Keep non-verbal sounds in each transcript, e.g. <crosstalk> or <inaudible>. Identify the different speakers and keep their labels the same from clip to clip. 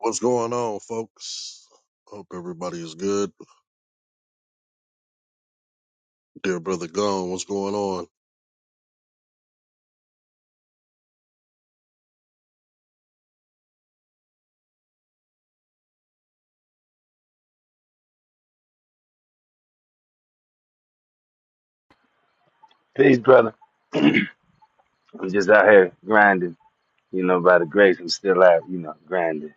Speaker 1: What's going on, folks? Hope everybody is good. Dear brother Gone, what's going on?
Speaker 2: Peace, brother. I'm just out here grinding. You know, by the grace, I'm still out, you know, grinding.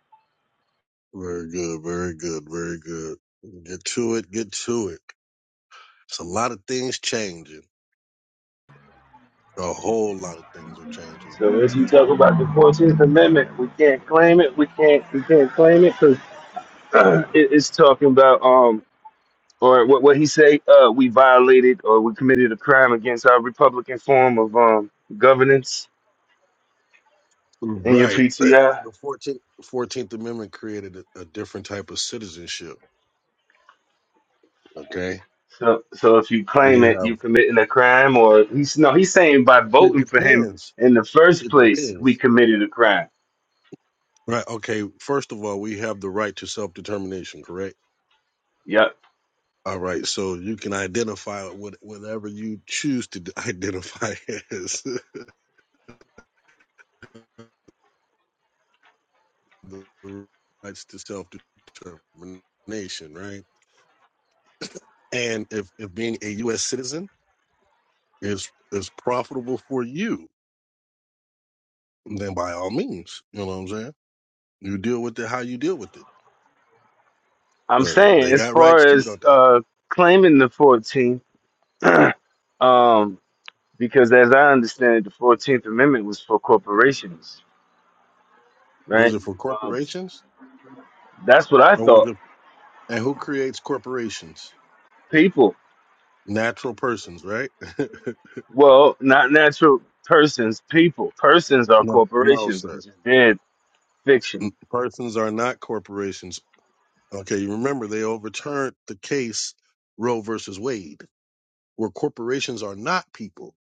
Speaker 1: Very good, very good, very good. Get to it, get to it. It's a lot of things changing. A whole lot of things are changing.
Speaker 2: So as you talk about the 14th Amendment, we can't claim it. We can't, we can't claim it because <clears throat> it, it's talking about, um, or what, what he say, uh, we violated or we committed a crime against our Republican form of um, governance in your
Speaker 1: Right. <clears throat>
Speaker 2: PTI.
Speaker 1: The 14th, the 14th Amendment created a, a different type of citizenship. Okay.
Speaker 2: So, so if you
Speaker 1: You
Speaker 2: claim it, you
Speaker 1: have,
Speaker 2: committing a crime, or he's no, he's saying by
Speaker 1: it
Speaker 2: voting for him
Speaker 1: depends.
Speaker 2: in the first
Speaker 1: It
Speaker 2: place, we
Speaker 1: depends.
Speaker 2: committed a crime.
Speaker 1: Right. Okay. First of all, we have the right to self determination, correct?
Speaker 2: Yep.
Speaker 1: All right, so you can identify what whatever you choose to d- identify <laughs> as the rights to self determination, right? And if, if being a U.S. citizen is is profitable for you, then by all means, you know what I'm saying. You deal with it how you deal with it.
Speaker 2: I'm
Speaker 1: Uh,
Speaker 2: saying
Speaker 1: they
Speaker 2: as
Speaker 1: got rights
Speaker 2: far
Speaker 1: too,
Speaker 2: as
Speaker 1: don't they?
Speaker 2: uh, claiming the 14th, <clears throat> um, because as I understand it, the 14th Amendment was for corporations,
Speaker 1: Was
Speaker 2: right?
Speaker 1: it for
Speaker 2: Um,
Speaker 1: corporations
Speaker 2: that's what I
Speaker 1: or was
Speaker 2: thought.
Speaker 1: it? And who creates corporations?
Speaker 2: People,
Speaker 1: Natural persons, right? <laughs>
Speaker 2: well, not natural persons, people. Persons are
Speaker 1: no, no,
Speaker 2: corporations,
Speaker 1: sir
Speaker 2: which is dead fiction.
Speaker 1: persons are not corporations Okay, you remember they overturned the case Roe versus Wade, where corporations are not people.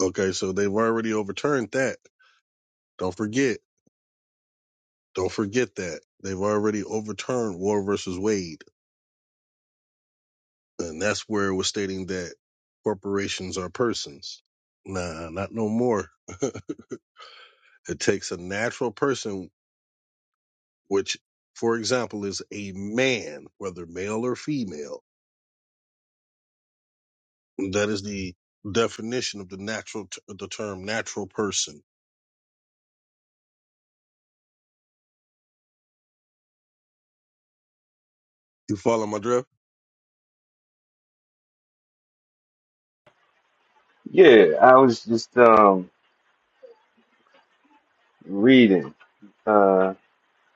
Speaker 1: Okay, so they've already overturned that. Don't forget. Don't forget that. They've already overturned War versus Wade. And that's where it was stating that corporations are persons. Nah, not no more. <laughs> it takes a natural person, which, for example, is a man, whether male or female. That is the definition of the natural, t- the term natural person You follow my drift?
Speaker 2: Yeah, I was just um, reading. Uh,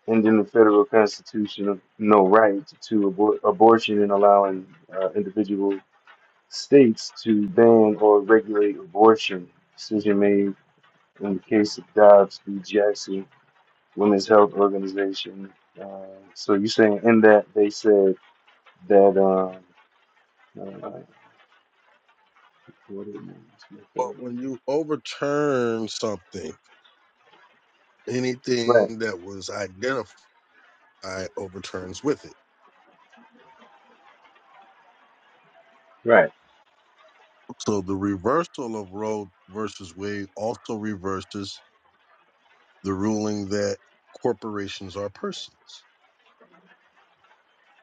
Speaker 2: and in the federal constitution of no right to abor- abortion and allowing uh, individuals states to ban or regulate abortion. Decision made in the case of Dobbs v. Jackson Women's Health Organization. Uh, so you're saying in that they said that um, uh, what is it?
Speaker 1: But when you overturn something,
Speaker 2: right,
Speaker 1: anything that was identified overturns with it.
Speaker 2: right.
Speaker 1: So the reversal of Roe versus Wade also reverses the ruling that corporations are persons.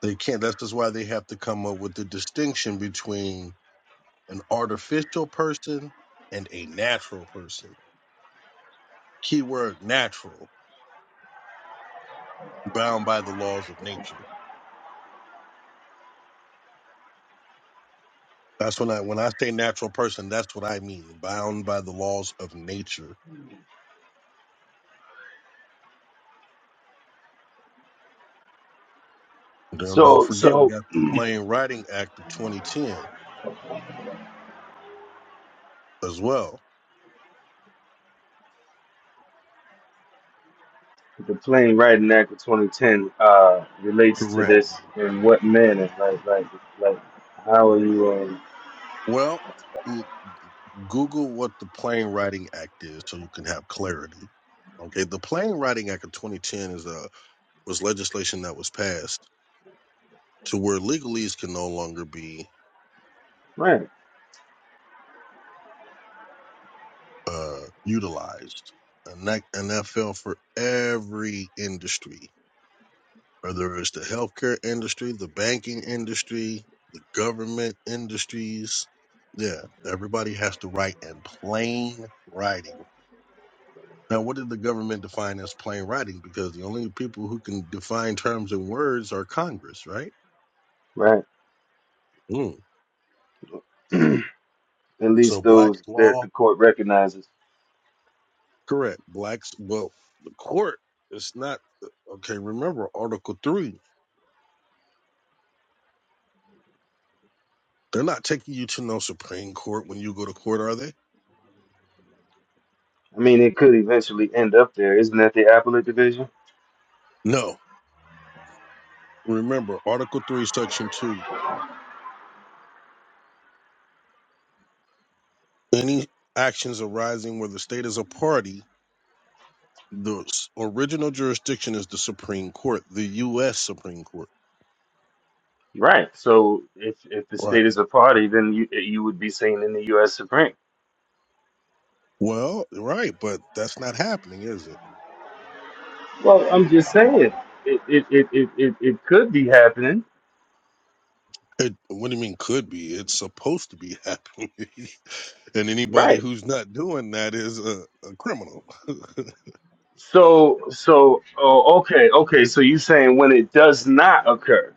Speaker 1: They can't. That's just why they have to come up with the distinction between an artificial person and a natural person. Keyword natural, bound by the laws of nature. That's when I when I say natural person, that's what I mean. Bound by the laws of nature. Don't don't
Speaker 2: So
Speaker 1: forget we
Speaker 2: so
Speaker 1: got the Plain Writing Act of 2010 as well.
Speaker 2: the Plain Writing Act of 2010 uh, relates to
Speaker 1: Correct.
Speaker 2: this in what manner? Like like like how are you? Um,
Speaker 1: Well, l- Google what the Plain Writing Act is so you can have clarity. Okay, the Plain Writing Act of 2010 is a was legislation that was passed to where legalese can no longer be
Speaker 2: right,
Speaker 1: uh, utilized, and that and that fell for every industry whether it's the healthcare industry, the banking industry, the government industries. Yeah, everybody has to write in plain writing. Now, what did the government define as plain writing? Because the only people who can define terms in words are Congress, right?
Speaker 2: right.
Speaker 1: Mm.
Speaker 2: <clears throat> At
Speaker 1: So,
Speaker 2: least
Speaker 1: black
Speaker 2: those that
Speaker 1: law,
Speaker 2: the court recognizes.
Speaker 1: correct. Blacks, well, the court, it's not, okay, remember Article 3. They're not taking you to no Supreme Court when you go to court, are they?
Speaker 2: I mean, it could eventually end up there. Isn't that the appellate division?
Speaker 1: No. Remember Article 3, Section 2 Any actions arising where the state is a party, the s- original jurisdiction is the Supreme Court, the U.S. Supreme Court.
Speaker 2: Right. So if if the
Speaker 1: Right.
Speaker 2: state is a party, then you you would be saying in the U.S. Supreme.
Speaker 1: Well, right, but that's not happening, is it?
Speaker 2: Well, I'm just saying it it it it, it, it could be happening.
Speaker 1: It, what do you mean could be? It's supposed to be happening. <laughs> and anybody
Speaker 2: Right.
Speaker 1: who's not doing that is a, a criminal.
Speaker 2: So so oh, okay okay. So you saying when it does not occur,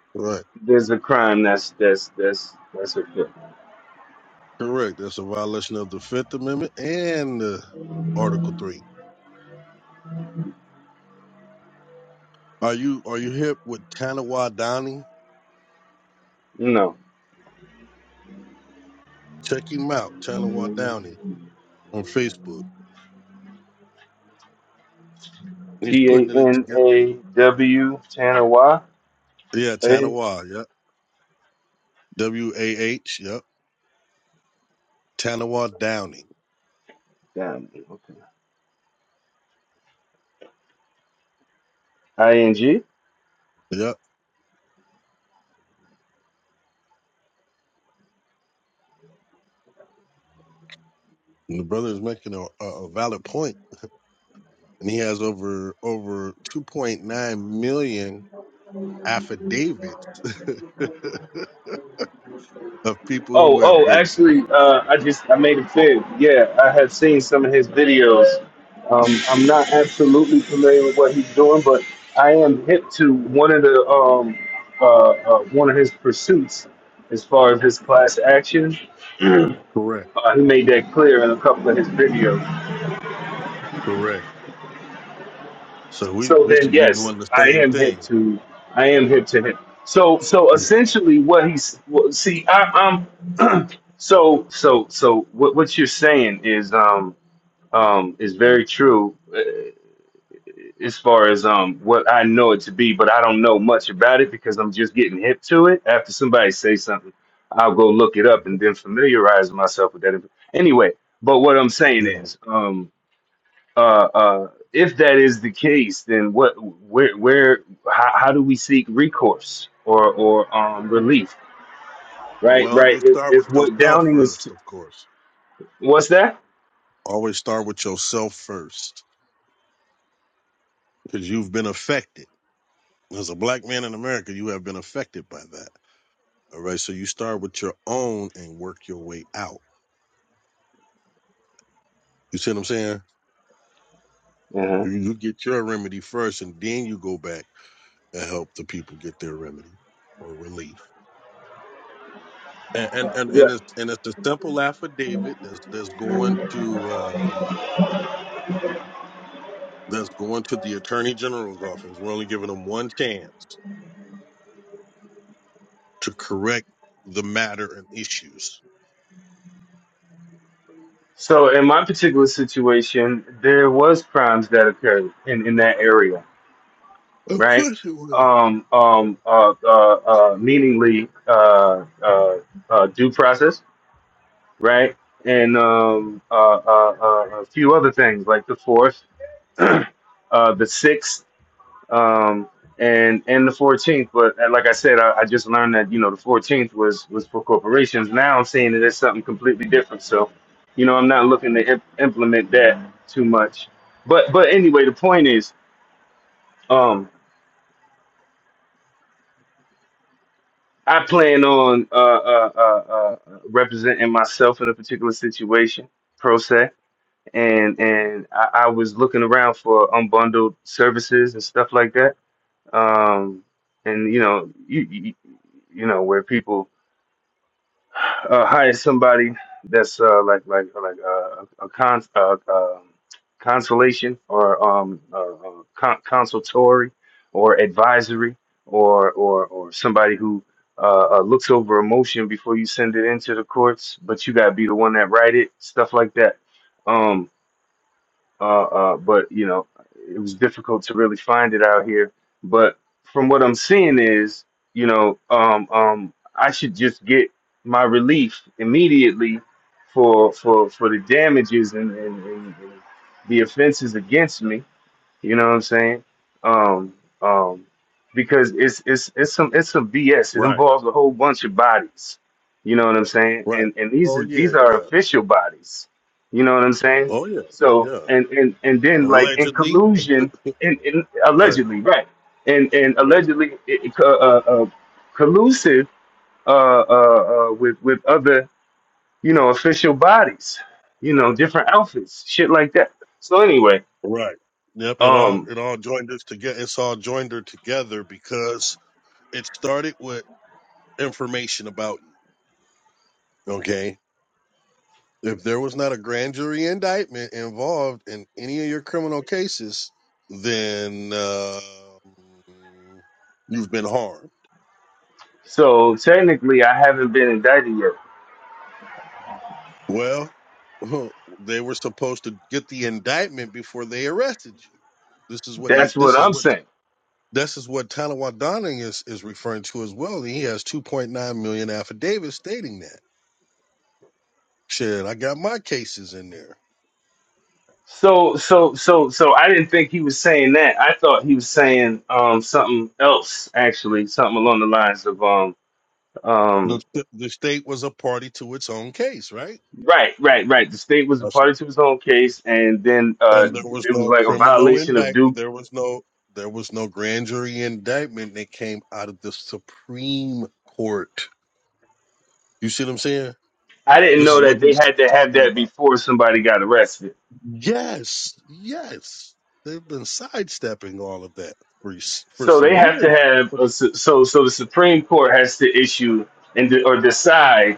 Speaker 1: <laughs> right.
Speaker 2: there's a crime that's that's that's that's occurred.
Speaker 1: Correct. That's a violation of the Fifth Amendment and uh, Article Three. Are you are you hip with Tanawa Downey?
Speaker 2: No.
Speaker 1: Check him out, Tanawa Downey on Facebook. He's
Speaker 2: T A
Speaker 1: putting it
Speaker 2: N
Speaker 1: together.
Speaker 2: A W Tanner Y
Speaker 1: Yeah,
Speaker 2: A.
Speaker 1: Tanawa. Yep. W A H. Yep. Tanawa Downing.
Speaker 2: Damn. Okay. I N G.
Speaker 1: Yep. And the brother is making a, a a valid point, and he has over over 2.9 million affidavits <laughs> of people
Speaker 2: Oh,
Speaker 1: who have
Speaker 2: oh,
Speaker 1: been
Speaker 2: actually, uh, I just I made a fib. Yeah, I had seen some of his videos. Um, I'm not absolutely familiar with what he's doing, but I am hip to one of the um, uh, uh, one of his pursuits as far as his class action.
Speaker 1: correct.
Speaker 2: Uh, he made that clear in a couple of his videos.
Speaker 1: Correct. So we
Speaker 2: So
Speaker 1: we
Speaker 2: then,
Speaker 1: should be
Speaker 2: yes,
Speaker 1: doing the
Speaker 2: I
Speaker 1: same
Speaker 2: am hip
Speaker 1: thing.
Speaker 2: to I am hip to him. So so essentially, what he's well, see, I, I'm so so so what what you're saying is um. um, is very true uh, as far as um, what I know it to be, but I don't know much about it because I'm just getting hip to it. After somebody says something, I'll go look it up
Speaker 1: Yeah.
Speaker 2: and then familiarize myself with that. inf- Anyway, but what I'm saying
Speaker 1: Yeah.
Speaker 2: is, um, uh, uh, if that is the case, then what, where, where, how, how do we seek recourse or or um, relief? Right,
Speaker 1: Well,
Speaker 2: right.
Speaker 1: you
Speaker 2: If,
Speaker 1: start with
Speaker 2: if what
Speaker 1: yourself
Speaker 2: Downing was,
Speaker 1: first,
Speaker 2: to,
Speaker 1: of course.
Speaker 2: what's that?
Speaker 1: Always start with yourself first, because you've been affected. As a black man in America, you have been affected by that. All right. So you start with your own and work your way out. You see what I'm saying?
Speaker 2: Uh-huh.
Speaker 1: You get your remedy first and then you go back and help the people get their remedy or relief. And and and, and it's and it's a simple affidavit that's that's going to uh, that's going to the attorney general's office. We're only giving them one chance to correct the matter and issues.
Speaker 2: So in my particular situation, there was crimes that occurred in, in that area,
Speaker 1: Of
Speaker 2: right?
Speaker 1: course it will.
Speaker 2: Um, um, uh, uh, uh, meaningly uh, uh, uh, due process, right? And um, uh, uh, uh, a few other things like the fourth, uh, the sixth. um, and and the 14th. But and like I said, I, I just learned that you know the 14th was was for corporations. Now I'm seeing that it's something completely different. So, you know, I'm not looking to imp- implement that too much. But but anyway, the point is, um, I plan on uh, uh, uh, uh, representing myself in a particular situation, pro se. And and I, I was looking around for unbundled services and stuff like that. Um, and you know, you, you you know where people uh, hire somebody that's uh, like like like uh, a cons uh, um consolation or um, uh, uh, con- consultory or advisory or or or somebody who uh, uh, looks over a motion before you send it into the courts, but you gotta be the one that write it, stuff like that. Um, uh, uh, but you know, it was difficult to really find it out here. But from what I'm seeing is, you know, um, um, I should just get my relief immediately for for for the damages and, and, and, and the offenses against me you know what I'm saying? Um, um, because it's it's it's some it's some BS. It
Speaker 1: Right,
Speaker 2: involves a whole bunch of bodies. You know what I'm saying?
Speaker 1: right.
Speaker 2: And and these
Speaker 1: Oh
Speaker 2: are
Speaker 1: yeah,
Speaker 2: these are
Speaker 1: yeah.
Speaker 2: official bodies. You know what I'm saying?
Speaker 1: Oh yeah.
Speaker 2: So
Speaker 1: Yeah.
Speaker 2: and and and then like in
Speaker 1: Allegedly, <laughs>
Speaker 2: collusion and, and
Speaker 1: right,
Speaker 2: allegedly right and and
Speaker 1: right,
Speaker 2: allegedly it, uh, uh, uh, collusive uh, uh, uh, with with other you know official bodies. You know different outfits, shit like that. So anyway.
Speaker 1: right. Yep. It all
Speaker 2: um,
Speaker 1: it all joined us together. It's all joined her together because it started with information about you. Okay. If there was not a grand jury indictment involved in any of your criminal cases, then uh, you've been harmed.
Speaker 2: So technically, I haven't been indicted yet.
Speaker 1: Well, <laughs> they were supposed to get the indictment before they arrested you. This is what he.
Speaker 2: That's
Speaker 1: This
Speaker 2: what
Speaker 1: is
Speaker 2: I'm
Speaker 1: what
Speaker 2: saying.
Speaker 1: This is what Tanawa Donning is, is referring to as well. He has 2.9 million affidavits stating that. Shit, I got my cases in there.
Speaker 2: So, so, so, so I didn't think he was saying that. I thought he was saying um something else, actually, something along the lines of um um
Speaker 1: The, the state was a party to its own case, right?
Speaker 2: right, right, right. The state was a
Speaker 1: That's-
Speaker 2: party to his own case, and then uh
Speaker 1: And there was
Speaker 2: it was
Speaker 1: no
Speaker 2: like a
Speaker 1: criminal
Speaker 2: violation of
Speaker 1: indictment.
Speaker 2: due.
Speaker 1: There was no there was no grand jury indictment that came out of the Supreme Court. You see what I'm saying?
Speaker 2: I didn't
Speaker 1: This
Speaker 2: know
Speaker 1: is what
Speaker 2: that they
Speaker 1: he's
Speaker 2: had
Speaker 1: t-
Speaker 2: to have
Speaker 1: talking
Speaker 2: that
Speaker 1: about.
Speaker 2: before somebody got arrested.
Speaker 1: Yes, yes. They've been sidestepping all of that for, s- for
Speaker 2: So
Speaker 1: some
Speaker 2: they have to
Speaker 1: years
Speaker 2: have a, su- so so the Supreme Court has to issue and de- or decide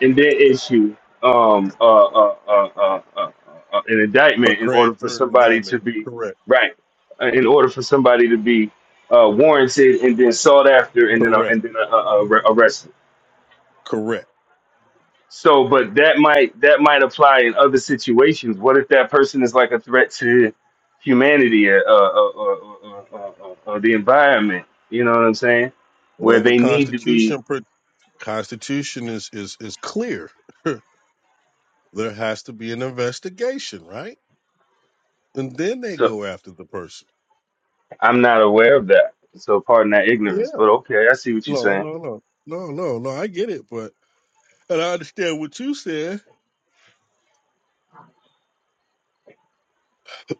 Speaker 2: and then issue um, uh, uh, uh, uh, uh, uh, an
Speaker 1: A
Speaker 2: indictment in order
Speaker 1: grand
Speaker 2: for
Speaker 1: jury
Speaker 2: somebody to
Speaker 1: indictment.
Speaker 2: be
Speaker 1: Correct.
Speaker 2: right, uh, in order for somebody to be uh, warranted and then sought after and then uh,
Speaker 1: Correct.
Speaker 2: and then uh, uh, arre- arrested.
Speaker 1: Correct.
Speaker 2: So, but that might that might apply in other situations. What if that person is like a threat to humanity or, uh, or, or, or, or, or the environment? You know what I'm saying? Where
Speaker 1: Well, the
Speaker 2: they need to be.
Speaker 1: Constitution pro- Constitution is is is clear. <laughs> there has to be an investigation, right? And then they go after the person.
Speaker 2: I'm not aware of that. So pardon that
Speaker 1: Yeah.
Speaker 2: ignorance, but okay, I see what you're
Speaker 1: No,
Speaker 2: saying.
Speaker 1: no, no, no, no, no. I get it, but and I understand what you said.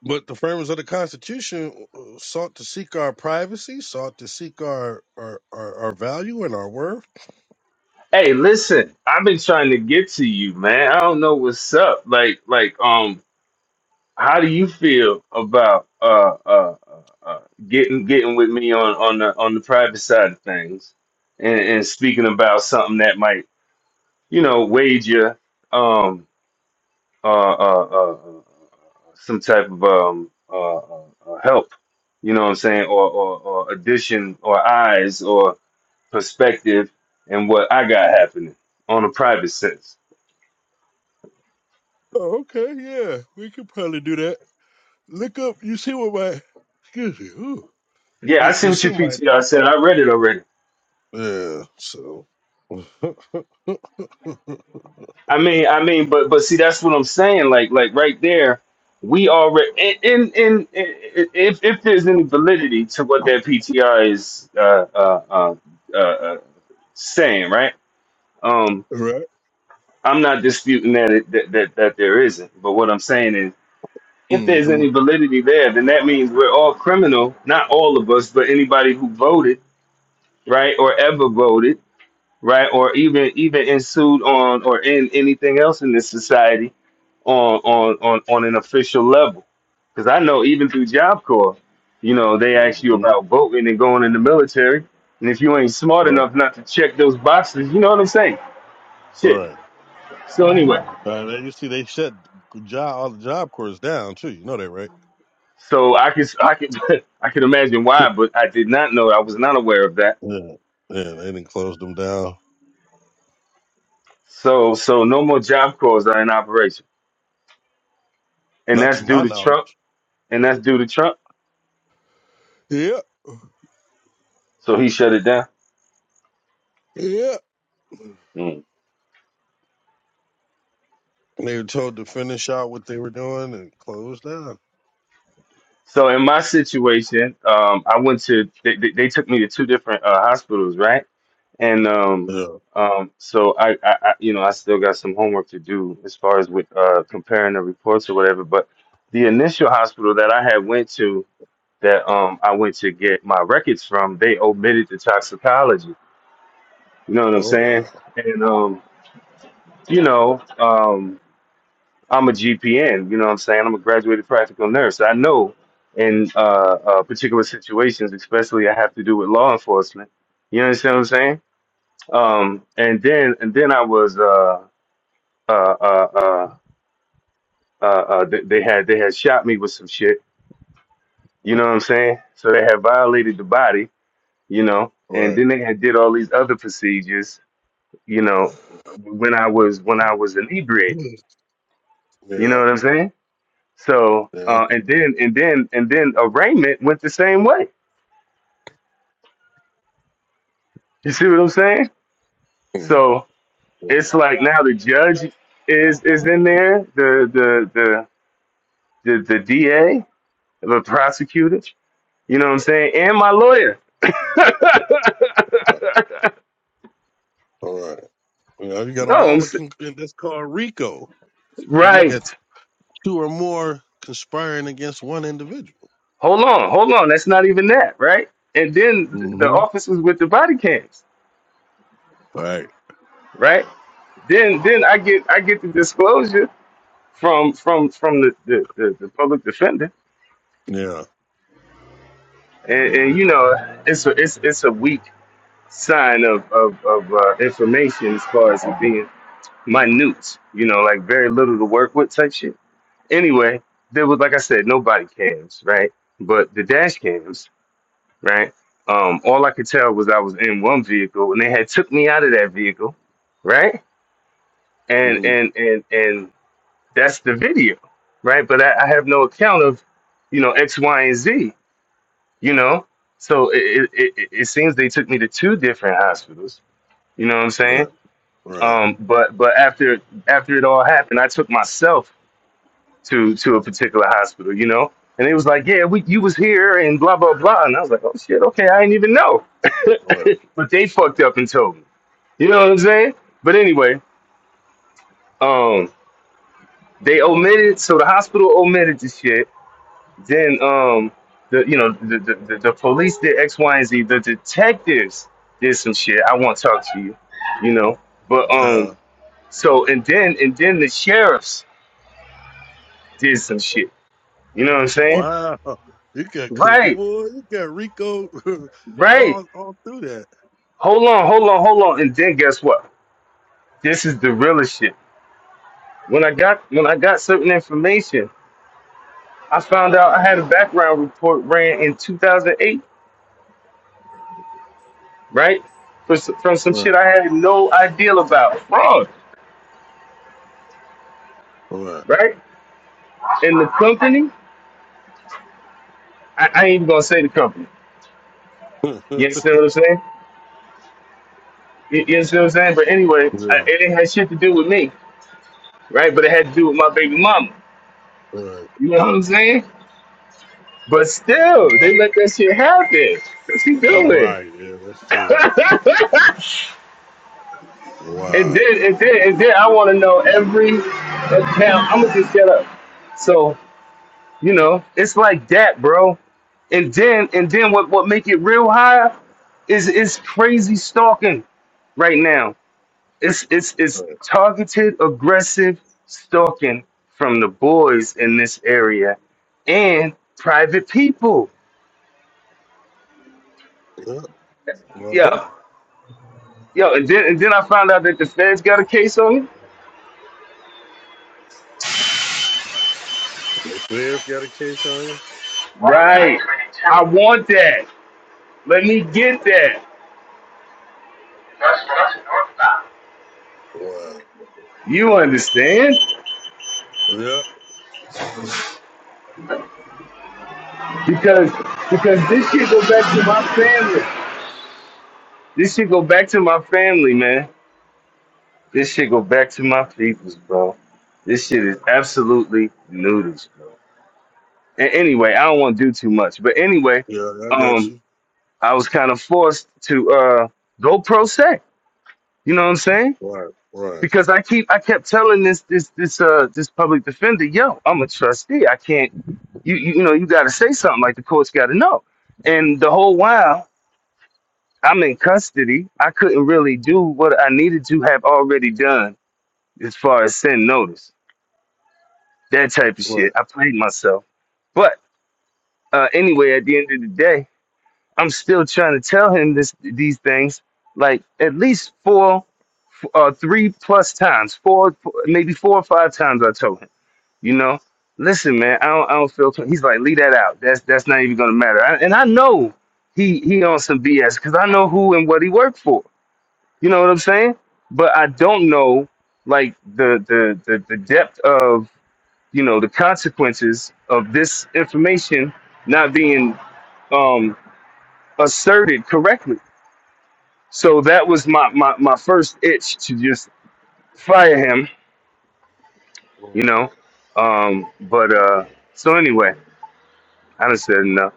Speaker 1: But the framers of the Constitution uh, sought to seek our privacy, sought to seek our our our, our value and our worth.
Speaker 2: Hey, listen, I've been trying to get to you, man. I don't know what's up. Like, like, um, how do you feel about uh uh, uh uh, getting getting with me on on the on the private side of things, and, and speaking about something that might you know wage you um uh uh, uh uh, some type of um uh, uh uh, help, you know what I'm saying, or or, or addition or eyes or perspective and what I got happening on a private sense.
Speaker 1: Oh, okay, yeah, we could probably do that. Look up. You see what my excuse me. ooh.
Speaker 2: Yeah, I
Speaker 1: You
Speaker 2: see
Speaker 1: you
Speaker 2: what
Speaker 1: see
Speaker 2: your
Speaker 1: my
Speaker 2: PTR said. I
Speaker 1: profile?
Speaker 2: read it already.
Speaker 1: Yeah. So. <laughs> right.
Speaker 2: I mean, I mean, but but see, that's what I'm saying. Like like right there, we already in in, in if if there's any validity to what that PTR is uh, uh, uh, uh, uh, saying, right? Um, I'm not disputing that, it, that that that there isn't. But what I'm saying is, if there's
Speaker 1: Mm-hmm.
Speaker 2: any validity there, then that means we're all criminal. Not all of us, but anybody who voted right, or ever voted, right, or even even ensued on or in anything else in this society on on on, on an official level. Because I know even through Job Corps, you know, they ask you
Speaker 1: Mm-hmm.
Speaker 2: about voting and going in the military, and if you ain't smart
Speaker 1: Right.
Speaker 2: enough not to check those boxes, you know what I'm saying? Shit.
Speaker 1: Right.
Speaker 2: So anyway,
Speaker 1: Uh, you see, they shut job all the job corps down too. You know that, right?
Speaker 2: so I could I could <laughs> I could imagine
Speaker 1: <laughs> yeah.
Speaker 2: why, but I did not know. I was not aware of that.
Speaker 1: Yeah. They didn't close them down.
Speaker 2: So so no more Job Corps are in operation, and
Speaker 1: Not
Speaker 2: that's
Speaker 1: to
Speaker 2: due
Speaker 1: my
Speaker 2: to Trump,
Speaker 1: knowledge.
Speaker 2: and that's due to Trump
Speaker 1: Yeah.
Speaker 2: So he shut it down.
Speaker 1: Yeah.
Speaker 2: Mm.
Speaker 1: they were told to finish out what they were doing and close down.
Speaker 2: So in my situation, um, I went to they, they, they took me to two different uh, hospitals, right? And um,
Speaker 1: Yeah.
Speaker 2: um, so I, I, I, you know, I still got some homework to do as far as with uh, comparing the reports or whatever. But the initial hospital that I had went to that um, I went to get my records from, they omitted the toxicology. You know what I'm
Speaker 1: Oh wow.
Speaker 2: saying? And um, you know, um, I'm a GPN, you know what I'm saying? I'm a graduated practical nurse. I know in uh, uh, particular situations, especially I have to do with law enforcement. You understand what I'm saying? Um, and then and then I was uh, uh, uh, uh, uh, uh, they they had they had shot me with some shit. You know what I'm saying? So they had violated the body, you know, and
Speaker 1: Right.
Speaker 2: then they had did all these other procedures, you
Speaker 1: <laughs>
Speaker 2: know, when I was when I was inebriated. You know
Speaker 1: Yeah.
Speaker 2: what I'm saying? So
Speaker 1: Yeah.
Speaker 2: uh, and then and then and then arraignment went the same way. You see what I'm saying? So
Speaker 1: Mm.
Speaker 2: it's like now the judge is is in there, the the the the, the DA, the prosecutor. You know what I'm saying? And my lawyer. <laughs>
Speaker 1: All right. You know, you got them
Speaker 2: no, I'm
Speaker 1: all. in
Speaker 2: s-
Speaker 1: con- in- That's called RICO. When You got
Speaker 2: right.
Speaker 1: two or more conspiring against one individual.
Speaker 2: Hold on, hold on. That's not even that, right? And then th- the
Speaker 1: Mm-hmm.
Speaker 2: officers with the body cams,
Speaker 1: Right.
Speaker 2: right? Then then I get I get the disclosure from from from the the, the, the public defender,
Speaker 1: Yeah.
Speaker 2: and, and you know it's a it's it's a weak sign of of, of uh, information as far as it being minute. You know, like very little to work with type shit. Anyway, there was like I said, no body cams, right? But the dash cams, right? Um, all I could tell was I was in one vehicle, and they had took me out of that vehicle, right? And
Speaker 1: hmm
Speaker 2: and and and that's the video, right? But I, I have no account of, you know, X, Y, and Z you know so it, it, it, it seems they took me to two different hospitals you know what i'm saying
Speaker 1: Right. Right.
Speaker 2: um, but but after after it all happened i took myself to to a particular hospital you know and it was like yeah we, you was here and blah blah blah and i was like oh shit okay i didn't even know
Speaker 1: Right.
Speaker 2: <laughs> but they fucked up and told me you know what i'm saying but anyway um, they omitted so the hospital omitted the shit Then um the you know the the, the, the police did X, Y, and Z. The detectives did some shit. I won't talk to you, you know. But um
Speaker 1: Yeah.
Speaker 2: so and then and then the sheriffs did some shit. You know what I'm saying?
Speaker 1: Wow. You got col-
Speaker 2: Right,
Speaker 1: boy, you got RICO <laughs>
Speaker 2: right.
Speaker 1: all all through that.
Speaker 2: Hold on, hold on, hold on. And then guess what? This is the realest shit. When I got when I got certain information, I found out I had a background report ran in 2008, right? For, s- from some shit
Speaker 1: Right.
Speaker 2: I had no idea about fraud,
Speaker 1: Right.
Speaker 2: right? And the company, I, I ain't even gonna say the company.
Speaker 1: <laughs>
Speaker 2: You understand what I'm saying? You, you understand what I'm saying? But anyway, I,
Speaker 1: yeah.
Speaker 2: it ain't had shit to do with me, right? But it had to do with my baby mama.
Speaker 1: Right.
Speaker 2: You know what I'm saying? But still, they
Speaker 1: Wow.
Speaker 2: let that shit happen. What's he doing?
Speaker 1: Right. Yeah. That's true.
Speaker 2: <laughs> and
Speaker 1: Wow.
Speaker 2: then, and then, and then, I want to know every account. I'm gonna just get up. So you know, it's like that, bro. And then, and then, what what make it real high is is crazy stalking right now. It's it's it's
Speaker 1: Right.
Speaker 2: targeted aggressive stalking from the boys in this area and private people.
Speaker 1: Yeah. I bet.
Speaker 2: Yeah, yo, and then and then I found out that the feds got a case on you.
Speaker 1: The feds got a case on you.
Speaker 2: Right. I want that. Let me get that.
Speaker 1: Wow.
Speaker 2: You understand?
Speaker 1: Yeah.
Speaker 2: Because because this shit go back to my family. This shit go back to my family, man. This shit go back to my peoples, bro. This shit is absolutely noodles, bro. A- anyway, I don't want to do too much, but anyway,
Speaker 1: Yeah, I got
Speaker 2: um,
Speaker 1: you.
Speaker 2: I was kind of forced to uh go pro se. You know what I'm saying?
Speaker 1: Right, right,
Speaker 2: Because I keep I kept telling this this this uh this public defender, yo, I'm a trustee. I can't you you, you know you got to say something like the courts got to know. And the whole while I'm in custody, I couldn't really do what I needed to have already done as far as send notice, that type of shit.
Speaker 1: right.
Speaker 2: I played myself, but uh, anyway, at the end of the day. I'm still trying to tell him this these things like at least four uh three plus times four four- maybe four or five times I told him you know listen man I don't I don't feel he's like leave that out that's that's not even gonna matter I, and I know he he on some BS because I know who and what he worked for you know what I'm saying but I don't know like the the the, the depth of you know the consequences of this information not being um asserted correctly so that was my, my, my first itch to just fire him, you
Speaker 1: Mm.
Speaker 2: know. Um, but uh, so anyway, I done said enough.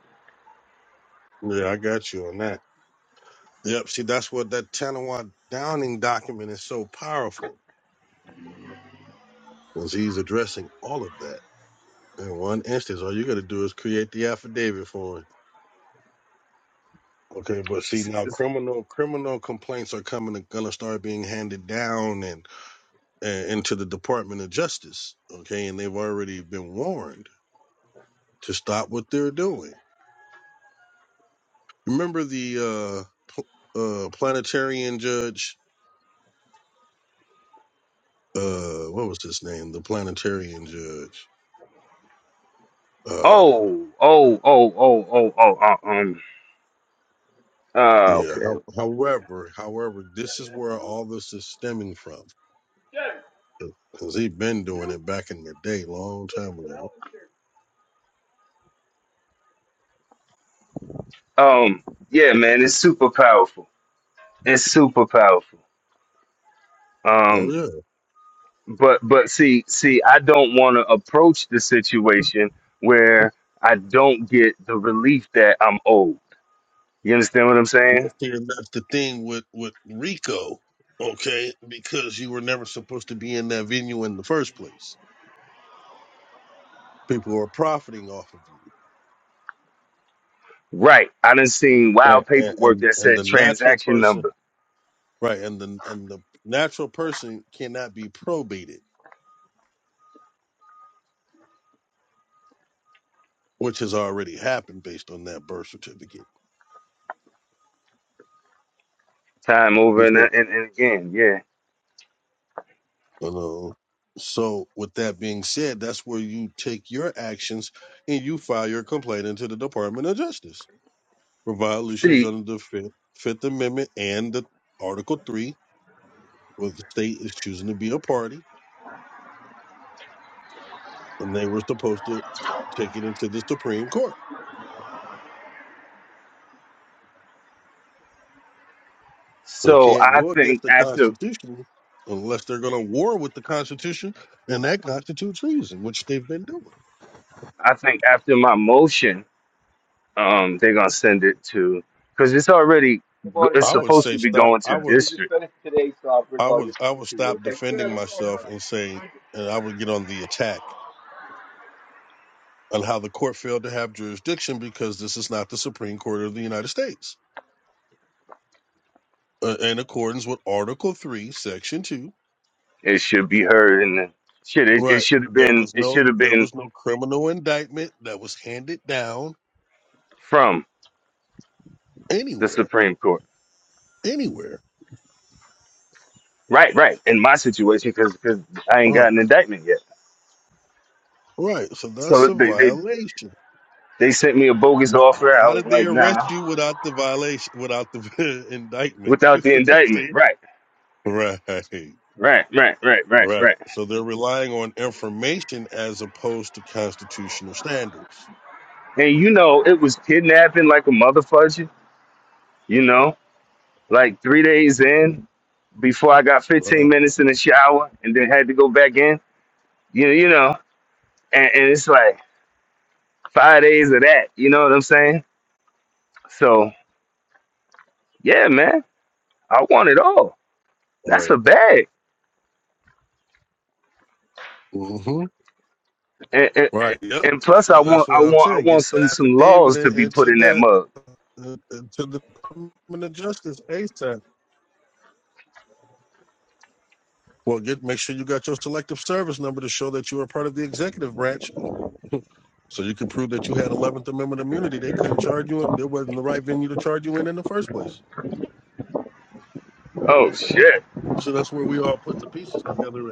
Speaker 1: Yeah, I got you on that. Yep. See, that's what that Tanawa Downing document is so powerful, because he's addressing all of that in one instance. All you got to do is create the affidavit for him. Okay, but see
Speaker 2: S-
Speaker 1: now,
Speaker 2: s-
Speaker 1: criminal criminal complaints are coming going to gonna start being handed down and, and into the Department of Justice. Okay, and they've already been warned to stop what they're doing. Remember the uh, pl- uh planetarian judge uh what was his name the planetarian judge uh
Speaker 2: Oh, oh, oh, oh, oh, oh, uh, um, uh,
Speaker 1: yeah
Speaker 2: okay.
Speaker 1: how, however however this is where all this is stemming from because he been doing it back in the day long time ago
Speaker 2: Um, yeah, man, it's super powerful. It's super powerful.
Speaker 1: oh
Speaker 2: Um,
Speaker 1: yeah
Speaker 2: but but see, see, I don't want to approach the situation where I don't get the relief that I'm owed. You understand what I'm saying?
Speaker 1: well see and that's the thing with with rico okay because you were never supposed to be in that venue in the first place people are profiting off of
Speaker 2: Right. I done seen
Speaker 1: you
Speaker 2: wild
Speaker 1: and
Speaker 2: paperwork
Speaker 1: and
Speaker 2: that
Speaker 1: and
Speaker 2: said
Speaker 1: the natural
Speaker 2: transaction
Speaker 1: person
Speaker 2: number
Speaker 1: right and the and the natural person cannot be probated which has already happened based on that birth certificate.
Speaker 2: time
Speaker 1: You
Speaker 2: over and,
Speaker 1: said-
Speaker 2: and, and again. Yeah.
Speaker 1: You so with that being said, that's where you take your actions and you file your complaint into the Department of Justice for violations
Speaker 2: See,
Speaker 1: under the Fifth, Fifth Amendment and the Article Three, where the state is choosing to be a party, and they were supposed to take it into the Supreme Court. They
Speaker 2: so
Speaker 1: can't
Speaker 2: I
Speaker 1: go
Speaker 2: think
Speaker 1: against the
Speaker 2: after
Speaker 1: Constitution unless they're going to war with the Constitution, and that constitutes treason, which they've been doing.
Speaker 2: I think after my motion, um, they're gonna send it to because it's already i go-
Speaker 1: I would
Speaker 2: supposed
Speaker 1: say
Speaker 2: to be
Speaker 1: stop.
Speaker 2: going to
Speaker 1: I would.
Speaker 2: district.
Speaker 1: I would I would stop defending myself and say, and I would get on the attack on how the court failed to have jurisdiction because this is not the Supreme Court of the United States. Uh, in accordance with Article Three, Section Two,
Speaker 2: It should be heard and the, shit. It, it
Speaker 1: right?
Speaker 2: should have
Speaker 1: There
Speaker 2: been
Speaker 1: was
Speaker 2: it
Speaker 1: no
Speaker 2: should have
Speaker 1: there
Speaker 2: been
Speaker 1: was no criminal indictment that was handed down
Speaker 2: from the
Speaker 1: anywhere,
Speaker 2: Supreme Court.
Speaker 1: anywhere.
Speaker 2: Right. Right. In my situation, because I ain't
Speaker 1: Right,
Speaker 2: got an indictment yet.
Speaker 1: right. So that's
Speaker 2: So
Speaker 1: a
Speaker 2: they, they
Speaker 1: violation.
Speaker 2: They sent me a bogus
Speaker 1: But h-
Speaker 2: offer. I
Speaker 1: how
Speaker 2: was
Speaker 1: did they
Speaker 2: like,
Speaker 1: arrest
Speaker 2: nah,
Speaker 1: you without the violation, without the <laughs> indictment?
Speaker 2: without the
Speaker 1: <laughs>
Speaker 2: indictment.
Speaker 1: See,
Speaker 2: Right,
Speaker 1: right?
Speaker 2: right, right, right, right,
Speaker 1: Right.
Speaker 2: right.
Speaker 1: So they're relying on information as opposed to constitutional standards.
Speaker 2: And you know, it was kidnapping like a motherfucker, you know? Like three days in, before I got
Speaker 1: Uh,
Speaker 2: 15 minutes in the shower and then had to go back in. You know, you know, and, and it's like five days of that. You know what I'm saying? So yeah, man, I want it all. That's
Speaker 1: Right.
Speaker 2: a bag,
Speaker 1: hmm
Speaker 2: and, and,
Speaker 1: Right. Yep.
Speaker 2: and plus I
Speaker 1: So
Speaker 2: want
Speaker 1: that's what
Speaker 2: I
Speaker 1: I'm
Speaker 2: want
Speaker 1: saying.
Speaker 2: I
Speaker 1: Get
Speaker 2: want
Speaker 1: the
Speaker 2: some some
Speaker 1: affidavit
Speaker 2: laws to
Speaker 1: in-
Speaker 2: be put
Speaker 1: into
Speaker 2: in that
Speaker 1: that
Speaker 2: mug.
Speaker 1: uh, into the Department of Justice ASAP. Well, get make sure you got your selective service number to show that you were part of the executive branch, <laughs> so you can prove that you had Eleventh Amendment immunity. They couldn't charge you, and there wasn't the right venue to charge you in in the first place.
Speaker 2: Oh shit!
Speaker 1: So that's where we all putting the pieces together at.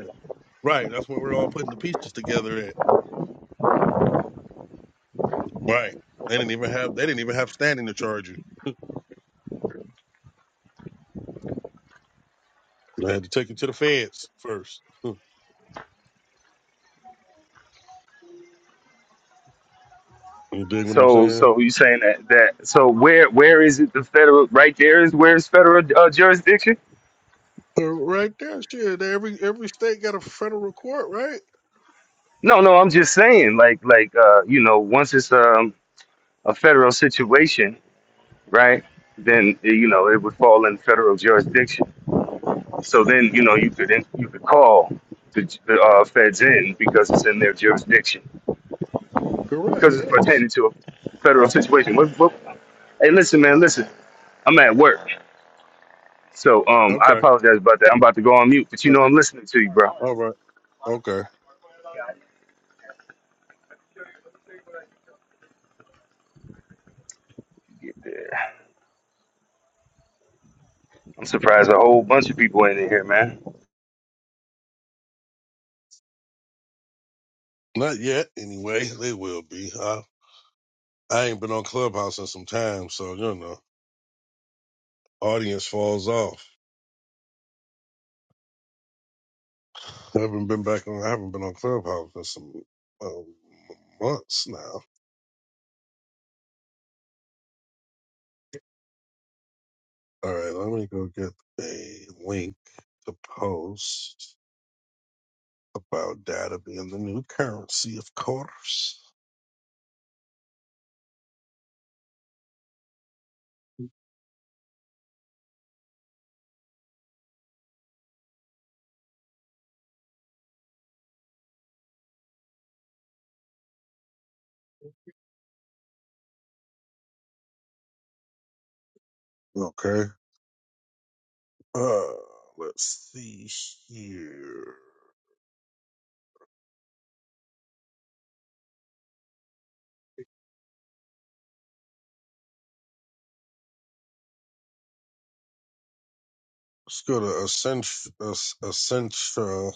Speaker 1: Right. That's where we're all putting the pieces together at. Right. They didn't even have they didn't even have standing to charge you. They had to take you to the feds first. Hmm. You dig what I'm
Speaker 2: So,
Speaker 1: saying?
Speaker 2: so you saying that that so where where is it the federal right there is where is federal uh, jurisdiction?
Speaker 1: Uh, Right there, shit. Every every state got a federal court, right?
Speaker 2: No, no, I'm just saying like like uh you know once it's um a federal situation, right? Then eh, you know it would fall in federal jurisdiction. So then you know you could in- you could call the, j- the uh, feds in because it's in their jurisdiction
Speaker 1: Correct.
Speaker 2: because it's
Speaker 1: Yes.
Speaker 2: pertaining to a federal situation. What, what, hey, listen, man, listen. I'm at work, so um I
Speaker 1: Okay.
Speaker 2: apologize about that. I'm about to go on mute, but you
Speaker 1: Uh,
Speaker 2: know I'm listening to you, bro.
Speaker 1: all right. Okay.
Speaker 2: Yeah. I'm surprised a whole bunch of people ain't in here, man.
Speaker 1: Not yet. Anyway, <laughs> they will be. I I ain't been on Clubhouse in some time, so you know, audience falls off. I haven't been back on. I haven't been on Clubhouse in some um, months now. All right, let me go get a link to post about data being the new currency, of course. Okay. Uh, let's see here. Let's go to essential, essential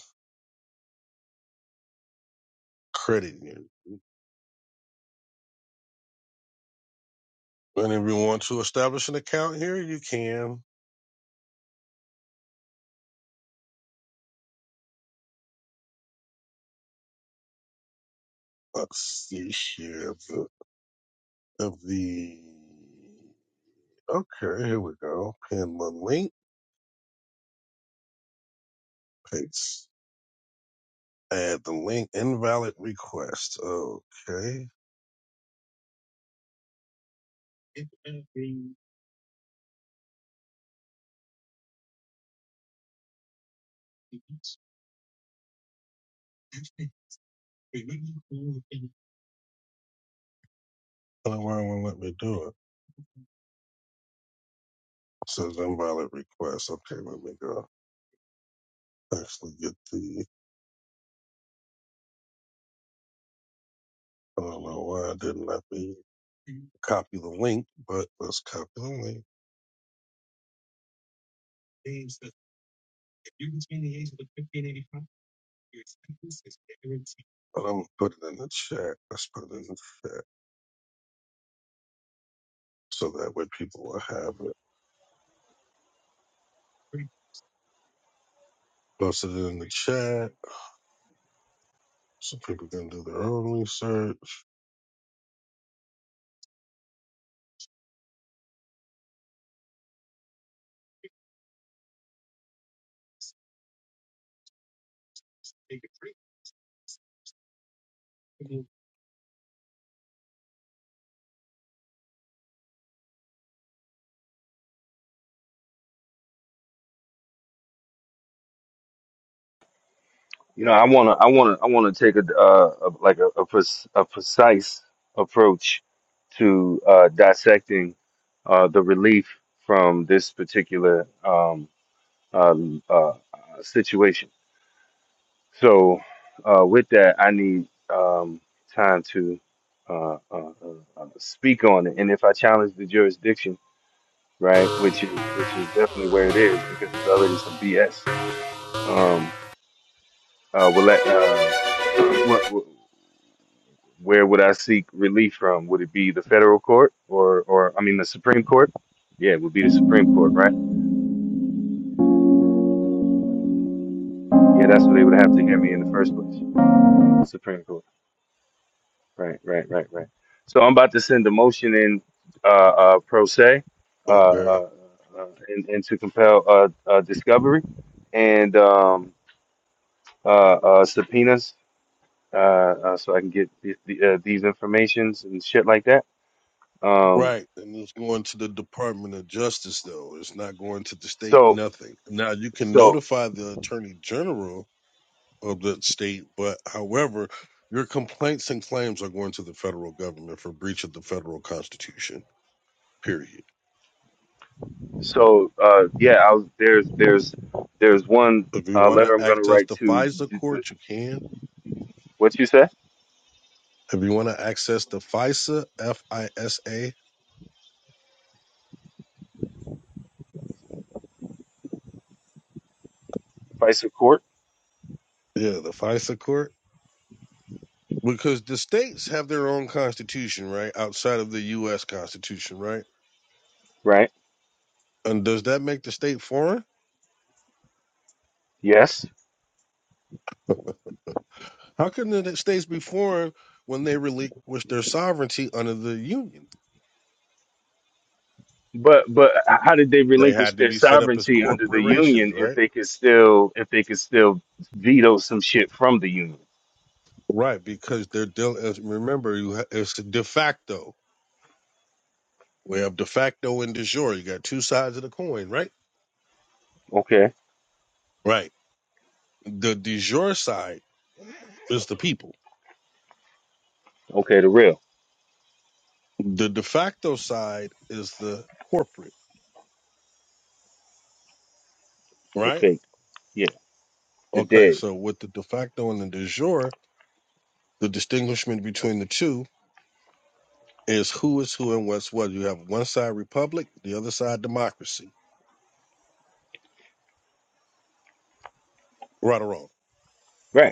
Speaker 1: credit union. And if you want to establish an account here, you can. Let's see here. The, of the okay, here we go. Pin the link. Paste. Add the link. Invalid request. Okay. The alarm won't let me do it. It says invalid request. Okay, let me go. Actually, get the. I don't know why I didn't let me copy the link, but let's copy the link. But I'm gonna put it in the chat. Let's put it in the chat so that way people will have it. Posted it in the chat. So people can do their own research.
Speaker 2: You know, I wanna, I wanna, I wanna take a, uh, a like a, a, pres- a precise approach to uh, dissecting uh, the relief from this particular um, um, uh, situation. So, uh, with that, I need um, time to uh, uh, uh, uh, speak on it, and if I challenge the jurisdiction, right, which is which is definitely where it is because it's already some BS. Um. Uh, will that, uh, <clears throat> what, where would I seek relief from? Would it be the federal court or, or I mean, the Supreme Court? Yeah, it would be the Supreme Court, right? Yeah, that's where they would have to hear me in the first place. The Supreme Court. Right, right, right, right. So I'm about to send a motion in uh, uh, pro se uh,
Speaker 1: Okay.
Speaker 2: uh, uh, and, and to compel uh, uh, discovery and um, uh, uh, subpoenas uh, uh, so I can get the, the, uh, these informations and shit like that. Um,
Speaker 1: Right. And it's going to the Department of Justice, though. It's not going to the state,
Speaker 2: so.
Speaker 1: nothing. Now, you can
Speaker 2: So
Speaker 1: notify the Attorney General of the state, but however, your complaints and claims are going to the federal government for breach of the federal constitution, period.
Speaker 2: so uh, yeah, I was, there's there's there's one
Speaker 1: If you
Speaker 2: uh,
Speaker 1: want to
Speaker 2: letter I'm going to
Speaker 1: access
Speaker 2: write
Speaker 1: the
Speaker 2: to
Speaker 1: FISA court, you can.
Speaker 2: what you said,
Speaker 1: If you want to access the FISA, F I S A,
Speaker 2: vice of court,
Speaker 1: yeah, the FISA court, Because the states have their own constitution, right? Outside of the U.S. Constitution, right?
Speaker 2: right?
Speaker 1: And does that make the state foreign?
Speaker 2: Yes,
Speaker 1: How can the states be foreign when they relinquish their sovereignty under the Union?
Speaker 2: but but how did they
Speaker 1: They
Speaker 2: relinquish
Speaker 1: had to
Speaker 2: their
Speaker 1: be set up as
Speaker 2: sovereignty under the
Speaker 1: corporations,
Speaker 2: union if
Speaker 1: right?
Speaker 2: they could still if they could still veto some shit from the union?
Speaker 1: Right, because they're dealing. Remember, you ha- it's de facto. We have de facto and de jure. You got two sides of the coin, right?
Speaker 2: Okay,
Speaker 1: Right. The de jure side is the people.
Speaker 2: okay, the real,
Speaker 1: The de facto side is the corporate,
Speaker 2: the
Speaker 1: right?
Speaker 2: fake, yeah, the
Speaker 1: Okay,
Speaker 2: dead,
Speaker 1: so with the de facto and the de jure, the distinguishment between the two is who is who and what's what. You have one side republic, the other side democracy. Right or wrong?
Speaker 2: right?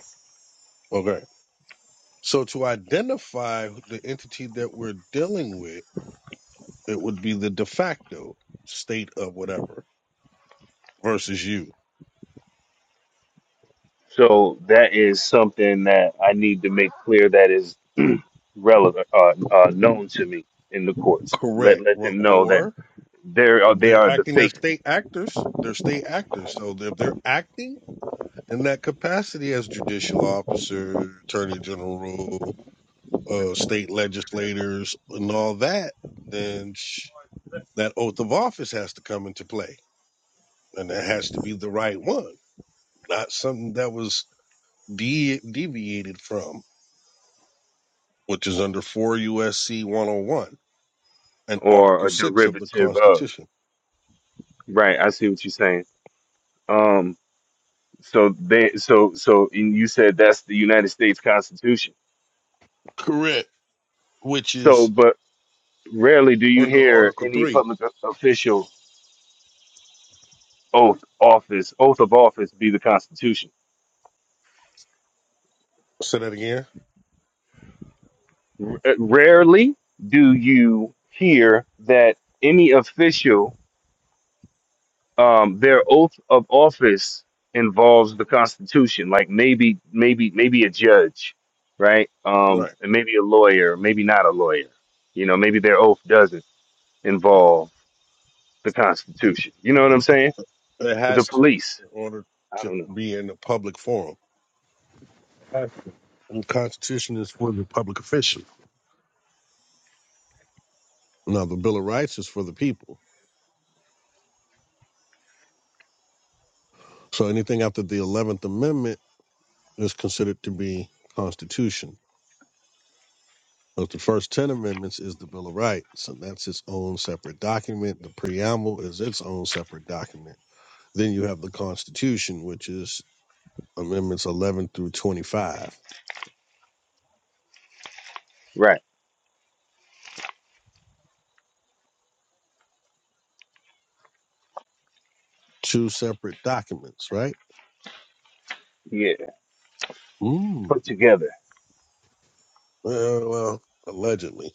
Speaker 1: Okay. So to identify the entity that we're dealing with, it would be the de facto state of whatever versus you.
Speaker 2: So that is something that I need to make clear that is <clears throat> relevant, uh, uh, known to me in the courts. Let
Speaker 1: Correct.
Speaker 2: let
Speaker 1: Or
Speaker 2: them know that
Speaker 1: or
Speaker 2: they are they
Speaker 1: they're
Speaker 2: are the
Speaker 1: acting as
Speaker 2: fake
Speaker 1: state actors. They're state actors. So if they're acting in that capacity as judicial officer, attorney general, uh, state legislators and all that, then sh- that oath of office has to come into play, and it has to be the right one, not something that was de- deviated from, which is under four USC 101 and
Speaker 2: or
Speaker 1: Article
Speaker 2: a
Speaker 1: Six of the
Speaker 2: derivative of.
Speaker 1: Constitution.
Speaker 2: Right, I see what you're saying. Um, so they so so and you said that's the United States Constitution.
Speaker 1: Correct. Which
Speaker 2: So,
Speaker 1: is
Speaker 2: but rarely do you
Speaker 1: under
Speaker 2: hear
Speaker 1: Article
Speaker 2: any
Speaker 1: Three.
Speaker 2: public official oath office oath of office be the Constitution.
Speaker 1: Say that again.
Speaker 2: r- rarely do you hear that any official um, their oath of office involves the Constitution. Like maybe, maybe, maybe a judge, right? Um,
Speaker 1: Right.
Speaker 2: and maybe a lawyer, maybe not a lawyer. You know, maybe their oath doesn't involve the Constitution. You know what I'm saying?
Speaker 1: It
Speaker 2: the
Speaker 1: has to
Speaker 2: police,
Speaker 1: in order
Speaker 2: I
Speaker 1: to
Speaker 2: don't know.
Speaker 1: be in a public forum. The Constitution is for the public official. Now, the Bill of Rights is for the people. So anything after the Eleventh Amendment is considered to be Constitution. But the first ten amendments is the Bill of Rights, and that's its own separate document. The preamble is its own separate document. Then you have the Constitution, which is amendments eleven through twenty-five.
Speaker 2: Right?
Speaker 1: Two separate documents, right?
Speaker 2: Yeah,
Speaker 1: Mm.
Speaker 2: put
Speaker 1: Uh,
Speaker 2: together,
Speaker 1: well, allegedly,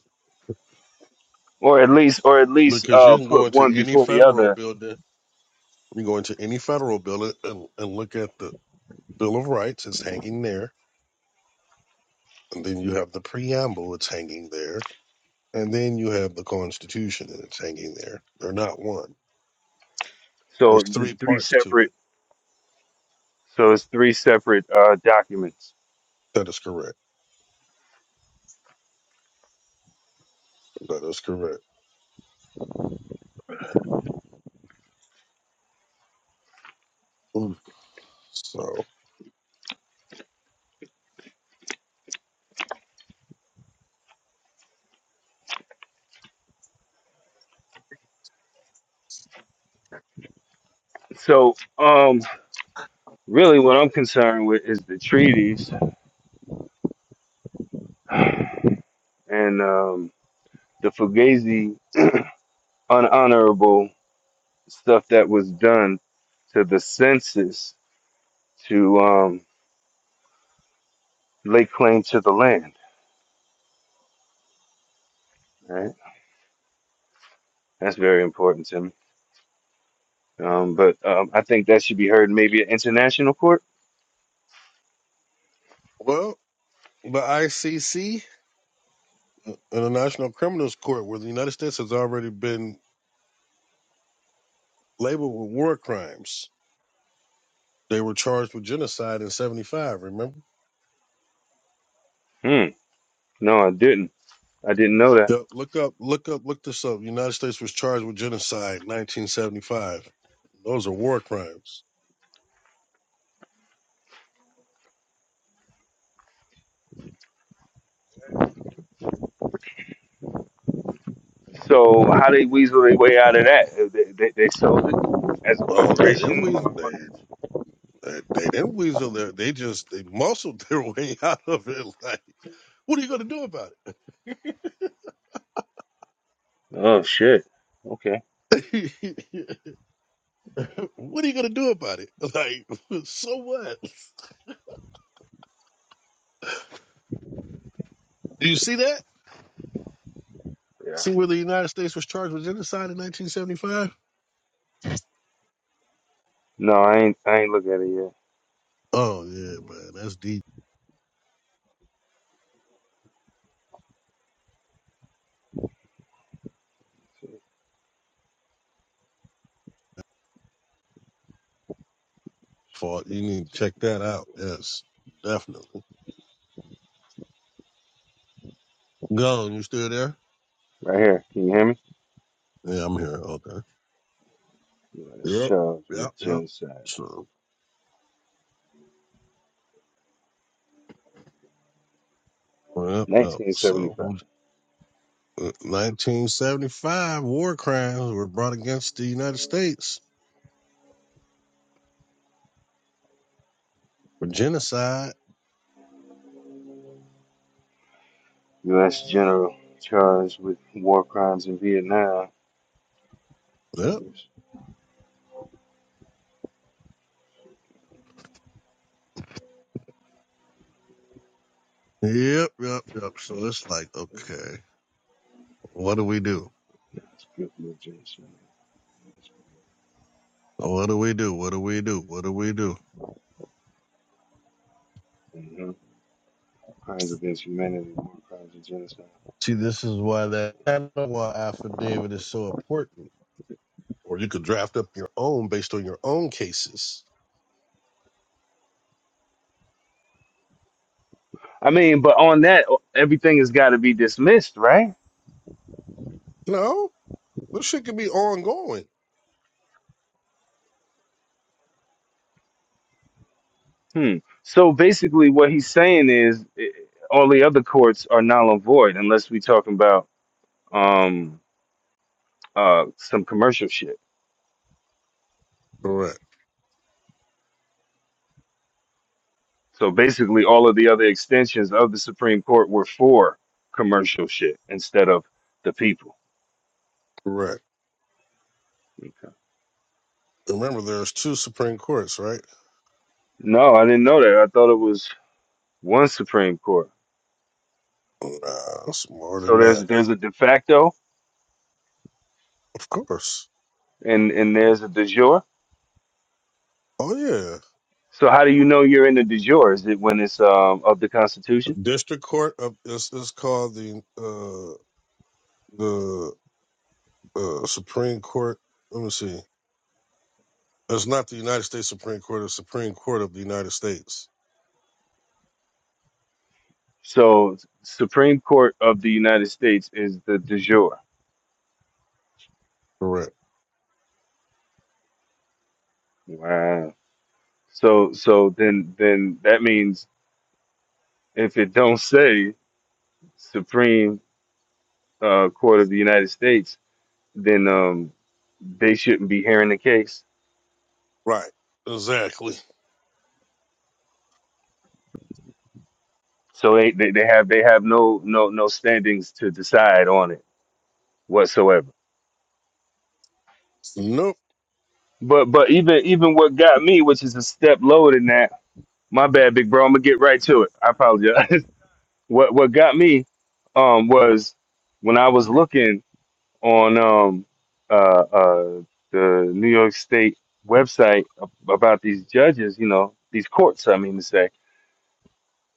Speaker 2: or at least, or at least
Speaker 1: because you
Speaker 2: uh,
Speaker 1: can go
Speaker 2: put
Speaker 1: into
Speaker 2: one
Speaker 1: any
Speaker 2: before the
Speaker 1: federal
Speaker 2: other.
Speaker 1: building, you can go into any federal building and, and look at the Bill of Rights. It's hanging there And then you have the preamble, it's hanging there. And then you have the Constitution, and it's hanging there. They're not one.
Speaker 2: So
Speaker 1: There's
Speaker 2: there's
Speaker 1: three
Speaker 2: three
Speaker 1: parts to
Speaker 2: separate
Speaker 1: it.
Speaker 2: So it's three separate uh, documents.
Speaker 1: That is correct. That is correct. Ooh. So,
Speaker 2: So um, really, what I'm concerned with is the treaties and um, the Fugazi <clears throat> unhonorable stuff that was done to the census to um, lay claim to the land. Right, that's very important to me. Um, but um, I think that should be heard maybe at international court.
Speaker 1: well, the ICC and the Criminals Court, where the United States has already been labeled with war crimes, they were charged with genocide in 75, remember?
Speaker 2: Hmm. No, I didn't. I didn't know that.
Speaker 1: Yep, look up, look up, look this up. United States was charged with genocide 1975. Those are war crimes.
Speaker 2: So how they weasel their way out of that? They, they, they sold it as a
Speaker 1: Well, they didn't.
Speaker 2: corporation.
Speaker 1: We they They, they didn't weasel their, they just, they muscled <laughs> their way out of it. Like, what are you going to do about it?
Speaker 2: Oh shit. Okay.
Speaker 1: <laughs> what are you going to do about it? <laughs> Like, so what? <laughs> Do you see that?
Speaker 2: Yeah.
Speaker 1: See where the United States was charged with genocide in 1975?
Speaker 2: No, I ain't. I ain't look at it yet.
Speaker 1: Oh, yeah, man. That's deep fault. You need to check that out. Yes, definitely. Gone, you still there?
Speaker 2: Right here. Can you hear me?
Speaker 1: Yeah, I'm here. Okay.
Speaker 2: U.S.
Speaker 1: Yep,
Speaker 2: charged
Speaker 1: yep,
Speaker 2: with
Speaker 1: yep.
Speaker 2: genocide.
Speaker 1: So, yep, yep.
Speaker 2: 1975.
Speaker 1: So, 1975 war crimes were brought against the United States for genocide.
Speaker 2: U.S. general charged with war crimes in Vietnam.
Speaker 1: Yep.
Speaker 2: Charges.
Speaker 1: Yep. Yep. Yep. So it's like, okay, what do we do?
Speaker 2: It's guilty of genocide.
Speaker 1: What do we do? What do we do? What do we do?
Speaker 2: hmm Crimes against humanity, war crimes and genocide.
Speaker 1: See, this is why that Ottawa affidavit is so important. Or you could draft up your own based on your own cases.
Speaker 2: I mean, but on that, everything has got to be dismissed, right?
Speaker 1: No, this shit could be ongoing.
Speaker 2: Hmm. So basically, what he's saying is eh, all the other courts are null and void unless we're talking about um, uh, some commercial shit.
Speaker 1: Correct.
Speaker 2: So basically, all of the other extensions of the Supreme Court were for commercial shit instead of the people.
Speaker 1: Correct.
Speaker 2: Okay.
Speaker 1: Remember, there's two Supreme Courts, right?
Speaker 2: No, I didn't know that. I thought it was one Supreme Court.
Speaker 1: Uh, it's more
Speaker 2: So
Speaker 1: than
Speaker 2: there's
Speaker 1: that.
Speaker 2: there's a de facto
Speaker 1: Of course.
Speaker 2: and and there's a de jure.
Speaker 1: Oh yeah.
Speaker 2: So how do you know you're in the de jure? Is it when it's um, of the Constitution?
Speaker 1: District Court of it's, it's called the uh the uh Supreme Court. Let me see. It's not the United States Supreme Court. It's Supreme Court of the United States.
Speaker 2: So Supreme Court of the United States is the de jure.
Speaker 1: Correct.
Speaker 2: Wow. So so then then that means if it don't say Supreme uh, Court of the United States, then um, they shouldn't be hearing the case.
Speaker 1: Right. Exactly.
Speaker 2: So they, they, they have they have no no no standings to decide on it whatsoever.
Speaker 1: Nope.
Speaker 2: But but even even what got me, which is a step lower than that, My bad, big bro. I'm gonna get right to it. I apologize. <laughs> what what got me um was when I was looking on um uh uh the New York State website ab- about these judges, you know, these courts, I mean to say.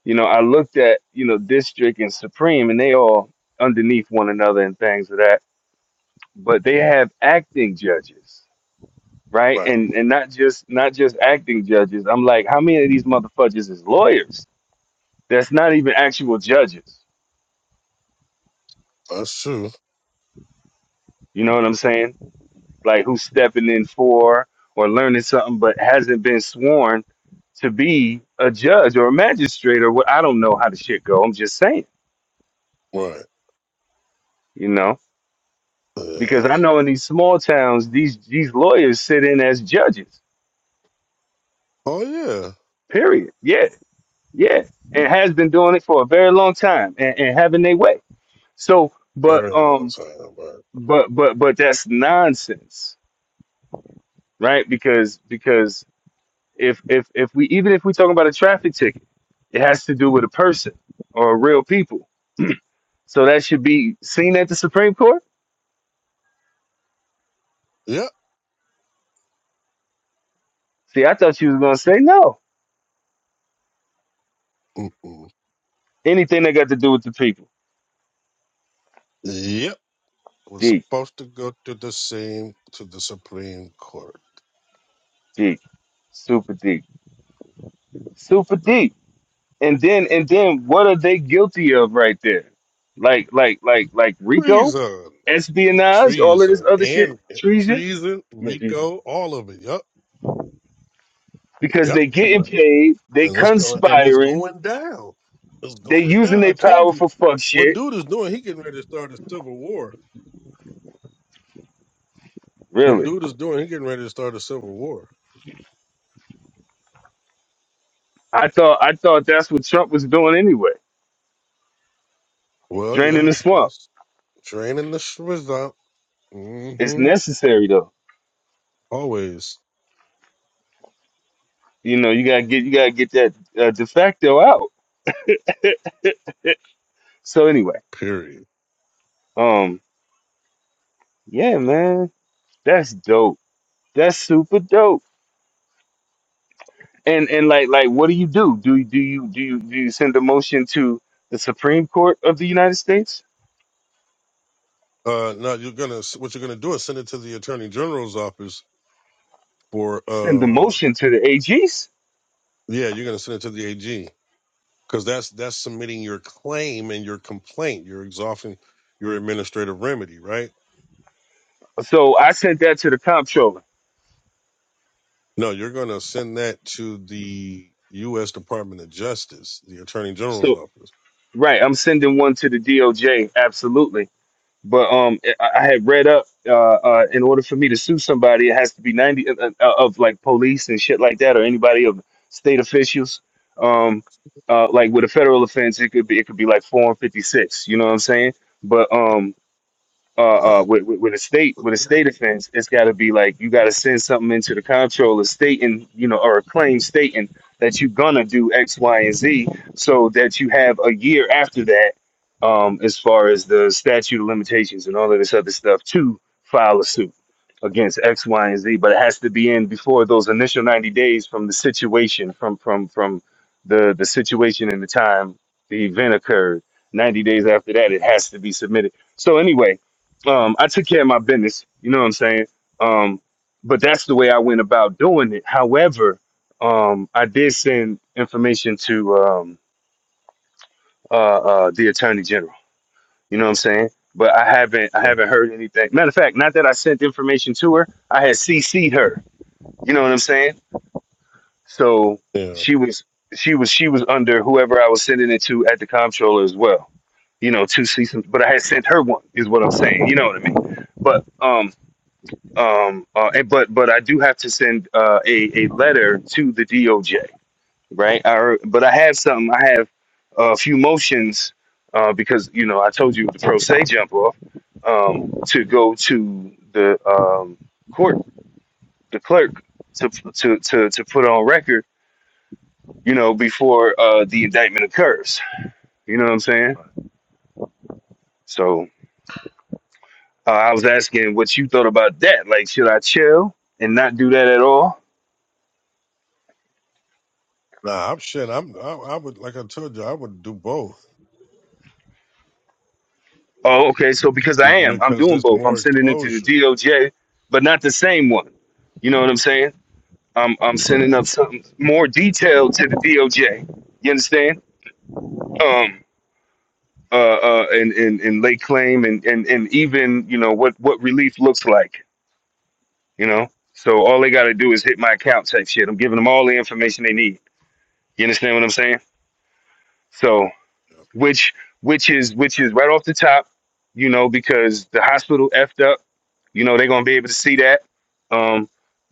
Speaker 2: You know, I looked at, you know, district and supreme and they all underneath one another and things of that, but they have acting judges, right?
Speaker 1: Right.
Speaker 2: And and not just not just acting judges. I'm like, how many of these motherfuckers is lawyers? that's not even actual judges.
Speaker 1: That's true.
Speaker 2: You know what I'm saying? Like who's stepping in for or learning something, but hasn't been sworn to be a judge or a magistrate or what. I don't know how the shit go. I'm just saying,
Speaker 1: Right.
Speaker 2: you know, because
Speaker 1: Yeah.
Speaker 2: I know in these small towns, these these lawyers sit in as judges.
Speaker 1: Oh yeah.
Speaker 2: Period. Yeah, yeah, and has been doing it for a very long time and, and having their way. So, but
Speaker 1: Very long
Speaker 2: um,
Speaker 1: time. Right.
Speaker 2: but but but that's nonsense, right? Because because If if if we even if we talking about a traffic ticket, it has to do with a person or real people. So that should be seen at the Supreme Court.
Speaker 1: Yep.
Speaker 2: See, I thought you was gonna say no.
Speaker 1: Mm-mm.
Speaker 2: Anything that got to do with the people.
Speaker 1: Yep. We're
Speaker 2: Deep,
Speaker 1: supposed to go to the same to the Supreme Court.
Speaker 2: deep, super deep, super deep. And then and then what are they guilty of right there? Like like like like Rico?
Speaker 1: Treason.
Speaker 2: espionage, all of this
Speaker 1: Treason
Speaker 2: other shit,
Speaker 1: and
Speaker 2: treason,
Speaker 1: treason, Rico, all of it. Yep.
Speaker 2: because
Speaker 1: Yep.
Speaker 2: they getting paid, they
Speaker 1: And it's going and it's
Speaker 2: conspiring,
Speaker 1: going down. It's
Speaker 2: they
Speaker 1: going
Speaker 2: using
Speaker 1: down. I
Speaker 2: their
Speaker 1: told
Speaker 2: power
Speaker 1: you
Speaker 2: for fuck
Speaker 1: what
Speaker 2: shit.
Speaker 1: dude is doing, he getting ready to start a civil war. What
Speaker 2: Really?
Speaker 1: dude is doing, he getting ready to start a civil war.
Speaker 2: I thought I thought that's what Trump was doing anyway,
Speaker 1: Well,
Speaker 2: draining
Speaker 1: yeah,
Speaker 2: the swamp.
Speaker 1: that's draining the schmiz out.
Speaker 2: It's
Speaker 1: Mm-hmm.
Speaker 2: necessary though.
Speaker 1: Always.
Speaker 2: You know, you gotta get you gotta get that uh, de facto out. So anyway,
Speaker 1: Period.
Speaker 2: um, yeah, man, that's dope. That's super dope. And and like like, what do you do? Do you do you do you do you send a motion to the Supreme Court of the United States?
Speaker 1: Uh now you're gonna what you're gonna do is send it to the attorney general's office for
Speaker 2: Send the
Speaker 1: uh
Speaker 2: motion to the AGs.
Speaker 1: yeah, you're gonna send it to the AG. Because that's that's submitting your claim and your complaint. You're exhausting your administrative remedy, right?
Speaker 2: So I sent that to the comptroller.
Speaker 1: No, you're going to send that to the U.S. Department of Justice, the Attorney General's
Speaker 2: So
Speaker 1: office.
Speaker 2: right, I'm sending one to the DOJ. Absolutely But um, I, I had read up uh, uh, in order for me to sue somebody, it has to be ninety uh, uh, uh, of like police and shit like that, or anybody of state officials. Um, uh, like with a federal offense, it could be it could be like four and fifty six. You know what I'm saying? But um, uh, uh, with, with with a state with a state offense, it's got to be like you got to send something into the controller stating, you know, or a claim stating that you're gonna do X, Y, and Z, so that you have a year after that, um, as far as the statute of limitations and all of this other stuff, to file a suit against X, Y, and Z. But it has to be in before those initial 90 days from the situation, from from from the the situation and the time the event occurred. 90 days after that, it has to be submitted. So anyway um, I took care of my business. You know what I'm saying? Um, but that's the way I went about doing it. However, um, I did send information to um, uh, uh, the attorney general. You know what I'm saying? But I haven't I
Speaker 1: Yeah,
Speaker 2: haven't heard anything. Matter of fact, not that I sent information to her, I had CC'd her. You know what I'm saying? So
Speaker 1: yeah.
Speaker 2: she was she was she was under whoever I was sending it to at the comptroller as well. You know, two seasons, but I had sent her one is what I'm saying. You know what I mean? But um, Um, uh, and- but but I do have to send uh, a a letter to the DOJ, right? I, but I have something. I have a few motions uh, because you know I told you the pro se jump off um, to go to the um, court, the clerk to to to to put on record, you know, before uh, the indictment occurs. You know what I'm saying?
Speaker 1: Right.
Speaker 2: So uh, I was asking what you thought about that. Like, should I chill and not do that at all?
Speaker 1: Nah, I'm shit. I'm. I, I would like I told you, I would do both
Speaker 2: Oh, okay. So because I am, I'm
Speaker 1: because
Speaker 2: doing
Speaker 1: there's
Speaker 2: both. I'm
Speaker 1: more
Speaker 2: sending it to the
Speaker 1: exposure.
Speaker 2: DOJ, but not the same one. You know what I'm saying? I'm I'm
Speaker 1: All
Speaker 2: sending
Speaker 1: right.
Speaker 2: up something more detailed to the DOJ. You understand? Um. Uh. Uh. And and and lay claim and and and even you know what what relief looks like. You know. So all they got to do is hit my account type shit. I'm giving them all the information they need. You understand what I'm saying? So
Speaker 1: Yeah.
Speaker 2: which which is which is right off the top. You know because the hospital effed up You know, they're gonna be able to see that. Um,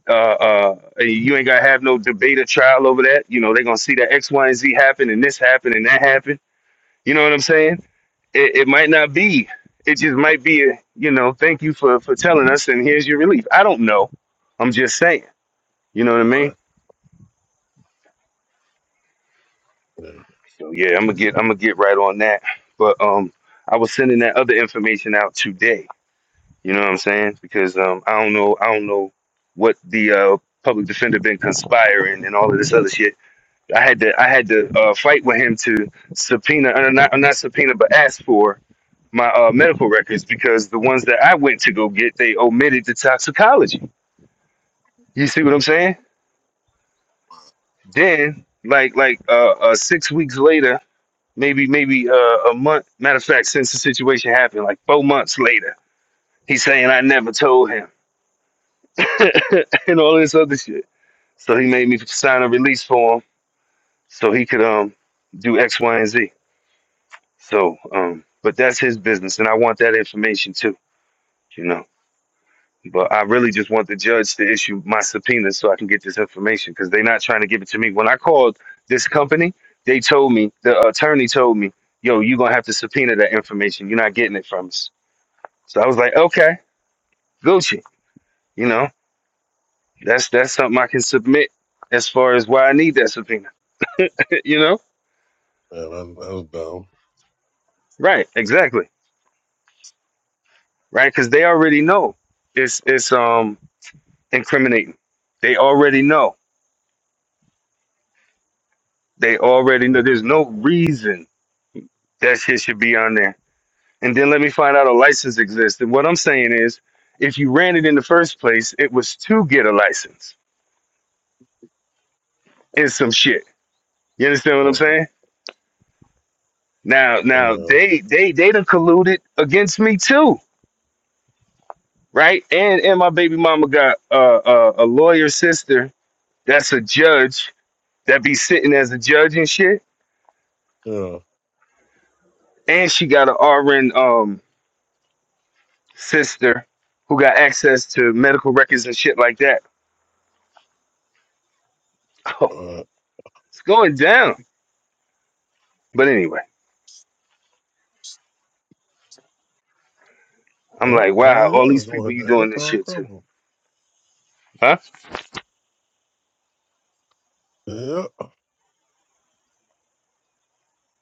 Speaker 2: uh, uh, you ain't gotta have no debate or trial over that. You know, they're gonna see that X, Y, and Z happen, and this happen, and that happen. You know what I'm saying? It, it might not be. It just might be. A, you know, thank you for for telling us, and here's your relief. I don't know. I'm just saying. You know what I
Speaker 1: All right.
Speaker 2: mean?
Speaker 1: Yeah. Yeah.
Speaker 2: So yeah, I'm gonna get I'm gonna get right on that. But um, I was sending that other information out today You know what I'm saying? Because um, I don't know, I don't know what the uh, public defender been conspiring and all of this other shit. I had to, I had to uh, fight with him to subpoena, uh, not uh, not subpoena, but ask for my uh, medical records because the ones that I went to go get, they omitted the toxicology. You see what I'm saying? Then, like, like uh, uh, six weeks later, maybe, maybe uh, a month. Matter of fact, since the situation happened, like four months later, he's saying I never told him <laughs> and all this other shit. So he made me sign a release form so he could um do X, Y, and Z. So um, but that's his business, and I want that information too, you know. But I really just want the judge to issue my subpoena so I can get this information because they're not trying to give it to me. When I called this company, they told me the attorney told me, "Yo, you're gonna have to subpoena that information. You're not getting it from us." So I was like, "Okay, Gucci," you know. That's that's something I can submit as far as why I need that subpoena, <laughs> you know.
Speaker 1: That, that was
Speaker 2: Right, exactly. right? Because they already know it's it's um incriminating. They already know. They already know.
Speaker 1: dumb.
Speaker 2: There's no reason that shit should be on there. And then let me find out a license exists. And what I'm saying is, if you ran it in the first place, it was to get a license. It's some shit. You understand what I'm
Speaker 1: All right.
Speaker 2: saying? Now, now
Speaker 1: Yeah.
Speaker 2: they they they done colluded against me too, right? And and my baby mama got uh, uh, a lawyer sister that's a judge that be sitting as a judge and shit
Speaker 1: Yeah.
Speaker 2: and she got an RN um sister who got access to medical records and shit like that. <laughs> Oh,
Speaker 1: All right.
Speaker 2: it's going down. But anyway, I'm
Speaker 1: Yep.
Speaker 2: like, wow,
Speaker 1: Oh,
Speaker 2: all
Speaker 1: yeah. It's
Speaker 2: these people
Speaker 1: going
Speaker 2: you
Speaker 1: down.
Speaker 2: doing
Speaker 1: It's
Speaker 2: this
Speaker 1: all
Speaker 2: shit to,
Speaker 1: crumbled.
Speaker 2: huh?
Speaker 1: Yep.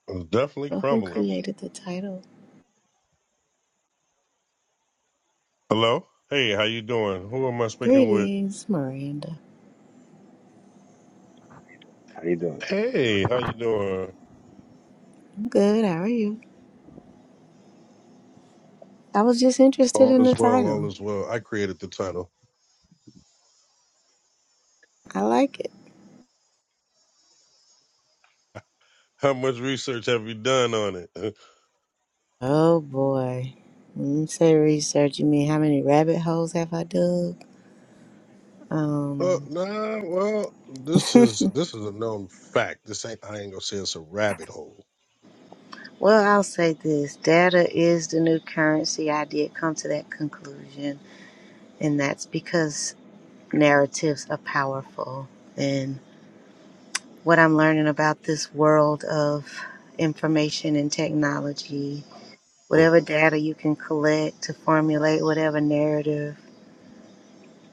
Speaker 1: It's definitely
Speaker 3: Well, who
Speaker 1: crumbling.
Speaker 3: created the title?
Speaker 1: Hello. Hey, how you doing? Who am I speaking with?
Speaker 3: Greetings, Miranda.
Speaker 2: How you doing? All
Speaker 1: Hey,
Speaker 2: right.
Speaker 1: how you doing?
Speaker 3: I'm good. How are you? I was just interested
Speaker 1: All
Speaker 3: in
Speaker 1: is
Speaker 3: the
Speaker 1: well, all
Speaker 3: title.
Speaker 1: is well. I created the title.
Speaker 3: I like it.
Speaker 1: How much research have you done on it? <laughs>
Speaker 3: Oh boy. When you say research, you mean how many rabbit holes have I dug?
Speaker 1: Oh,
Speaker 3: Um,
Speaker 1: nah, well, this is this is a known fact. This ain't I ain't gonna say it's a rabbit hole.
Speaker 3: well, I'll say this data is the new currency. I did come to that conclusion, and that's because narratives are powerful. And what I'm learning about this world of information and technology whatever
Speaker 1: Right.
Speaker 3: data you can collect to formulate whatever narrative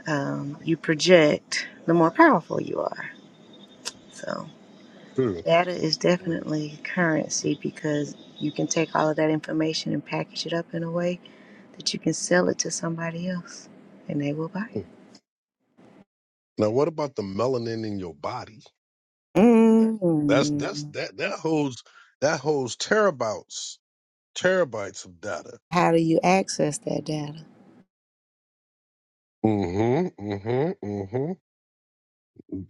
Speaker 3: um, you project, the more powerful you are. So,
Speaker 1: True.
Speaker 3: data is
Speaker 1: Mm.
Speaker 3: definitely currency because you can take all of that information and package it up in a way that you can sell it to somebody else and they will buy
Speaker 1: Now what about the melanin in your body?
Speaker 3: it.
Speaker 1: That's that's
Speaker 3: mm
Speaker 1: that that holds that holds terabytes terabytes of data.
Speaker 3: How do you access that data?
Speaker 1: Mm-hmm. Mm-hmm. Mm-hmm.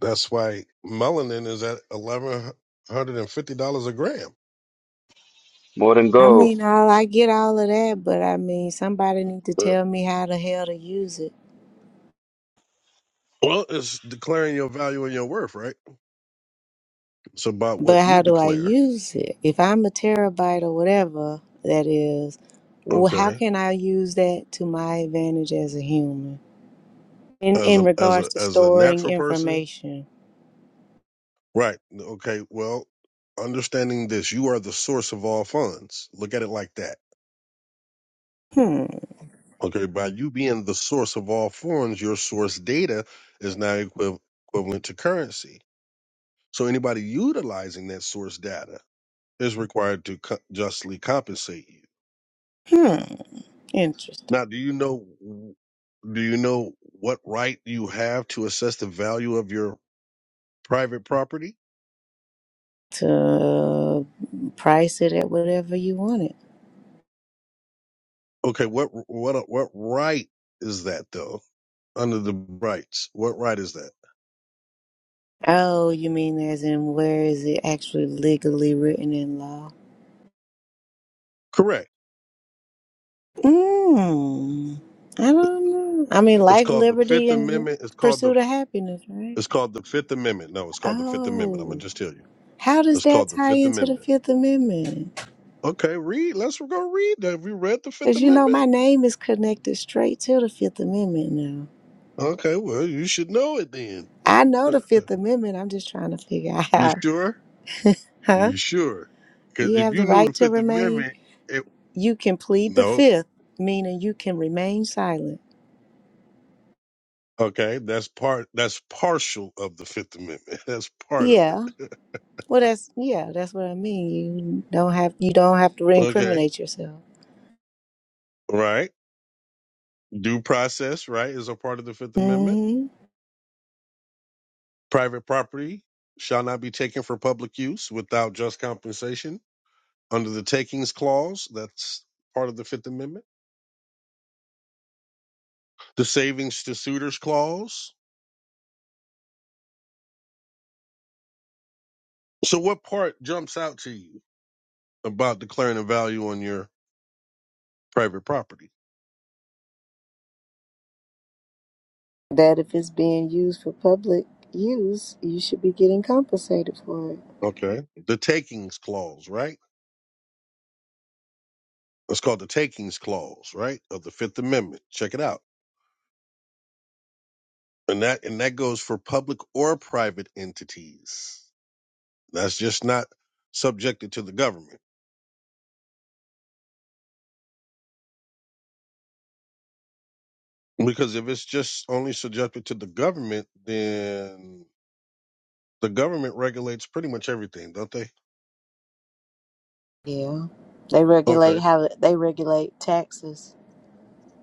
Speaker 1: That's why melanin is at eleven hundred and fifty dollars a gram.
Speaker 2: More than
Speaker 3: I
Speaker 2: gold.
Speaker 3: mean, all I get all of that, but I mean, somebody need to
Speaker 1: Uh,
Speaker 3: tell me how the hell to use it.
Speaker 1: Well, it's declaring your value and your worth, right? It's about what
Speaker 3: But
Speaker 1: you
Speaker 3: how do I
Speaker 1: declare.
Speaker 3: use it? If I'm a terabyte or whatever that is, well, how
Speaker 1: Okay.
Speaker 3: can I use that to my advantage as a human in
Speaker 1: As
Speaker 3: in
Speaker 1: a as
Speaker 3: regards
Speaker 1: a
Speaker 3: to
Speaker 1: as a
Speaker 3: storing
Speaker 1: natural person.
Speaker 3: information?
Speaker 1: Right. Okay. Well, understanding this, you are the source of all funds. Look at it like that.
Speaker 3: Hmm.
Speaker 1: Okay. By you being the source of all funds, your source data is now equiv- equivalent to currency. So anybody utilizing that source data is required to co- justly compensate you.
Speaker 3: Hmm. Interesting.
Speaker 1: Now, do you know do you know what right you have to assess the value of your private property?
Speaker 3: To price it at whatever you want it.
Speaker 1: Okay, what what what right is that though? Under the rights, what right is that?
Speaker 3: Oh, you mean as in where is it actually legally written in law?
Speaker 1: Correct.
Speaker 3: Mm, I don't know. I mean,
Speaker 1: It's
Speaker 3: life,
Speaker 1: called the
Speaker 3: liberty,
Speaker 1: Fifth
Speaker 3: and
Speaker 1: Amendment. It's called the
Speaker 3: pursuit of happiness, right?
Speaker 1: it's called the Fifth Amendment. No, it's called the Fifth Amendment. I'm
Speaker 3: Oh.
Speaker 1: gonna just tell you.
Speaker 3: How does
Speaker 1: It's
Speaker 3: that
Speaker 1: called the
Speaker 3: tie
Speaker 1: Fifth
Speaker 3: into the
Speaker 1: Amendment.
Speaker 3: Fifth Amendment?
Speaker 1: Okay, read. Let's go read that. Have you read the Fifth
Speaker 3: Because you know,
Speaker 1: Amendment?
Speaker 3: my name is connected straight to the Fifth Amendment now.
Speaker 1: Okay, well you should know it then.
Speaker 3: I know the Fifth Amendment. I'm just trying to figure <laughs> out
Speaker 1: <laughs> you
Speaker 3: how.
Speaker 1: sure?
Speaker 3: Huh?
Speaker 1: You sure? Because
Speaker 3: You
Speaker 1: if
Speaker 3: have the
Speaker 1: you knew
Speaker 3: right
Speaker 1: the
Speaker 3: to
Speaker 1: Fifth
Speaker 3: remain.
Speaker 1: Amendment, it,
Speaker 3: You can plead the
Speaker 1: no,
Speaker 3: Fifth, meaning you can remain silent.
Speaker 1: okay, that's part. That's partial of the Fifth Amendment. <laughs> That's part of
Speaker 3: Yeah.
Speaker 1: it.
Speaker 3: Well, that's yeah. That's what I mean. You don't have you don't have to
Speaker 1: <laughs> okay,
Speaker 3: incriminate yourself.
Speaker 1: right. Due process, right, is a part of the Fifth Amendment.
Speaker 3: hmm
Speaker 1: Private property shall not be taken for public use without just compensation under the Takings Clause. That's part of the Fifth Amendment. The Savings to Suitors Clause. So, what part jumps out to you about declaring a value on your private property?
Speaker 3: That if it's being used for public use, you should be getting compensated for it.
Speaker 1: Okay. The takings clause, right? It's called the takings clause, right? Of the Fifth Amendment. Check it out. And that and that goes for public or private entities. That's just not subjected to the government. Because if it's just only subjected to the government, then the government regulates pretty much everything, don't they?
Speaker 3: Yeah. They regulate
Speaker 1: Okay.
Speaker 3: how they regulate taxes.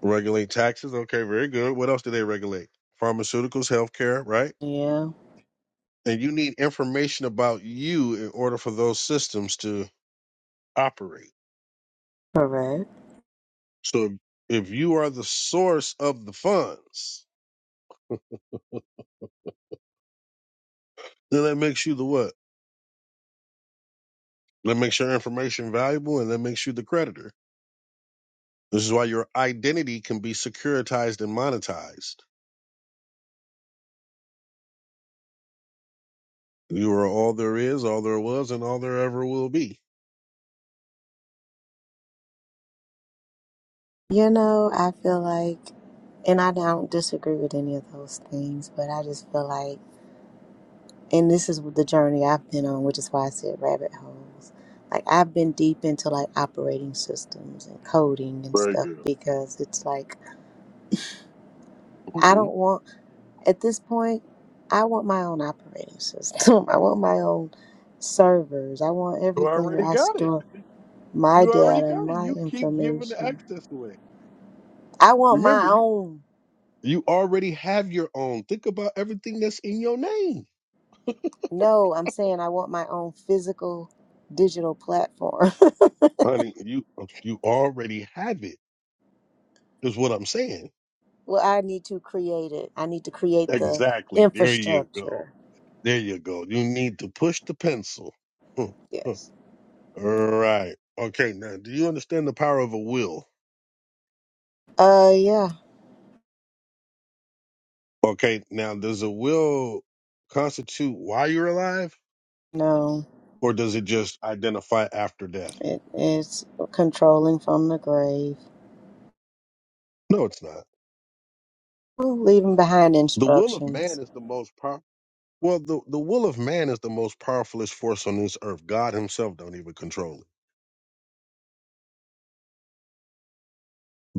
Speaker 1: Regulate taxes. Okay, very good. What else do they regulate? Pharmaceuticals, healthcare, right?
Speaker 3: Yeah.
Speaker 1: And you need information about you in order for those systems to operate
Speaker 3: Correct.
Speaker 1: So if you are the source of the funds, then that makes you the what? That makes your information valuable and that makes you the creditor. This is why your identity can be securitized and monetized. You are all there is, all there was, and all there ever will be.
Speaker 3: You know, I feel like and I don't disagree with any of those things, but I just feel like and this is the journey I've been on, which is why I said rabbit holes. Like I've been deep into like operating systems and coding and
Speaker 1: Very
Speaker 3: stuff
Speaker 1: good.
Speaker 3: because it's like
Speaker 1: hmm
Speaker 3: I don't want at this point I want my own operating system. <laughs> I want my own servers. I want
Speaker 1: You
Speaker 3: everything where
Speaker 1: already
Speaker 3: I
Speaker 1: got it.
Speaker 3: store. my
Speaker 1: You already
Speaker 3: data,
Speaker 1: got it.
Speaker 3: my
Speaker 1: You keep giving the
Speaker 3: information.
Speaker 1: access away.
Speaker 3: I want my
Speaker 1: Remember, you
Speaker 3: own.
Speaker 1: you already have your own. Think about everything that's in your name,
Speaker 3: No, I'm saying I want my own physical digital platform.
Speaker 1: honey. You you already have it. Is what I'm saying.
Speaker 3: <laughs> well, I need to create it. I need to create the
Speaker 1: Exactly. There you go.
Speaker 3: infrastructure.
Speaker 1: There you go. You need to push the pencil. <laughs> All
Speaker 3: Yes.
Speaker 1: right. Okay. Now, do you understand the power of a will?
Speaker 3: Uh yeah.
Speaker 1: Okay. Now, does a will constitute why you're alive,
Speaker 3: No.
Speaker 1: or does it just identify after death?
Speaker 3: It is controlling from the grave.
Speaker 1: No, it's not.
Speaker 3: Oh, Leaving behind
Speaker 1: The will of man
Speaker 3: instructions.
Speaker 1: is the most powerful. Well, the, the will of man is the most powerfulest force on this earth. God himself don't even control it.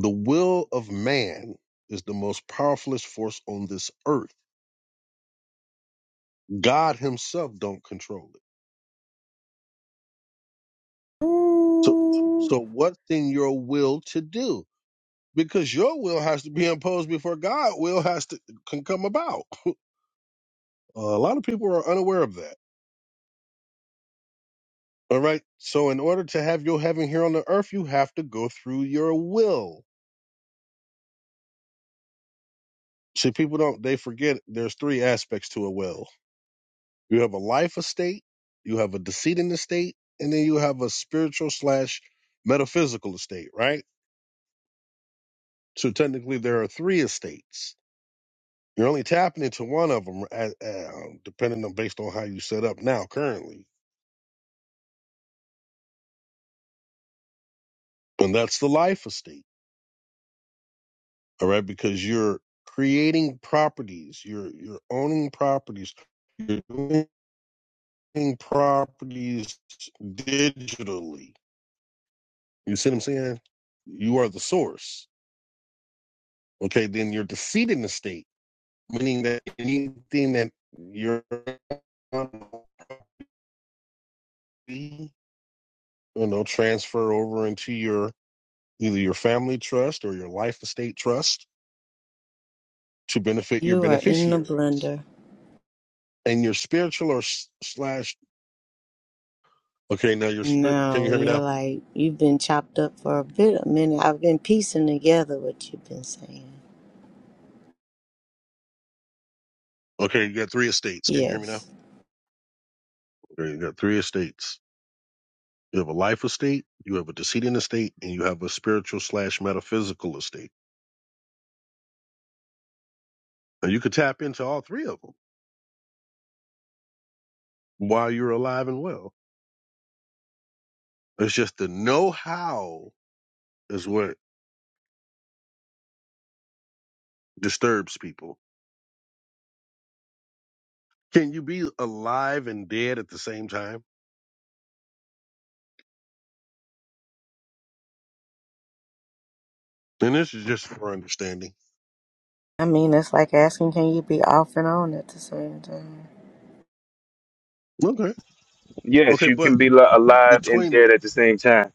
Speaker 1: The will of man is the most powerfulest force on this earth. God himself don't control it. So
Speaker 3: Mm,
Speaker 1: so what's in your will to do? Because your will has to be imposed before God will has to can come about. <laughs> a lot of people are unaware of that. All right. So in order to have your heaven here on the earth, you have to go through your will. See, people don't they forget there's three aspects to a will. You have a life estate, you have a deceiving estate, and then you have a spiritual slash metaphysical estate, right? So technically there are three estates You're only tapping into one of them, depending on based on how you set up now currently, and that's the life estate. All right, because you're creating properties, you're you're owning properties, you're doing properties digitally. You see what I'm saying? You are the source. Okay, then you're defeating the state, meaning that anything that you're you know transfer over into your either your family trust or your life estate trust to benefit your
Speaker 3: You are in the
Speaker 1: beneficiaries
Speaker 3: blender.
Speaker 1: and your spiritual or s- slash okay now your spirit can you
Speaker 3: No,
Speaker 1: hear me
Speaker 3: you're
Speaker 1: now
Speaker 3: like you've been chopped up for a bit a minute. I've been piecing together what you've been saying.
Speaker 1: okay you got three estates can you hear me now
Speaker 3: Yes.
Speaker 1: okay you got three estates you have a life estate you have a decedent estate and you have a spiritual slash metaphysical estate and you could tap into all three of them while you're alive and well it's just the know-how is what disturbs people can you be alive and dead at the same time and this is just for understanding
Speaker 3: I mean it's like asking can you be off and on at the same time?
Speaker 1: Okay.
Speaker 2: Yes,
Speaker 1: Okay,
Speaker 2: you
Speaker 1: but
Speaker 2: can be li- alive and
Speaker 1: between
Speaker 2: dead at the same time.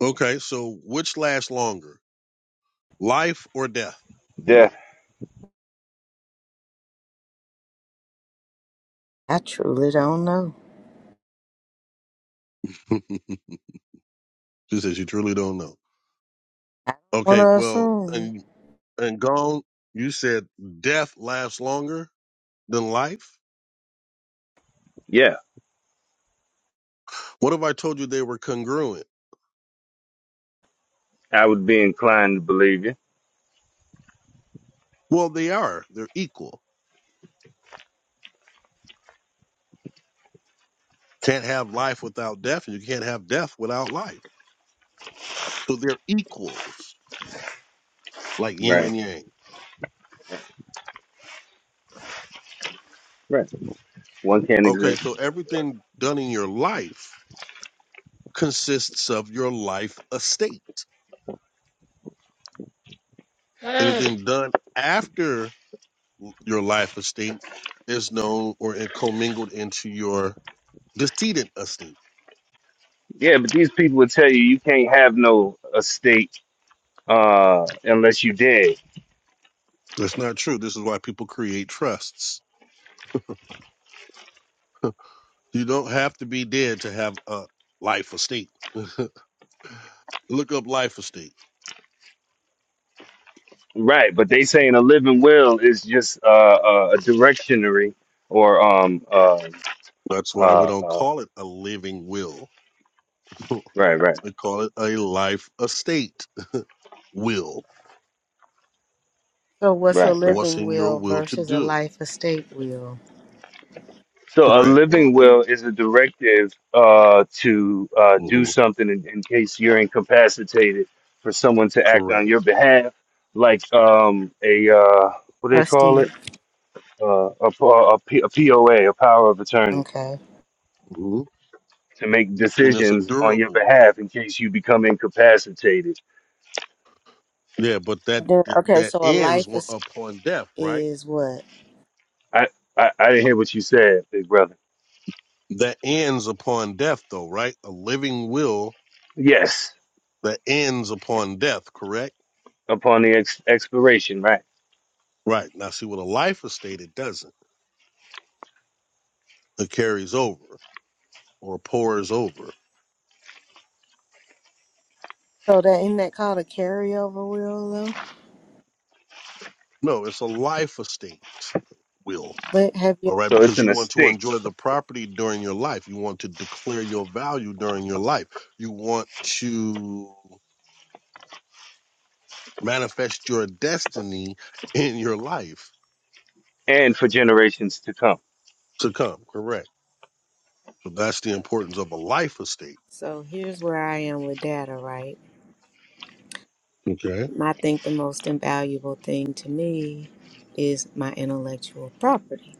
Speaker 1: okay, so which lasts longer, life or death?
Speaker 2: Death.
Speaker 3: I truly don't know.
Speaker 1: <laughs> she says you truly don't know.
Speaker 3: I don't
Speaker 1: Okay,
Speaker 3: wanna
Speaker 1: well,
Speaker 3: assume.
Speaker 1: and and gone. You said death lasts longer than life.
Speaker 2: Yeah,
Speaker 1: What if I told you they were congruent?
Speaker 2: I would be inclined to believe you.
Speaker 1: Well, they are. They're equal. Can't have life without death, and you can't have death without life. So they're equals, like yin
Speaker 2: Right.
Speaker 1: and yang.
Speaker 2: Right. One can't
Speaker 1: Okay,
Speaker 2: exist.
Speaker 1: so
Speaker 2: without-
Speaker 1: everything done in your life consists of your life estate. Anything done after your life estate is known or in- commingled into your decedent estate.
Speaker 2: Yeah, but these people would tell you you can't have no estate uh, unless you dead.
Speaker 1: That's not true. This is why people create trusts. You don't have to be dead to have a life estate. <laughs> Look up life estate.
Speaker 2: Right, but they saying a living will is just uh, uh, a directionary or um uh,
Speaker 1: That's
Speaker 2: uh
Speaker 1: why we don't
Speaker 2: uh
Speaker 1: call it a living will. <laughs> we
Speaker 2: right right
Speaker 1: call it a life estate will.
Speaker 3: So what's a
Speaker 2: right right.
Speaker 1: What's
Speaker 3: living
Speaker 1: in
Speaker 3: will
Speaker 1: your will to
Speaker 3: versus a
Speaker 1: do?
Speaker 3: life estate will?
Speaker 2: So a
Speaker 1: Correct. Well,
Speaker 2: living
Speaker 1: and
Speaker 2: will is a directive uh to uh do
Speaker 1: mhm,
Speaker 2: something in, in case you're incapacitated for someone to act on
Speaker 1: correct.
Speaker 2: your behalf, like um a uh what do they call
Speaker 3: Trustee.
Speaker 2: it uh a, p- a, p- a POA a power of attorney
Speaker 3: Okay.
Speaker 1: hmm
Speaker 2: to make
Speaker 1: And it's a
Speaker 2: decisions on your
Speaker 1: durable.
Speaker 2: behalf in case you become incapacitated
Speaker 1: Yeah, but that
Speaker 3: Then okay,
Speaker 1: that
Speaker 3: so a life
Speaker 1: ends wa-
Speaker 3: estate
Speaker 1: upon death, right?
Speaker 3: is what?
Speaker 2: I, I I didn't hear what you said, big brother.
Speaker 1: That ends upon death, though, right? A living will
Speaker 2: Yes,
Speaker 1: that ends upon death, correct?
Speaker 2: upon the ex- expiration, right?
Speaker 1: Right. Now, see, with a life estate, it doesn't. It carries over or pours over.
Speaker 3: So that isn't that called a carryover will though?
Speaker 1: No, it's a life estate will.
Speaker 3: But have you
Speaker 1: All right,
Speaker 2: So it's
Speaker 1: because
Speaker 2: an
Speaker 1: you want to
Speaker 2: estate,
Speaker 1: enjoy the property during your life. You want to declare your value during your life. You want to manifest your destiny in your life
Speaker 2: and for generations to come.
Speaker 1: to come, correct? So that's the importance of a life estate.
Speaker 3: so here's where I am with data, right?
Speaker 1: Okay.
Speaker 3: I think the most invaluable thing to me is my intellectual property.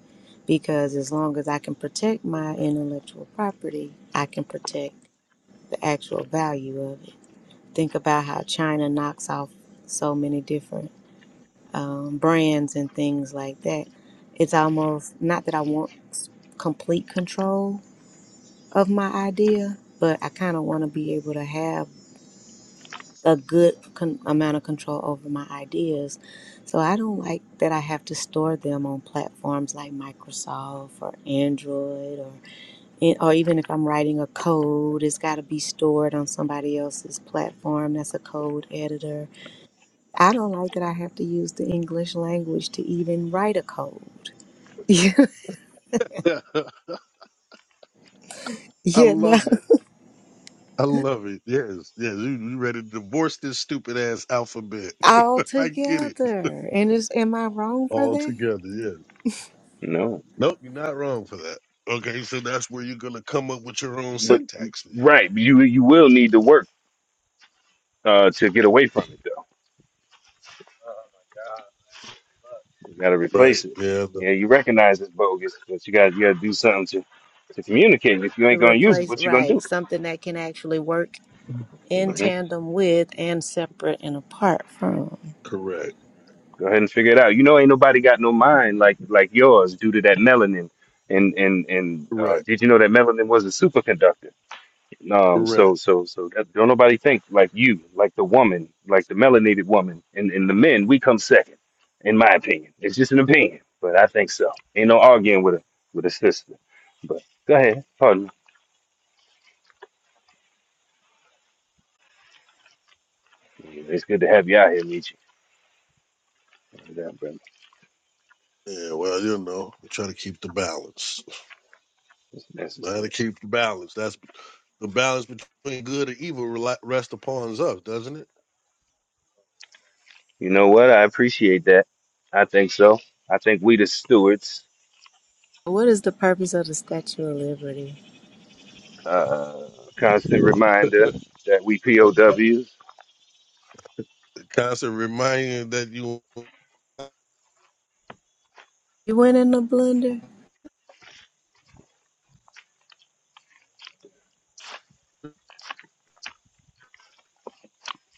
Speaker 3: Because as long as I can protect my intellectual property, I can protect the actual value of it. Think about how China knocks off so many different um, brands and things like that. It's almost not that I want s- complete control of my idea, but I kind of want to be able to have. a good con- amount of control over my ideas. So I don't like that I have to store them on platforms like Microsoft or Android or and- or even if I'm writing a code, it's got to be stored on somebody else's platform that's a code editor. I don't like that I have to use the English language to even write a code. <laughs>
Speaker 1: <laughs> I
Speaker 3: Yeah, no,
Speaker 1: love it. I love it. Yes, yes. You, you ready to divorce this stupid ass alphabet?
Speaker 3: all
Speaker 1: <laughs> I get it
Speaker 3: together. And is am I wrong for
Speaker 1: all
Speaker 3: that?
Speaker 1: together. Yes.
Speaker 2: No,
Speaker 1: Nope, you're not wrong for that. Okay, so that's where you're gonna come up with your own
Speaker 2: but
Speaker 1: syntax then.
Speaker 2: right, you you will need to work uh, to get away from it, though. You got to
Speaker 1: Right.
Speaker 2: replace it.
Speaker 1: Yeah. the-
Speaker 2: Yeah, you recognize it's bogus, but you got you got to do something to to communicate. If you
Speaker 3: To
Speaker 2: ain't gonna use it,
Speaker 3: replace
Speaker 2: what you gonna do?
Speaker 3: right something that can actually work in
Speaker 2: hmm
Speaker 3: tandem with and separate and apart from.
Speaker 1: correct.
Speaker 2: Go ahead and figure it out. You know, ain't nobody got no mind like like yours due to that melanin. And and and uh,
Speaker 1: Correct.
Speaker 2: did you know that melanin was a superconductor? Um,
Speaker 1: Correct.
Speaker 2: so so so that, don't nobody think like you, like the woman, like the melanated woman, and, and the men, we come second, in my opinion. It's just an opinion, but I think so. Ain't no arguing with a with a sister. But go ahead, pardon. me. Yeah, It's good to have you out here, Nietzsche. Yeah, brother.
Speaker 1: Yeah. Well, you know, we try to keep the balance.
Speaker 2: It's
Speaker 1: Try to
Speaker 2: necessary.
Speaker 1: keep the balance. That's the balance between good and evil rela- rest upon us, doesn't it?
Speaker 2: You know what? I appreciate that. I think so. I think we the stewards.
Speaker 3: What is the purpose of the Statue of Liberty?
Speaker 2: Uh, constant
Speaker 1: <laughs>
Speaker 2: reminder that we
Speaker 1: A co-
Speaker 2: POWs.
Speaker 1: constant reminder that you
Speaker 3: You went in a blender?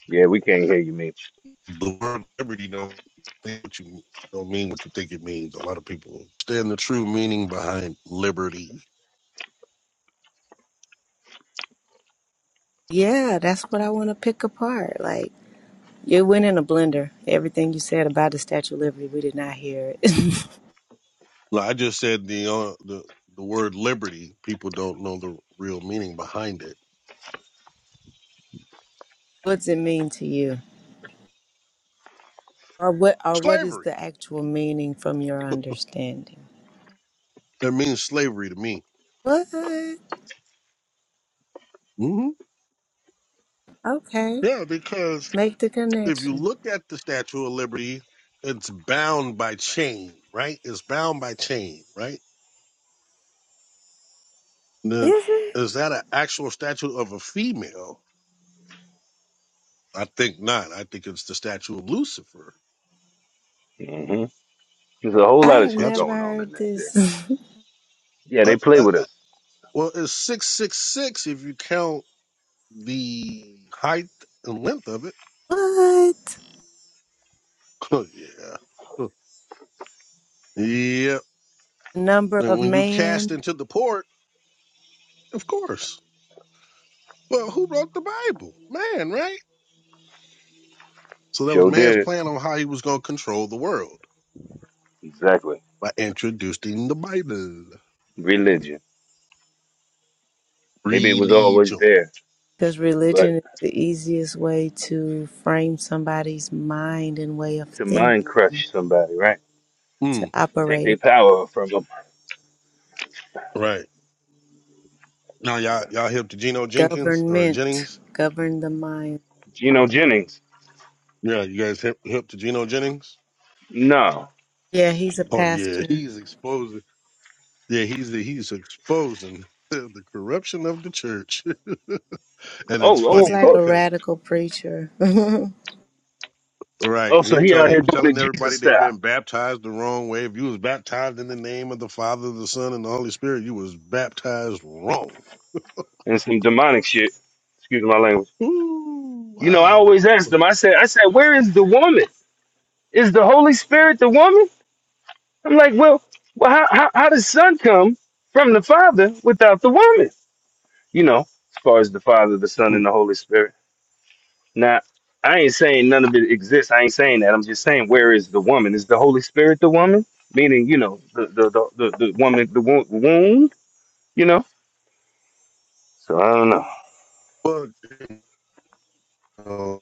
Speaker 2: Yeah, we can't hear you, Mitch.
Speaker 1: the word liberty don't mean what you don't mean what you think it means. A lot of people understand the true meaning behind liberty.
Speaker 3: Yeah, that's what I want to pick apart. Like, you went in a blender. Everything you said about the Statue of Liberty, we did not hear it.
Speaker 1: Like I just said the uh, the the word liberty, people don't know the real meaning behind it.
Speaker 3: <laughs> what does it mean to you? Or what or what is
Speaker 1: Slavery.
Speaker 3: the actual meaning from your understanding?
Speaker 1: It means slavery to me.
Speaker 3: What?
Speaker 1: hmm
Speaker 3: Okay.
Speaker 1: Yeah, because
Speaker 3: Make the
Speaker 1: if you
Speaker 3: connection.
Speaker 1: look at the Statue of Liberty, it's bound by chain, right? It's bound by chain, right? Then
Speaker 3: Is it?
Speaker 1: is that an actual statue of a female? I think not. I think it's the statue of Lucifer.
Speaker 2: There's a whole
Speaker 3: I
Speaker 2: lot of
Speaker 3: have
Speaker 2: shit
Speaker 1: That's
Speaker 3: never
Speaker 2: going on in
Speaker 3: heard
Speaker 2: that there.
Speaker 3: this.
Speaker 2: Yeah,
Speaker 1: uh,
Speaker 2: they play
Speaker 1: uh,
Speaker 2: with
Speaker 1: uh,
Speaker 2: us.
Speaker 1: well, it's six six six if you count the height and length of it.
Speaker 3: <laughs> what?
Speaker 1: <laughs> yeah, Huh. yeah.
Speaker 3: Number
Speaker 1: And
Speaker 3: of
Speaker 1: when you cast
Speaker 3: man.
Speaker 1: into the port, of course. Well, who wrote the Bible? Man, right? So that was
Speaker 2: Sure
Speaker 1: man's
Speaker 2: did.
Speaker 1: plan on how he was going to control the world
Speaker 2: Exactly.
Speaker 1: by introducing the Bible,
Speaker 2: Religion. Maybe it was always
Speaker 1: religion.
Speaker 2: there,
Speaker 3: Because
Speaker 2: but
Speaker 3: religion is the easiest way to frame somebody's mind and way of
Speaker 2: to
Speaker 3: thinking
Speaker 2: mind crush somebody, right?
Speaker 3: to
Speaker 1: Hmm.
Speaker 2: Take
Speaker 3: operate
Speaker 2: their
Speaker 3: in.
Speaker 2: power from them.
Speaker 1: Right. Now y'all y'all hip to Geno Jenkins or
Speaker 3: Government,
Speaker 1: Jennings?
Speaker 3: govern the mind.
Speaker 2: Geno Jennings.
Speaker 1: Yeah, you guys hip hip to Geno Jennings?
Speaker 2: No.
Speaker 3: Yeah, he's a
Speaker 1: Oh yeah, <laughs>
Speaker 3: pastor.
Speaker 1: he's exposing. Yeah, he's the, he's exposing <laughs> the corruption of the church, <laughs> and it's
Speaker 2: Oh, oh,
Speaker 3: He's
Speaker 2: of
Speaker 1: funny
Speaker 3: like
Speaker 2: course.
Speaker 3: a
Speaker 1: because
Speaker 3: radical preacher. <laughs>
Speaker 1: right
Speaker 2: Oh, so
Speaker 1: he
Speaker 2: he
Speaker 1: told
Speaker 2: out
Speaker 1: he
Speaker 2: here
Speaker 1: was
Speaker 2: doing the
Speaker 1: telling everybody
Speaker 2: Jesus
Speaker 1: they've
Speaker 2: style
Speaker 1: been baptized the wrong way. If you was baptized in the name of the Father, the Son, and the Holy Spirit, you was baptized wrong.
Speaker 2: and some demonic shit. Excuse my language.
Speaker 1: Ooh,
Speaker 2: You know, I
Speaker 1: wow.
Speaker 2: always ask them. I said, I said, where is the woman? Is the Holy Spirit the woman? I'm like, well, well, how how, how does Son come from the Father without the woman? you know, as far as the Father, the Son,
Speaker 1: Hmm.
Speaker 2: and the Holy Spirit. Now, I ain't saying none of it exists. I ain't saying that. I'm just saying, where is the woman? Is the Holy Spirit the woman? Meaning, you know, the the the, the, the woman, the wo- womb, you know. So I don't know.
Speaker 1: But you know,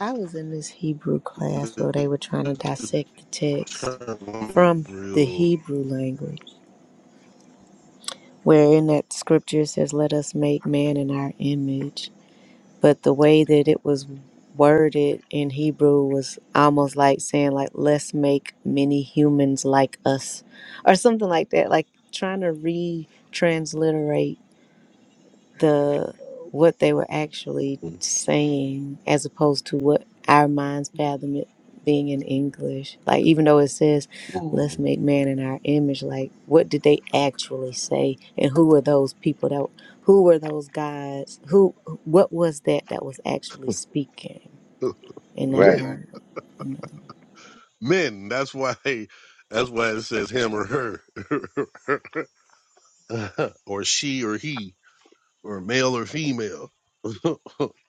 Speaker 3: I was in this Hebrew class
Speaker 1: this
Speaker 3: where they were trying to
Speaker 1: is
Speaker 3: dissect the text
Speaker 1: turning
Speaker 3: from the
Speaker 1: real.
Speaker 3: Hebrew language, where in that scripture it says, Let us make man in our image. but the way that it was worded in Hebrew was almost like saying like let's make many humans like us or something like that like trying to re-transliterate the what they were actually saying as opposed to what our minds fathom it being in English. Like even though it says let's
Speaker 1: mm
Speaker 3: make man in our image, like what did they actually say and who were those people that who were those guys? Who what was that that was actually speaking in that
Speaker 2: Right?
Speaker 1: Men,
Speaker 3: moment? you know?
Speaker 1: men. That's why. That's why it says him or her, <laughs> or she or he, or male or female. <laughs> it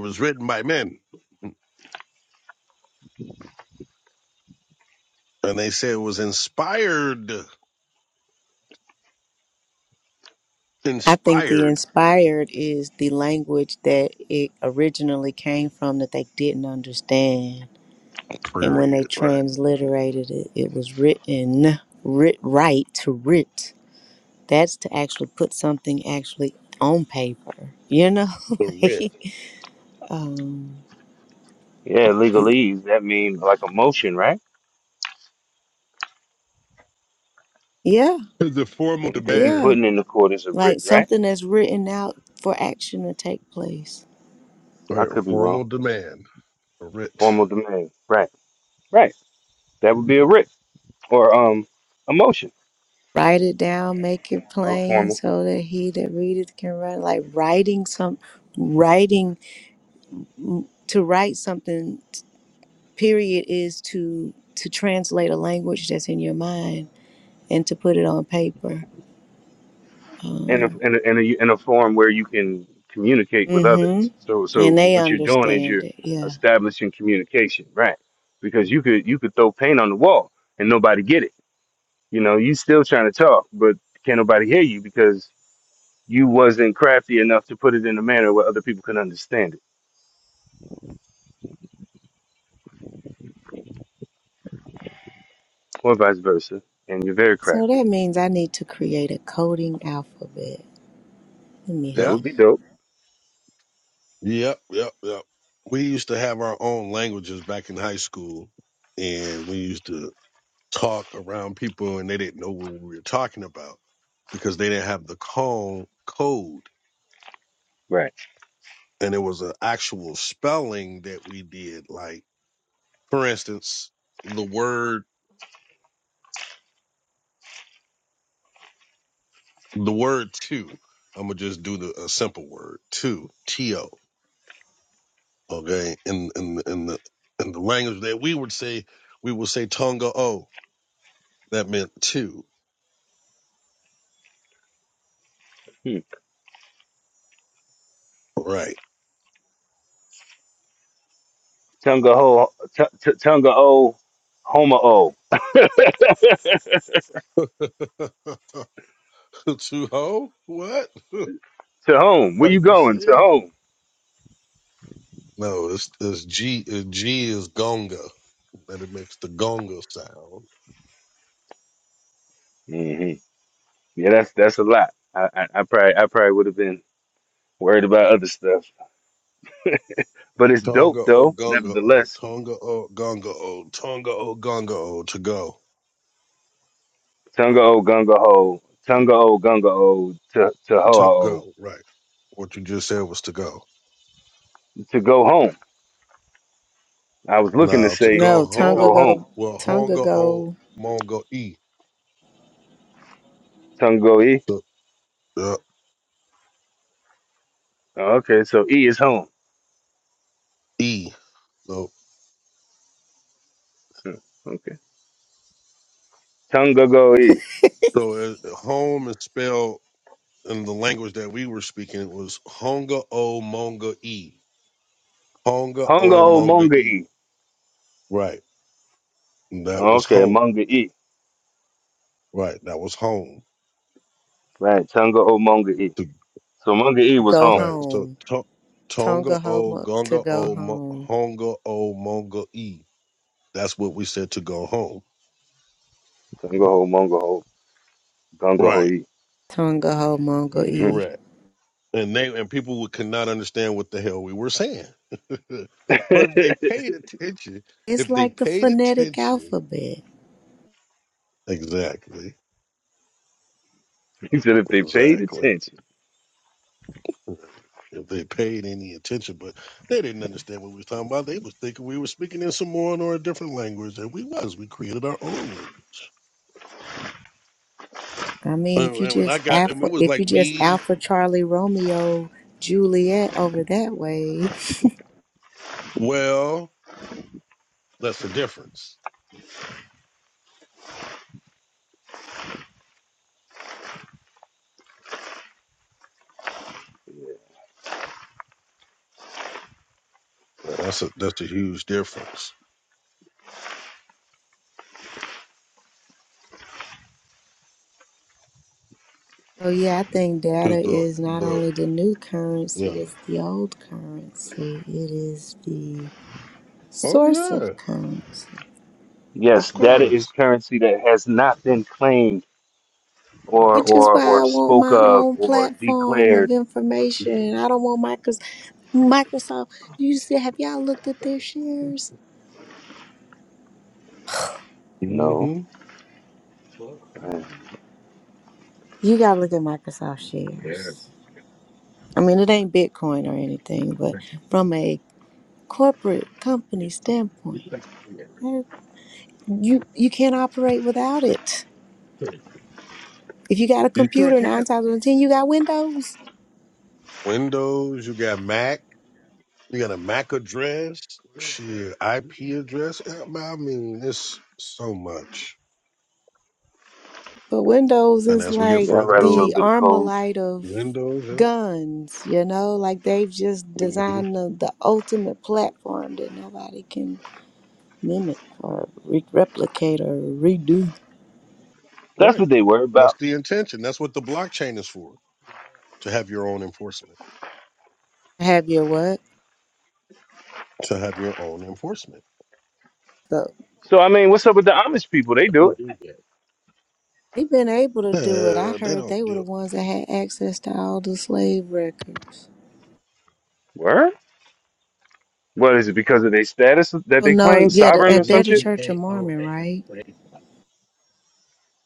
Speaker 1: was written by men, and they say it was inspired.
Speaker 3: I think the
Speaker 1: Inspired.
Speaker 3: inspired is the language that it originally came from that they didn't understand And when they
Speaker 1: Period. Right.
Speaker 3: transliterated it, it was written, writ right to writ. That's to actually put something actually on paper, you know?
Speaker 1: The
Speaker 3: <laughs>
Speaker 1: writ.
Speaker 3: like, um,
Speaker 2: Yeah, legalese. That means like a motion, right?
Speaker 3: yeah,
Speaker 1: It's a formal
Speaker 2: Anything you
Speaker 1: demand.
Speaker 3: yeah.
Speaker 2: putting in the court is a writ,
Speaker 3: Like
Speaker 2: right?
Speaker 3: something that's written out for action to take place.
Speaker 2: I
Speaker 1: Right. a
Speaker 2: could be wrong.
Speaker 1: Formal demand. A writ.
Speaker 2: Formal demand, right? Right. That would be a writ or um a motion,
Speaker 3: Write it down, make it
Speaker 2: a
Speaker 3: plain
Speaker 2: formal.
Speaker 3: so that he that readeth can write. Like writing some, writing, to write something, period, is to to translate a language that's in your mind and to put it on paper.
Speaker 2: in a,
Speaker 3: Um,
Speaker 2: in a, in a, in a form where you can communicate with
Speaker 3: hmm
Speaker 2: others. So, so
Speaker 3: And they
Speaker 2: what you're doing is
Speaker 3: understand
Speaker 2: you're
Speaker 3: it, yeah.
Speaker 2: establishing communication, right? Because you could, you could throw paint on the wall and nobody get it. You know, you still trying to talk, but can't nobody hear you because you wasn't crafty enough to put it in a manner where other people can understand it or vice versa. And you're very
Speaker 3: So
Speaker 2: crafty.
Speaker 3: that means I need to create a coding alphabet. Let me
Speaker 2: That
Speaker 1: Yep.
Speaker 2: would
Speaker 3: hush.
Speaker 2: be dope.
Speaker 1: Yep. Yep. Yep. We used to have our own languages back in high school, and we used to talk around people and they didn't know what we were talking about because they didn't have the con- code
Speaker 2: Right.
Speaker 1: and it was an actual spelling that we did like for instance the word the word two i'm gonna just do the a simple word two to okay in in in the in the language that we would say we would say tonga o that meant two
Speaker 2: Hmm.
Speaker 1: right
Speaker 2: Tunga ho, t- t- tunga o, homa o. <laughs> to
Speaker 1: <laughs> two ho what <laughs>
Speaker 2: home. Where
Speaker 1: are
Speaker 2: you
Speaker 1: you
Speaker 2: going? To
Speaker 1: serious
Speaker 2: home.
Speaker 1: No, it's, it's G. uh, G is gonga, and it makes the gonga sound.
Speaker 2: hmm Yeah, that's that's a lot. I, I, I probably I probably would have been worried about other stuff, but it's
Speaker 1: Tonga
Speaker 2: dope
Speaker 1: o
Speaker 2: though.
Speaker 1: gonga o,
Speaker 2: Nevertheless,
Speaker 1: Tonga o gonga o, Tonga o gonga o, to go,
Speaker 2: Tunga O Gunga Ho, Tunga O Gunga O to to Ho
Speaker 1: to go. Right. What you just said was to go.
Speaker 2: O to go home. I was looking to
Speaker 1: Now to
Speaker 2: say
Speaker 1: go
Speaker 3: No,
Speaker 2: to
Speaker 3: Tonga
Speaker 2: go
Speaker 1: home,
Speaker 2: home.
Speaker 3: go,
Speaker 1: well,
Speaker 3: Tonga
Speaker 1: honga o
Speaker 3: go,
Speaker 1: mongo e,
Speaker 2: Tunga e.
Speaker 1: the uh,
Speaker 2: Oh, okay, so E is home.
Speaker 1: e. So,
Speaker 2: Hmm, Okay, Tunga Go E.
Speaker 1: so uh, home is spelled in the language that we were speaking it was honga o monga e, honga
Speaker 2: Hunga
Speaker 1: o
Speaker 2: O
Speaker 1: monga
Speaker 2: Monga
Speaker 1: e.
Speaker 2: E.
Speaker 1: Right. That
Speaker 2: Oh,
Speaker 1: was
Speaker 2: Okay,
Speaker 1: home.
Speaker 2: Monga E.
Speaker 1: Right. That was home.
Speaker 2: Right, Tunga O Monga E.
Speaker 1: To,
Speaker 2: So Monga E was
Speaker 3: go
Speaker 2: home.
Speaker 1: right. So
Speaker 3: home.
Speaker 1: to, Tonga
Speaker 3: Tonga
Speaker 1: O,
Speaker 3: homo to
Speaker 1: Gonga
Speaker 3: go
Speaker 1: O, Mo,
Speaker 3: home.
Speaker 1: Honga O, Monga E. That's what we said to go home.
Speaker 2: Tunga Ho Monga Ho Gunga Ho
Speaker 1: Right.
Speaker 2: E.
Speaker 3: Tonga homongo e.
Speaker 1: Correct. And they and people would could not understand what the hell we were saying. <laughs>
Speaker 2: hmm
Speaker 1: but if
Speaker 2: <laughs>
Speaker 1: they paid attention,
Speaker 3: It's
Speaker 1: if they
Speaker 3: like the
Speaker 1: paid
Speaker 3: phonetic
Speaker 1: attention,
Speaker 3: alphabet.
Speaker 1: exactly,
Speaker 2: He said if they paid
Speaker 1: exactly.
Speaker 2: attention.
Speaker 1: Right. If they paid any attention, but they didn't understand what we was talking about. They was thinking we were speaking in Samoan or a different language, and we was. We created our own language.
Speaker 3: I mean, if
Speaker 1: And
Speaker 3: you
Speaker 1: and when I
Speaker 3: just
Speaker 1: got, and
Speaker 3: alpha,
Speaker 1: it was
Speaker 3: if you
Speaker 1: like
Speaker 3: just
Speaker 1: me.
Speaker 3: alpha Charlie Romeo Juliet over that way.
Speaker 1: Well, that's the difference. Well, That's a that's a huge difference.
Speaker 3: So yeah, I think
Speaker 1: Is
Speaker 3: data
Speaker 1: the
Speaker 3: is not
Speaker 1: the
Speaker 3: only the new
Speaker 1: yeah?
Speaker 3: currency, it's the old currency. It is the
Speaker 1: Oh
Speaker 3: source
Speaker 1: yeah,
Speaker 3: of currency.
Speaker 2: Yes,
Speaker 1: of
Speaker 2: data is
Speaker 1: course.
Speaker 2: currency that has not been claimed or
Speaker 3: Which is
Speaker 2: or
Speaker 3: why
Speaker 2: or
Speaker 3: I want
Speaker 2: spoke
Speaker 3: my
Speaker 2: of
Speaker 3: own
Speaker 2: or
Speaker 3: platform of
Speaker 2: declared.
Speaker 3: information. I don't want Microsoft. Microsoft, you see, have y'all looked at their shares?
Speaker 2: No.
Speaker 1: Mm-hmm.
Speaker 2: Uh,
Speaker 3: You gotta look at Microsoft shares. I mean, it ain't Bitcoin or anything, but from a corporate company standpoint, you you can't operate without it. If you got a
Speaker 1: You sure
Speaker 3: computer,
Speaker 1: can.
Speaker 3: nine times out of ten, you got Windows.
Speaker 1: Windows. You got Mac. You got a MAC address, shit, IP address. Yeah, man, I mean, it's so much.
Speaker 3: But Windows
Speaker 1: And
Speaker 3: is
Speaker 1: as we get
Speaker 3: like
Speaker 2: Yeah, I
Speaker 1: further
Speaker 2: write a
Speaker 1: into
Speaker 2: little
Speaker 3: the
Speaker 2: bit of
Speaker 3: armor
Speaker 2: code.
Speaker 1: the
Speaker 3: of
Speaker 1: windows,
Speaker 3: guns, you know? Like they've just
Speaker 1: yeah. hmm
Speaker 3: designed the, the ultimate platform that nobody can mimic or re- replicate or redo.
Speaker 2: That's what
Speaker 1: right.
Speaker 2: they worry
Speaker 1: That's
Speaker 2: about.
Speaker 1: the intention. That's what the blockchain is for. To have your own enforcement.
Speaker 3: Have your what?
Speaker 1: To have your own enforcement.
Speaker 3: So
Speaker 2: So I mean, what's up with the Amish people? They do
Speaker 1: We
Speaker 2: it.
Speaker 1: do that.
Speaker 3: they've been able to do it. I
Speaker 1: Uh, they
Speaker 3: heard they
Speaker 1: don't
Speaker 3: were the
Speaker 1: do
Speaker 3: ones that had access to all the slave records.
Speaker 2: Where? What is it because of their status that
Speaker 3: Oh
Speaker 2: they
Speaker 3: no,
Speaker 2: claim
Speaker 3: yeah, the,
Speaker 2: sovereign or
Speaker 3: and they're
Speaker 2: some
Speaker 3: the
Speaker 2: shit?
Speaker 3: Church of
Speaker 1: it.
Speaker 3: Mormon, right?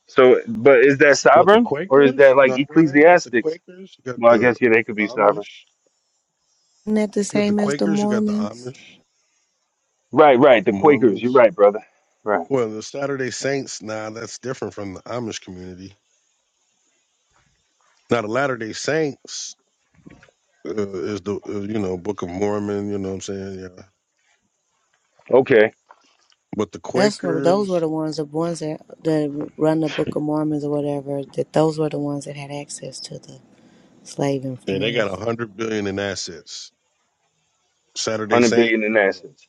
Speaker 2: So, but is that
Speaker 1: what the
Speaker 2: sovereign or is that
Speaker 1: Quakers.
Speaker 2: like
Speaker 1: No, well, you got the
Speaker 2: ecclesiastics?
Speaker 1: Quakers. You got
Speaker 2: Well, I
Speaker 1: the
Speaker 2: guess yeah, they could be sovereign.
Speaker 1: Amish.
Speaker 3: Isn't that the
Speaker 1: You got the
Speaker 3: same as the
Speaker 1: Quakers. You got the
Speaker 3: Mormons?
Speaker 1: Amish,
Speaker 2: Right, right. The Quakers. You're
Speaker 1: Mormons.
Speaker 2: right, brother. Right.
Speaker 1: Well, the Saturday Saints, nah, that's different from the Amish community. Now, the Latter Day Saints uh, is the uh, you know Book of Mormon. You know what I'm saying? Yeah.
Speaker 2: Okay.
Speaker 1: But the
Speaker 3: That's what those were the
Speaker 1: Quakers,
Speaker 3: ones the ones that that run the Book of Mormons or whatever. That those were the ones that had access to the slave
Speaker 1: yeah, they got a
Speaker 3: information.
Speaker 1: hundred billion in assets. Saturday
Speaker 2: Hundred
Speaker 1: Saint,
Speaker 2: billion in
Speaker 1: uh,
Speaker 2: assets.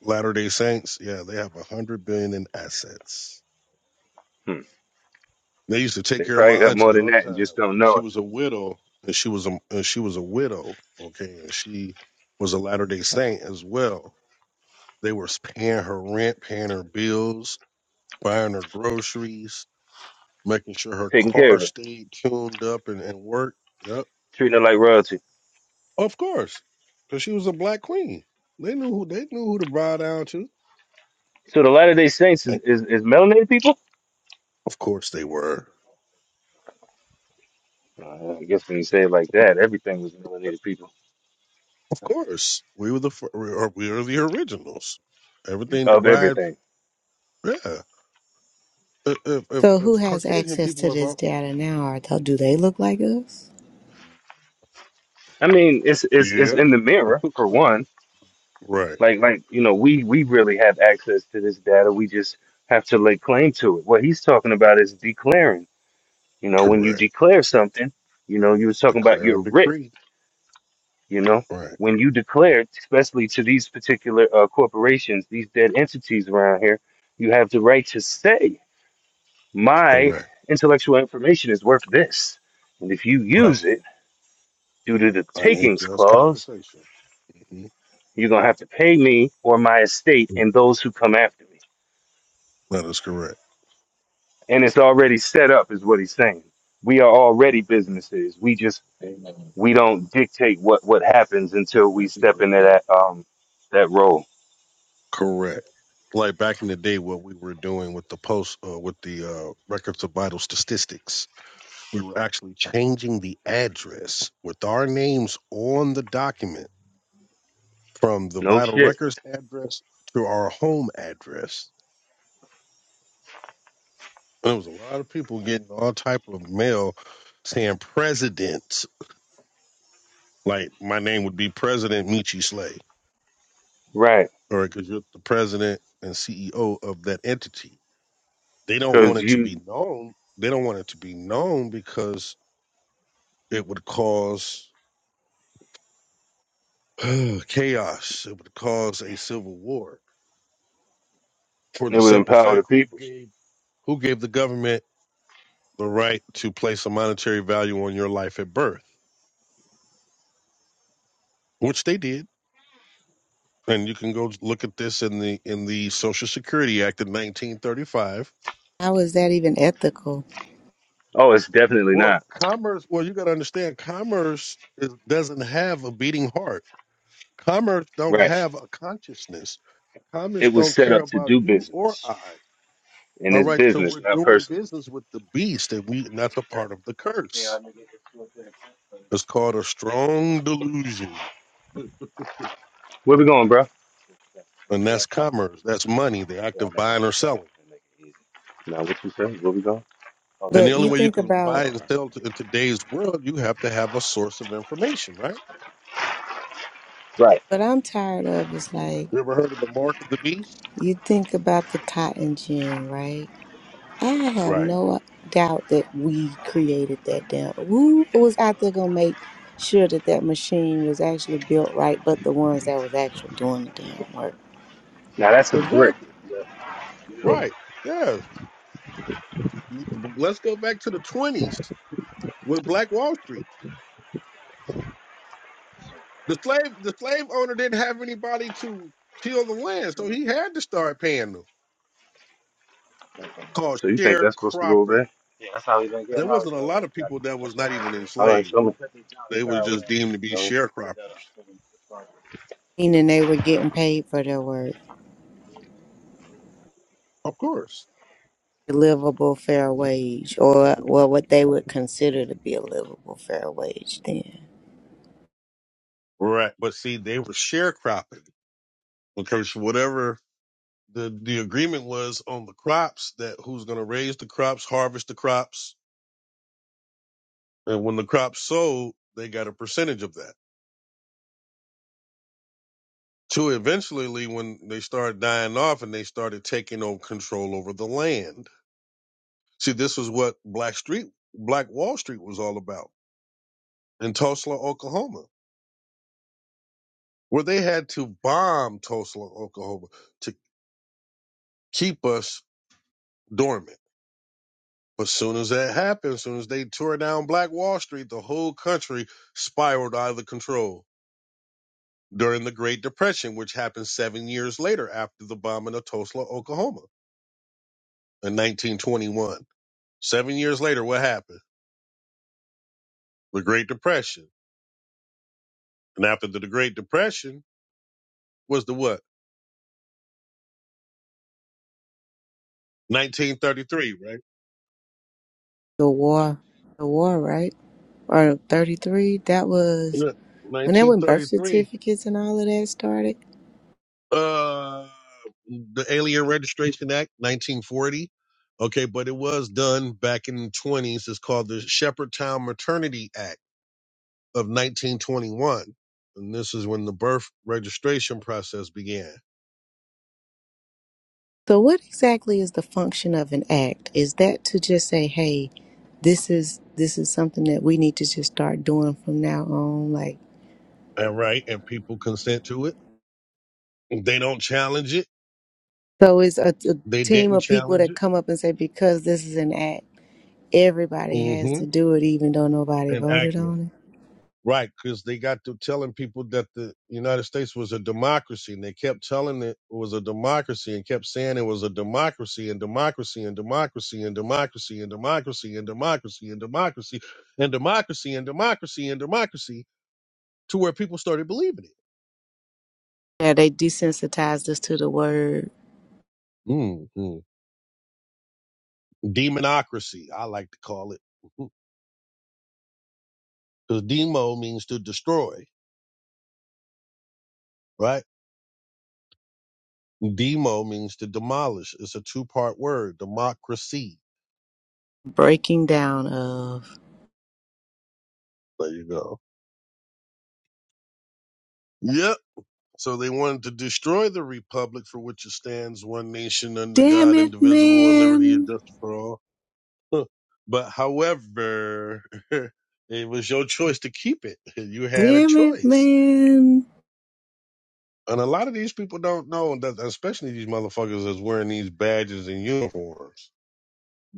Speaker 1: Latter Day Saints, yeah, they have a hundred billion in assets. They used to take
Speaker 2: They
Speaker 1: care of my
Speaker 2: probably got more
Speaker 1: auntie
Speaker 2: than
Speaker 1: all the
Speaker 2: that and
Speaker 1: time.
Speaker 2: just don't know
Speaker 1: She
Speaker 2: it.
Speaker 1: was a widow, and she was a and she was a widow. Okay, and she was a Latter Day Saint as well. They were paying her rent, paying her bills buying her groceries, making sure her
Speaker 2: Taking care
Speaker 1: car
Speaker 2: of it,
Speaker 1: stayed tuned up and, and worked. Yep.
Speaker 2: treating it like royalty.
Speaker 1: Of course. Because she was a black queen. They knew who they knew who to bow down to.
Speaker 2: So the Latter Day Saints is,
Speaker 1: And
Speaker 2: is, is melanated people.
Speaker 1: of course they were.
Speaker 2: Uh, I guess when you say it like that, everything was melanated people
Speaker 1: Of course. We were the fir- we are, we are the originals. Everything
Speaker 2: of
Speaker 1: derived
Speaker 2: everything.
Speaker 1: yeah. If if if,
Speaker 3: So who
Speaker 1: if
Speaker 3: has
Speaker 1: Caucasian
Speaker 3: access
Speaker 1: people
Speaker 3: to
Speaker 1: have
Speaker 3: this
Speaker 1: all-
Speaker 3: data now? Are th- do they look like us?
Speaker 2: I mean, it's it's it's
Speaker 1: Yeah.
Speaker 2: in the mirror
Speaker 1: <laughs>
Speaker 2: for one.
Speaker 1: right.
Speaker 2: Like like you know, we we really have access to this data. We just have to lay claim to it. What he's talking about is declaring. You know, when you
Speaker 1: Correct.
Speaker 2: declare something, you know, you was talking about
Speaker 1: Declare
Speaker 2: you're
Speaker 1: and
Speaker 2: rich.
Speaker 1: decree.
Speaker 2: You know,
Speaker 1: Right.
Speaker 2: when you declare, especially to these particular uh, corporations, these dead entities around here, you have the right to say, my
Speaker 1: Correct.
Speaker 2: intellectual information is worth this. And if you
Speaker 1: Right.
Speaker 2: use it due to the
Speaker 1: I need
Speaker 2: takings
Speaker 1: just
Speaker 2: clause,
Speaker 1: compensation. hmm
Speaker 2: you're going to have to pay me or my estate and those who come after me.
Speaker 1: That is correct.
Speaker 2: And it's already set up, is what he's saying. We are already businesses. We just,
Speaker 1: Amen.
Speaker 2: we don't dictate what, what happens until we
Speaker 1: Thank you
Speaker 2: step into that, um, that role.
Speaker 1: Correct. Like back in the day, what we were doing with the post, uh, with the uh, records of vital statistics, we were actually changing the address with our names on the document from the
Speaker 2: No
Speaker 1: vital
Speaker 2: shit.
Speaker 1: records address to our home address. There was a lot of people getting all type of mail saying president, like my name would be President Michi Slay,
Speaker 2: Right.
Speaker 1: or because you're the president and CEO of that entity. They don't want
Speaker 2: Because
Speaker 1: it to
Speaker 2: you,
Speaker 1: be known. They don't want it to be known because it would cause <sighs> chaos. It would cause a civil war for
Speaker 2: It
Speaker 1: the
Speaker 2: would
Speaker 1: simple
Speaker 2: empower the
Speaker 1: fact who
Speaker 2: people.
Speaker 1: gave who gave the government the right to place a monetary value on your life at birth, which they did. And you can go look at this in the in the Social Security Act of 1935.
Speaker 3: How is that even ethical?
Speaker 2: Oh, it's definitely
Speaker 1: Well,
Speaker 2: not.
Speaker 1: commerce. Well, you got to understand, commerce is, doesn't have a beating heart Commerce don't
Speaker 2: Right.
Speaker 1: have a consciousness. Commerce
Speaker 2: It was
Speaker 1: don't
Speaker 2: set
Speaker 1: care
Speaker 2: up to
Speaker 1: about
Speaker 2: do
Speaker 1: you or
Speaker 2: business.
Speaker 1: I.
Speaker 2: And
Speaker 1: All
Speaker 2: it's
Speaker 1: right, so
Speaker 2: business,
Speaker 1: we're
Speaker 2: not
Speaker 1: doing
Speaker 2: personal.
Speaker 1: business with the beast, and we and that's a part of the curse. It's called a strong delusion. <laughs>
Speaker 2: Where we going, bro?
Speaker 1: And that's commerce. That's money, the act
Speaker 2: Yeah, I'll
Speaker 1: of
Speaker 2: make all
Speaker 1: buying
Speaker 2: the
Speaker 1: or
Speaker 2: guy
Speaker 1: selling.
Speaker 2: and make it easy. Now what you say? Where we going? Oh, to
Speaker 1: And
Speaker 2: the,
Speaker 1: the
Speaker 3: But
Speaker 1: only
Speaker 3: you
Speaker 1: way you
Speaker 3: think
Speaker 1: can
Speaker 2: to the
Speaker 1: buy
Speaker 3: about
Speaker 2: left.
Speaker 1: and sell to, in today's world, you have to have a source of information, right?
Speaker 2: Right.
Speaker 3: what I'm tired of is like
Speaker 1: You ever heard of the mark of the beast?
Speaker 3: you think about the cotton gin, right? I have
Speaker 1: Right.
Speaker 3: no doubt that we created that damn. Who was out there gonna make sure that that machine was actually built right? But the ones that was actually doing the damn work,
Speaker 2: Now that's a brick.
Speaker 1: Exactly. Right. Yes. Let's go back to the 20s with Black Wall Street. The slave the slave owner didn't have anybody to till the land, so he had to start paying them. Called
Speaker 2: So you think that's supposed to go over
Speaker 1: sharecropping.
Speaker 2: there?
Speaker 1: And there wasn't a lot of people that was not even
Speaker 2: All right,
Speaker 1: enslaved.
Speaker 2: so I'm gonna cut these down and
Speaker 1: They were
Speaker 2: car away.
Speaker 1: just deemed to be
Speaker 2: All right.
Speaker 1: sharecroppers.
Speaker 3: meaning they were getting paid for their work,
Speaker 1: Of course.
Speaker 3: a livable fair wage, or well, what they would consider to be a livable fair wage. Then
Speaker 1: Right. But see, they were sharecropping because whatever the, the agreement was on the crops that who's gonna raise the crops, harvest the crops, and when the crops sold, they got a percentage of that. To eventually, when they started dying off and they started taking over control over the land. See, this was what Black Street, Black Wall Street was all about in Tulsa, Oklahoma, where they had to bomb Tulsa, Oklahoma to keep us dormant. But soon as that happened, as soon as they tore down Black Wall Street, the whole country spiraled out of control during the Great Depression, which happened seven years later after the bombing of Tulsa, Oklahoma in 1921. Seven years later, what happened? the Great Depression. And after the Great Depression was the what? 1933, right?
Speaker 3: the war, the war, right? Or thirty three? That was
Speaker 1: Yeah,
Speaker 3: when that when birth
Speaker 1: 1933.
Speaker 3: certificates and all of that started.
Speaker 1: Uh, the Alien Registration Act, 1940. Okay, but it was done back in the 20s. It's called the Shepherdtown Maternity Act of 1921. And this is when the birth registration process began.
Speaker 3: So, what exactly is the function of an act? Is that to just say, "Hey, this is this is something that we need to just start doing from now on"? Like,
Speaker 1: All right, and people consent to it. They don't challenge it.
Speaker 3: so it's a, a
Speaker 1: They
Speaker 3: team
Speaker 1: didn't
Speaker 3: of people
Speaker 1: challenge
Speaker 3: that
Speaker 1: it.
Speaker 3: come up and say, "Because this is an act, everybody has to
Speaker 1: Mm-hmm.
Speaker 3: do it, even though nobody voted
Speaker 1: Enactment.
Speaker 3: on
Speaker 1: Right, because they got to telling people that the United States was a democracy, and they kept telling it was a democracy, and kept saying it was a democracy, and democracy, and democracy, and democracy, and democracy, and democracy, and democracy, and democracy, and democracy, and democracy, to where people started believing it.
Speaker 3: it." Yeah, they desensitized us to the word
Speaker 1: mm mm. Demonocracy, I like to call it, because demo means to destroy, right? Demo means to demolish. It's a two-part word, democracy.
Speaker 3: breaking down of.
Speaker 1: There you go. Yep. So they wanted to destroy the republic for which it stands, one nation under
Speaker 3: Damn
Speaker 1: God,
Speaker 3: it,
Speaker 1: indivisible, and liberty and
Speaker 3: man!
Speaker 1: justice for all. Huh. but however, <laughs> it was your choice to keep it. <laughs> You had a
Speaker 3: Damn it,
Speaker 1: choice.
Speaker 3: man!
Speaker 1: And a lot of these people don't know that, especially these motherfuckers that's wearing these badges and uniforms.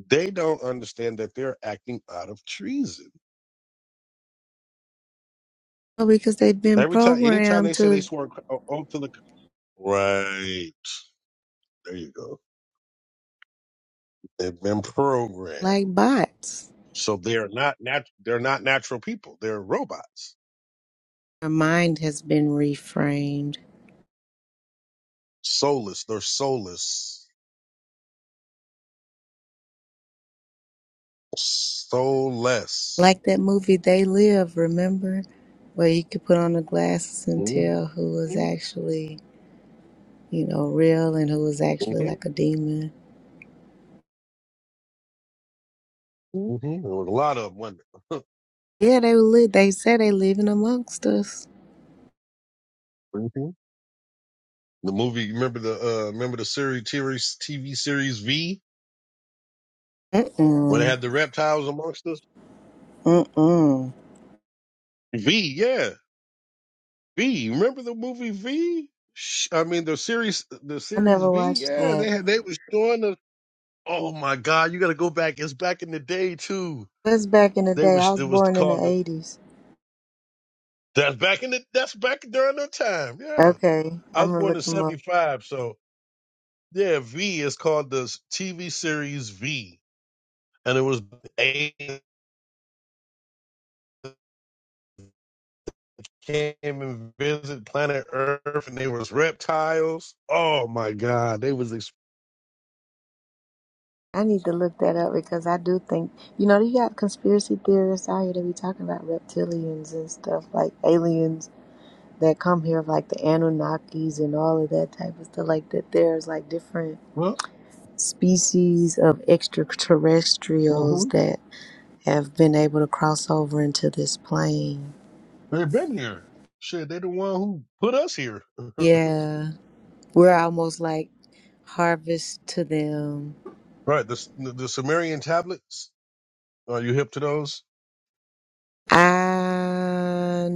Speaker 1: They don't understand that they're acting out of treason.
Speaker 3: Well, Because they've been
Speaker 1: Every time, anytime
Speaker 3: programmed
Speaker 1: they say they
Speaker 3: to
Speaker 1: swore an oath to the right, there you go. They've been programmed.
Speaker 3: like bots.
Speaker 1: So they're not nat- they're not natural people. They're robots.
Speaker 3: Her mind has been reframed.
Speaker 1: Soulless. They're soulless. Soulless.
Speaker 3: Like that movie They Live, remember? Where you could put on the glasses and
Speaker 1: Mm-hmm.
Speaker 3: tell who was actually, you know, real and who was actually like
Speaker 1: Mm-hmm.
Speaker 3: a demon.
Speaker 1: hmm A lot of them. wasn't
Speaker 3: Yeah, they live. They say they living amongst us.
Speaker 1: there? Mhm. The movie. Remember the uh, remember the series TV, TV series V when they
Speaker 3: Mm-mm.
Speaker 1: had the reptiles amongst us.
Speaker 3: Mm-mm.
Speaker 1: V. Yeah. V. Remember the movie V? Sh- I mean the series the
Speaker 3: I
Speaker 1: series
Speaker 3: never
Speaker 1: V.
Speaker 3: watched
Speaker 1: Yeah.
Speaker 3: that.
Speaker 1: They had they was showing us. Oh my God! You got to go back. It's back in the day too.
Speaker 3: That's back in the
Speaker 1: They
Speaker 3: day. I
Speaker 1: was
Speaker 3: was
Speaker 1: it was
Speaker 3: born in the
Speaker 1: called
Speaker 3: 80s.
Speaker 1: That's back in the that's back during the time. Yeah.
Speaker 3: Okay,
Speaker 1: I was
Speaker 3: I'm gonna
Speaker 1: born in
Speaker 3: look him
Speaker 1: seventy
Speaker 3: up.
Speaker 1: five, so yeah, V is called the TV series V. And it was aliens came and visited planet Earth and they was reptiles. Oh my god, they was ex-
Speaker 3: I need to look that up because I do think, you know, you got conspiracy theorists out here that be talking about reptilians and stuff like aliens that come here, like the Anunnakis and all of that type of stuff. Like that, there's like different
Speaker 1: well
Speaker 3: species of extraterrestrials
Speaker 1: mhm.
Speaker 3: that have been able to cross over into this plane.
Speaker 1: they've been here. Shit, they the one who put us here. <laughs>
Speaker 3: Yeah, we're almost like harvest to them.
Speaker 1: right, the the Sumerian tablets. Are you hip to those?
Speaker 3: I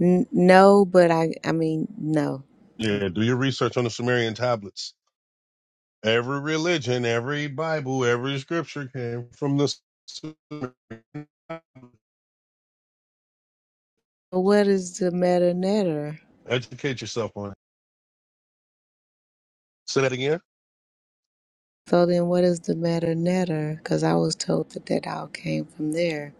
Speaker 3: n- no, but I, I mean, no.
Speaker 1: Yeah, do your research on the Sumerian tablets. Every religion, every Bible, every scripture came from the Sumerian.
Speaker 3: But what is the matter netter?
Speaker 1: Educate yourself on it. Say that again.
Speaker 3: So then, what is the matter netter? Because I was told that that all came from there.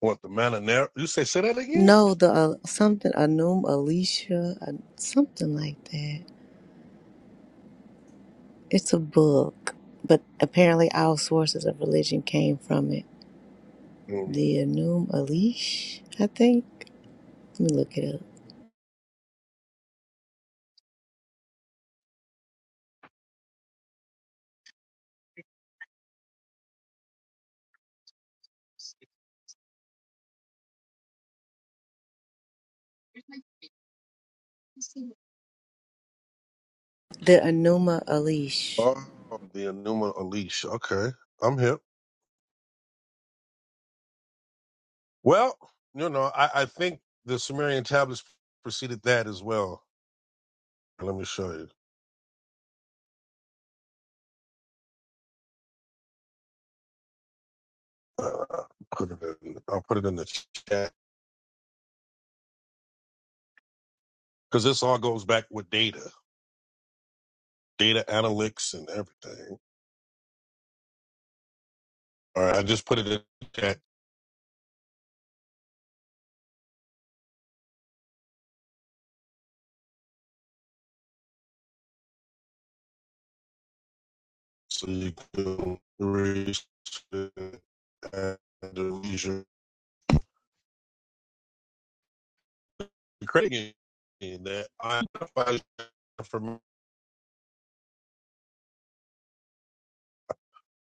Speaker 1: What the Mananera? You say say that again?
Speaker 3: No, the uh, something Anum Alicia, uh, something like that. It's a book, but apparently all sources of religion came from it.
Speaker 1: Mm.
Speaker 3: The Anum Alish, I think. Let me look it up. The Anuma Alish.
Speaker 1: Oh, the Enuma Elish. Okay, I'm hip. Well, you know, I, I think the Sumerian tablets preceded that as well. Let me show you. Uh, put it in, I'll put it in the chat because this all goes back with data, data analytics, and everything. All right, I just put it in the chat so you can reach it at the leisure. Craig in that I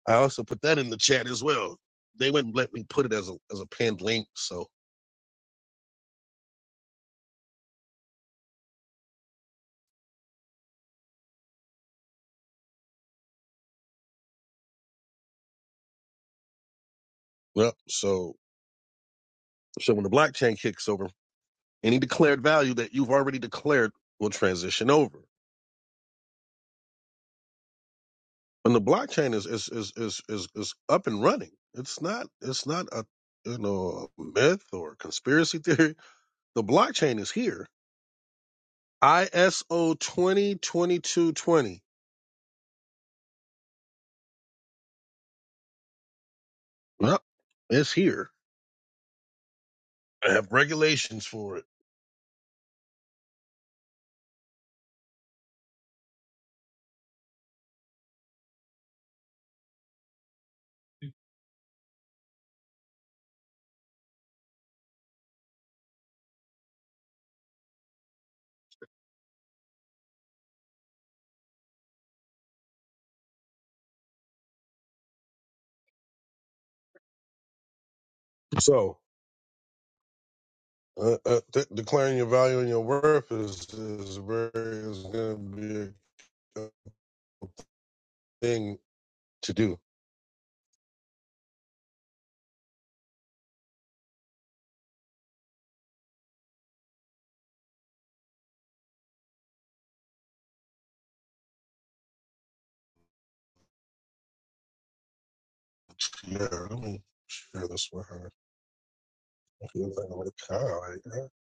Speaker 1: I also put that in the chat as well. They wouldn't let me put it as a as a pinned link. So well, so so when the blockchain kicks over, any declared value that you've already declared will transition over. And the blockchain is is is is is, is up and running. It's not it's not a you know a myth or a conspiracy theory. The blockchain is here ISO 202220. Yep, it's here. I have regulations for it. So, uh, uh, de- declaring your value and your worth is is very is going to be a thing to do. Yeah, let me share this with her. I feel like I'm a cow right now.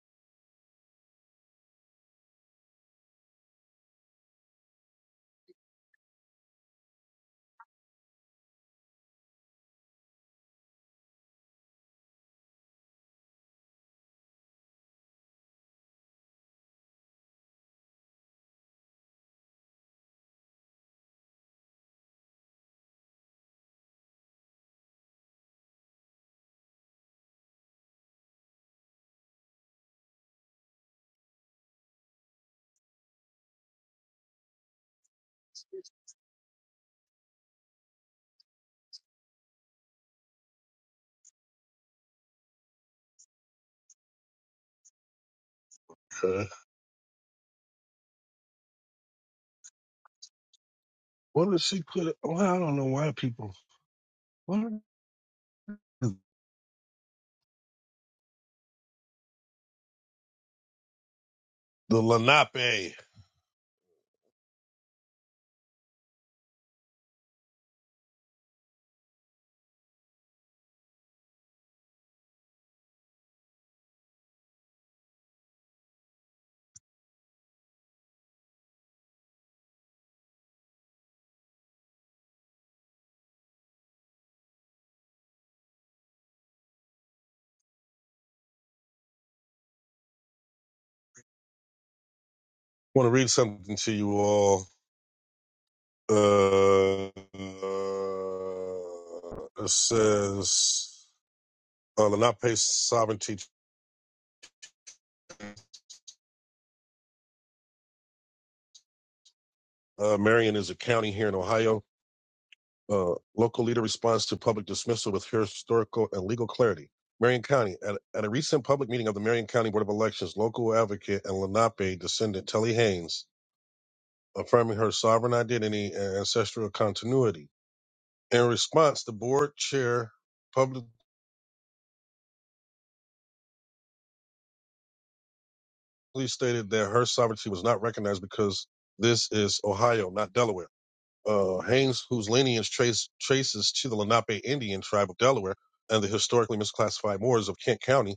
Speaker 1: Uh, What did she put? Well, I don't know why people. What? The Lenape. I want to read something to you all Uh, it says, uh, Lenape Sovereignty. Uh, Marion is a county here in Ohio. Uh, local leader responds to public dismissal with historical and legal clarity. Marion County. At, at a recent public meeting of the Marion County Board of Elections, local advocate and Lenape descendant Telly Haynes affirming her sovereign identity and ancestral continuity. In response, the board chair public. She stated that her sovereignty was not recognized because this is Ohio, not Delaware. Uh, Haynes, whose lineage trace, traces to the Lenape Indian tribe of Delaware and the historically misclassified Moors of Kent County,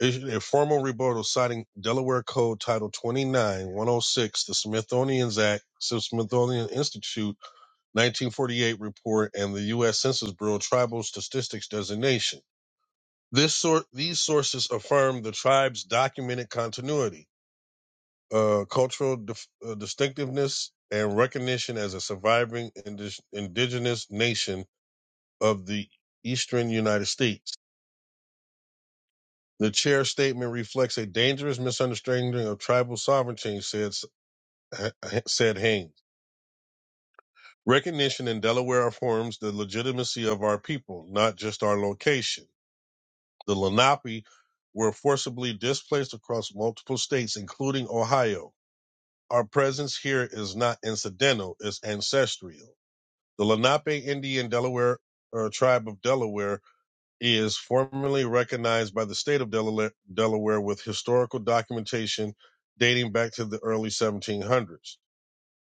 Speaker 1: issued a formal rebuttal citing Delaware Code Title 29106, the Smithsonian's Act, Smithsonian Institute 1948 report, and the U.S. Census Bureau Tribal Statistics Designation. This sort, these sources affirm the tribe's documented continuity uh, cultural dif- uh, distinctiveness and recognition as a surviving indi- indigenous nation of the eastern United States. The chair statement reflects a dangerous misunderstanding of tribal sovereignty, said, said Haynes. Recognition in Delaware affirms the legitimacy of our people, not just our location. The Lenape were forcibly displaced across multiple states, including Ohio. Our presence here is not incidental, it's ancestral. The Lenape Indian Delaware uh, Tribe of Delaware is formally recognized by the state of Delaware, Delaware with historical documentation dating back to the early 1700s.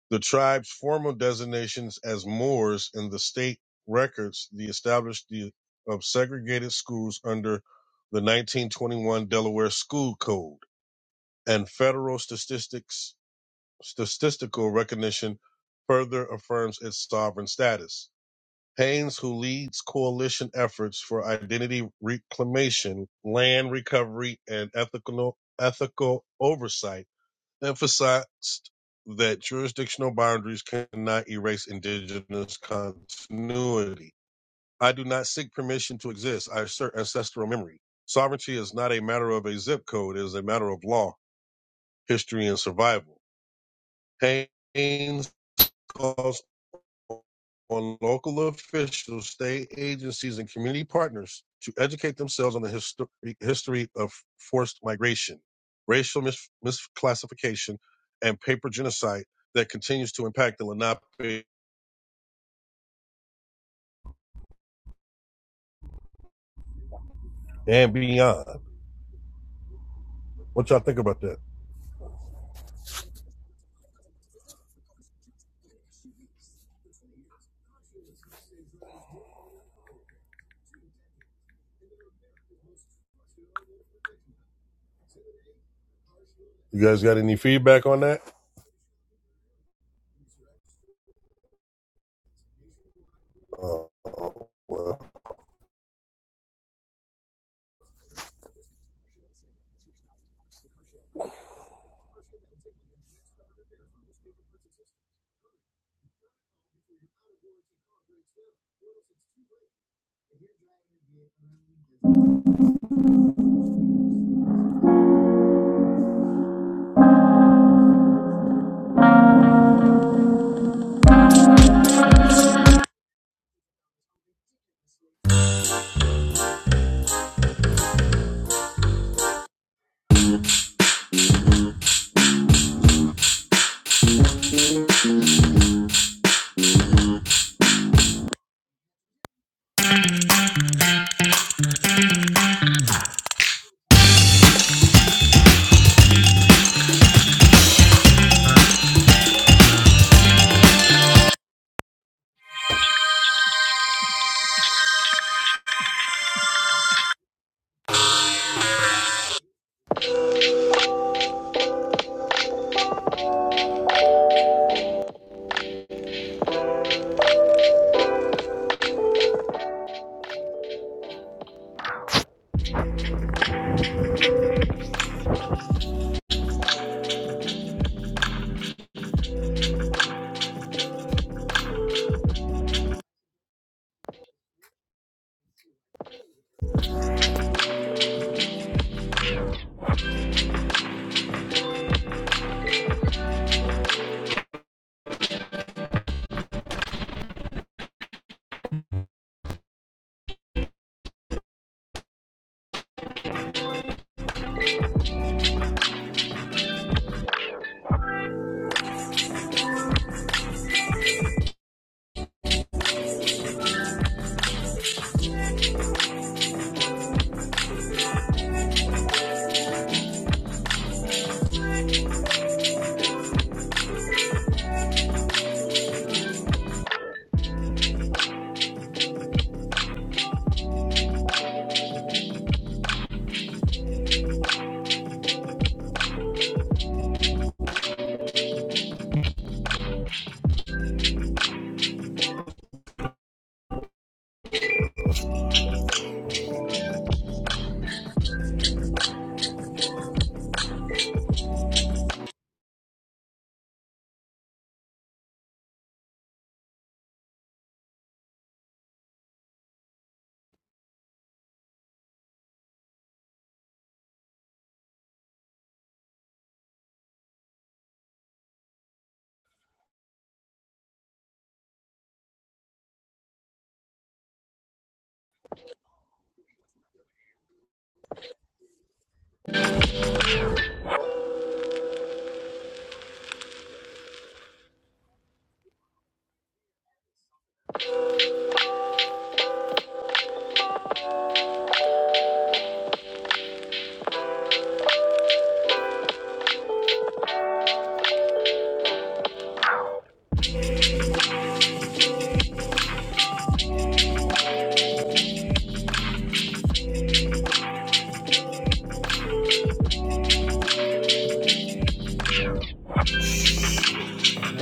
Speaker 1: The tribe's formal designations as Moors in the state records the establishment of segregated schools under the 1921 Delaware School Code and federal statistics statistical recognition further affirms its sovereign status. Haynes, who leads coalition efforts for identity reclamation, land recovery, and ethical, ethical oversight, emphasized that jurisdictional boundaries cannot erase indigenous continuity. I do not seek permission to exist. I assert ancestral memory. Sovereignty is not a matter of a zip code, it is a matter of law, history, and survival. Haynes calls on local officials, state agencies, and community partners to educate themselves on the history, history of forced migration, racial mis- misclassification, and paper genocide that continues to impact the Lenape and beyond. What y'all think about that? You guys got any feedback on that? Oh, well.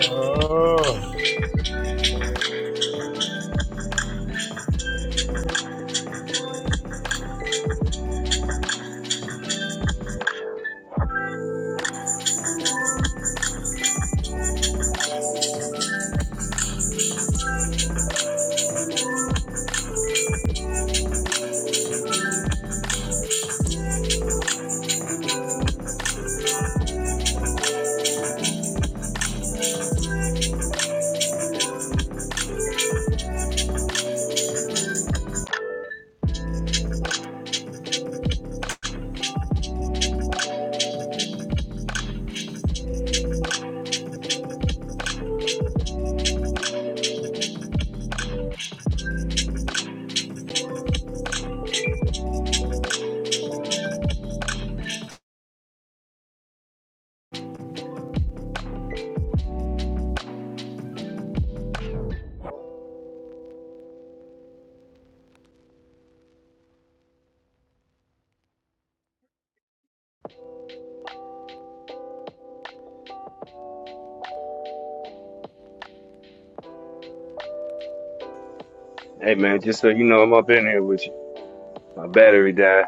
Speaker 1: Oh,
Speaker 2: Hey man, just so you know I'm up in here with you. My battery died.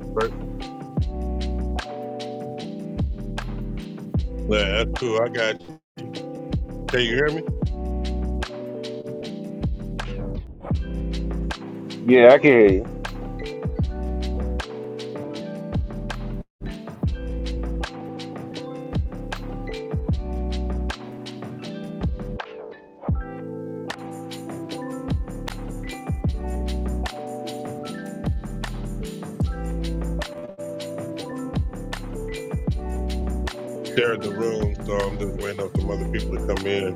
Speaker 1: right. yeah, that's cool. I got you. Can you hear me?
Speaker 2: Yeah, I can hear you.
Speaker 1: Share the room, so I'm just waiting on some other people to come in.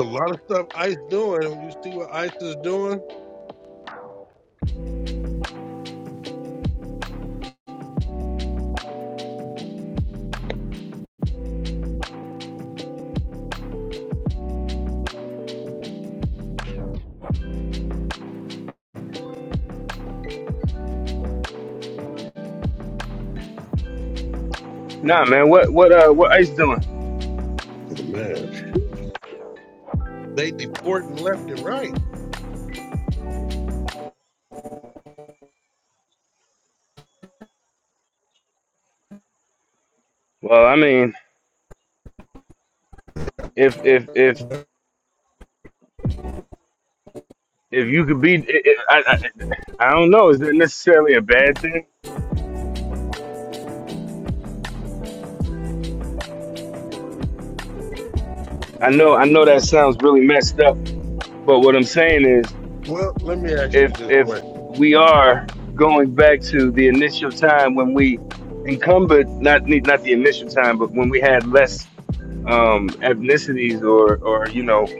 Speaker 1: A lot of stuff ICE doing, you see what ICE is doing?
Speaker 2: Nah man, what what uh what Ice doing?
Speaker 1: Man, they deporting left and right.
Speaker 2: Well, I mean, if if if if you could be, it, it, I, I I don't know. Is that necessarily a bad thing? I know I know that sounds really messed up, but what I'm saying is,
Speaker 1: Well, let me ask you
Speaker 2: if
Speaker 1: this
Speaker 2: if
Speaker 1: question.
Speaker 2: we are going back to the initial time when we encumbered not not the initial time, but when we had less um, ethnicities or or you know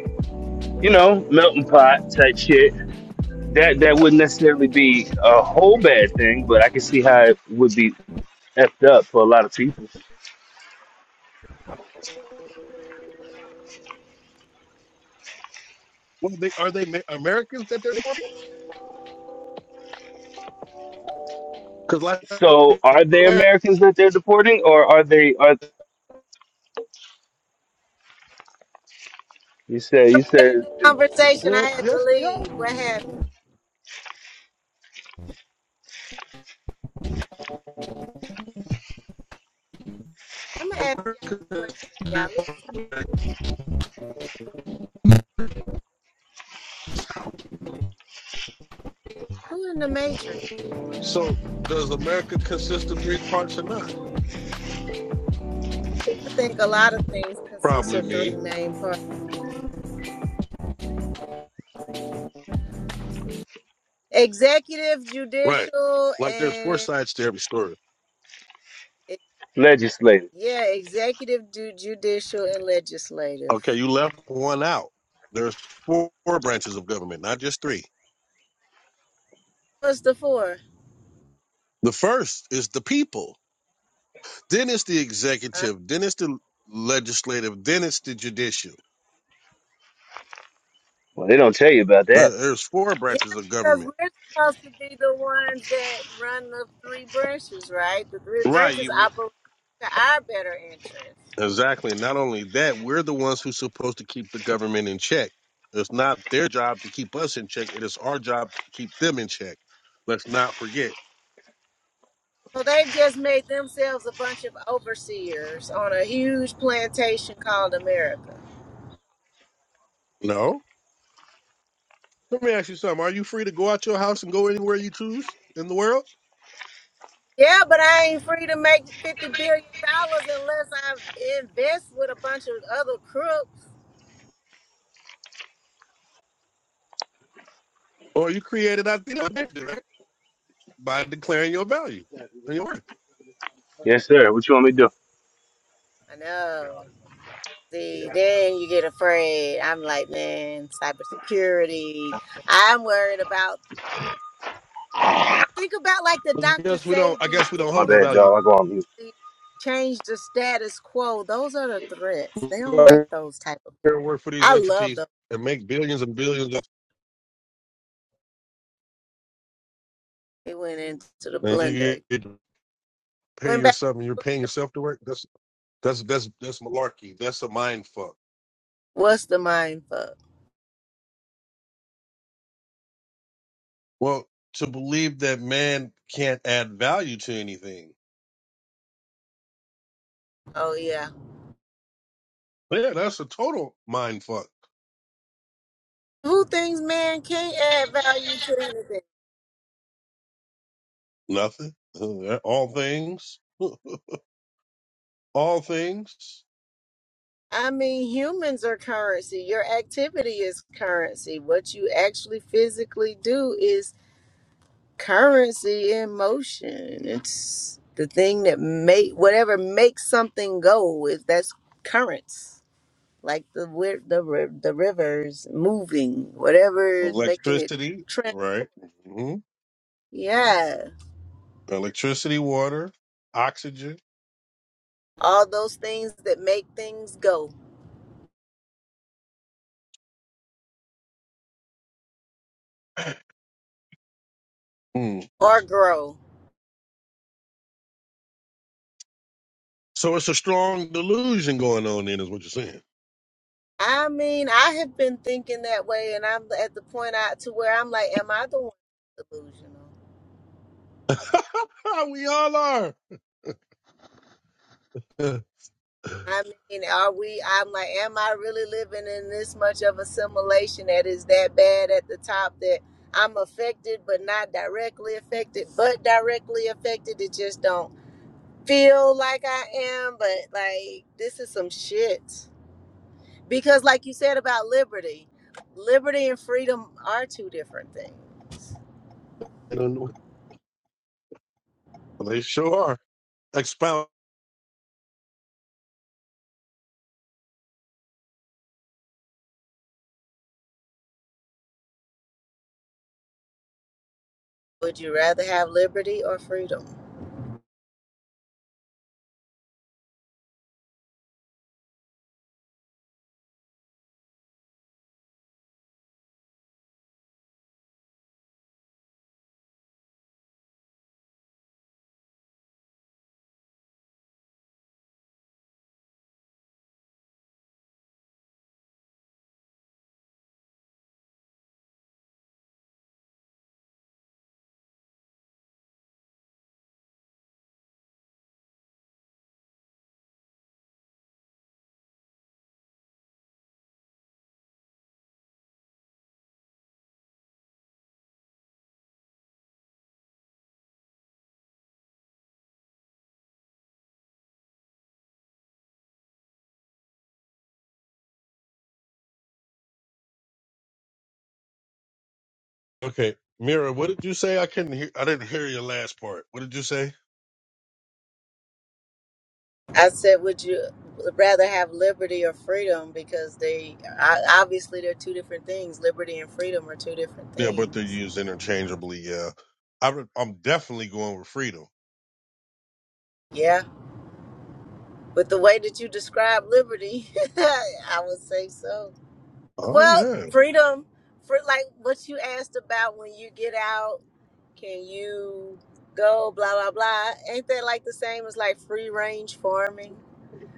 Speaker 2: you know melting pot type shit, that that wouldn't necessarily be a whole bad thing, but I can see how it would be effed up for a lot of people.
Speaker 1: Well, they, are they Americans that they're deporting? Because last
Speaker 2: So, are they
Speaker 1: time-
Speaker 2: Americans that they're deporting, or are they? Are you said you
Speaker 3: That in
Speaker 2: said
Speaker 3: the
Speaker 2: it's, it's
Speaker 3: conversation, I
Speaker 1: well,
Speaker 3: had to
Speaker 1: yes, they
Speaker 3: leave.
Speaker 1: are.
Speaker 3: What happened? I'm gonna ask y'all a question. Y'all listen. Who in the Matrix?
Speaker 1: So, does America consist of three parts or not?
Speaker 3: I think a lot of things consist
Speaker 1: Probably
Speaker 3: of three
Speaker 1: me.
Speaker 3: main parts: executive,
Speaker 1: Right.
Speaker 3: judicial,
Speaker 1: Like there's four
Speaker 3: and
Speaker 1: sides to every story.
Speaker 3: e,
Speaker 2: legislated?
Speaker 3: yeah, executive, ju- judicial, and legislative.
Speaker 1: Okay, you left one out. There's four branches of government, not just three.
Speaker 3: What's the four?
Speaker 1: The first is the people. Then it's the
Speaker 3: Uh,
Speaker 1: executive, then it's the legislative, then it's the judicial.
Speaker 2: Well, they don't tell you about
Speaker 1: Uh,
Speaker 2: that.
Speaker 1: There's four
Speaker 3: yeah,
Speaker 1: branches of
Speaker 3: because
Speaker 1: government.
Speaker 3: we're supposed to be the ones that run the three branches, right? The three
Speaker 1: Right.
Speaker 3: branches
Speaker 1: You were,
Speaker 3: operate to our better interest.
Speaker 1: exactly. And not only that, we're the ones who's supposed to keep the government in check. It's not their job to keep us in check. It is our job to keep them in check. Let's not forget.
Speaker 3: So they've just made themselves a bunch of overseers on a huge plantation called America.
Speaker 1: No. Let me ask you something. Are you free to go out your house and go anywhere you choose in the world?
Speaker 3: Yeah, but I ain't free to make fifty billion dollars unless I invest with a bunch of other crooks.
Speaker 1: Or are you created out there right? by declaring your value and your worth?
Speaker 2: Yes, sir. What you want me to do?
Speaker 3: I know. See,
Speaker 2: Yeah,
Speaker 3: then you get afraid. I'm like, man, cybersecurity. I'm worried about. Think about like the
Speaker 1: I
Speaker 3: Dr.
Speaker 1: guess we don't. I guess
Speaker 3: Sabies,
Speaker 1: we
Speaker 3: the
Speaker 1: don't
Speaker 2: my
Speaker 1: hold no
Speaker 3: ones
Speaker 2: bad,
Speaker 3: that
Speaker 1: value.
Speaker 2: y'all. I go on mute.
Speaker 3: they change the status quo. Those are the threats. They don't like those type of.
Speaker 1: work for these
Speaker 3: I love
Speaker 1: entities
Speaker 3: them.
Speaker 1: and make billions and billions of
Speaker 3: It went into the
Speaker 1: and you
Speaker 3: blender.
Speaker 1: get to pay
Speaker 3: Went back.
Speaker 1: yourself and you're paying yourself to work that's that's that's that's malarkey that's a mind fuck
Speaker 3: What's the mind fuck?
Speaker 1: well to believe that man can't add value to anything
Speaker 3: Oh yeah.
Speaker 1: yeah that's a total mind fuck
Speaker 3: Who thinks man can't add value to anything?
Speaker 1: nothing Uh, all things <laughs> all things
Speaker 3: I mean, humans are currency. Your activity is currency. What you actually physically do is currency in motion. It's the thing that make whatever makes something go. Is that's currents, like the wi- the ri- the rivers moving, whatever is making it
Speaker 1: electricity
Speaker 3: trend.
Speaker 1: right hmm
Speaker 3: Yeah,
Speaker 1: electricity water oxygen <clears throat>
Speaker 3: all those things that make things go
Speaker 1: Hmm.
Speaker 3: or grow.
Speaker 1: so it's a strong delusion going on then is what you're saying
Speaker 3: I mean, I have been thinking that way, and I'm at the point out to where I'm like, am I the one that's delusional?
Speaker 1: <laughs> we all are. <laughs>
Speaker 3: I mean, are we? I'm like, am I really living in this much of assimilation that is that bad at the top that I'm affected, but not directly affected, but directly affected? It just don't feel like I am, but like this is some shit. Because, like you said about liberty, liberty and freedom are two different things.
Speaker 1: I don't know. They sure are. Expound.
Speaker 3: Would you rather have liberty or freedom?
Speaker 1: Okay, Mira, what did you say? I couldn't hear. I didn't hear your last part. What did you say?
Speaker 3: I said, would you rather have liberty or freedom? Because they I, obviously they're two different things. Liberty and freedom are two different
Speaker 1: Yeah, but they're
Speaker 3: things.
Speaker 1: used interchangeably. Yeah, I, re- I'm definitely going with freedom.
Speaker 3: Yeah, with the way that you describe liberty, <laughs> I would say so.
Speaker 1: Oh
Speaker 3: Well,
Speaker 1: yeah,
Speaker 3: freedom for like what you asked about when you get out, can you go blah blah blah? Ain't that like the same as like free range farming,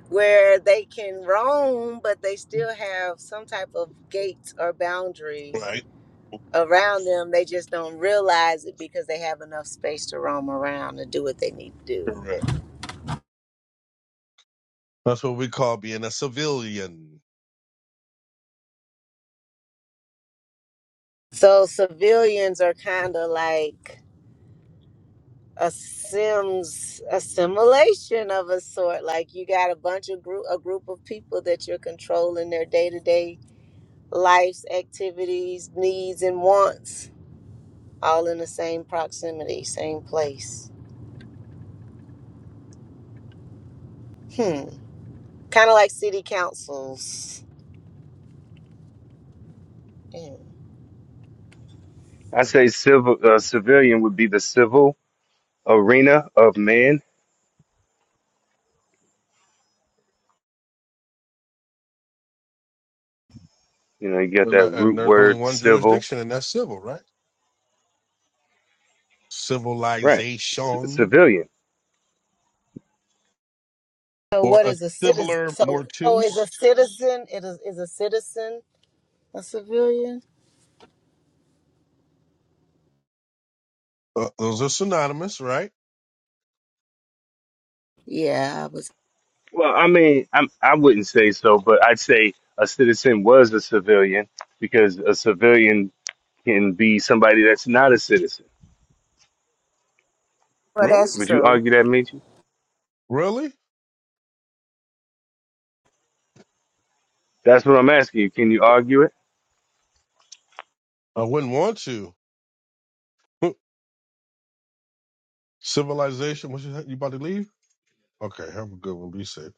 Speaker 3: where they can roam but they still have some type of gate or boundary
Speaker 1: right.
Speaker 3: around them. They just don't realize it because they have enough space to roam around and do what they need to do.
Speaker 1: Correct. That's what we call being a civilian.
Speaker 3: So civilians are kind of like a sims assimilation of a sort like you got a bunch of group a group of people that you're controlling their day-to-day lives activities needs and wants all in the same proximity same place hmm kind of like city councils Hmm.
Speaker 2: I say civil uh, civilian would be the civil arena of man. You know, you get
Speaker 1: And,
Speaker 2: that
Speaker 1: uh, and
Speaker 2: root
Speaker 1: there's only
Speaker 2: word
Speaker 1: one
Speaker 2: civil,
Speaker 1: jurisdiction, and that's civil, right?
Speaker 2: right? C-
Speaker 1: Civilization
Speaker 2: civilian.
Speaker 3: so
Speaker 1: or
Speaker 3: what
Speaker 1: a
Speaker 3: is a citizen
Speaker 1: civiler
Speaker 3: so so is a
Speaker 1: mortus.
Speaker 3: citizen it is, is a citizen a civilian
Speaker 1: Uh, those are synonymous, right?
Speaker 3: yeah i was
Speaker 2: Well, I mean, I'm, I wouldn't say so, but I'd say a citizen was a civilian because a civilian can be somebody that's not a citizen.
Speaker 3: well
Speaker 1: Really?
Speaker 3: that's
Speaker 2: Would you
Speaker 3: true
Speaker 2: argue that, Michi?
Speaker 1: Really?
Speaker 2: That's what I'm asking you. Can you argue it?
Speaker 1: I wouldn't want to. Huh. Civilization. What you, you about to leave? Okay, have a good one. Be safe.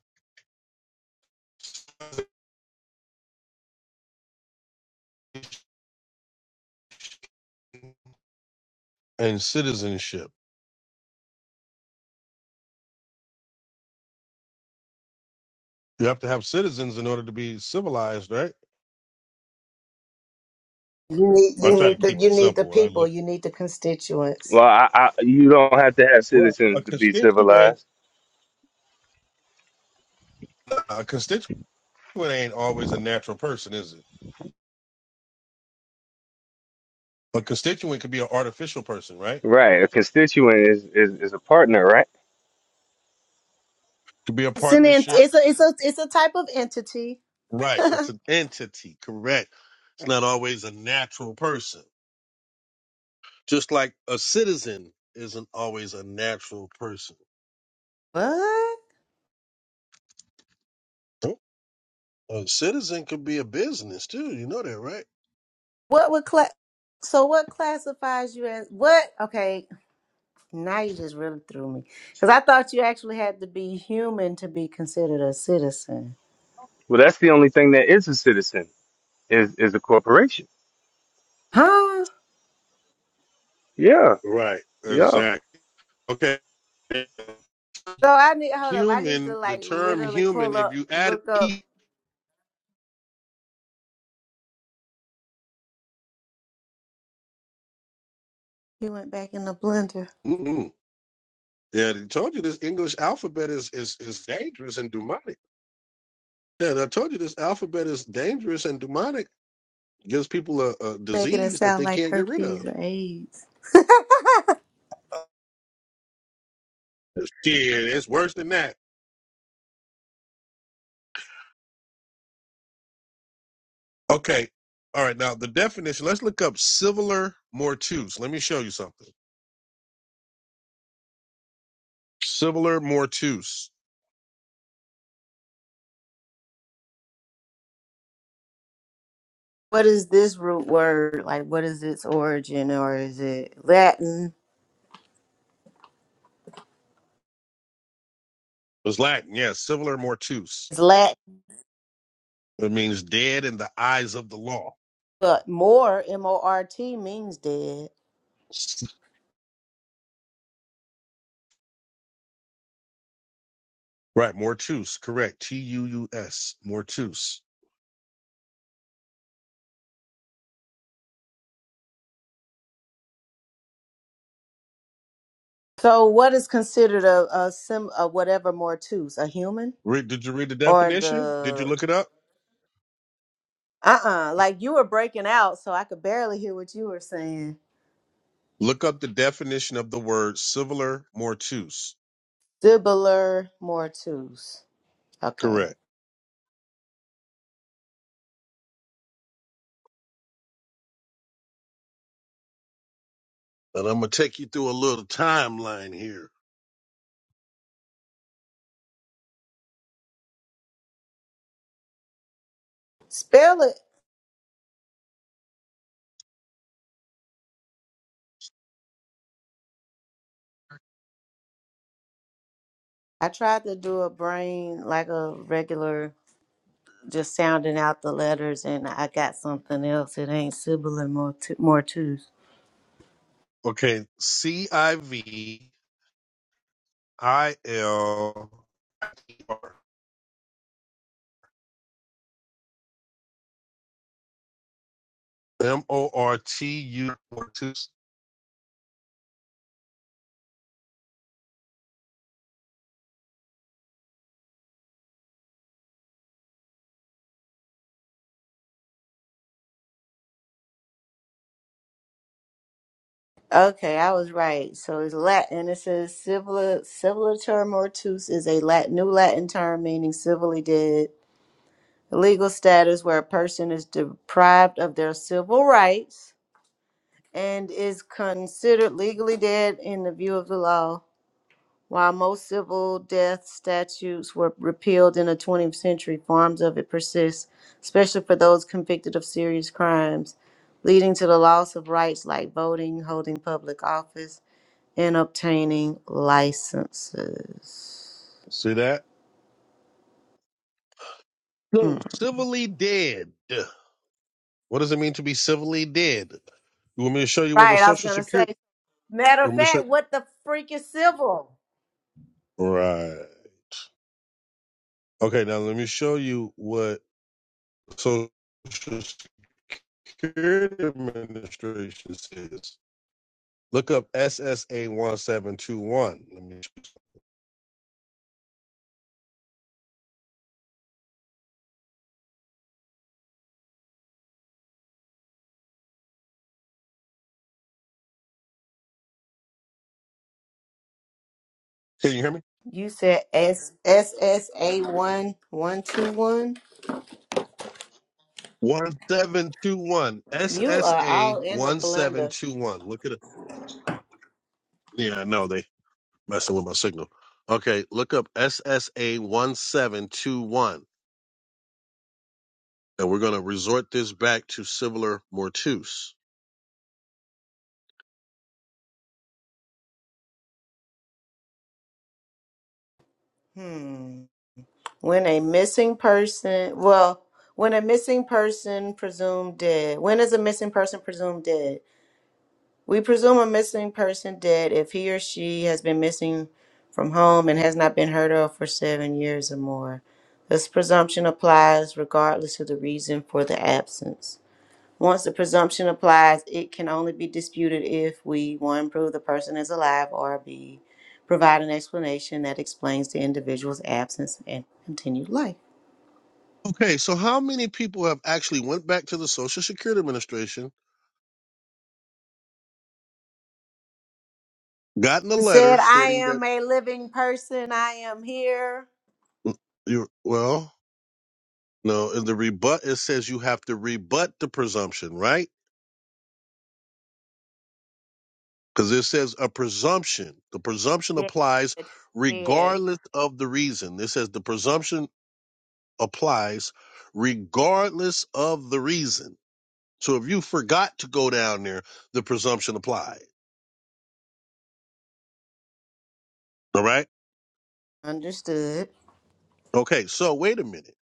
Speaker 1: And citizenship. You have to have citizens in order to be civilized, right?
Speaker 3: you need
Speaker 1: I
Speaker 3: you
Speaker 1: try to
Speaker 3: need the
Speaker 1: keep
Speaker 3: you
Speaker 1: it
Speaker 3: need the
Speaker 1: simple when I
Speaker 3: people
Speaker 1: look.
Speaker 3: you need the constituents
Speaker 2: Well, I, I, you don't have to have
Speaker 1: Well,
Speaker 2: citizens
Speaker 1: a
Speaker 2: to be
Speaker 1: constituent,
Speaker 2: civilized.
Speaker 1: a constituent ain't always a natural person, is it? A constituent could be an artificial person, right?
Speaker 2: Right. A constituent is, is, is a partner, right?
Speaker 1: Could be a
Speaker 3: It's an ent-
Speaker 1: partnership.
Speaker 3: it's a it's a it's a type of entity.
Speaker 1: Right. It's
Speaker 3: <laughs>
Speaker 1: an entity, correct. It's not always a natural person. Just like a citizen isn't always a natural person.
Speaker 3: what?
Speaker 1: A citizen could be a business too. You know that, right?
Speaker 3: What would cla- so what classifies you as what? Okay, now you just really threw me because I thought you actually had to be human to be considered a citizen.
Speaker 2: Well, that's the only thing that is a citizen is, is a corporation.
Speaker 3: Huh?
Speaker 2: Yeah.
Speaker 1: Right.
Speaker 2: Yeah.
Speaker 1: Exactly. Okay.
Speaker 3: So I need hold up. I need to
Speaker 1: Human, the
Speaker 3: like
Speaker 1: term
Speaker 3: literally
Speaker 1: human,
Speaker 3: pull
Speaker 1: if
Speaker 3: up,
Speaker 1: you add an
Speaker 3: look up.
Speaker 1: E,
Speaker 3: He went back in the blender,
Speaker 1: mm-mm. yeah, I told you this English alphabet is, is, is dangerous and demonic. Yeah, I told you this alphabet is dangerous and demonic gives people a, a
Speaker 3: making it
Speaker 1: disease that
Speaker 3: sound
Speaker 1: they
Speaker 3: like
Speaker 1: can't get rid
Speaker 3: herpes
Speaker 1: of.
Speaker 3: or AIDS. <laughs>
Speaker 1: Shit, it's worse than that. Okay. All right. Now, the definition let's look up civilar mortuus. Let me show you something. Civilar mortuus
Speaker 3: what is this root word? Like, what is its origin, or is it Latin?
Speaker 1: It's Latin. Yes. Yeah, Civilar mortuus.
Speaker 3: It's Latin
Speaker 1: It means dead in the eyes of the law.
Speaker 3: But more, M O R T, means dead.
Speaker 1: Right. Mortuus. Correct. T U U S. Mortuus.
Speaker 3: So, what is considered a, a sim, a whatever mortus, a human
Speaker 1: Read, did you read the
Speaker 3: or
Speaker 1: definition? Did you
Speaker 3: the
Speaker 1: look it up?
Speaker 3: uh uh
Speaker 1: Yeah.
Speaker 3: Like you were breaking out, so I could barely hear what you were saying.
Speaker 1: Look up the definition of the word civilar mortuus.
Speaker 3: Sibler mortus. Okay,
Speaker 1: Correct. And I'm gonna take you through a little timeline here.
Speaker 3: spell it. I tried to do a brain like a regular, just sounding out the letters, and I got something else. It ain't sibler mortu- mortus.
Speaker 1: Okay, C I V I L M O R T U
Speaker 3: Okay, I was right. So it's Latin, and it says civil civiliter mortus is a Latin, new Latin term meaning civilly dead. Legal status where a person is deprived of their civil rights and is considered legally dead in the view of the law. While most civil death statutes were repealed in the 20th century, forms of it persist, especially for those convicted of serious crimes, leading to the loss of rights like voting, holding public office in obtaining licenses.
Speaker 1: See that? So
Speaker 3: Mm.
Speaker 1: civilly dead. What does it mean to be civilly dead? You want me to show you where the
Speaker 3: Right, I was
Speaker 1: social
Speaker 3: gonna say.
Speaker 1: security?
Speaker 3: Matter of
Speaker 1: Want me to show?
Speaker 3: fact, what the freak is civil?
Speaker 1: Right. Okay. Now let me show you what social security administration says. Look up SSA one seven two one. Let me. Can you hear me?
Speaker 3: You said S S S A one one two one.
Speaker 1: 1721.
Speaker 3: You are
Speaker 1: SSA
Speaker 3: all in the blender.
Speaker 1: 1721. Look at it. Yeah, I know they messing with my signal. Okay, look up SSA 1721. And we're going to resort this back to similar mortuus.
Speaker 3: Hmm. When a missing person, well, when a missing person presumed dead. When is a missing person presumed dead? We presume a missing person dead if he or she has been missing from home and has not been heard of for seven years or more. This presumption applies regardless of the reason for the absence. Once the presumption applies, it can only be disputed if we 1. prove the person is alive or b. provide an explanation that explains the individual's absence and continued life.
Speaker 1: Okay, so how many people have actually went back to the Social Security Administration, gotten a
Speaker 3: It
Speaker 1: letter
Speaker 3: said, I
Speaker 1: stating that
Speaker 3: am a living person, I am here.
Speaker 1: mm, you well, no, in the rebut it says you have to rebut the presumption, right? because it says a presumption. The presumption
Speaker 3: Yeah.
Speaker 1: applies
Speaker 3: It's dead.
Speaker 1: regardless of the reason. It says the presumption applies regardless of the reason. So if you forgot to go down there, the presumption applies. All right.
Speaker 3: Understood.
Speaker 1: Okay. So wait a minute.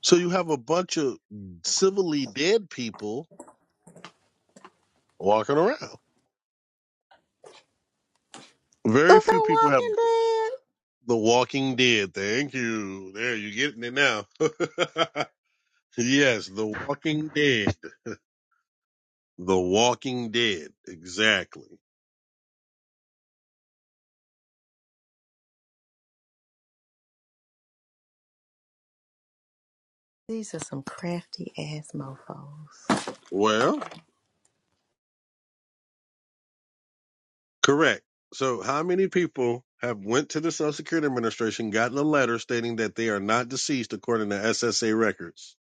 Speaker 1: So you have a bunch of civilly dead people walking around. Very
Speaker 3: The, the
Speaker 1: few people have
Speaker 3: Walking Dead?
Speaker 1: the walking dead. Thank you. There, you're getting it now. <laughs> yes, the walking dead. The Walking Dead, exactly.
Speaker 3: These are some crafty ass mofos.
Speaker 1: Well, correct. So, how many people have went to the Social Security Administration, gotten a letter stating that they are not deceased according to SSA records?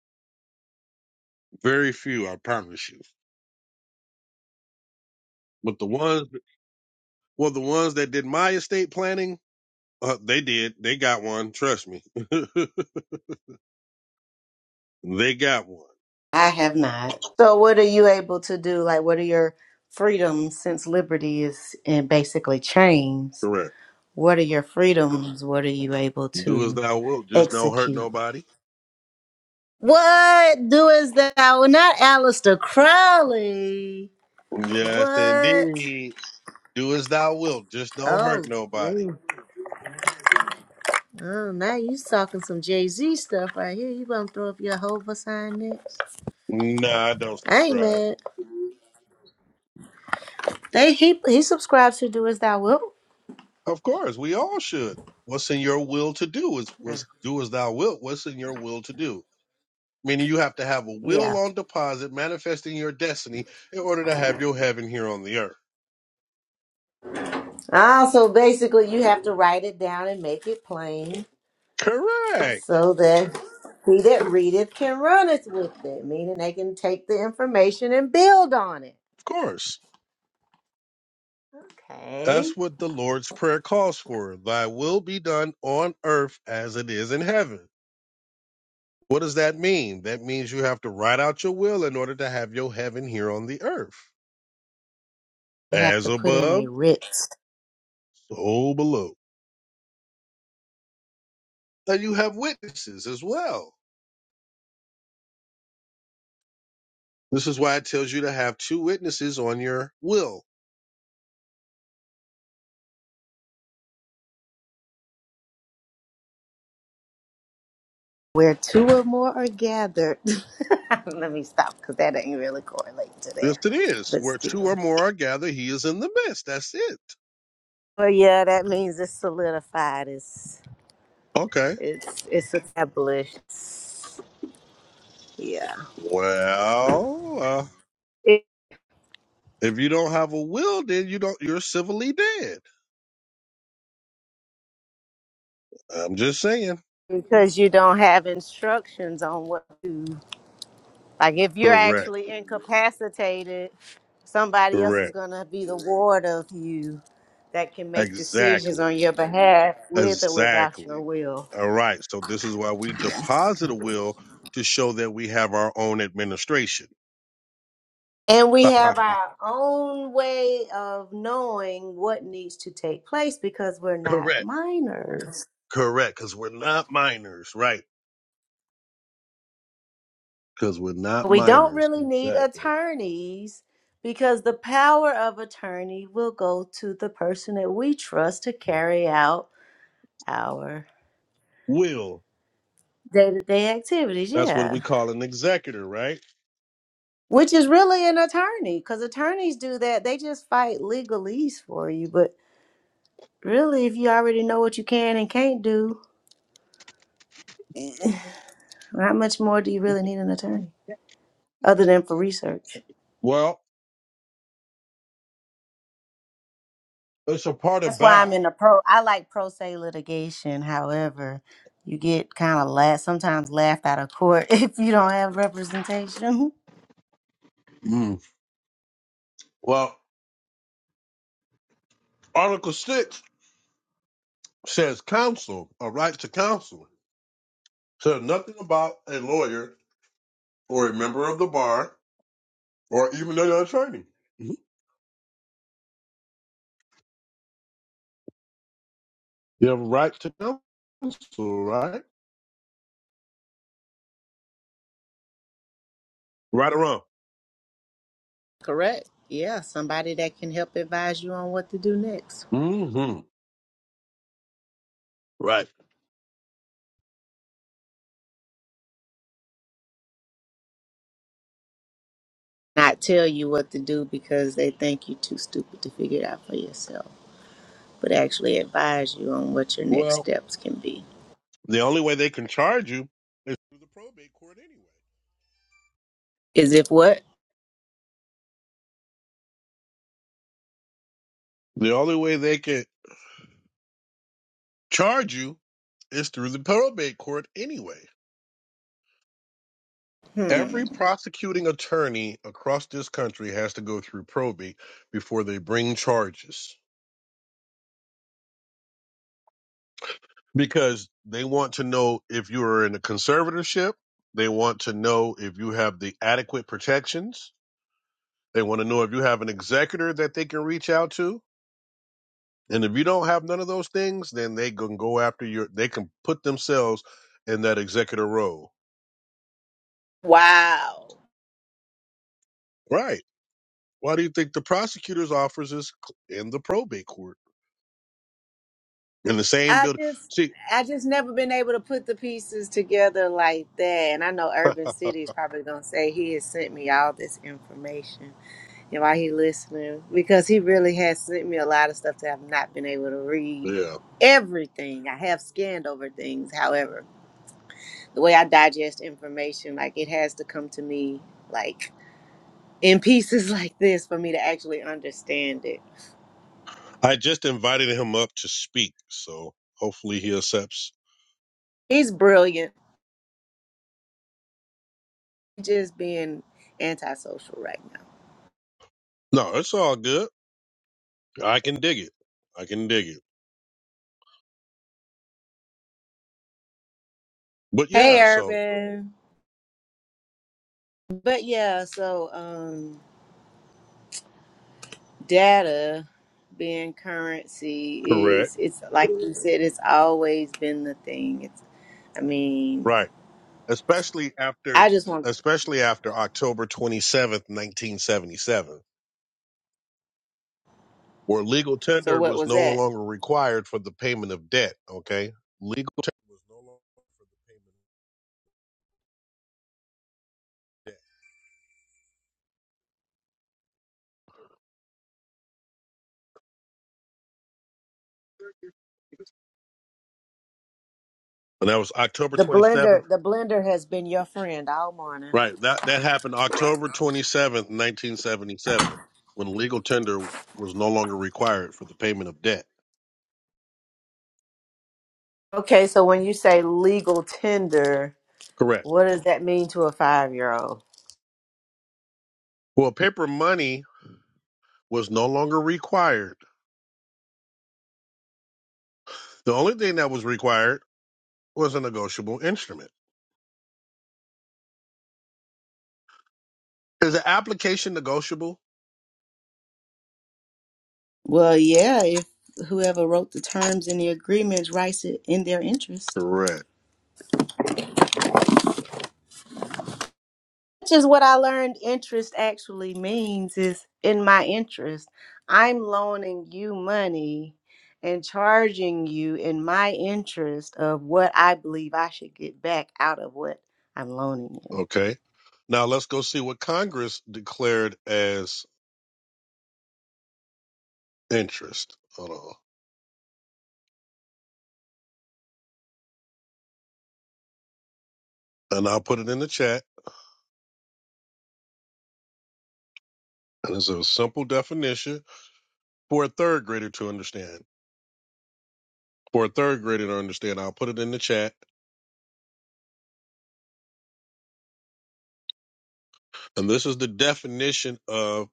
Speaker 1: Very few, I promise you. But the ones, well, the ones that did my estate planning, uh, they did. They got one. Trust me, <laughs> they got one.
Speaker 3: I have not. So, what are you able to do? Like, what are your freedoms since liberty is in basically chains?
Speaker 1: Correct.
Speaker 3: What are your freedoms? What are you able
Speaker 1: Do as
Speaker 3: to
Speaker 1: thou wilt, just don't hurt
Speaker 3: execute?
Speaker 1: nobody.
Speaker 3: What do doest thou? Not Aleister Crowley.
Speaker 1: Yes,
Speaker 3: What?
Speaker 1: indeed. Do as thou wilt, just don't hurt
Speaker 3: Oh,
Speaker 1: nobody.
Speaker 3: man. Oh, now you talking some Jay Z stuff right here. You gonna throw up your Hova sign next?
Speaker 1: Nah, I don't
Speaker 3: I ain't
Speaker 1: subscribe.
Speaker 3: mad. They he he subscribes to Do As Thou Wilt.
Speaker 1: Of course, we all should. What's in your will to do is
Speaker 3: Uh,
Speaker 1: was do as thou wilt. What's in your will to do? Meaning you have to have a
Speaker 3: Yeah.
Speaker 1: will on deposit manifesting your destiny in order to have your heaven here on the earth.
Speaker 3: Ah, so basically, you have to write it down and make it plain
Speaker 1: Correct.
Speaker 3: so that he that readeth can run it with it, meaning they can take the information and build on it.
Speaker 1: Of course.
Speaker 3: Okay.
Speaker 1: That's what the Lord's Prayer calls for. Thy will be done on earth as it is in heaven. What does that mean? That means you have to write out your will in order to have your heaven here on the earth.
Speaker 3: You have
Speaker 1: As
Speaker 3: to put in
Speaker 1: above,
Speaker 3: a writs
Speaker 1: so below. And you have witnesses as well This is why it tells you to have two witnesses on your will.
Speaker 3: where two or more are gathered. <laughs> Let me stop because that ain't really correlate to that,
Speaker 1: Yes, it is.
Speaker 3: but
Speaker 1: Where two or
Speaker 3: still.
Speaker 1: more are gathered, he is in the midst. That's it.
Speaker 3: Well, yeah, that means it's solidified. It's
Speaker 1: Okay.
Speaker 3: It's it's established. Yeah.
Speaker 1: Well, uh,
Speaker 3: It,
Speaker 1: if you don't have a will, then you don't. You're civilly dead. I'm just saying.
Speaker 3: because you don't have instructions on what to like if you're
Speaker 1: Correct.
Speaker 3: actually incapacitated, somebody else is
Speaker 1: Correct.
Speaker 3: gonna be the ward of you that can make decisions on
Speaker 1: Exactly.
Speaker 3: your behalf with or without your
Speaker 1: Exactly.
Speaker 3: will.
Speaker 1: All right. So this is why we deposit a will to show that we have our own administration.
Speaker 3: And
Speaker 1: <laughs>
Speaker 3: we have our own way of knowing what needs to take place because we're not
Speaker 1: Correct.
Speaker 3: minors.
Speaker 1: Correct. Because we're not minors, right? because we're not
Speaker 3: We don't
Speaker 1: minors.
Speaker 3: really need
Speaker 1: Exactly.
Speaker 3: attorneys because the power of attorney will go to the person that we trust to carry out our
Speaker 1: Will.
Speaker 3: day to day activities.
Speaker 1: That's what we
Speaker 3: Yeah.
Speaker 1: call an executor, right?
Speaker 3: Which is really an attorney because attorneys do that. They just fight legalese for you. But really, if you already know what you can and can't do, <clears throat> how much more do you really need an attorney other than for research?
Speaker 1: Well, it's a part of
Speaker 3: That's why I'm
Speaker 1: bow.
Speaker 3: in the pro. I like pro se litigation. However, you get kind of la sometimes laughed out of court <laughs> if you don't have representation.
Speaker 1: Mm. Well, Article 6 says counsel, a right to counsel. Says nothing about a lawyer or a member of the bar or even an attorney. Mhm. You have a right to counsel, right? Right or wrong?
Speaker 3: Correct. Yeah, somebody that can help advise you on what to do next.
Speaker 1: hmm Right.
Speaker 3: Not tell you what to do because they think you're too stupid to figure it out for yourself, but actually advise you on what your next
Speaker 1: Well,
Speaker 3: steps can be.
Speaker 1: the only way they can charge you is through the probate court anyway.
Speaker 3: Is if what?
Speaker 1: The only way they can charge you is through the probate court anyway.
Speaker 3: Hmm.
Speaker 1: Every prosecuting attorney across this country has to go through probate before they bring charges because they want to know if you are in a conservatorship. They want to know if you have the adequate protections. They want to know if you have an executor that they can reach out to. And if you don't have none of those things, then they can go after your, they can put themselves in that executor role.
Speaker 3: Wow.
Speaker 1: Right. Why do you think the prosecutor's office is in the probate court in the same
Speaker 3: I
Speaker 1: building?
Speaker 3: just
Speaker 1: See,
Speaker 3: I just never been able to put the pieces together like that. And I know Urban City is probably gonna say he has sent me all this information and why he listening because he really has sent me a lot of stuff that I've not been able to read
Speaker 1: yeah,
Speaker 3: everything. I have scanned over things, however, the way I digest information, like it has to come to me like in pieces <laughs> like this for me to actually understand it.
Speaker 1: I just invited him up to speak, so hopefully he accepts.
Speaker 3: He's brilliant. He's just being antisocial right now.
Speaker 1: No, it's all good. I can dig it. I can dig it. But
Speaker 3: Hey
Speaker 1: yeah, so
Speaker 3: Urban. But yeah, so um data being currency
Speaker 1: correct,
Speaker 3: is it's like you said, it's always been the thing. It's I mean,
Speaker 1: right? Especially after,
Speaker 3: I just want
Speaker 1: especially after October twenty seventh, nineteen seventy seven, where legal
Speaker 3: so
Speaker 1: tender
Speaker 3: what
Speaker 1: was
Speaker 3: was
Speaker 1: no
Speaker 3: that?
Speaker 1: longer required for the payment of debt. Okay, legal tender was no longer for the payment of debt. And that was October
Speaker 3: The
Speaker 1: 27th.
Speaker 3: blender, the blender has been your friend all morning.
Speaker 1: Right. That that happened October 27th, 1977, when legal tender was no longer required for the payment of debt.
Speaker 3: Okay, so when you say legal tender,
Speaker 1: Correct.
Speaker 3: what does that mean to a five-year-old?
Speaker 1: Well, paper money was no longer required. The only thing that was required was a negotiable instrument. Is the application negotiable?
Speaker 3: Well, yeah, if whoever wrote the terms in the agreements writes it in their interest.
Speaker 1: Correct.
Speaker 3: Which is what I learned interest actually means is in my interest. I'm loaning you money and charging you in my interest of what I believe I should get back out of what I'm loaning you.
Speaker 1: Okay. Now let's go see what Congress declared as interest. Hold on. And I'll put it in the chat. And it's a simple definition for a third grader to understand. for a third grader to understand. I'll put it in the chat. And this is the definition of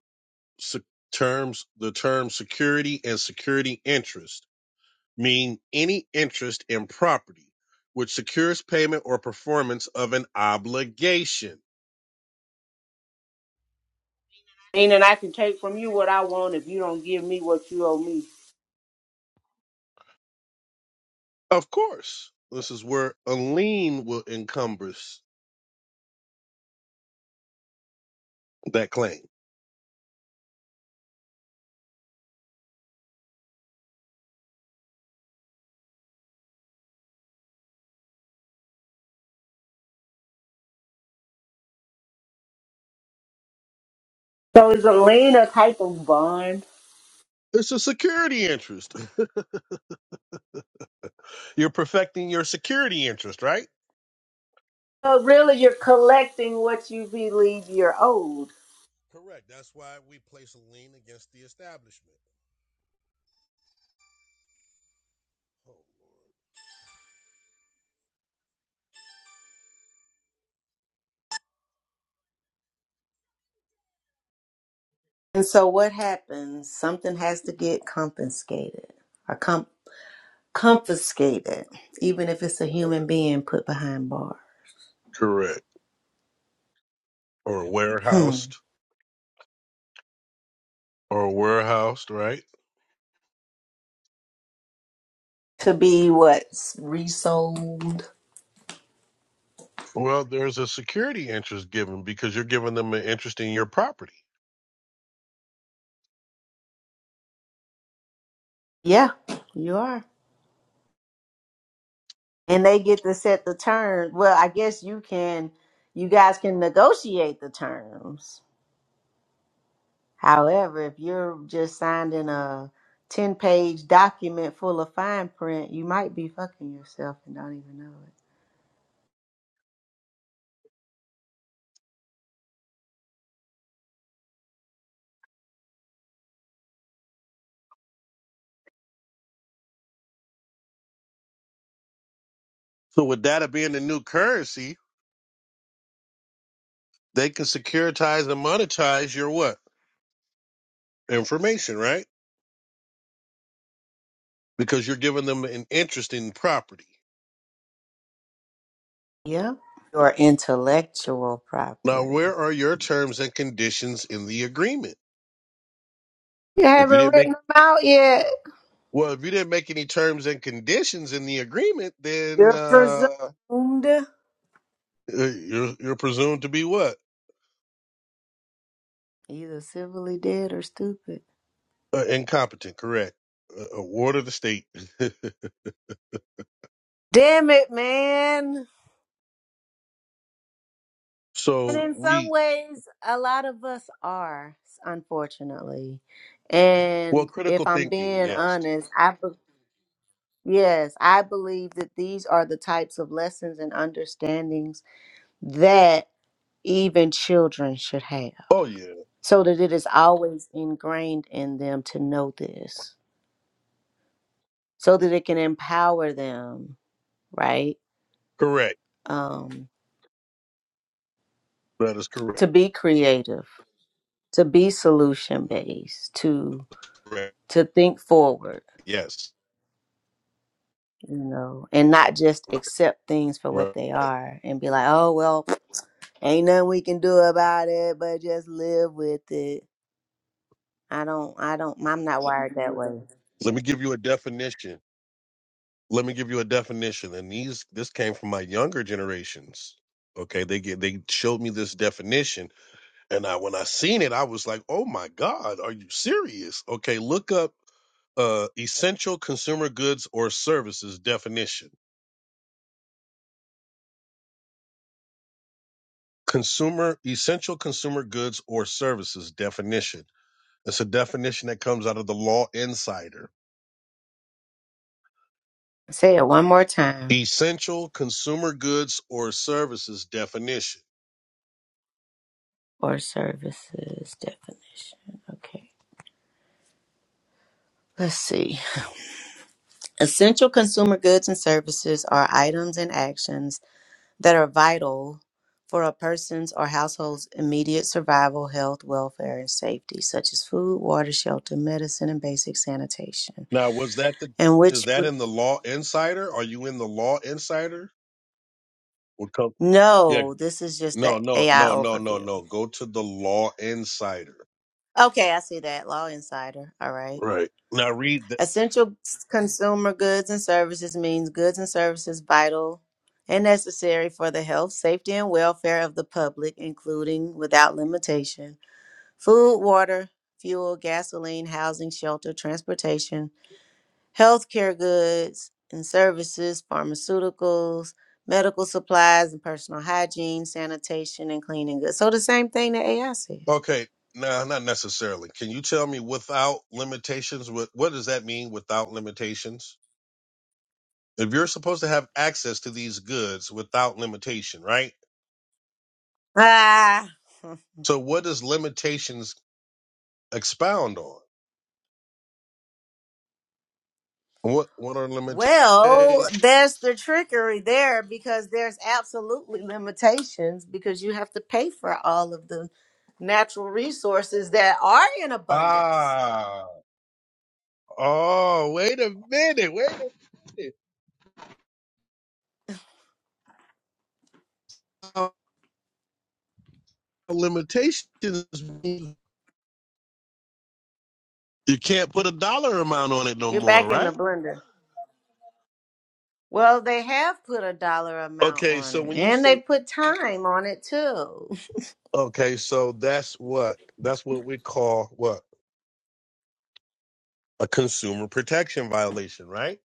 Speaker 1: se- terms the term security and security interest mean any interest in property which secures payment or performance of an obligation.
Speaker 3: Meaning I can take from you what I want if you don't give me what you owe me.
Speaker 1: Of course, this is where a lien will encompass that claim.
Speaker 3: So it's a lien a type of bond.
Speaker 1: It's a security interest. <laughs> You're perfecting your security interest, right?
Speaker 3: But really, you're collecting what you believe you're owed.
Speaker 1: Correct. That's why we place a lien against the establishment.
Speaker 3: And so what happens? Something has to get confiscated or com- confiscated, even if it's a human being put behind bar.
Speaker 1: Correct. or
Speaker 3: Hmm.
Speaker 1: warehoused or warehoused, right?
Speaker 3: To be what's Resold.
Speaker 1: Well, there's a security interest given because you're giving them an interest in your property.
Speaker 3: Yeah, you are. And they get to set the terms. Well, I guess you can, you guys can negotiate the terms. However, if you're just signing a 10 page document full of fine print, you might be fucking yourself and don't even know
Speaker 1: So with data being the new currency, they can securitize and monetize your what? Information, right? Because you're giving them an interest in property.
Speaker 3: it. Yep. Your intellectual
Speaker 1: Now,
Speaker 3: property.
Speaker 1: where are your terms and conditions in the agreement?
Speaker 3: You
Speaker 1: If you
Speaker 3: haven't
Speaker 1: didn't
Speaker 3: written
Speaker 1: make
Speaker 3: them out yet.
Speaker 1: well, if you didn't make any terms and conditions in the agreement, then
Speaker 3: You're
Speaker 1: uh,
Speaker 3: presumed
Speaker 1: eh, you're you're presumed to be what?
Speaker 3: either civilly dead or stupid.
Speaker 1: Uh, incompetent, correct. Uh, a of the state. <laughs>
Speaker 3: Damn it, man. And
Speaker 1: so
Speaker 3: in some
Speaker 1: we,
Speaker 3: ways, a lot of us are, unfortunately.
Speaker 1: well,
Speaker 3: And if
Speaker 1: critical
Speaker 3: I'm
Speaker 1: thinking,
Speaker 3: being
Speaker 1: yes.
Speaker 3: honest, I be- yes, I believe that these are the types of lessons and understandings that even children should have.
Speaker 1: Oh, yeah,
Speaker 3: So that it is always ingrained in them to know this. So that it can empower them, right?
Speaker 1: correct.
Speaker 3: Um.
Speaker 1: That is
Speaker 3: to
Speaker 1: correct.
Speaker 3: be creative, to be solution based, to
Speaker 1: Correct.
Speaker 3: to think forward,
Speaker 1: Yes.
Speaker 3: you know, and not just accept things for what
Speaker 1: Right.
Speaker 3: they are and be like, oh well, ain't nothing we can do about it, but just live with it. I don't, I don't, I'm not wired that way.
Speaker 1: Let me give you a definition. Let me give you a definition. And these, this came from my younger generations. Okay, they get they showed me this definition, and I when I seen it, I was like, "Oh my God, are you serious?" Okay, look up uh, essential consumer goods or services definition. Consumer essential consumer goods or services definition. It's a definition that comes out of the Law Insider.
Speaker 3: Say it one more time.
Speaker 1: Essential consumer goods or services definition.
Speaker 3: Or services definition. Okay. Let's see. Essential consumer goods and services are items and actions that are vital for a person's or household's immediate survival, health, welfare, and safety, such as food, water, shelter, medicine, and basic sanitation.
Speaker 1: Now, was that the
Speaker 3: And
Speaker 1: is
Speaker 3: which
Speaker 1: that
Speaker 3: would
Speaker 1: in the Law Insider? Are you in the Law Insider? Would come yeah.
Speaker 3: no, this is just
Speaker 1: No,
Speaker 3: the
Speaker 1: no,
Speaker 3: AI
Speaker 1: no, no, no,
Speaker 3: overview.
Speaker 1: no. Go to the Law Insider.
Speaker 3: Okay, I see that. Law Insider. All right.
Speaker 1: Right. Now read the
Speaker 3: Essential consumer goods and services means goods and services vital and necessary for the health, safety, and welfare of the public, including without limitation food, water, fuel, gasoline, housing, shelter, transportation, healthcare goods and services, pharmaceuticals, medical supplies and personal hygiene, sanitation and cleaning goods. So the same thing that AI said.
Speaker 1: okay. No, not necessarily. Can you tell me without limitations? What what does that mean? Without limitations? if you're supposed to have access to these goods without limitation, right?
Speaker 3: Ah. <laughs>
Speaker 1: So what does limitations expound on? What what are
Speaker 3: Well,
Speaker 1: limitations?
Speaker 3: there's the trickery there because there's absolutely limitations because you have to pay for all of the natural resources that are in abundance.
Speaker 1: Ah, oh, wait a minute, wait a minute. Uh, limitations mean you can't put a dollar amount on it no
Speaker 3: You're
Speaker 1: more,
Speaker 3: back in the
Speaker 1: right?
Speaker 3: blender. Well, they have put a dollar amount
Speaker 1: Okay,
Speaker 3: on
Speaker 1: so
Speaker 3: it,
Speaker 1: when you
Speaker 3: and they
Speaker 1: say
Speaker 3: put time on it too.
Speaker 1: okay, so that's what that's what we call what a consumer protection violation, right?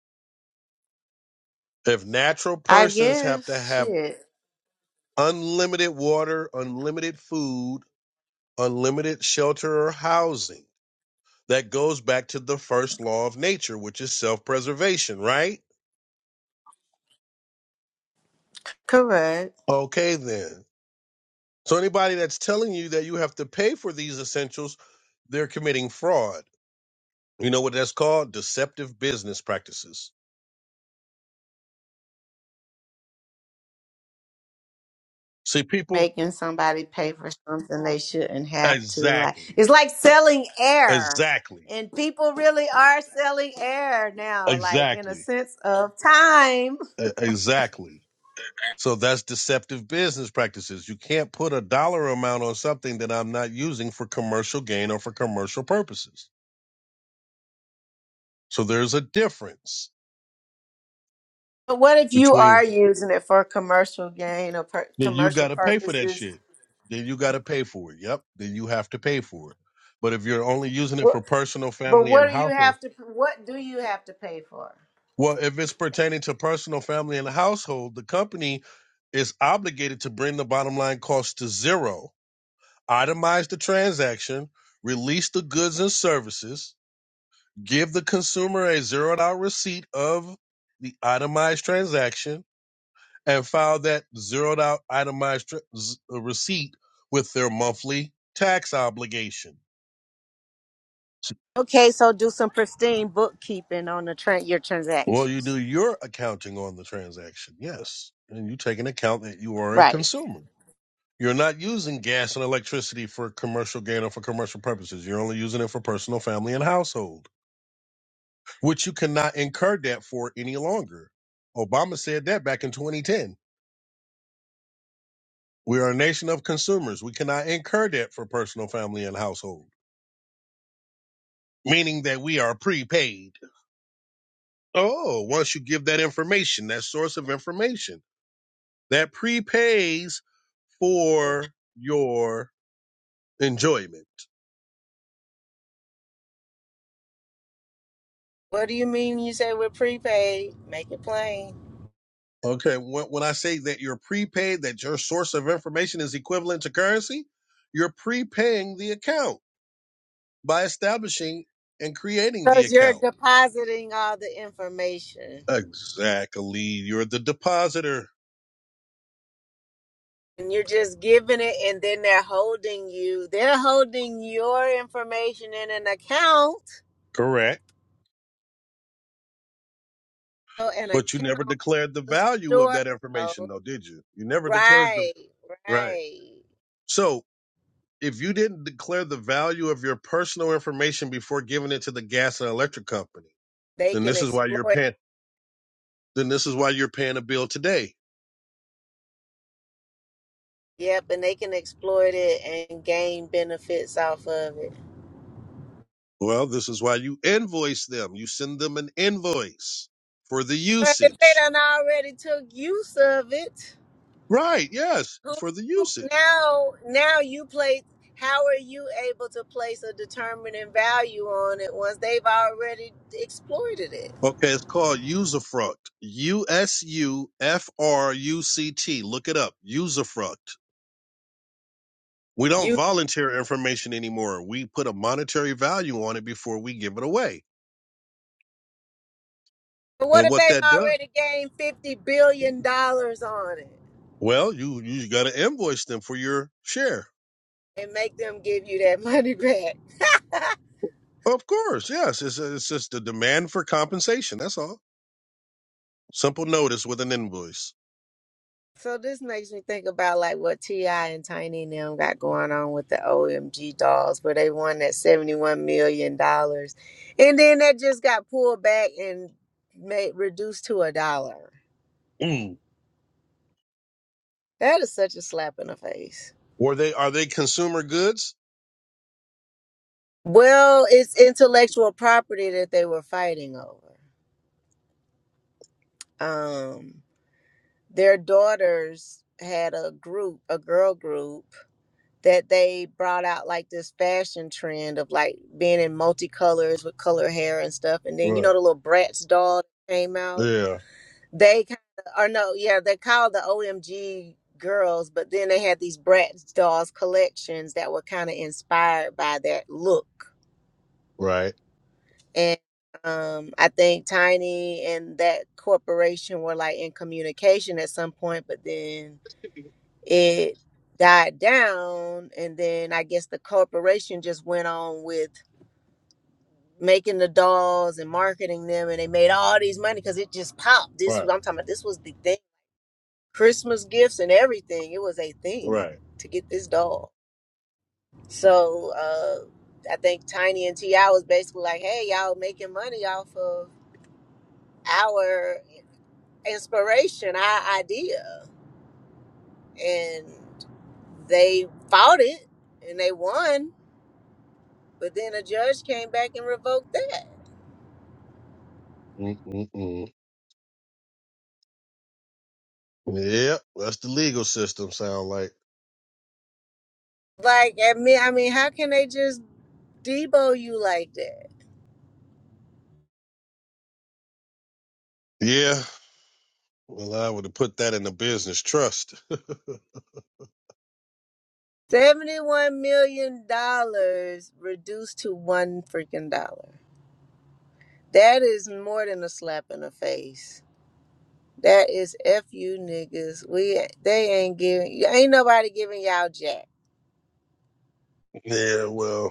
Speaker 1: If natural
Speaker 3: I
Speaker 1: persons have to
Speaker 3: guess
Speaker 1: have
Speaker 3: shit.
Speaker 1: unlimited water, unlimited food, unlimited shelter or housing. That goes back to the first law of nature, which is self preservation, right?
Speaker 3: Correct.
Speaker 1: Okay, then. So, anybody that's telling you that you have to pay for these essentials, they're committing fraud. You know what that's called? Deceptive business practices. See, people,
Speaker 3: Making somebody pay for something they shouldn't have to. Like
Speaker 1: exactly,
Speaker 3: it's like selling air,
Speaker 1: exactly,
Speaker 3: and people really are selling air now. Like in a
Speaker 1: exactly,
Speaker 3: sense of time.
Speaker 1: e- exactly. So that's deceptive business practices. You can't put a dollar amount on something that I'm not using for commercial gain or for commercial purposes. So there's a difference
Speaker 3: But what if you are
Speaker 1: between
Speaker 3: using it for commercial gain or per-
Speaker 1: then you
Speaker 3: commercial
Speaker 1: got to pay for that
Speaker 3: purposes?
Speaker 1: shit. Then you got to pay for it. Yep. Then you have to pay for it. But if you're only using it
Speaker 3: What,
Speaker 1: for personal,
Speaker 3: but
Speaker 1: family, and
Speaker 3: what do you
Speaker 1: household,
Speaker 3: have to? What do you have to pay for?
Speaker 1: well, if it's pertaining to personal, family, and household, the company is obligated to bring the bottom line cost to zero, itemize the transaction, release the goods and services, give the consumer a zeroed out receipt of the itemized transaction and file that zeroed out itemized uh, receipt with their monthly tax obligation.
Speaker 3: Okay, so do some pristine bookkeeping on the tran your
Speaker 1: Well, you do
Speaker 3: transactions.
Speaker 1: your accounting on the transaction, yes. And you take an account that you are a
Speaker 3: Right.
Speaker 1: consumer. You're not using gas and electricity for commercial gain or for commercial purposes. You're only using it for personal, family, and household, which you cannot incur debt for any longer. Obama said that back in 2010 We are a nation of consumers. We cannot incur debt for personal, family, and household, meaning that we are prepaid. Oh, once you give that information, that source of information, that prepays for your enjoyment.
Speaker 3: What do you mean you say we're prepaid? Make it plain.
Speaker 1: Okay, when, I say that you're prepaid, that your source of information is equivalent to currency, you're prepaying the account by establishing and creating the
Speaker 3: Because you're
Speaker 1: account.
Speaker 3: depositing all the information.
Speaker 1: Exactly. You're the depositor.
Speaker 3: And you're just giving it and then they're holding you. They're holding your information in an account.
Speaker 1: Correct.
Speaker 3: So an
Speaker 1: But you
Speaker 3: account
Speaker 1: never declared the value of
Speaker 3: store.
Speaker 1: that
Speaker 3: oh,
Speaker 1: information, though, did you? You never declared the
Speaker 3: Right,
Speaker 1: right.
Speaker 3: right.
Speaker 1: So if you didn't declare the value of your personal information before giving it to the gas and electric company,
Speaker 3: They
Speaker 1: then
Speaker 3: can
Speaker 1: this is why you're
Speaker 3: exploit
Speaker 1: paying. Then this is why you're paying a bill today.
Speaker 3: Yep, and they can exploit it and gain benefits off of it.
Speaker 1: Well, this is why you invoice them. You send them an invoice for the
Speaker 3: But if they
Speaker 1: usage.
Speaker 3: done already took use of it,
Speaker 1: Right? Yes,
Speaker 3: who
Speaker 1: for the usage.
Speaker 3: now now you play how are you able to place a determining value on it once they've already exploited it?
Speaker 1: Okay, it's called usufruct. U S U F R U C T. Look it up. Usufruct We don't
Speaker 3: You
Speaker 1: volunteer information anymore. We put a monetary value on it before we give it away.
Speaker 3: what
Speaker 1: And
Speaker 3: if
Speaker 1: what
Speaker 3: they've
Speaker 1: that does,
Speaker 3: already gained fifty billion dollars on it
Speaker 1: well, you you got to invoice them for your share.
Speaker 3: and make them give you that <laughs> money back?
Speaker 1: Of course, yes. It's it's just the demand for compensation. That's all. Simple notice with an invoice.
Speaker 3: So this makes me think about like what Ti and Tiny and them got going on with the OMG dolls, where they won that seventy-one million dollars, and then that just got pulled back and made reduced to a dollar.
Speaker 1: Mm.
Speaker 3: That is such a slap in the face.
Speaker 1: Were they are they consumer goods?
Speaker 3: Well, it's intellectual property that they were fighting over. Um, their daughters had a group, a girl group that they brought out like this fashion trend of like being in multicolors with color hair and stuff. And then you know
Speaker 1: Right.
Speaker 3: the little Bratz doll that came out.
Speaker 1: Yeah.
Speaker 3: They kind of, or no, yeah, they called the OMG girls, but then they had these Bratz dolls collections that were kind of inspired by that look.
Speaker 1: Right.
Speaker 3: And um, I think Tiny and that corporation were like in communication at some point, but then It died down, and then I guess the corporation just went on with making the dolls and marketing them, and they made all these money because it just popped. This was
Speaker 1: Right.
Speaker 3: I'm talking about. This was the thing. Christmas gifts and everything. It was a thing
Speaker 1: Right.
Speaker 3: to get this doll. So uh, I think Tiny and Ti was basically like, "Hey, y'all making money off of our inspiration, our idea," and they fought it and they won But then a judge came back and revoked that.
Speaker 1: Mm-mm-mm. Yep. That's the legal system. Sound like.
Speaker 3: Like, I mean, I mean, how can they just debo you like that?
Speaker 1: Yeah. Well, I would have put that in the business trust. <laughs>
Speaker 3: Seventy-one million dollars reduced to one freaking dollar. That is more than a slap in the face. That is f you niggas. We they ain't giving. Ain't nobody giving y'all jack.
Speaker 1: yeah. Well.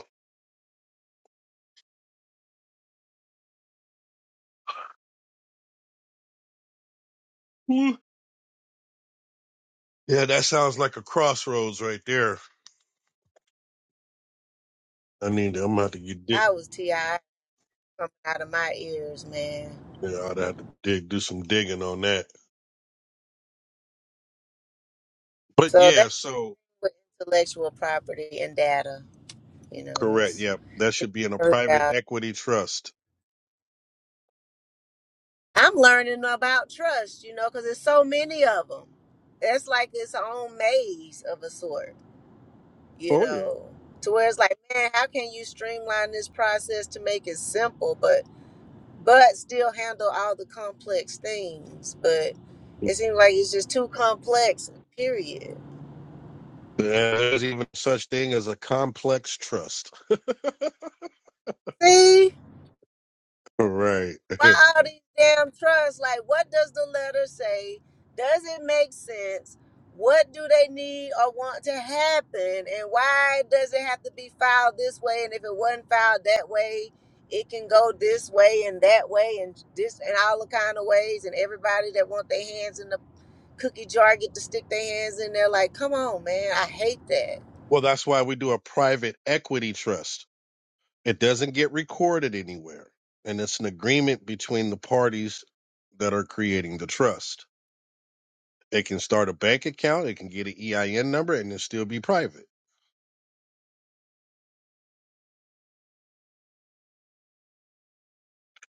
Speaker 1: Hmm. Yeah, that sounds like a crossroads right there. I need to, I'm gonna have to get dig.
Speaker 3: I was ti coming out of my ears, man.
Speaker 1: Yeah, I'd have to dig, do some digging on that. But
Speaker 3: So that.
Speaker 1: yeah, so
Speaker 3: with intellectual property and data. You know,
Speaker 1: correct.
Speaker 3: it's
Speaker 1: Yeah, that
Speaker 3: it's
Speaker 1: should be in a
Speaker 3: very
Speaker 1: private
Speaker 3: valuable.
Speaker 1: equity trust.
Speaker 3: I'm learning about trust. You know, because there's so many of them. It's like its own maze of a sort. You
Speaker 1: Oh yeah,
Speaker 3: know, to where it's like, man, how can you streamline this process to make it simple, but but still handle all the complex things? But it seems like it's just too complex. Period.
Speaker 1: there's even such thing as a complex trust. <laughs>
Speaker 3: See.
Speaker 1: Right. <laughs>
Speaker 3: why all these damn trusts? Like, what does the letter say? Does it make sense? What do they need or want to happen? And why does it have to be filed this way? And if it wasn't filed that way, it can go this way and that way and this and all the kind of ways. And everybody that want their hands in the cookie jar get to stick their hands in there. Like, come on, man, I hate that.
Speaker 1: well, that's why we do a private equity trust. It doesn't get recorded anywhere, and it's an agreement between the parties that are creating the trust. It can start a bank account. It can get an EIN number and it still be private.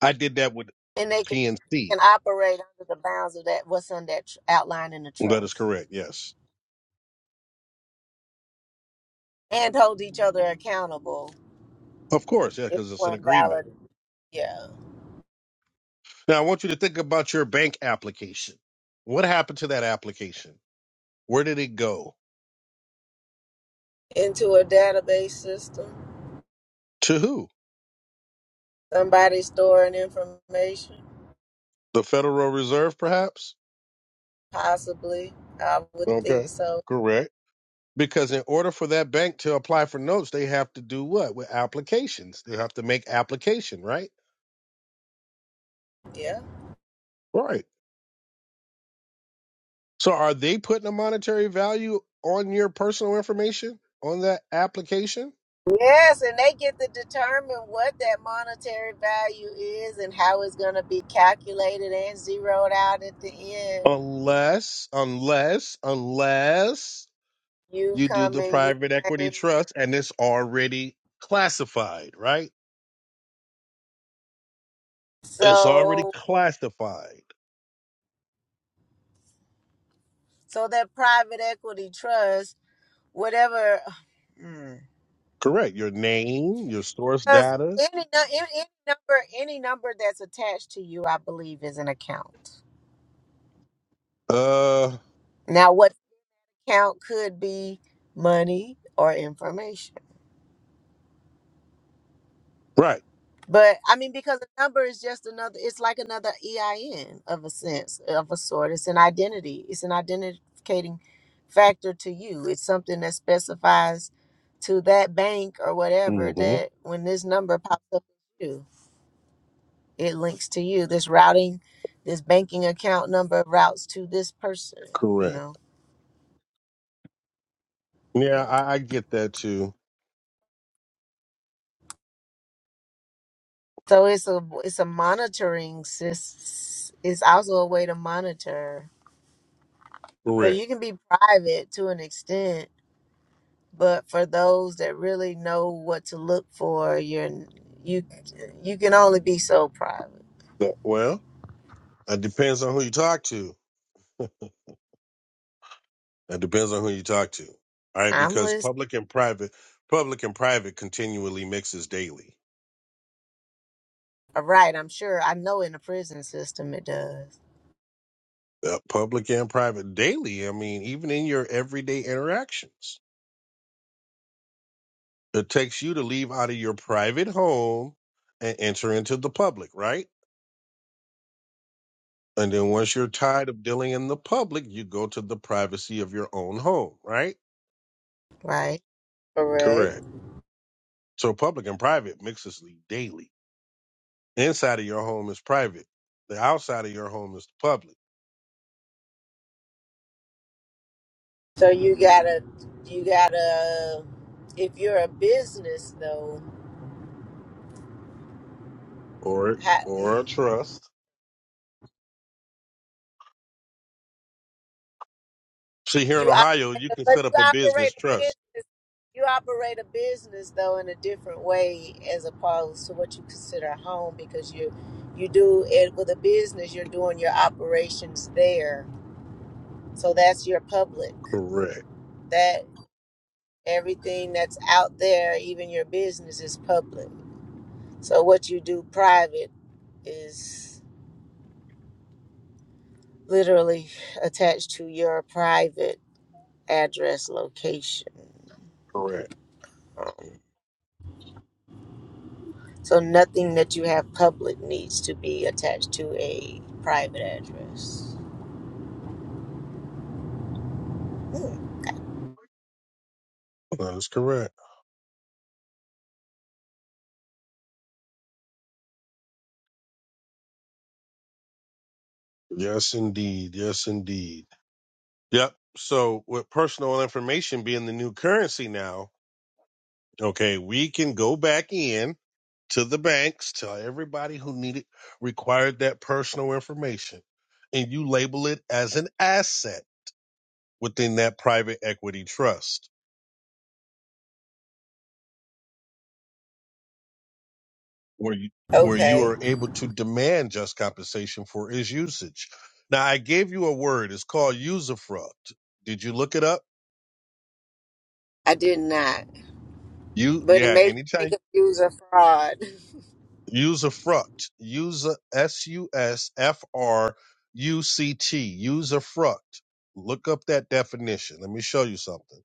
Speaker 1: I did that with
Speaker 3: And they can they
Speaker 1: PNC.
Speaker 3: can operate under the bounds of that what's on that tr- outline in the
Speaker 1: That is
Speaker 3: trust
Speaker 1: correct. Yes.
Speaker 3: and hold each other accountable
Speaker 1: Of course. Yeah.
Speaker 3: It
Speaker 1: Cause it's an
Speaker 3: weren't
Speaker 1: agreement.
Speaker 3: valid. Yeah.
Speaker 1: Now I want you to think about your bank application. What happened to that application? Where did it go?
Speaker 3: Into a database system.
Speaker 1: To who?
Speaker 3: Somebody storing information.
Speaker 1: The Federal Reserve, perhaps?
Speaker 3: Possibly. I would think
Speaker 1: Okay.
Speaker 3: so.
Speaker 1: Correct. Because in order for that bank to apply for notes, they have to do what? With applications. They have to make application, right?
Speaker 3: Yeah.
Speaker 1: Right. So are they putting a monetary value on your personal information on that application?
Speaker 3: Yes, and they get to determine what that monetary value is and how it's going to be calculated and zeroed out at the end.
Speaker 1: Unless, unless, unless
Speaker 3: You
Speaker 1: you do
Speaker 3: come
Speaker 1: the
Speaker 3: and you
Speaker 1: private equity
Speaker 3: claim.
Speaker 1: trust and it's already classified, right? It's already
Speaker 3: So,
Speaker 1: classified.
Speaker 3: so that private equity trust, whatever. <sighs> hmm.
Speaker 1: Correct. Your name, your source
Speaker 3: Because
Speaker 1: data.
Speaker 3: any, nu- any any number any number that's attached to you, I believe, is an account.
Speaker 1: Uh,
Speaker 3: Now, what account could be money or information?
Speaker 1: right.
Speaker 3: But I mean, because a number is just another. It's like another EIN of a sense of a sort. It's an identity. It's an identificating factor to you. It's something that specifies to that bank or whatever
Speaker 1: Mm-hmm.
Speaker 3: that when this number pops up. it links to you. This routing, this banking account number routes to this person. You
Speaker 1: Correct.
Speaker 3: know,
Speaker 1: Yeah,
Speaker 3: yeah.
Speaker 1: I, I get that too.
Speaker 3: So it's a it's a monitoring sys. It's also a way to monitor. So
Speaker 1: Correct.
Speaker 3: you can be private to an extent, but for those that really know what to look for, you're you you can only be so private.
Speaker 1: That- Well, it depends on who you talk to That depends on who you talk to. All right,
Speaker 3: I'm
Speaker 1: because
Speaker 3: listening.
Speaker 1: public and private, public and private continually mixes daily.
Speaker 3: Right, I'm sure. I know in the prison system it does.
Speaker 1: Uh, public and private daily. I mean, even in your everyday interactions, it takes you to leave out of your private home and enter into the public, right? And then once you're tired of dealing in the public, you go to the privacy of your own home, right?
Speaker 3: Right. Correct.
Speaker 1: Correct. So public and private mixes daily. Inside of your home is private. The outside of your home is the public
Speaker 3: So you gotta, you gotta. If you're a business though,
Speaker 1: or
Speaker 3: ha
Speaker 1: or a
Speaker 3: mm,
Speaker 1: trust. See, here in
Speaker 3: you
Speaker 1: Ohio,
Speaker 3: operate,
Speaker 1: you
Speaker 3: a-
Speaker 1: can
Speaker 3: but
Speaker 1: set up
Speaker 3: you
Speaker 1: a business
Speaker 3: operate a
Speaker 1: trust.
Speaker 3: business. You operate a business though in a different way as opposed to what you consider a home because you, you do it with a business. You're doing your operations there, so that's your public.
Speaker 1: Correct.
Speaker 3: That everything that's out there, even your business, is public. So what you do private is. literally attached to your private address location.
Speaker 1: Correct.
Speaker 3: Um, so nothing that you have public needs to be attached to a private address. Hmm,
Speaker 1: That is correct. Yes, indeed. Yes, indeed. Yep. So, with personal information being the new currency now, okay, we can go back in to the banks, tell everybody who needed required that personal information, and you label it as an asset within that private equity trust. where you, where you
Speaker 3: Okay,
Speaker 1: are able to demand just compensation for its usage. Now, I gave you a word. It's called usufruct. Did you look it up?
Speaker 3: I did not,
Speaker 1: You
Speaker 3: but it
Speaker 1: yeah.
Speaker 3: made me think
Speaker 1: Anytime
Speaker 3: of user fraud. <laughs>
Speaker 1: usufruct, user s u s f r u c t usufruct. Look up that definition. Let me show you something.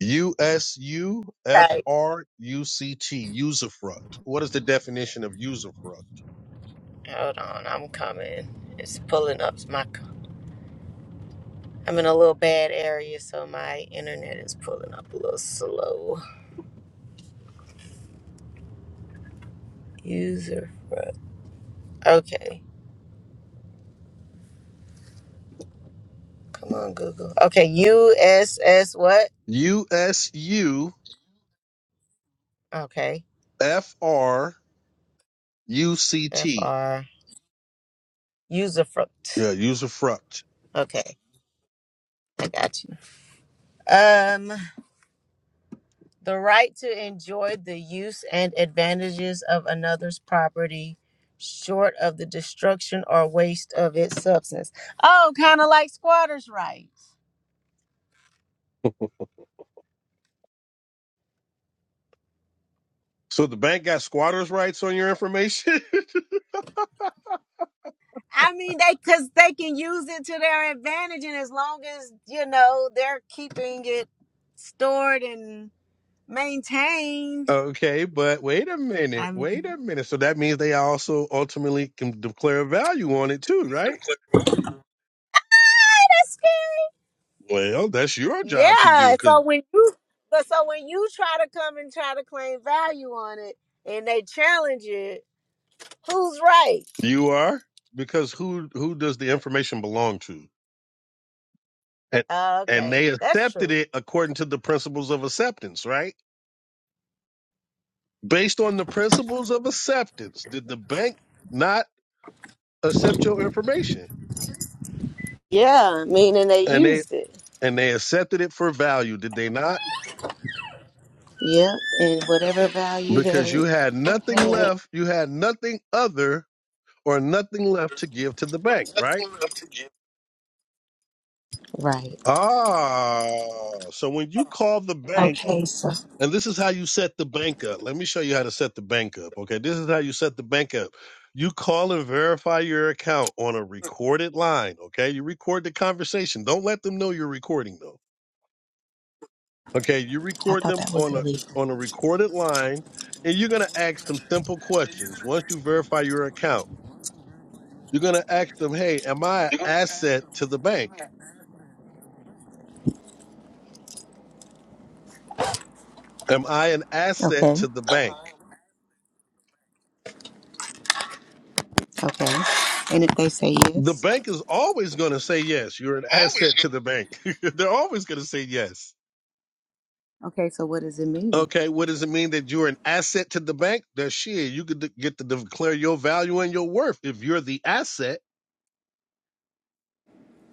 Speaker 1: U S U F
Speaker 3: Okay,
Speaker 1: R U C T usufruct. What is the definition of usufruct?
Speaker 3: hold on, I'm coming. It's pulling up my. c- I'm in a little bad area, so my internet is pulling up a little slow. User fraud. Okay. Come on, Google. Okay, USS what?
Speaker 1: U S U
Speaker 3: Okay,
Speaker 1: F R UCT.
Speaker 3: FR usufruct.
Speaker 1: Yeah, user fruct.
Speaker 3: Okay, I got you. Um, the right to enjoy the use and advantages of another's property, short of the destruction or waste of its substance. Oh, kind of like squatters' rights.
Speaker 1: So the bank got squatters' rights on your information.
Speaker 3: I mean, they because they can use it to their advantage, and as long as you know they're keeping it stored and
Speaker 1: <laughs>
Speaker 3: maintained.
Speaker 1: okay, but wait a minute,
Speaker 3: I
Speaker 1: wait
Speaker 3: mean.
Speaker 1: a minute. So that means they also ultimately can declare value on it too, right? Well, that's your job to do
Speaker 3: Yeah.
Speaker 1: because
Speaker 3: So when you but so when you try to come and try to claim value on it and they challenge it, who's right?
Speaker 1: you are because who who does the information belong to? And
Speaker 3: Oh,
Speaker 1: and
Speaker 3: okay.
Speaker 1: they
Speaker 3: That's
Speaker 1: accepted
Speaker 3: true.
Speaker 1: it according to the principles of acceptance, right? Based on the principles of acceptance, did the bank not accept your information?
Speaker 3: Yeah, meaning they
Speaker 1: And they.
Speaker 3: used it.
Speaker 1: and they accepted it for value, did they not?
Speaker 3: Yeah, and whatever value that
Speaker 1: Because you
Speaker 3: it
Speaker 1: had nothing
Speaker 3: had.
Speaker 1: left, you had nothing other or nothing left to give to the bank, right?
Speaker 3: Right.
Speaker 1: Ah, so when you call the bank,
Speaker 3: Okay, so
Speaker 1: and this is how you set the bank up. Let me show you how to set the bank up. Okay, this is how you set the bank up. You call and verify your account on a recorded line. Okay, you record the conversation. Don't let them know you're recording though Okay, you
Speaker 3: I
Speaker 1: record
Speaker 3: thought
Speaker 1: them
Speaker 3: that was
Speaker 1: on a
Speaker 3: illegal.
Speaker 1: on a recorded line, and you're gonna ask some simple questions. Once you verify your account, you're gonna ask them, "Hey, am I an asset to the bank? Am I an asset
Speaker 3: Okay,
Speaker 1: to the bank?"
Speaker 3: okay. And if they say
Speaker 1: The
Speaker 3: yes,
Speaker 1: bank is always gonna say yes. You're an asset to the bank. <laughs> They're always gonna say yes.
Speaker 3: okay, so what does it mean?
Speaker 1: Okay, what does it mean that you're an asset to the bank? That shit, you could de- get to declare your value and your worth if you're the asset.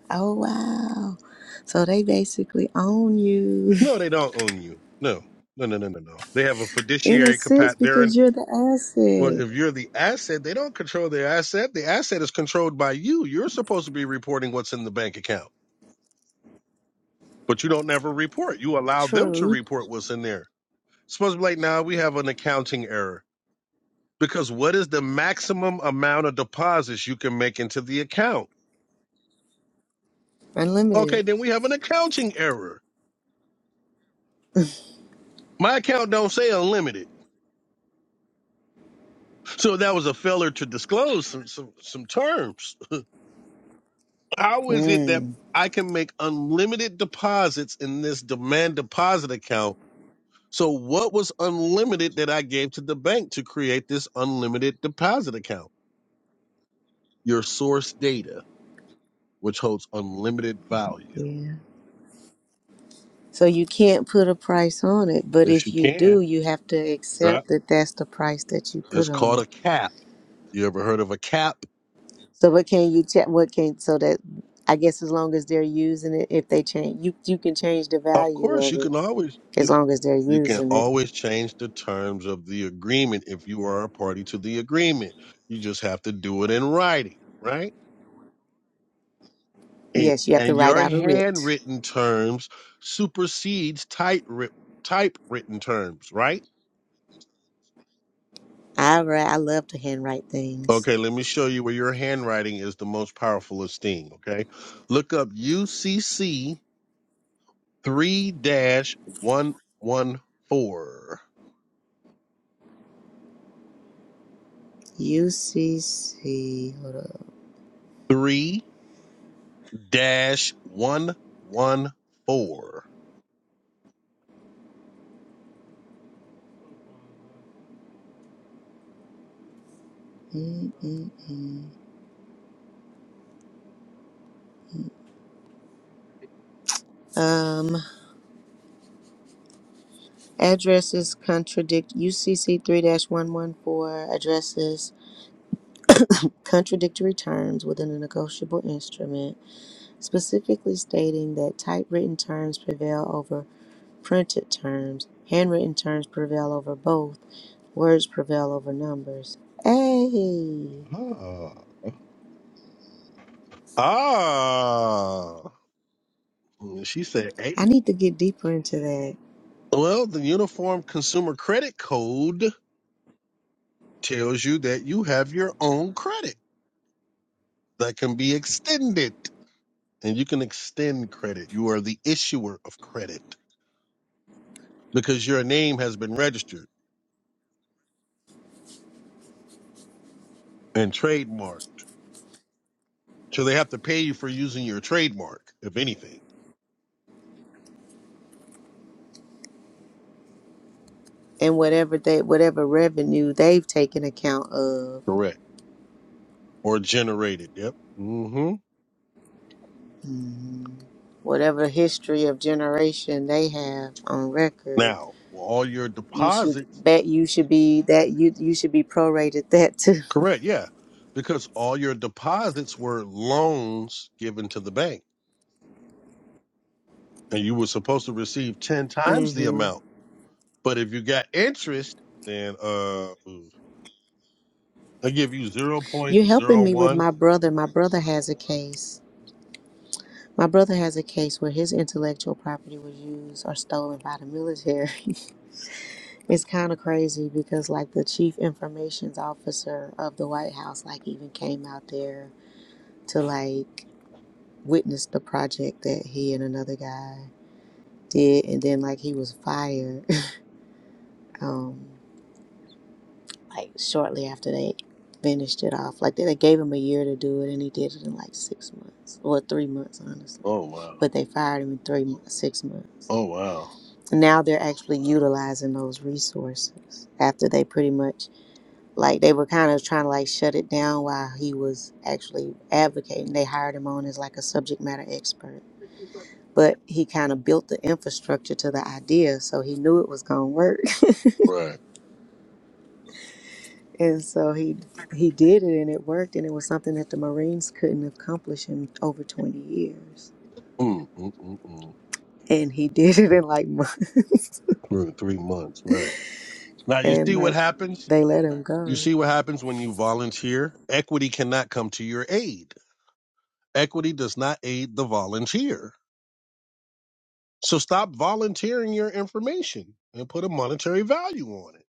Speaker 3: Oh, wow. So they basically own you. <laughs>
Speaker 1: No, they don't own you. No, no, no, no, no, no. They have a
Speaker 3: In a
Speaker 1: fiduciary
Speaker 3: sense,
Speaker 1: capacity.
Speaker 3: because you're the
Speaker 1: Well,
Speaker 3: asset.
Speaker 1: if you're the asset, they don't control the asset. The asset is controlled by you. You're supposed to be reporting what's in the bank account, but you don't never report. You allow them to
Speaker 3: True.
Speaker 1: report what's in there. It's Supposed to be like now we have an accounting error because what is the maximum amount of deposits you can make into the account?
Speaker 3: Unlimited.
Speaker 1: Okay, then we have an accounting error. My account don't say unlimited, so that was a failure to disclose some some, some terms. How is it that
Speaker 3: Mm.
Speaker 1: I can make unlimited deposits in this demand deposit account? So what was unlimited that I gave to the bank to create this unlimited deposit account? Your source data, which holds unlimited value.
Speaker 3: Yeah. So you can't put a price on it, but
Speaker 1: Yes,
Speaker 3: if
Speaker 1: you
Speaker 3: you
Speaker 1: can.
Speaker 3: do, you have to
Speaker 1: Right.
Speaker 3: accept that that's the price that you put
Speaker 1: It's
Speaker 3: on
Speaker 1: called
Speaker 3: it.
Speaker 1: a cap. You ever heard of a cap?
Speaker 3: So what can you check? What can so that I guess as long as they're using it, if they change, you you can change the
Speaker 1: Of
Speaker 3: value
Speaker 1: course,
Speaker 3: of
Speaker 1: you
Speaker 3: it
Speaker 1: can always
Speaker 3: as
Speaker 1: you
Speaker 3: long as they're
Speaker 1: you can
Speaker 3: using it.
Speaker 1: always change the terms of the agreement if you are a party to the agreement. You just have to do it in writing, right? And
Speaker 3: Yes, you have to
Speaker 1: and
Speaker 3: write
Speaker 1: your
Speaker 3: out a writ.
Speaker 1: handwritten terms supersedes type typewritten terms, right?
Speaker 3: I write. I love to handwrite things.
Speaker 1: Okay, let me show you where your handwriting is the most powerful esteem. Okay. Look up UCC 3 dash one one four
Speaker 3: UCC. Hold up.
Speaker 1: three dash 114.
Speaker 3: Mm-mm-mm. Addresses contradict UCC 3 dash 114 addresses contradictory terms within a negotiable instrument, specifically stating that typewritten terms prevail over printed terms, handwritten terms prevail over both, words prevail over numbers. Hey,
Speaker 1: Ah, Ah. She said
Speaker 3: I
Speaker 1: eight.
Speaker 3: need to get deeper into that
Speaker 1: Well, the Uniform Consumer Credit Code tells you that you have your own credit that can be extended. And you can extend credit. You are the issuer of credit. because your name has been registered and trademarked. So they have to pay you for using your trademark, if anything.
Speaker 3: and whatever they whatever revenue they've taken account of.
Speaker 1: Correct. Or generated. Yep. hmm
Speaker 3: Mhm. Whatever history of generation they have on record
Speaker 1: Now, all your
Speaker 3: You should
Speaker 1: deposits.
Speaker 3: that you should be that you you should be prorated that too.
Speaker 1: Correct. Yeah. Because all your deposits were loans given to the bank and you were supposed to receive 10
Speaker 3: <laughs>
Speaker 1: times the
Speaker 3: hmm
Speaker 1: amount. But if you got interest, then, uh, ooh, they give you zero
Speaker 3: You're
Speaker 1: point
Speaker 3: helping
Speaker 1: zero
Speaker 3: me with
Speaker 1: 0.01.
Speaker 3: my brother. My brother has a case. My brother has a case where his intellectual property was used or stolen by the military. <laughs> it's kind of crazy because like the chief information's officer of the White House like even came out there to like witness the project that he and another guy did and then like he was fired. <laughs> Um like shortly after they finished it off. Like they, they gave him a year to do it, and he did it in like six months or three months, honestly.
Speaker 1: Oh, wow.
Speaker 3: But they fired him in three months, six months.
Speaker 1: Oh, wow.
Speaker 3: Now they're actually utilizing those resources after they pretty much like they were kind of trying to like shut it down while he was actually advocating. They hired him on as like a subject matter expert, but he kind of built the infrastructure to the idea, so he knew it was gonna work.
Speaker 1: Right.
Speaker 3: And so he he did it and it worked and it was something that the Marines couldn't accomplish in over 20 years.
Speaker 1: Mm-mm-mm-mm.
Speaker 3: And he <laughs> did it in like months
Speaker 1: we three months, right? Now
Speaker 3: <laughs>
Speaker 1: you
Speaker 3: and
Speaker 1: see what
Speaker 3: like
Speaker 1: happens.
Speaker 3: they let him
Speaker 1: You
Speaker 3: go.
Speaker 1: see what happens when you volunteer. Equity cannot come to your aid. Equity does not aid the volunteer. So stop volunteering your information and put a monetary value on it.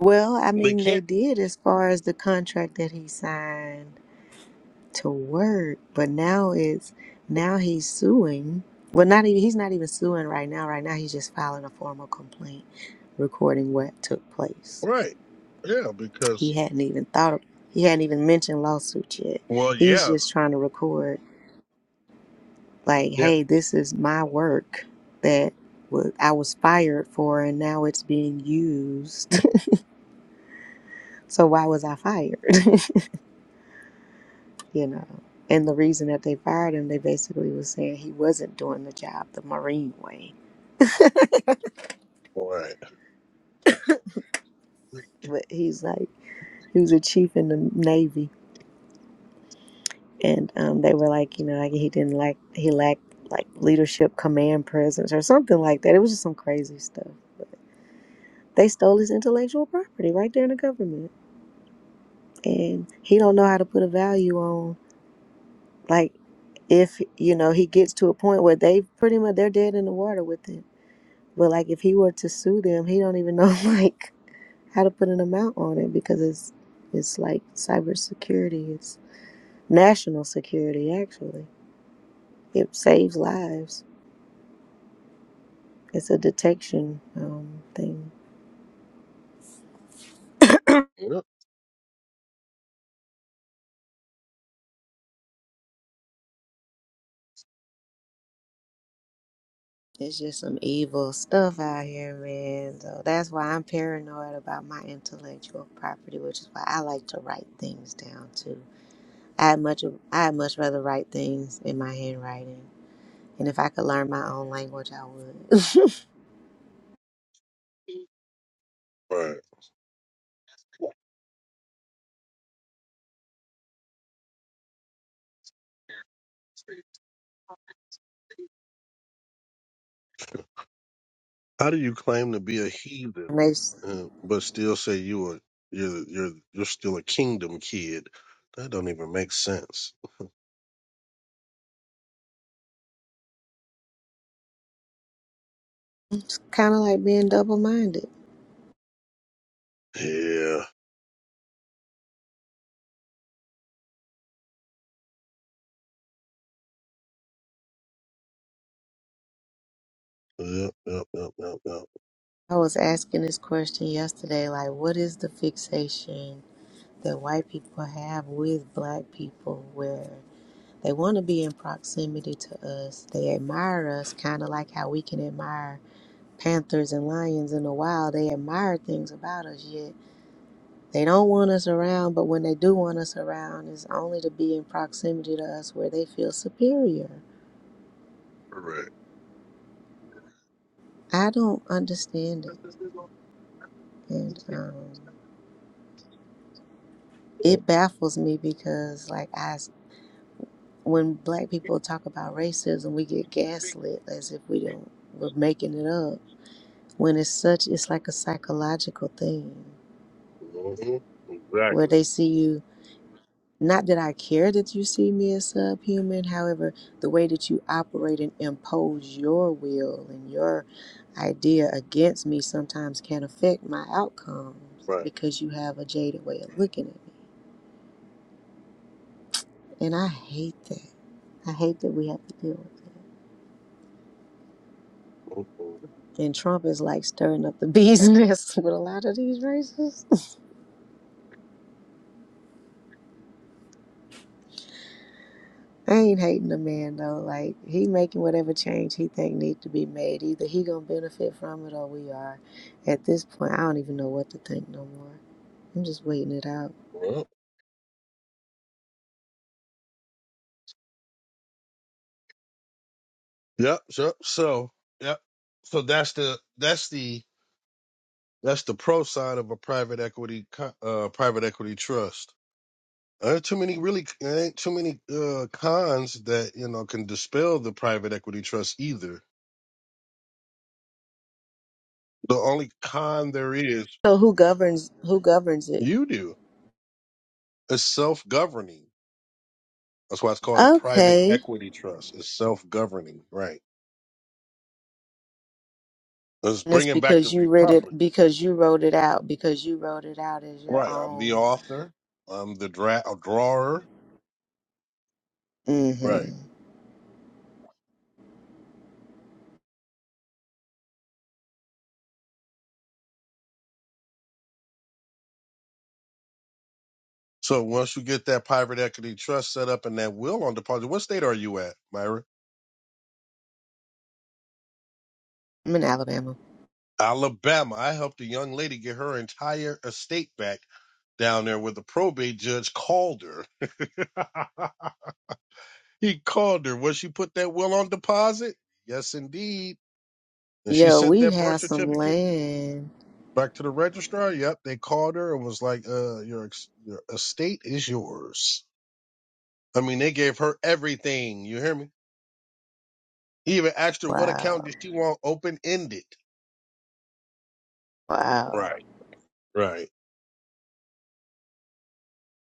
Speaker 3: Well, I
Speaker 1: They
Speaker 3: mean they
Speaker 1: can't,
Speaker 3: did as far as the contract that he signed to work, but now it's now he's suing. Well, not even he's not even suing right now. Right now he's just filing a formal complaint recording what took place.
Speaker 1: right? Yeah,
Speaker 3: He
Speaker 1: because
Speaker 3: hadn't even thought of, he hadn't even mentioned lawsuits yet.
Speaker 1: well,
Speaker 3: He's
Speaker 1: yeah,
Speaker 3: just trying to record like,
Speaker 1: yeah,
Speaker 3: hey, this is my work that wa- I was fired for and now it's being used. <laughs> so why was I fired? <laughs> you know. And the reason that they fired him, they basically was saying he wasn't doing the job the Marine way. <laughs>
Speaker 1: right,
Speaker 3: But he's like, he was a chief in the Navy and um, they were like, you know, like he didn't like he lacked like leadership, command presence, or something like that. It was just some crazy stuff. But they stole his intellectual property right there in the government, and he don't know how to put a value on like if you know he gets to a point where they pretty much they're dead in the water with it. But like if he were to sue them, he don't even know <laughs> like how to put an amount on it because it's it's like cybersecurity, it's national security actually. It saves lives It's a detection um, thing.
Speaker 1: yeah,
Speaker 3: It's just some evil stuff out here, man. So that's why I'm paranoid about my intellectual property, which is why I like to write things down too. I much I would much rather write things in my handwriting, and if I could learn my own language, I would.
Speaker 1: right. How do you claim to be a heathen,
Speaker 3: <laughs> it's
Speaker 1: uh, but still say you are you're you're you're still a kingdom kid? That don't even make sense.
Speaker 3: kind of like being double minded.
Speaker 1: Yeah. Yep, yep, yep, yep, yep.
Speaker 3: I was asking this question yesterday, like, what is the fixation that white people have with black people, where They want to be in proximity to us. They admire us, kind of like how we can admire panthers and lions in the wild. They admire things about us, yet they don't want us around. But when they do want us around, it's only to be in proximity to us where they feel superior.
Speaker 1: Correct.
Speaker 3: I don't understand it. And um,
Speaker 1: Yep.
Speaker 3: it baffles me because, like, I, s- when black people talk about racism, we get gaslit as if we don't, we're making it up. When it's such, it's like a psychological thing
Speaker 1: hmm
Speaker 3: where
Speaker 1: Exactly.
Speaker 3: they see you. Not that I care that you see me as subhuman, however, the way that you operate and impose your will and your idea against me sometimes can affect my outcomes
Speaker 1: Right.
Speaker 3: because you have a jaded way of looking at me. And I hate that. I hate that we have to deal with that.
Speaker 1: hmm
Speaker 3: And Trump is like stirring up the business <laughs> with a lot of these racists. I ain't hating the man though. Like he making whatever change he think need to be made. Either he gonna benefit from it or we are. At this point, I don't even know what to think no more. I'm just waiting it out.
Speaker 1: Yep. Yep. So, so yep. So that's the that's the that's the pro side of a private equity co- uh private equity trust. Ain't too many really ain't too many uh cons that you know can dispel the private equity trust either. The only con there is
Speaker 3: So who governs? Who governs it?
Speaker 1: you do is self governing. That's why it's called a private
Speaker 3: Okay,
Speaker 1: equity trust. It's self governing, right? It's
Speaker 3: and it's
Speaker 1: bringing back the
Speaker 3: because you read
Speaker 1: republic,
Speaker 3: it because you wrote it out because you wrote it out as your
Speaker 1: right? I'm the
Speaker 3: own.
Speaker 1: author, I'm the dra- a drawer,
Speaker 3: hmm
Speaker 1: right? So once you get that private equity trust set up and that will on deposit, what state are you at, Myra?
Speaker 3: I'm in Alabama.
Speaker 1: Alabama. I helped a young lady get her entire estate back down there where the probate judge called her. <laughs> he called her. Was she put that will on deposit? Yes, indeed. And she
Speaker 3: Yo,
Speaker 1: sent
Speaker 3: we
Speaker 1: that birth
Speaker 3: have some
Speaker 1: certificate.
Speaker 3: land.
Speaker 1: Back to the registrar. Yep, they called her and was like, "Uh, your ex- your estate is yours." I mean, they gave her everything. You hear me? He even asked her what account
Speaker 3: Wow,
Speaker 1: did she want open ended.
Speaker 3: wow.
Speaker 1: Right, right.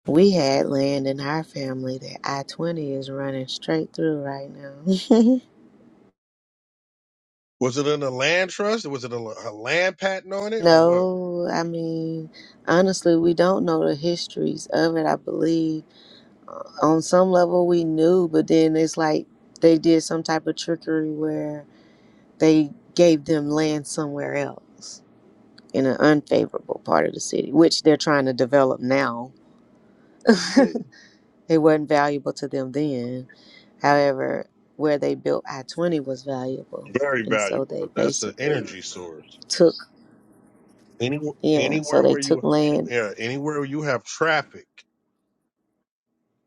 Speaker 3: We had land in our family that I 20 is running straight through right now.
Speaker 1: Was it in a land trust? Was it a, a land patent on
Speaker 3: <laughs>
Speaker 1: it, or what?
Speaker 3: no, I mean, honestly, we don't know the histories of it, I believe. Uh, On some level, we knew, but then it's like they did some type of trickery where they gave them land somewhere else in an unfavorable part of the city, which they're trying to develop now. <laughs>
Speaker 1: Mm.
Speaker 3: They weren't valuable to them then. However, where they built I 20 was valuable.
Speaker 1: Very
Speaker 3: And so
Speaker 1: valuable
Speaker 3: they
Speaker 1: because that's an
Speaker 3: basically
Speaker 1: energy source.
Speaker 3: took,
Speaker 1: Any
Speaker 3: yeah, so
Speaker 1: anywhere
Speaker 3: they
Speaker 1: where
Speaker 3: took
Speaker 1: you
Speaker 3: land.
Speaker 1: yeah anywhere where you have traffic,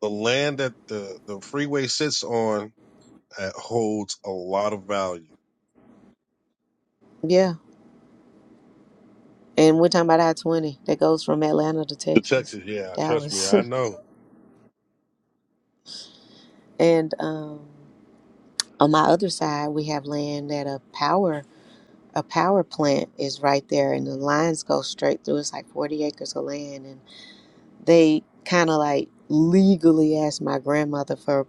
Speaker 1: the land that the the freeway sits on uh holds a lot of value.
Speaker 3: Yeah. And we're talking about I 20 that goes from Atlanta to
Speaker 1: To
Speaker 3: Texas,
Speaker 1: Texas, yeah, trust me,
Speaker 3: Dallas.
Speaker 1: I know.
Speaker 3: <laughs> and um, on my other side, we have land that a power. A power plant is right there, and the lines go straight through. It's like 40 acres of land, and they kind of like legally asked my grandmother for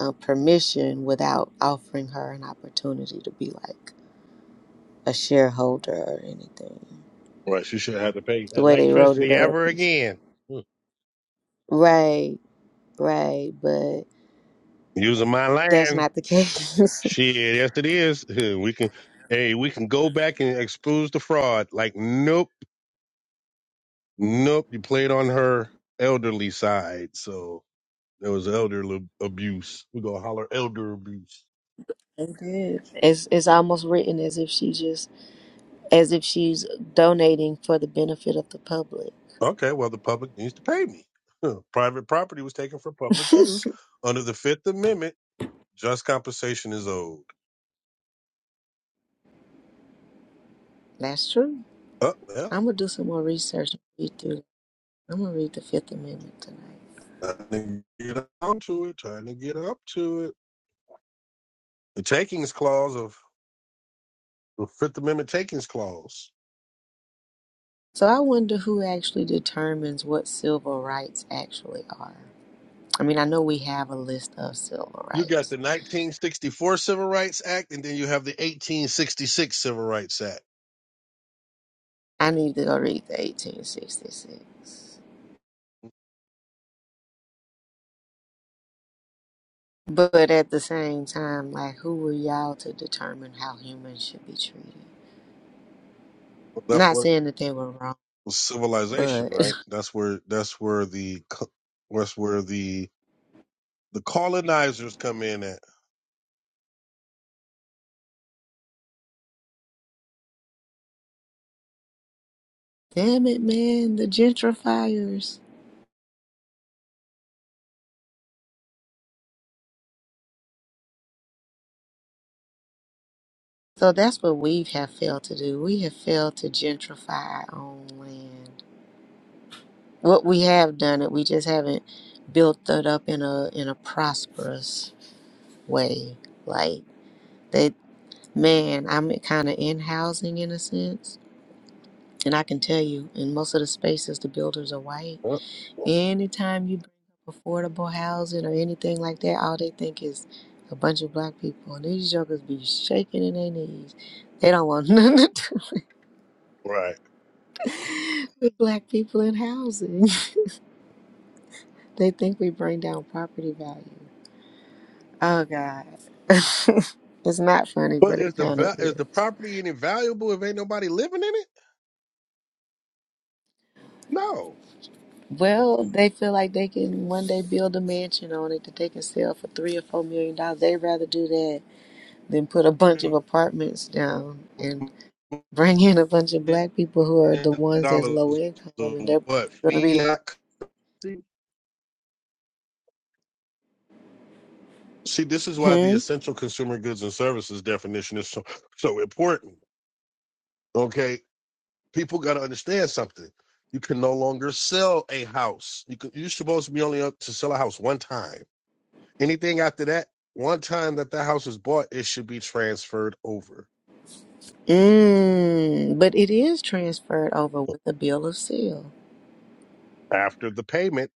Speaker 3: uh, permission without offering her an opportunity to be like a shareholder or anything.
Speaker 1: Right, she should have to pay
Speaker 3: The way they wrote it
Speaker 1: electricity
Speaker 3: up
Speaker 1: ever
Speaker 3: is
Speaker 1: again. Hmm.
Speaker 3: right, right, but
Speaker 1: Using my
Speaker 3: that's
Speaker 1: land.
Speaker 3: not the case. <laughs>
Speaker 1: Shit, yes it is. <laughs> We can hey, we can go back and expose the fraud. Like, nope, nope, you played on her elderly side, so there was elder l- abuse. We're gonna holler elder abuse.
Speaker 3: they did. It's it's almost written as if she just as if she's donating for the benefit of the public.
Speaker 1: Okay, well the public needs to pay me. <laughs> Huh. Private property was taken for public
Speaker 3: <laughs>
Speaker 1: use under the Fifth Amendment. Just compensation is owed.
Speaker 3: that's true.
Speaker 1: Oh, yeah.
Speaker 3: I'm gonna do some more research and read through. I'm gonna read the Fifth Amendment tonight.
Speaker 1: Trying to get on to it, trying to get up to it. The takings clause of the Fifth Amendment takings clause.
Speaker 3: So I wonder who actually determines what civil rights actually are. I mean, I know we have a list of civil
Speaker 1: You got
Speaker 3: rights.
Speaker 1: the 1964 Civil Rights Act, and then you have the 1866 Civil Rights Act.
Speaker 3: I need to go read the 1866. But at the same time, like, who are y'all to determine how humans should be treated?
Speaker 1: That's
Speaker 3: Not
Speaker 1: what
Speaker 3: saying that they were wrong,
Speaker 1: civilization,
Speaker 3: but
Speaker 1: right? That's where that's where the co- that's where the the colonizers come in at.
Speaker 3: <laughs> damn it, man, the gentrifiers. So that's what we have failed to do. We have failed to gentrify our own land. What we have done it, we just haven't built it up in a in a prosperous way. Like they Man, I'm kind of in housing in a sense. And I can tell you, in most of the spaces, the builders are white.
Speaker 1: Huh?
Speaker 3: Anytime you bring up affordable housing or anything like that, all they think is a bunch of black people. And these jokers be shaking in their knees. They don't want <laughs> nothing to
Speaker 1: Right.
Speaker 3: do with black people in housing. <laughs> they think we bring down property value. Oh, God. <laughs> it's not funny,
Speaker 1: But
Speaker 3: but it
Speaker 1: is the
Speaker 3: kind of
Speaker 1: va- is the
Speaker 3: is.
Speaker 1: property any valuable if ain't nobody living in it? No.
Speaker 3: Well, they feel like they can one day build a mansion on it that they can sell for three or four million dollars. They'd rather do that than put a bunch of apartments down and <laughs> bring in a bunch of black people who are the ones that's
Speaker 1: dollars
Speaker 3: low income
Speaker 1: of
Speaker 3: and they're
Speaker 1: what
Speaker 3: going to be the
Speaker 1: fiat
Speaker 3: ones.
Speaker 1: See, this is why the
Speaker 3: Hmm?
Speaker 1: essential consumer goods and services definition is so so important. Okay, people got to understand something. You can no longer sell a house. You can, you're supposed to be only up to sell a house one time. Anything after that, one time that the house is bought, it should be transferred over
Speaker 3: Mm. But it is transferred over with a bill of sale.
Speaker 1: after the payment.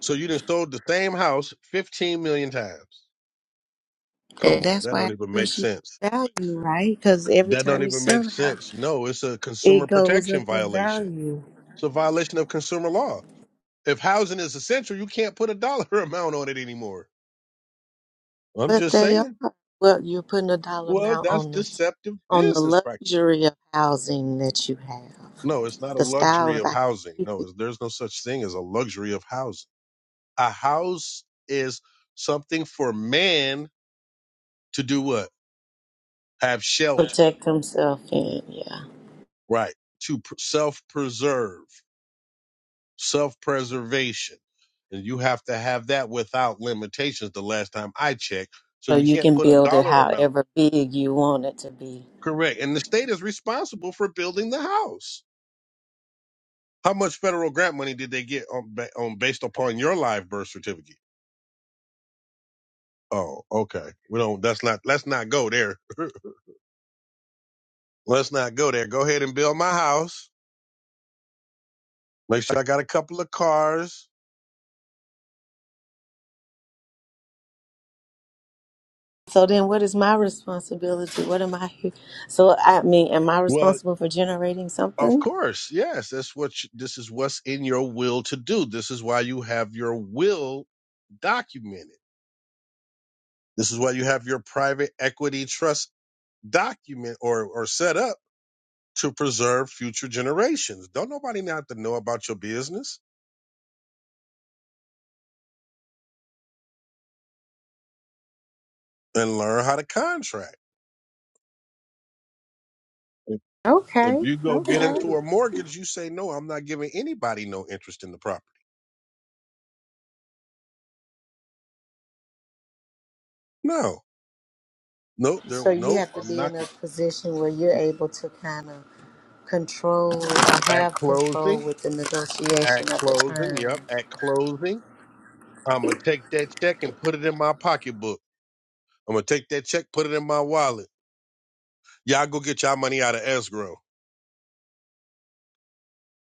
Speaker 1: So you done sold the same house 15 million times.
Speaker 3: And
Speaker 1: Come on,
Speaker 3: that's
Speaker 1: that
Speaker 3: why
Speaker 1: don't
Speaker 3: it
Speaker 1: even make
Speaker 3: appreciates
Speaker 1: sense.
Speaker 3: value, right? Because every
Speaker 1: That don't
Speaker 3: time you
Speaker 1: even make
Speaker 3: sell a house,
Speaker 1: sense. No, it's a consumer
Speaker 3: it goes
Speaker 1: protection
Speaker 3: up in
Speaker 1: violation.
Speaker 3: value.
Speaker 1: It's a violation of consumer law. If housing is essential, you can't put a dollar <laughs> amount on it anymore. I'm
Speaker 3: But
Speaker 1: just
Speaker 3: they are.
Speaker 1: saying.
Speaker 3: Well, you're putting a dollar
Speaker 1: Well,
Speaker 3: amount
Speaker 1: that's
Speaker 3: on the
Speaker 1: deceptive
Speaker 3: on the
Speaker 1: business practices.
Speaker 3: luxury of housing that you have,
Speaker 1: No, it's not a
Speaker 3: the style
Speaker 1: luxury
Speaker 3: of
Speaker 1: of
Speaker 3: I guess
Speaker 1: housing.
Speaker 3: you
Speaker 1: No,
Speaker 3: could
Speaker 1: it's- there's no such thing as a luxury of housing. A house is something for man to do what? Have shelter,
Speaker 3: protect himself in, yeah.
Speaker 1: right? To self preserve. self preservation. And you have to have that without limitations the last time I checked. So
Speaker 3: So
Speaker 1: you
Speaker 3: you
Speaker 1: can't
Speaker 3: can
Speaker 1: put a
Speaker 3: build it
Speaker 1: dollar amount.
Speaker 3: however big you want it to be.
Speaker 1: Correct. And the state is responsible for building the house. How much federal grant money did they get on, ba- on based upon your live birth certificate? Oh, okay. We don't, that's not, let's not go there. <laughs> let's not go there. Go ahead and build my house. Make sure I got a couple of cars.
Speaker 3: So then, what is my responsibility? What am I here? So I mean, am I
Speaker 1: Well,
Speaker 3: responsible for generating
Speaker 1: Of
Speaker 3: something?
Speaker 1: course, yes. That's what you, this is what's in your will to do. This is why you have your will documented. This is why you have your private equity trust document or or set up to preserve future generations. Don't nobody not to know about your business and learn how to contract. If, if
Speaker 3: Okay,
Speaker 1: you go get
Speaker 3: okay.
Speaker 1: into a mortgage, you say no. I'm not giving anybody no interest in the property. No, no, there,
Speaker 3: So you
Speaker 1: no.
Speaker 3: have to
Speaker 1: I'm
Speaker 3: be
Speaker 1: not
Speaker 3: in a position where you're able to kind of control or
Speaker 1: at
Speaker 3: have control
Speaker 1: closing.
Speaker 3: with the
Speaker 1: At
Speaker 3: negotiation of the
Speaker 1: closing,
Speaker 3: terms,
Speaker 1: yep. At closing I'm gonna take that check and put it in my pocketbook. I'm gonna take that check, put it in my wallet. Y'all go get y'all money out of escrow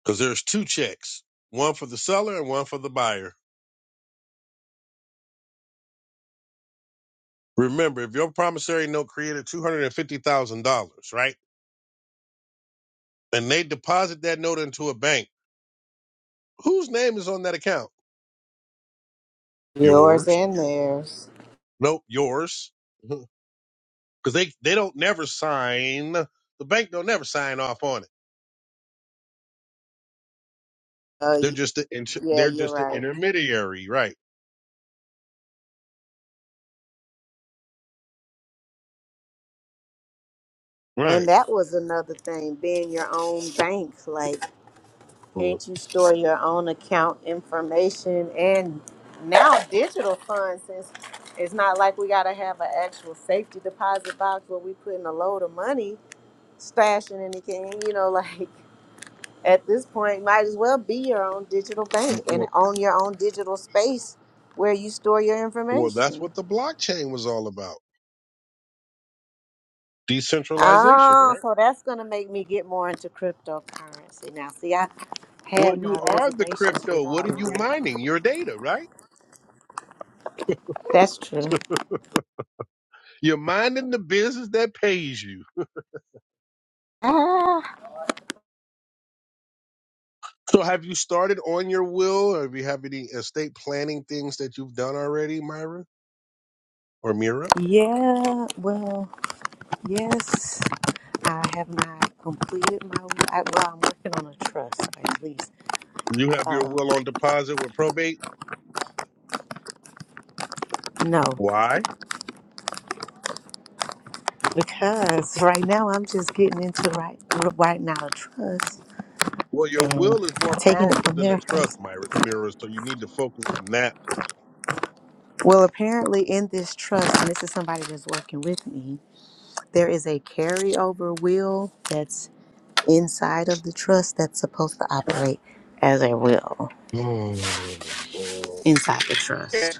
Speaker 1: because there's two checks, one for the seller and one for the buyer. Remember, if your promissory note created two hundred and fifty thousand dollars, right, and they deposit that note into a bank, whose name is on that account?
Speaker 3: yours
Speaker 1: Yours.
Speaker 3: and theirs.
Speaker 1: Nope, yours. <laughs> Because they they don't never sign. The bank don't never sign off on it.
Speaker 3: Oh,
Speaker 1: They're
Speaker 3: y-
Speaker 1: just the inter,
Speaker 3: yeah,
Speaker 1: they're
Speaker 3: you're
Speaker 1: just the
Speaker 3: right.
Speaker 1: intermediary, right?
Speaker 3: And
Speaker 1: Right.
Speaker 3: that was another thing, being your own bank. Like,
Speaker 1: Well,
Speaker 3: can't you store your own account information? And now digital funds, since it's not like we got to have an actual safety deposit box where we putting a load of money, stashing anything, you know, <laughs> like at this point might as well be your own digital bank and own your own digital space where you store your
Speaker 1: Well, that's
Speaker 3: information.
Speaker 1: what the blockchain was all about. Decentralization,
Speaker 3: Oh,
Speaker 1: right?
Speaker 3: so that's gonna make me get more into cryptocurrency. Now see I had
Speaker 1: Well,
Speaker 3: my
Speaker 1: you are the
Speaker 3: reservations with
Speaker 1: crypto.
Speaker 3: all
Speaker 1: What are you
Speaker 3: of it.
Speaker 1: mining? Your data, right?
Speaker 3: That's true.
Speaker 1: You're mining the business that pays you.
Speaker 3: Ah
Speaker 1: So have you started on your will or do you have any estate planning things that you've done already, Myra or Mira?
Speaker 3: yeah, well, yes. I have not completed my I, well, I'm working on a trust at least.
Speaker 1: You have your
Speaker 3: Um
Speaker 1: will on deposit with probate.
Speaker 3: no,
Speaker 1: Why?
Speaker 3: because right now I'm just getting into right right now a trust
Speaker 1: Well, your
Speaker 3: and
Speaker 1: will is more
Speaker 3: taking it
Speaker 1: powerful
Speaker 3: from
Speaker 1: than a
Speaker 3: there
Speaker 1: trust,
Speaker 3: first.
Speaker 1: Myra, Mira, so you need to focus on that.
Speaker 3: Well, apparently, in this trust, and this is somebody that's working with me, there is a carryover will that's inside of the trust that's supposed to operate as a will
Speaker 1: Mm.
Speaker 3: inside the trust.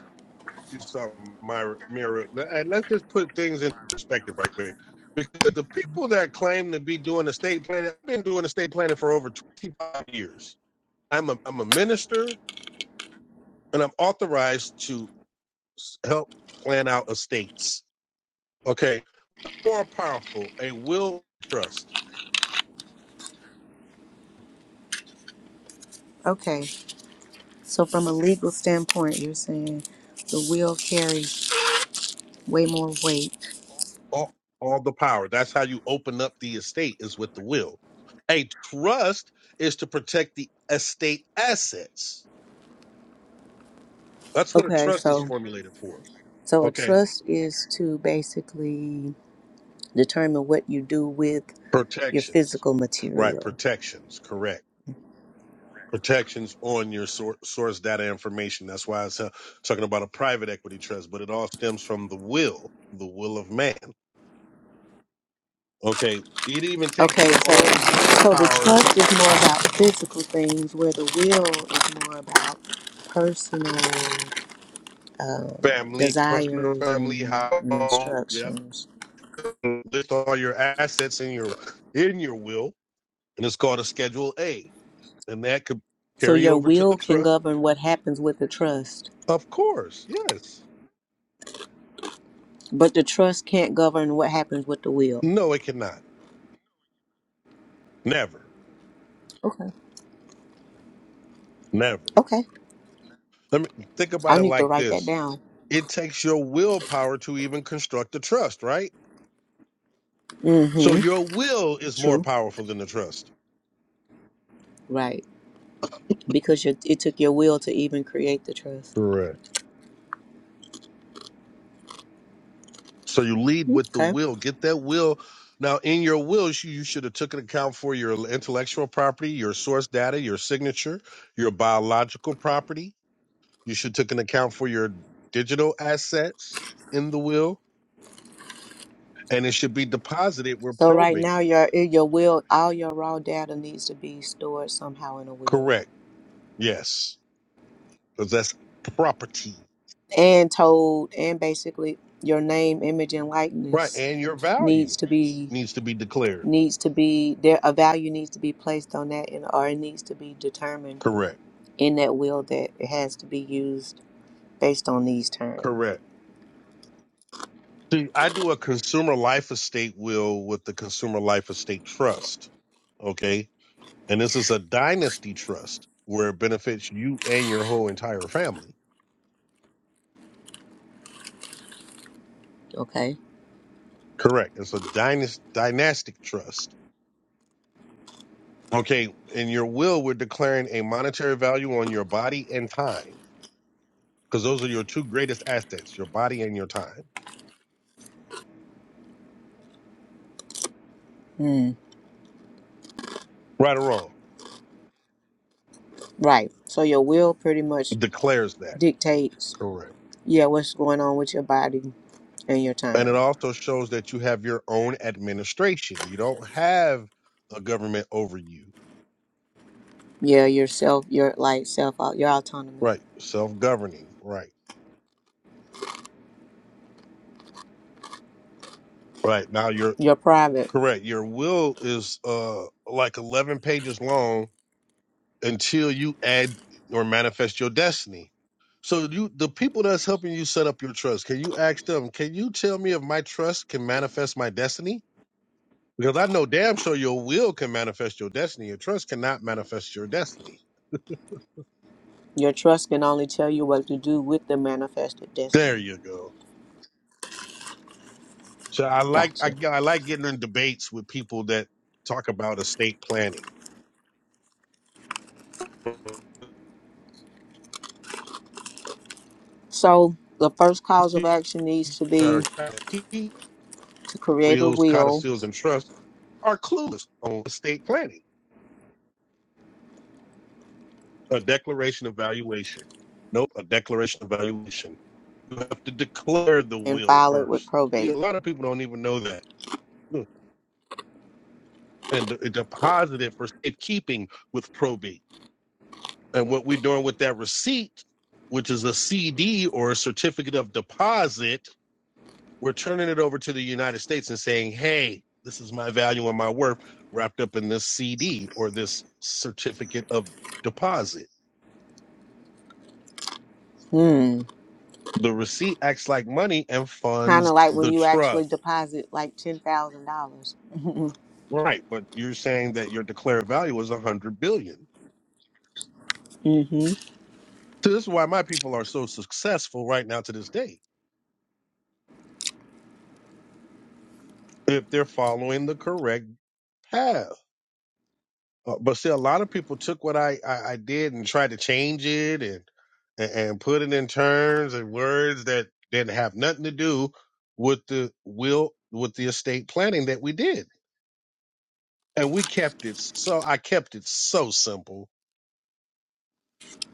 Speaker 1: you something, Myra. Mira. And let's just put things in perspective right quick. Because the people that claim to be doing estate planning, I've been doing estate planning for over 25 years. I'm a, I'm a minister and I'm authorized to help plan out estates. Okay. More powerful, a will trust,
Speaker 3: Okay, so from a legal standpoint, you're saying the will carries way more weight.
Speaker 1: all, all the power. That's how you open up the estate is with the will. A trust is to protect the estate assets. That's what a
Speaker 3: Okay,
Speaker 1: trust is
Speaker 3: so
Speaker 1: formulated for
Speaker 3: so a
Speaker 1: Okay.
Speaker 3: trust is to basically determine what you do with your
Speaker 1: Protections.
Speaker 3: physical
Speaker 1: Right.
Speaker 3: material
Speaker 1: Protections. Correct. Protections on your sor- source data information. That's why I was uh, talking about a private equity trust, but it all stems from the will, the will of man. Okay. It even takes
Speaker 3: Okay,
Speaker 1: your
Speaker 3: so
Speaker 1: own
Speaker 3: so the
Speaker 1: willpower,
Speaker 3: trust is more about physical things, where the will is more about personal um,
Speaker 1: family, personal
Speaker 3: desires
Speaker 1: family,
Speaker 3: and, and
Speaker 1: household. Yeah.
Speaker 3: instructions.
Speaker 1: List all your assets in your in your will, and it's called a Schedule A, and that could
Speaker 3: So
Speaker 1: carry
Speaker 3: your
Speaker 1: over to the
Speaker 3: will can
Speaker 1: trust.
Speaker 3: govern what happens with the trust,
Speaker 1: Of course. Yes.
Speaker 3: but the trust can't govern what happens with the will.
Speaker 1: No, it cannot. Never.
Speaker 3: Okay.
Speaker 1: Never.
Speaker 3: Okay.
Speaker 1: Let me think about
Speaker 3: I
Speaker 1: it
Speaker 3: need to
Speaker 1: like
Speaker 3: write that
Speaker 1: this.
Speaker 3: down.
Speaker 1: It takes your willpower to even construct the trust, right? So
Speaker 3: Mm-hmm.
Speaker 1: your will is more
Speaker 3: True.
Speaker 1: powerful than the trust.
Speaker 3: Right. Because your, it took your will to even create the trust.
Speaker 1: Correct. So you lead with the
Speaker 3: Okay.
Speaker 1: will. Get that will. Now, in your will, you you should have took an account for your intellectual property, your source data, your signature, your biological property. You should took an account for your digital assets in the will, and it should be deposited with
Speaker 3: So right
Speaker 1: probate.
Speaker 3: now, your in your will, all your raw data needs to be stored somehow in a will
Speaker 1: Correct. Yes, because that's property.
Speaker 3: and told, and basically your name, image, and
Speaker 1: Right.
Speaker 3: likeness
Speaker 1: And your
Speaker 3: needs
Speaker 1: value
Speaker 3: to be
Speaker 1: needs to be declared.
Speaker 3: needs to be there. A value needs to be placed on that, and or it needs to be determined
Speaker 1: Correct.
Speaker 3: in that will that it has to be used based on these terms.
Speaker 1: Correct. See, I do a consumer life estate will with the consumer life estate trust. Okay. And this is a dynasty trust where it benefits you and your whole entire family.
Speaker 3: Okay.
Speaker 1: Correct. It's a dynast- dynastic trust. Okay. In your will, we're declaring a monetary value on your body and time because those are your two greatest assets, your body and your time.
Speaker 3: Mm.
Speaker 1: Right or wrong?
Speaker 3: Right. So your will pretty much
Speaker 1: Declares that.
Speaker 3: dictates,
Speaker 1: Correct.
Speaker 3: yeah, what's going on with your body and your
Speaker 1: And it
Speaker 3: time.
Speaker 1: also shows that you have your own administration. You don't have a government over you.
Speaker 3: Yeah, yourself, your like self, au- you're autonomous.
Speaker 1: Right. Self governing. Right. Right. Now you're
Speaker 3: You're private.
Speaker 1: correct. Your will is uh like eleven pages long until you add or manifest your destiny. So you the people that's helping you set up your trust, can you ask them, can you tell me if my trust can manifest my destiny? Because I know damn sure your will can manifest your destiny. Your trust cannot manifest your destiny.
Speaker 3: Your trust can only tell you what to do with the manifested
Speaker 1: There
Speaker 3: destiny.
Speaker 1: you go. So I like I,
Speaker 3: Gotcha.
Speaker 1: I like getting in debates with people that talk about estate planning.
Speaker 3: So the first cause of
Speaker 1: That
Speaker 3: action needs to be
Speaker 1: are
Speaker 3: to create a
Speaker 1: Wills, codicils,
Speaker 3: will
Speaker 1: seals, and trusts are clueless on estate planning. A declaration of valuation. Nope, a declaration of valuation. You have to declare the
Speaker 3: and
Speaker 1: will
Speaker 3: file it with
Speaker 1: first. See,
Speaker 3: probate.
Speaker 1: a lot of people don't even know that. Hmm. And de- deposit it for safekeeping with probate. And what we're doing with that receipt, which is a CD or a certificate of deposit, we're turning it over to the United States and saying, hey, this is my value and my worth wrapped up in this CD or this certificate of deposit.
Speaker 3: Hmm.
Speaker 1: The receipt acts like money and
Speaker 3: Kind of
Speaker 1: funds
Speaker 3: like when
Speaker 1: the
Speaker 3: you actually
Speaker 1: trust.
Speaker 3: deposit like ten thousand dollars.
Speaker 1: Right. But you're saying that your declared value is a hundred billion. dollars.
Speaker 3: Mm-hmm.
Speaker 1: So this is why my people are so successful right now to this day, if they're following the correct path. Uh, but see, a lot of people took what I, I, I did and tried to change it and, and and put it in terms and words that didn't have nothing to do with the will with the estate planning that we did, and we kept it. So I kept it so simple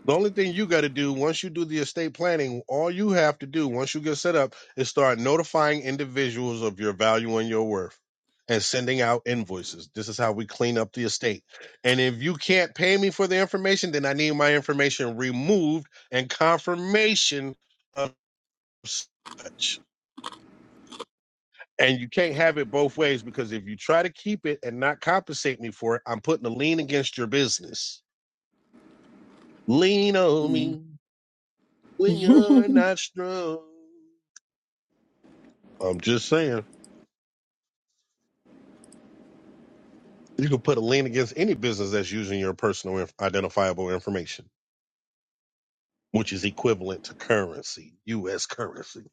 Speaker 1: The only thing you got to do once you do the estate planning, all you have to do once you get set up is start notifying individuals of your value and your worth and sending out invoices. This is how we clean up the estate. And if you can't pay me for the information, then I need my information removed and confirmation of such. And you can't have it both ways because if you try to keep it and not compensate me for it, I'm putting a lien against your business. Lean on me when you're
Speaker 3: Mm. <laughs>
Speaker 1: not strong. I'm just saying you can put a lien against any business that's using your personal inf- identifiable information, which is equivalent to currency, U.S. currency.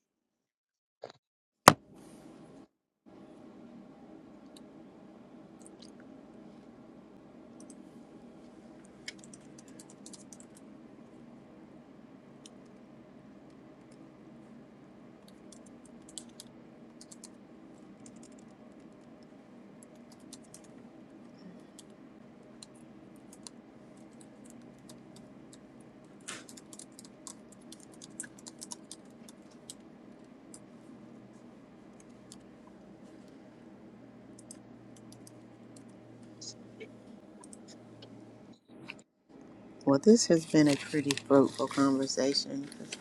Speaker 3: Well, this has been a pretty fruitful conversation. 'cause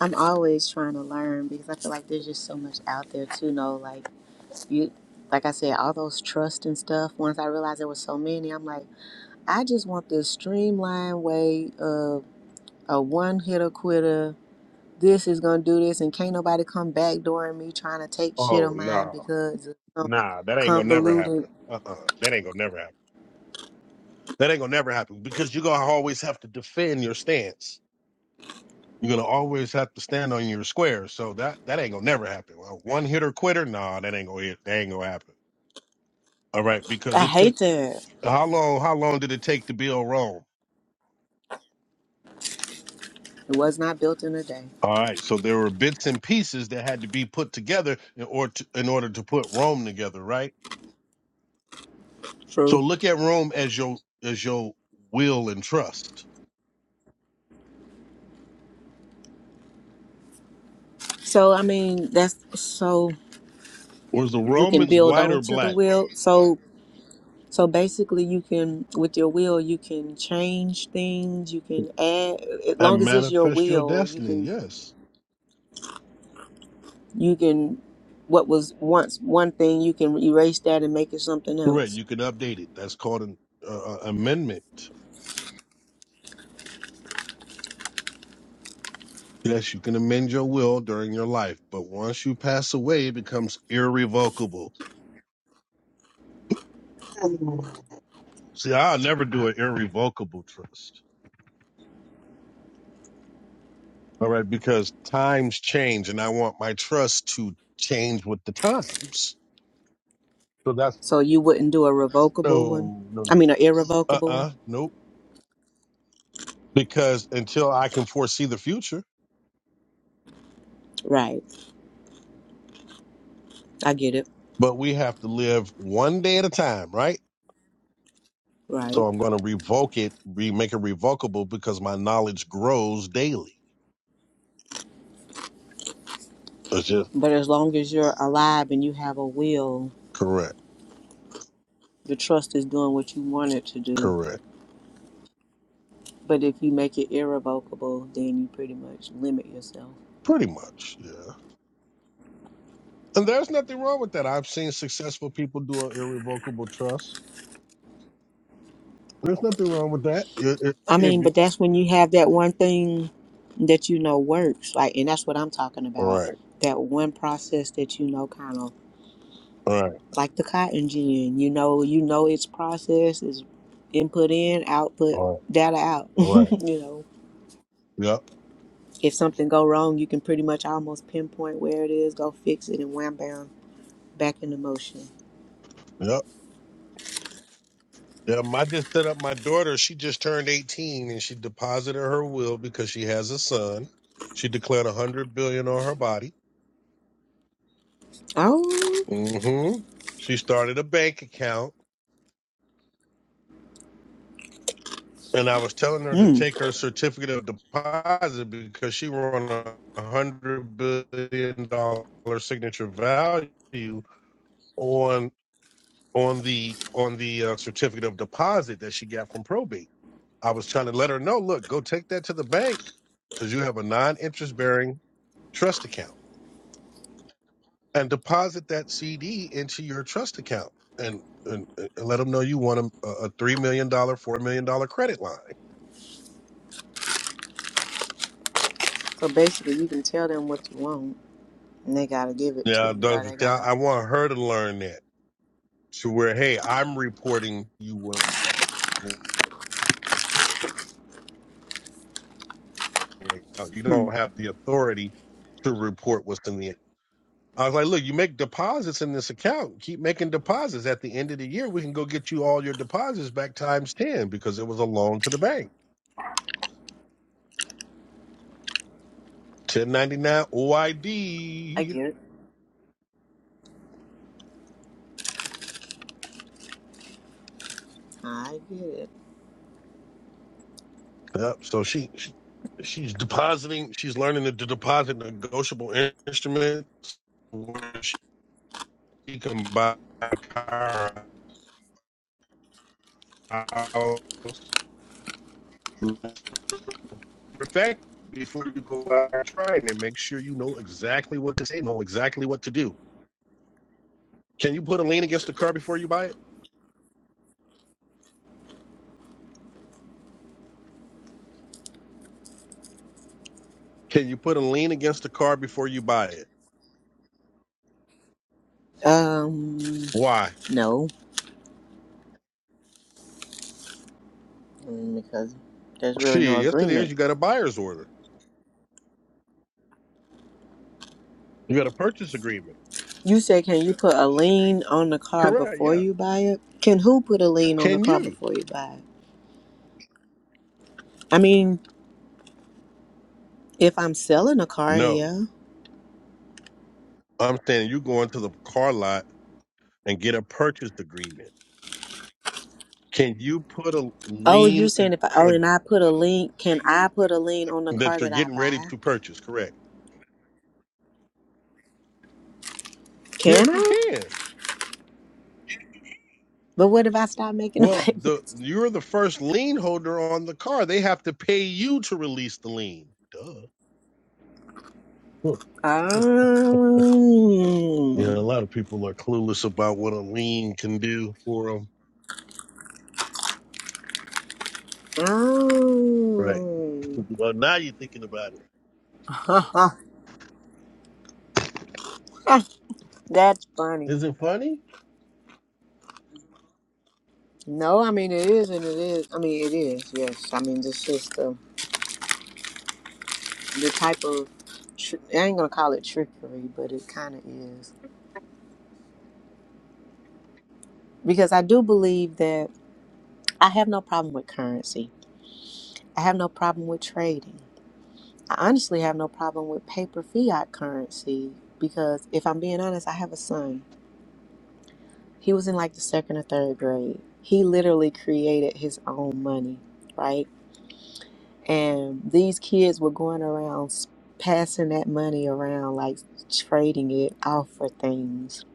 Speaker 3: I'm always trying to learn because I feel like there's just so much out there to know. Like you, like I said, all those trust and stuff. Once I realized there was so many, I'm like, I just want this streamlined way of a one hitter quitter. This is gonna do this, and can't nobody come backdooring me trying to take shit
Speaker 1: Oh
Speaker 3: of mine
Speaker 1: no,
Speaker 3: because of some
Speaker 1: nah, that ain't gonna never happen.
Speaker 3: convoluted.
Speaker 1: Uh uh that ain't gonna never happen. That ain't gonna never happen because you're gonna always have to defend your stance. You're gonna always have to stand on your square. So that that ain't gonna never happen. Well, one hitter quitter, nah, that ain't gonna that ain't gonna happen. All right, because
Speaker 3: I
Speaker 1: it took
Speaker 3: hate that.
Speaker 1: how long? How long did it take to build Rome?
Speaker 3: It was not built in a day.
Speaker 1: All right, so there were bits and pieces that had to be put together in order to, in order to put Rome together, right? So
Speaker 3: True.
Speaker 1: look at Rome as your as your will and trust.
Speaker 3: So I mean, that's so.
Speaker 1: Was the
Speaker 3: you can
Speaker 1: Romans
Speaker 3: build
Speaker 1: white or
Speaker 3: onto the
Speaker 1: black?
Speaker 3: will so so basically you can with your will you can change things you can add as long
Speaker 1: And
Speaker 3: as it's your
Speaker 1: manifest your
Speaker 3: will you
Speaker 1: destiny.
Speaker 3: can
Speaker 1: Yes,
Speaker 3: you can what was once one thing you can erase that and make it something
Speaker 1: correct.
Speaker 3: else
Speaker 1: You can update it. That's called an uh, amendment. Yes, you can amend your will during your life, but once you pass away, it becomes irrevocable. See, I'll never do an irrevocable trust. All right, because times change and I want my trust to change with the times. So that's
Speaker 3: so you wouldn't do a revocable one
Speaker 1: no, no,
Speaker 3: i
Speaker 1: no.
Speaker 3: mean an
Speaker 1: Uh
Speaker 3: irrevocable one
Speaker 1: uh nope. Because until I can foresee the future,
Speaker 3: right i get it
Speaker 1: but we have to live one day at a time, right? So
Speaker 3: right
Speaker 1: I'm going to revoke it, re- make it revocable because my knowledge grows daily. It's just
Speaker 3: but as long as you're alive and you have a will
Speaker 1: correct,
Speaker 3: the trust is doing what you want it to do
Speaker 1: correct.
Speaker 3: but if you make it irrevocable then you pretty much limit yourself
Speaker 1: Pretty much, yeah. And there's nothing wrong with that. I've seen successful people do an irrevocable trust. There's nothing wrong with that. If, if,
Speaker 3: I
Speaker 1: if
Speaker 3: mean,
Speaker 1: you,
Speaker 3: but that's when you have that one thing that you know works, like, and that's what I'm talking
Speaker 1: all
Speaker 3: about.
Speaker 1: right.
Speaker 3: That one process that you know, kind of
Speaker 1: All right.
Speaker 3: like the cotton gin. You know, you know its process is input in, output,
Speaker 1: All
Speaker 3: data out. <laughs>
Speaker 1: right. All right.
Speaker 3: you know,
Speaker 1: Yep.
Speaker 3: if something go wrong, you can pretty much almost pinpoint where it is, go fix it, and wham bam, back into motion.
Speaker 1: Yep. Yep. I just set up my daughter. She just turned 18 and she deposited her will because she has a son. She declared a hundred billion on her body.
Speaker 3: Oh,
Speaker 1: mm hmm She started a bank account. And I was telling her to
Speaker 3: hmm.
Speaker 1: take her certificate of deposit because she won a hundred billion dollar signature value on on the on the uh, certificate of deposit that she got from probate. I was trying to let her know, look, go take that to the bank because you have a non interest bearing trust account and deposit that CD into your trust account and, and, and let them know you want a, a $3 million, dollar, $4 million dollar credit line.
Speaker 3: so basically, you can tell them what you want, and they gotta give it to
Speaker 1: Yeah,
Speaker 3: you. Or
Speaker 1: Dr.
Speaker 3: they
Speaker 1: Shah,
Speaker 3: gotta.
Speaker 1: I want her to learn that to where, hey, I'm reporting you what account. You
Speaker 3: Hmm.
Speaker 1: don't have the authority to report what's in the I was like, look, you make deposits in this account. Keep making deposits. At the end of the year, we can go get you all your deposits back times 10 because it was a loan to the bank. 1099
Speaker 3: I
Speaker 1: OID.
Speaker 3: get it. I get it.
Speaker 1: Yep. So she, she she's depositing. She's learning to deposit negotiable instruments where she can buy a car, a house. Perfect. Before you go out trying it, make sure you know exactly what to say, know exactly what to do. Can you put a lien against the car before you buy it? Can you put a lien against the car before you buy it?
Speaker 3: Um,
Speaker 1: Why?
Speaker 3: no, mm, because there's really no
Speaker 1: Shit, yes it is.
Speaker 3: agreement.
Speaker 1: You got a buyer's order. You got a purchase agreement.
Speaker 3: You said, can you put a lien on the car
Speaker 1: Correct.
Speaker 3: before
Speaker 1: Yeah.
Speaker 3: you buy it? Can who put a lien on the
Speaker 1: Can
Speaker 3: car
Speaker 1: you?
Speaker 3: before you buy it? I mean, if I'm selling a car,
Speaker 1: No.
Speaker 3: yeah.
Speaker 1: I'm saying you go into the car lot and get a purchase agreement. Can you put a
Speaker 3: Oh, you're
Speaker 1: lien a,
Speaker 3: saying if I, oh,
Speaker 1: a,
Speaker 3: and I put a lien, can I put a lien on the car
Speaker 1: that you're
Speaker 3: that I
Speaker 1: getting ready
Speaker 3: buy?
Speaker 1: to purchase? Correct. Yes,
Speaker 3: Can
Speaker 1: you
Speaker 3: I?
Speaker 1: can.
Speaker 3: But what if I stop making the <laughs>
Speaker 1: Well, the
Speaker 3: payments?
Speaker 1: you're the first lien holder on the car. They have to pay you to release the lien. Duh. <laughs> Hmm, hmm.
Speaker 3: Um,
Speaker 1: Yeah, a lot of people are clueless about what a lien can do for them. Right.
Speaker 3: um.
Speaker 1: Well, now you're thinking about it.
Speaker 3: <laughs> That's funny.
Speaker 1: Is it funny?
Speaker 3: No, I mean it is, and it is. I mean it is. Yes, I mean it's just the the type of tr- I ain't gonna call it trickery, but it kind of is because I do believe that I have no problem with currency. I have no problem with trading. I honestly have no problem with paper fiat currency because if I'm being honest, I have a son. He was in like the second or third grade. He literally created his own money, right? And these kids were going around s- passing that money around, like trading it off for things.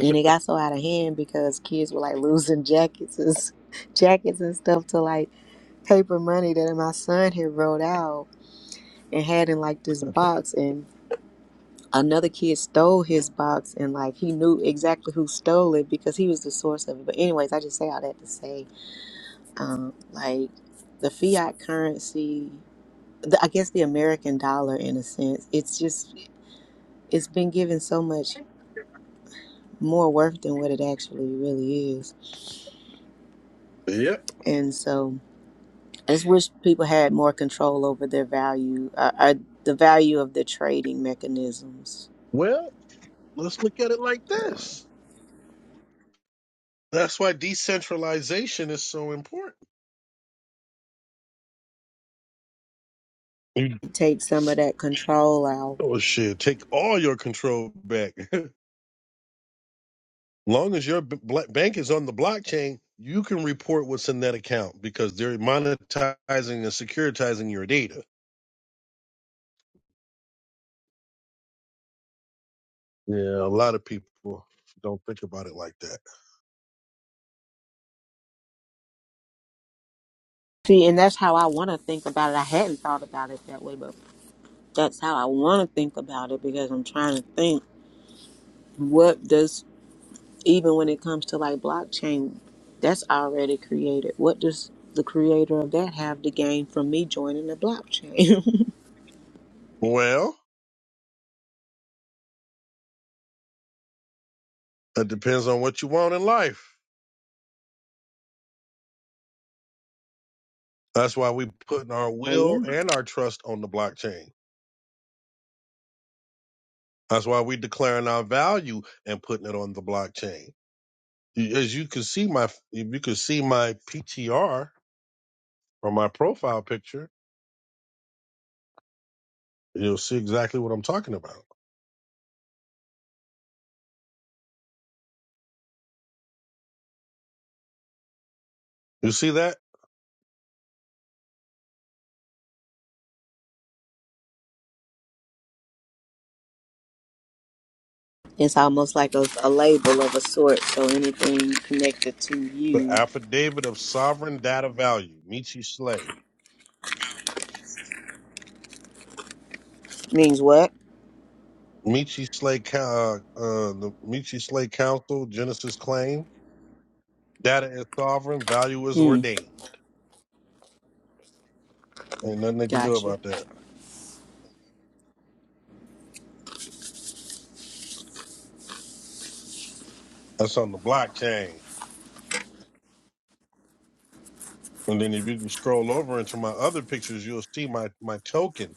Speaker 3: And it got so out of hand because kids were like <laughs> losing jackets, and s- <laughs> jackets and stuff to like paper money that my son had wrote out and had in like this box and another kid stole his box and like he knew exactly who stole it because he was the source of it but anyways i just say all that to say um like the fiat currency the, I guess the American dollar, in a sense, it's just it's been given so much more worth than what it actually really is,
Speaker 1: Yep.
Speaker 3: and so I just wish people had more control over their value, uh, uh, the value of the trading mechanisms.
Speaker 1: Well, let's look at it like this. That's why decentralization is so important. Mm.
Speaker 3: Take some of that control out.
Speaker 1: Oh shit! Take all your control back. <laughs> long as your b- bla- bank is on the blockchain, you can report what's in that account because they're monetizing and securitizing your data. Yeah, a lot of people don't think about it like that.
Speaker 3: See, and that's how I want to think about it. I hadn't thought about it that way, but that's how I want to think about it because I'm trying to think what does even when it comes to like blockchain, that's already created. What does the creator of that have to gain from me joining the blockchain?
Speaker 1: Well, it depends on what you want in life. That's why we putting our
Speaker 3: <laughs> oh
Speaker 1: will
Speaker 3: yeah,
Speaker 1: and our trust on the blockchain. That's why we declaring our value and putting it on the blockchain. as you can see my if you can see my PTR or my profile picture, you'll see exactly what I'm talking about. You see that?
Speaker 3: it's almost like a, a label of a sort. So anything connected to
Speaker 1: The
Speaker 3: you
Speaker 1: affidavit of sovereign data value, Michi Slay.
Speaker 3: means what?
Speaker 1: Michi Slay uh, uh the Michi Slay Council Genesis claim. Data is sovereign, value is
Speaker 3: Mm,
Speaker 1: ordained. Ain't nothing they can do
Speaker 3: gotcha.
Speaker 1: about that. That's on the blockchain. And then if you can scroll over into my other pictures, you'll see my my token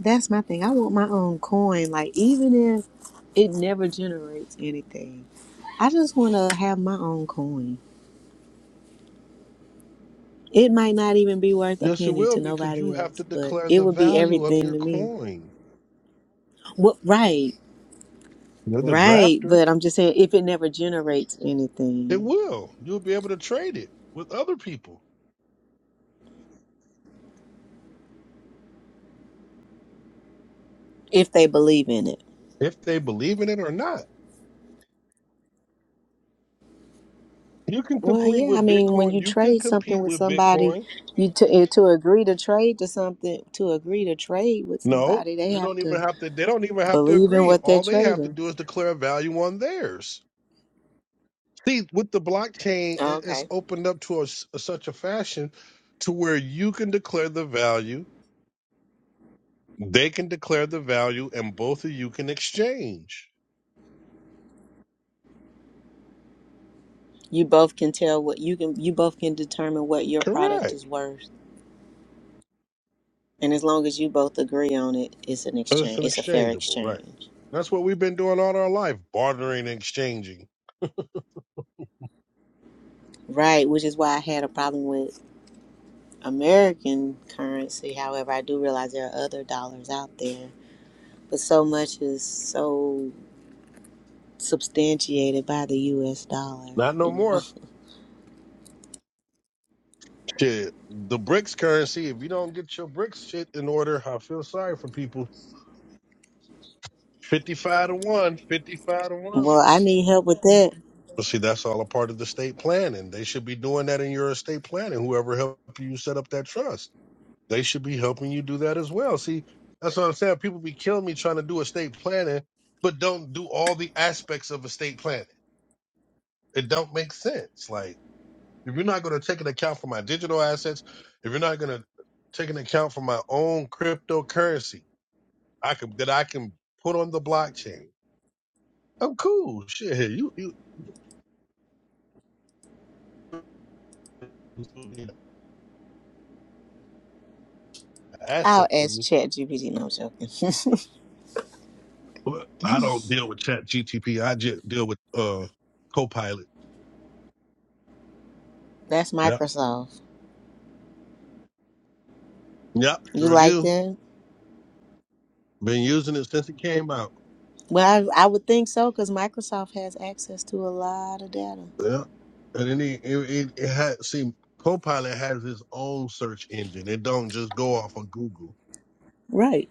Speaker 3: That's my thing. I want my own coin. Like even if it never generates anything, I just want to have my own coin. It might not even be worth a
Speaker 1: Yes, it
Speaker 3: penny
Speaker 1: will
Speaker 3: to
Speaker 1: because you
Speaker 3: nobody
Speaker 1: have to
Speaker 3: else, but
Speaker 1: declare
Speaker 3: it
Speaker 1: the
Speaker 3: would be
Speaker 1: value of
Speaker 3: everything
Speaker 1: your
Speaker 3: to me.
Speaker 1: coin.
Speaker 3: What? Right,
Speaker 1: You're the
Speaker 3: right.
Speaker 1: drafter.
Speaker 3: But I'm just saying, if it never generates
Speaker 1: It
Speaker 3: anything,
Speaker 1: will. You'll be able to trade it with other people
Speaker 3: if they believe in it.
Speaker 1: if they believe in it or not. You can
Speaker 3: Well,
Speaker 1: compete
Speaker 3: yeah. I
Speaker 1: with
Speaker 3: mean, when
Speaker 1: Bitcoin.
Speaker 3: you
Speaker 1: You can
Speaker 3: trade something
Speaker 1: compete
Speaker 3: with
Speaker 1: with
Speaker 3: somebody,
Speaker 1: Bitcoin.
Speaker 3: you to eh, to agree to trade to something, to agree to trade with
Speaker 1: No,
Speaker 3: somebody, they
Speaker 1: you
Speaker 3: have
Speaker 1: don't
Speaker 3: to
Speaker 1: even have to. They don't even have to
Speaker 3: believe in
Speaker 1: agree.
Speaker 3: what they're
Speaker 1: All they have to
Speaker 3: trading.
Speaker 1: do is declare a value on theirs. See, with the blockchain, it- it's
Speaker 3: Okay.
Speaker 1: opened up to a s such a fashion to where you can declare the value, they can declare the value, and both of you can exchange.
Speaker 3: You both can tell what you can. You both can determine what your product
Speaker 1: Correct.
Speaker 3: is worth, and as long as you both agree on it, it's an
Speaker 1: It's
Speaker 3: exchange.
Speaker 1: an
Speaker 3: It's a fair
Speaker 1: exchangeable, right?
Speaker 3: exchange.
Speaker 1: That's what we've been doing all our life, bartering and exchanging.
Speaker 3: Right, which is why I had a problem with American currency. However, I do realize there are other dollars out there, but so much is so substantiated by the U.S. dollar.
Speaker 1: Not no
Speaker 3: You know,
Speaker 1: more. Shit. The BRICS currency, if you don't get your BRICS shit in order, I feel sorry for people. 55 to 1, 55 to
Speaker 3: <laughs>
Speaker 1: 1.
Speaker 3: well, I need help with that.
Speaker 1: But see, that's all a part of the estate planning. They should be doing that in your estate planning, whoever helped you set up that trust. They should be helping you do that as well. See, that's what I'm saying. People be killing me trying to do estate planning, but don't do all the aspects of estate planning. It don't make sense. Like if you're not going to take an account for my digital assets, if you're not going to take an account for my own cryptocurrency, I can that I can put on the blockchain. I'm cool. Shit, hey, you you you need an
Speaker 3: I'll
Speaker 1: asset to
Speaker 3: ask
Speaker 1: me.
Speaker 3: ChatGPT. No, I'm joking. <laughs>
Speaker 1: But I don't deal with Chat GTP. I just deal with uh Copilot.
Speaker 3: That's
Speaker 1: Yep,
Speaker 3: Microsoft.
Speaker 1: yep,
Speaker 3: You
Speaker 1: sure
Speaker 3: like
Speaker 1: do.
Speaker 3: that?
Speaker 1: Been using it since it came out.
Speaker 3: Well, I, I would think so because Microsoft has access to a lot of data.
Speaker 1: Yeah, and then it it, it, it had see Copilot has its own search engine. It don't just go off of Google.
Speaker 3: Right.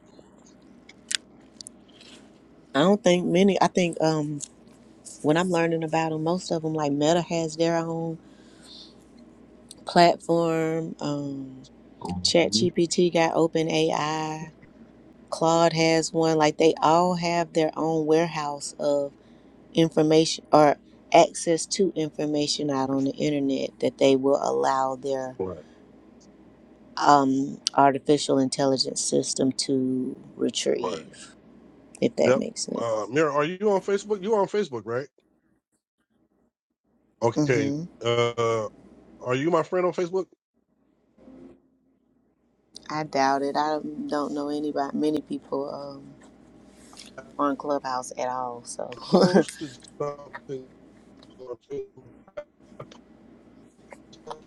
Speaker 3: I don't think many. I think um, when I'm learning about them, most of them, like Meta, has their own platform. Um,
Speaker 1: Mhm.
Speaker 3: ChatGPT got OpenAI. Claude has one. Like they all have their own warehouse of information or access to information out on the internet that they will allow their
Speaker 1: Right,
Speaker 3: um, artificial intelligence system to
Speaker 1: right.
Speaker 3: retrieve, if that
Speaker 1: Yep.
Speaker 3: makes sense.
Speaker 1: Uh, Mira, are you on Facebook? You on Facebook, right? Okay.
Speaker 3: hmm
Speaker 1: Uh, are you my friend on Facebook?
Speaker 3: I doubt it. I don't know anybody, many people um, on Clubhouse at all. So <laughs>
Speaker 1: Posted something on Facebook.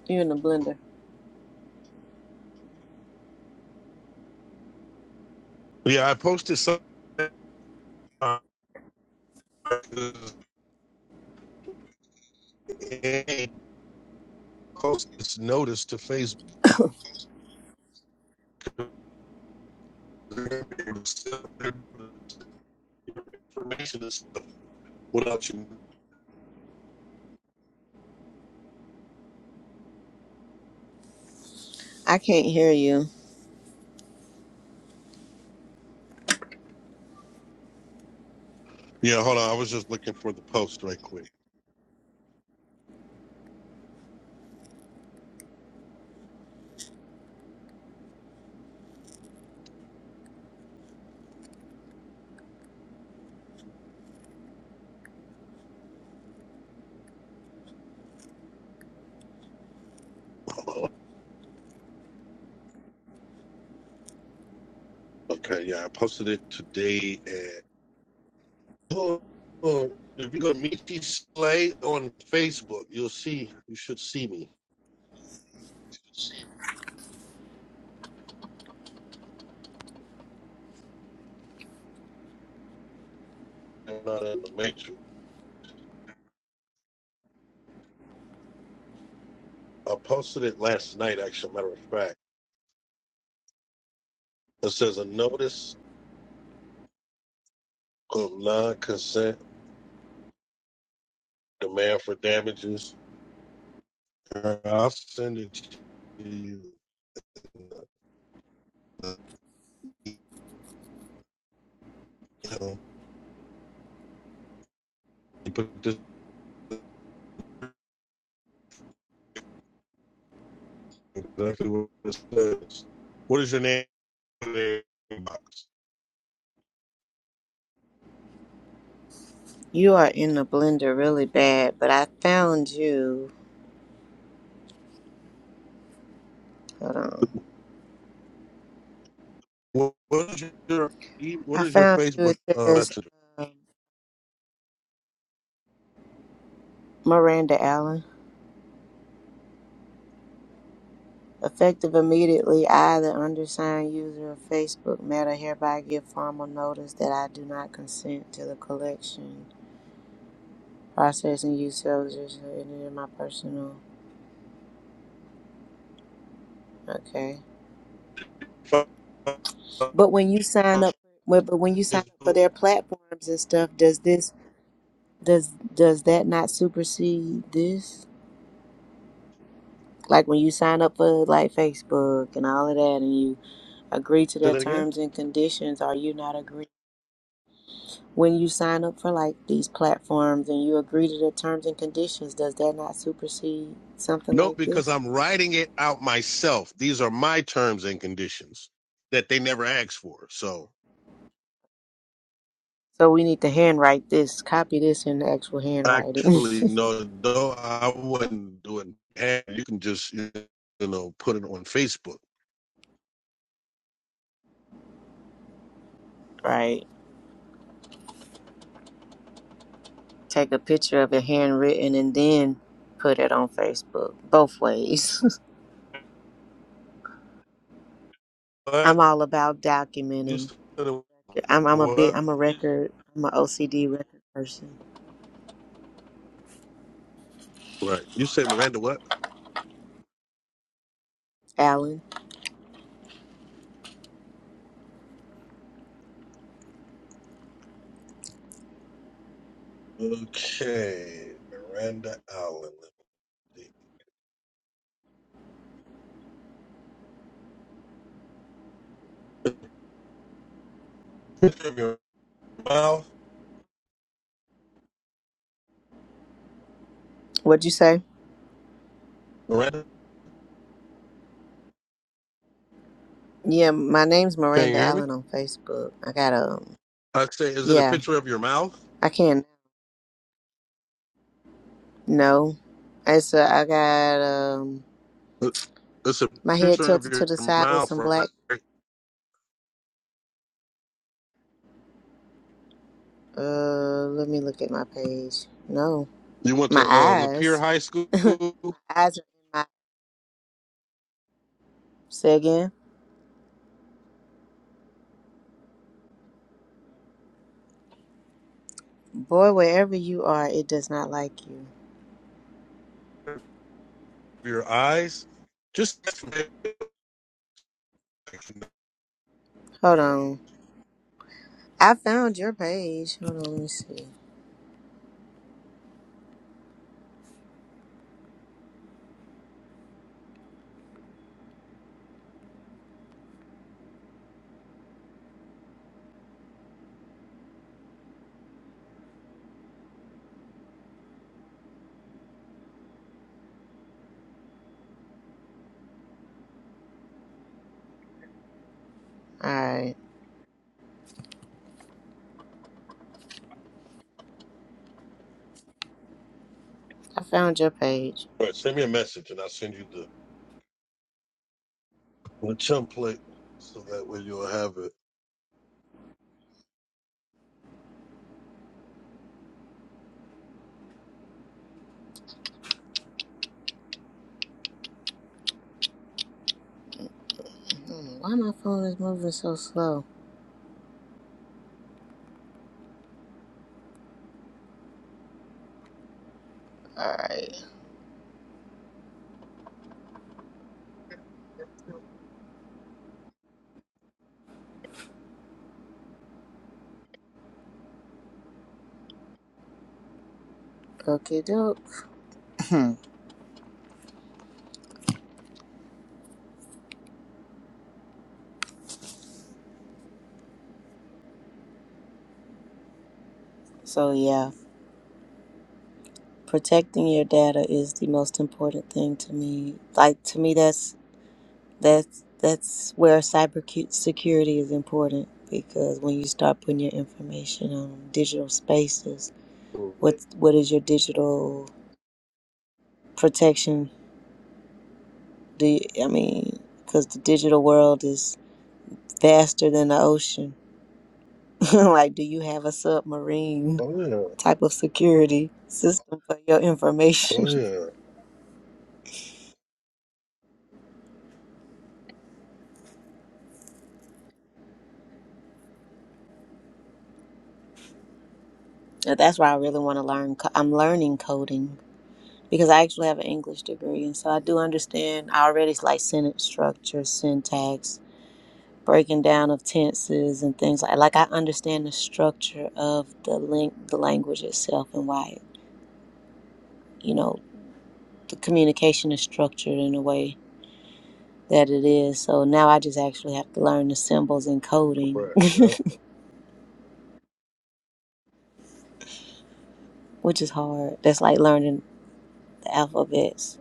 Speaker 3: you're in the blender.
Speaker 1: Yeah, I posted something. uh, And posted this notice to Facebook.
Speaker 3: <laughs>
Speaker 1: Information and stuff without you.
Speaker 3: <coughs> I can't hear you.
Speaker 1: Yeah, hold on. I was just looking for the post right quick. <laughs> Okay, yeah, I posted it today at. Oh, oh, if you go to Michi Slay on Facebook, you'll see, you should see me. I'm not in the matrix. I posted it last night, actually, matter of fact. It says a notice of non consent demand for damages. Uh, I'll send it to you. Uh, You put this exactly what it says. What is your name?
Speaker 3: You are in the blender really bad, but I found you. Hold on.
Speaker 1: what is your e- what
Speaker 3: I
Speaker 1: is your
Speaker 3: found you.
Speaker 1: Facebook
Speaker 3: It
Speaker 1: uh,
Speaker 3: says
Speaker 1: messenger?
Speaker 3: um, Miranda Allen. Effective immediately, I, the undersigned user of Facebook Meta, hereby give formal notice that I do not consent to the collection, processing, use of users of any my personal. Okay. But when you sign
Speaker 1: Say
Speaker 3: up, but but when you sign up for their platforms and stuff, does this does does that not supersede this? like when you sign up for like Facebook and all of that and you agree to their
Speaker 1: that again?
Speaker 3: terms and conditions are you not agree when you sign up for like these platforms and you agree to their terms and conditions does that not supersede something
Speaker 1: No,
Speaker 3: like
Speaker 1: because
Speaker 3: this
Speaker 1: I'm writing it out myself. These are my terms and conditions that they never asked for. So
Speaker 3: so we need to handwrite this copy this in the actual handwriting
Speaker 1: actually, no, no, I wouldn't do it. And you can just, you know, put it on Facebook.
Speaker 3: <laughs> right take a picture of it handwritten and then put it on Facebook both ways <laughs>
Speaker 1: But
Speaker 3: I'm all about
Speaker 1: You
Speaker 3: documenting
Speaker 1: said
Speaker 3: I'm I'm a bit.
Speaker 1: what?
Speaker 3: I'm a record I'm an OCD record person
Speaker 1: Right. You said Miranda what?
Speaker 3: Alan
Speaker 1: Okay. Miranda Allen. Let me see. Picture of your mouth.
Speaker 3: What'd you say?
Speaker 1: Miranda?
Speaker 3: Yeah, my name's
Speaker 1: Can you
Speaker 3: Miranda
Speaker 1: hear me?
Speaker 3: Allen on Facebook. I got um
Speaker 1: I say, is it a
Speaker 3: yeah,
Speaker 1: picture of your mouth?
Speaker 3: I can't no. It's uh, I got um
Speaker 1: It- It's a
Speaker 3: my head
Speaker 1: picture of
Speaker 3: tilted to
Speaker 1: your
Speaker 3: the side with
Speaker 1: mouth,
Speaker 3: some
Speaker 1: right?
Speaker 3: black uh let me look at my page. No.
Speaker 1: You went to
Speaker 3: My
Speaker 1: uh, Lapeer
Speaker 3: eyes.
Speaker 1: High School.
Speaker 3: <laughs> my eyes are in my say again. Boy, wherever you are, it does not like you.
Speaker 1: Your eyes. Just Right,
Speaker 3: Hold on. I found your page. Hold on, let me see. Alright. I found your page.
Speaker 1: send me a message, and I'll send you the, the template, so that way you'll have it.
Speaker 3: Hmm, Why my phone is moving so slow? Alright. Okay, doke. <clears throat> so yeah, protecting your data is the most important thing to me. Like to me, that's that's that's where cyber cu- security is important because when you start putting your information on digital spaces,
Speaker 1: Oh yeah,
Speaker 3: what what is your digital protection? Do you, I mean because the digital world is faster than the ocean. <laughs> like, do you have a submarine
Speaker 1: oh
Speaker 3: type of security system for your information?
Speaker 1: yeah,
Speaker 3: And That's why I really want to learn. co- I'm learning coding because I actually have an English degree, and so I do understand. I already like sentence structure, syntax, breaking down of tenses, and things like. Like I understand the structure of the link, the language itself, and why you know the communication is structured in a way that it is. So now I just actually have to learn the symbols in coding,
Speaker 1: right, yeah.
Speaker 3: <laughs> which is hard. That's like learning the alphabets.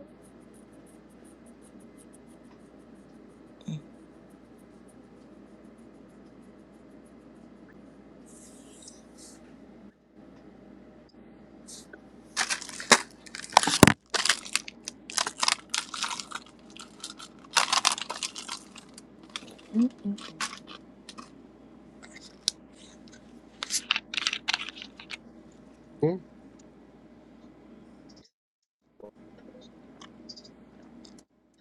Speaker 1: Hmm?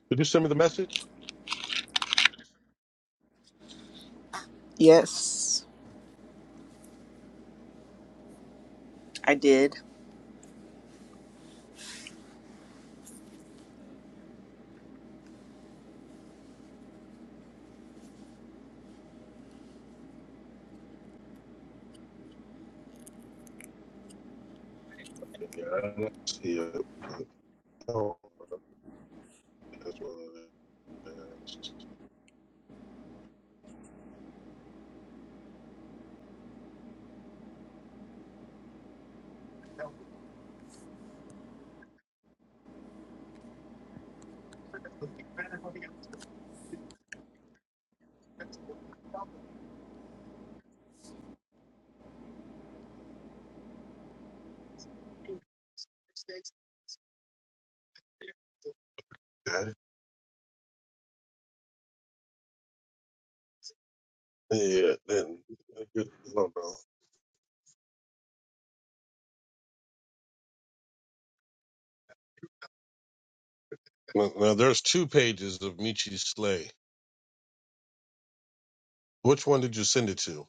Speaker 1: Did you send me the message?
Speaker 3: Yes, I did.
Speaker 1: Yeah, I see it. Oh, that's what it is. Got Yeah, then I don't know. Well, well, there's two pages of Michi's sleigh. Which one did you send it to?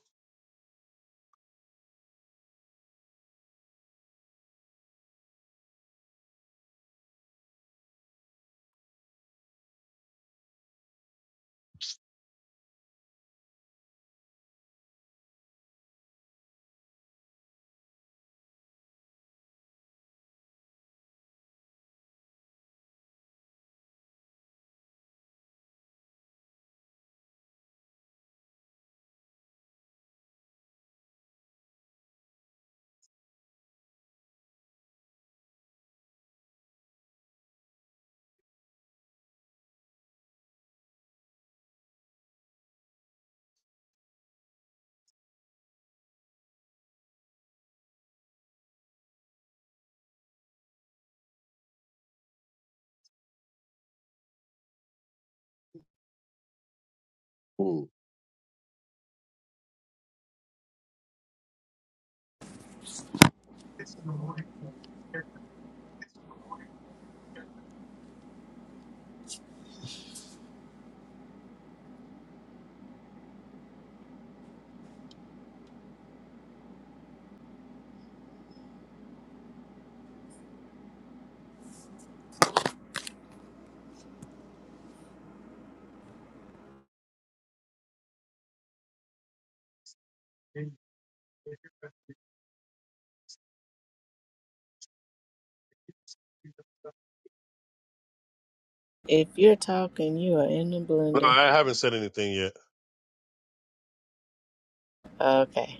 Speaker 1: Hmm.
Speaker 3: If you're talking, you are in the
Speaker 1: No,
Speaker 3: blender.
Speaker 1: I haven't said anything yet.
Speaker 3: Okay.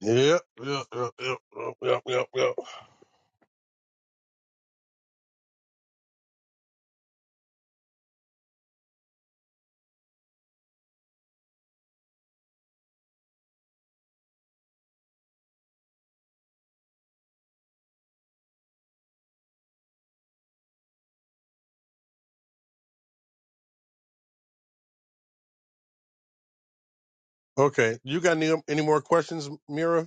Speaker 1: Yep, yep, yep, yep, yep, yep, yep. yep. Okay, you got any any more questions, Mira?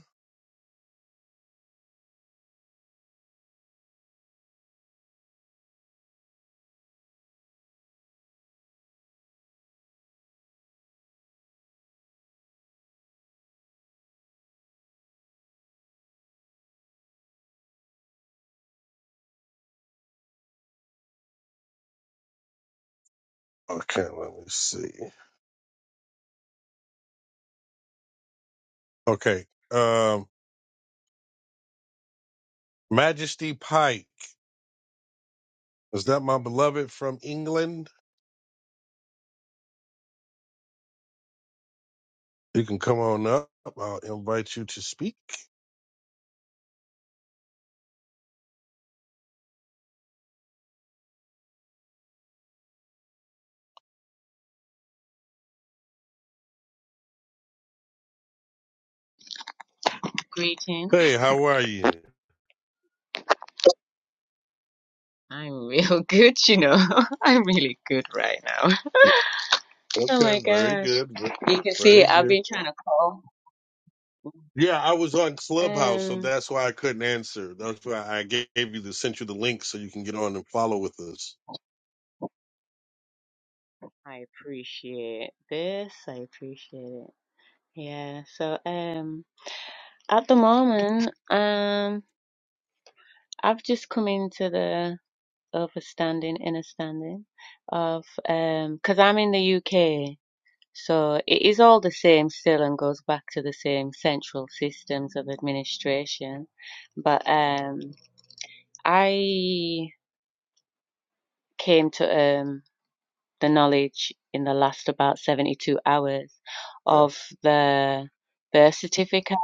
Speaker 1: Okay, let me see. Okay, um, Majesty Pike, is that my beloved from England? You can come on up. I'll invite you to speak.
Speaker 4: Greeting.
Speaker 1: Hey, how are you?
Speaker 4: I'm real <laughs> good, you know. <laughs> I'm really good right now. <laughs> Oh
Speaker 1: Okay,
Speaker 4: my
Speaker 1: very
Speaker 4: gosh.
Speaker 1: good, ve-
Speaker 4: You can see
Speaker 1: very good.
Speaker 4: I've been trying to call.
Speaker 1: Yeah, I was on Clubhouse, so
Speaker 4: Um
Speaker 1: that's why I couldn't answer. That's why I gave you the sent you the link so you can get on and follow with us.
Speaker 4: I appreciate this. I appreciate it. Yeah. So um at the moment, um I've just come into the overstanding, understanding of um because I'm in the UK. So it is all the same still and goes back to the same central systems of administration. But um, I came to um, the knowledge in the last about 72 hours
Speaker 1: Uh,
Speaker 4: of the birth certificate.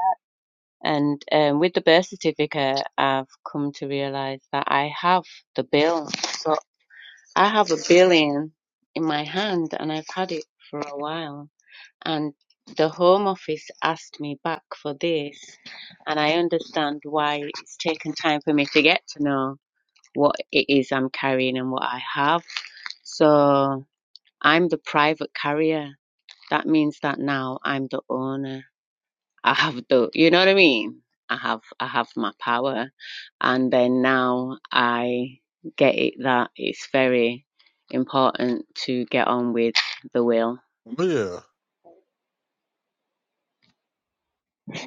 Speaker 4: And um, with the birth certificate, I've come to realize that I have the bill. So I have a billion in my hand and I've had it for a while and the Home Office asked me back for this, and I understand why it's taken time for me to get to know what it is I'm carrying and what I have. So I'm the private carrier. That means that now I'm the owner. I have the, you know what I mean? I have, I have my power, and then now I get it that it's very important to get on with the will
Speaker 1: Yeah,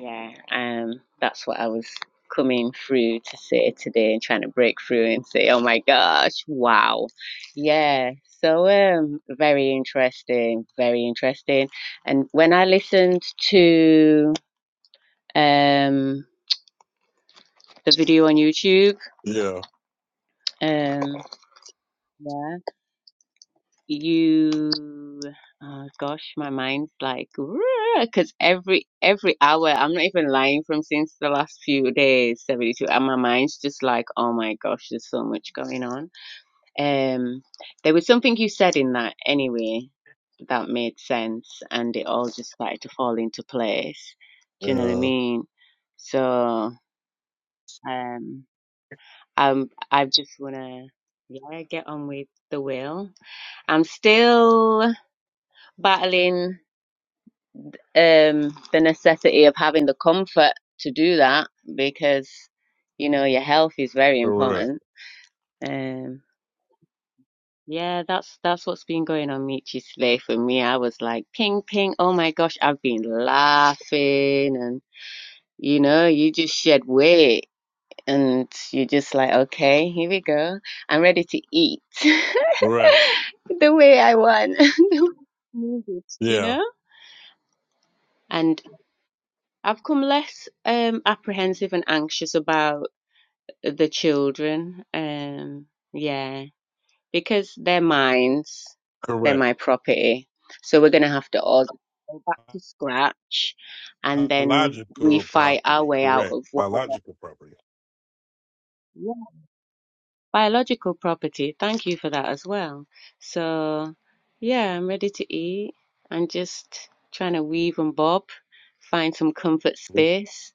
Speaker 4: Yeah, um, that's what I was coming through to say today and trying to break through and say, oh my gosh, wow. Yeah, so um, very interesting, very interesting. And when I listened to um, the video on YouTube,
Speaker 1: yeah,
Speaker 4: um, yeah. you uh, gosh my mind's like because every every hour i'm not even lying from since the last few days 72 and my mind's just like oh my gosh there's so much going on um there was something you said in that anyway that made sense and it all just started to fall into place do you know what i
Speaker 1: yeah.
Speaker 4: mean so um i'm i just wanna yeah get on with the will i'm still battling um the necessity of having the comfort to do that because you know your health is very
Speaker 1: Correct.
Speaker 4: important um yeah that's that's what's been going on Michi Slay for me I was like ping ping oh my gosh I've been laughing and you know you just shed weight and you're just like okay here we go I'm ready to eat
Speaker 1: Right.
Speaker 4: <laughs> the way I want <laughs> the way I need it, you
Speaker 1: Yeah.
Speaker 4: know And. I've come less um apprehensive and anxious about the children. Um yeah, because they're mine, they're
Speaker 1: Correct.
Speaker 4: my property. So we're gonna have to all go back to scratch and then we
Speaker 1: Biological
Speaker 4: fight our
Speaker 1: property.
Speaker 4: way out
Speaker 1: Correct.
Speaker 4: of whatever
Speaker 1: Biological property.
Speaker 4: yeah. biological property. Thank you for that as well. So yeah, I'm ready to eat. I'm just trying to weave and bob, find some comfort space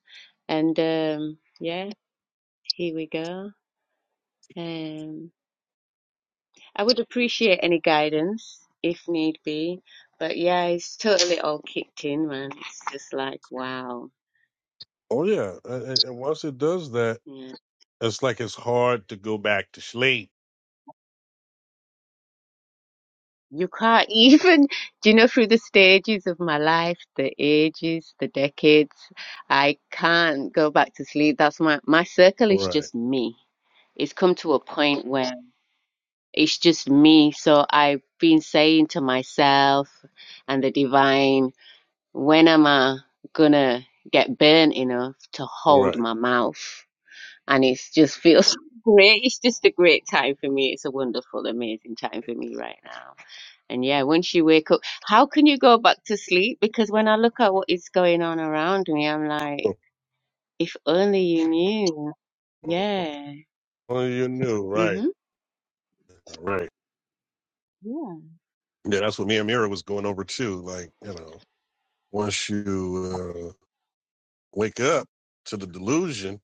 Speaker 4: and um yeah Here we go. Um, I would appreciate any guidance if need be, but yeah, it's totally all kicked in, man. It's just like, wow.
Speaker 1: Oh yeah. And, and and once it does that,
Speaker 4: Yeah.
Speaker 1: it's like it's hard to go back to sleep.
Speaker 4: You can't even, <laughs> do you know, through the stages of my life, the ages, the decades, I can't go back to sleep. That's my, my circle is
Speaker 1: Right.
Speaker 4: just me. It's come to a point where it's just me. So I've been saying to myself and the divine, when am I gonna get burnt enough to hold
Speaker 1: Right.
Speaker 4: my mouth? And it just feels <laughs> great. It's just a great time for me. It's a wonderful, amazing time for me right now. And yeah, once you wake up, how can you go back to sleep? Because when I look at what is going on around me, I'm like, if only you knew. Yeah.
Speaker 1: Oh, you knew. Right.
Speaker 4: Mhm.
Speaker 1: Right.
Speaker 4: Yeah.
Speaker 1: Yeah, that's what me and Mira was going over too. Like you know. Once you uh, wake up to the delusion,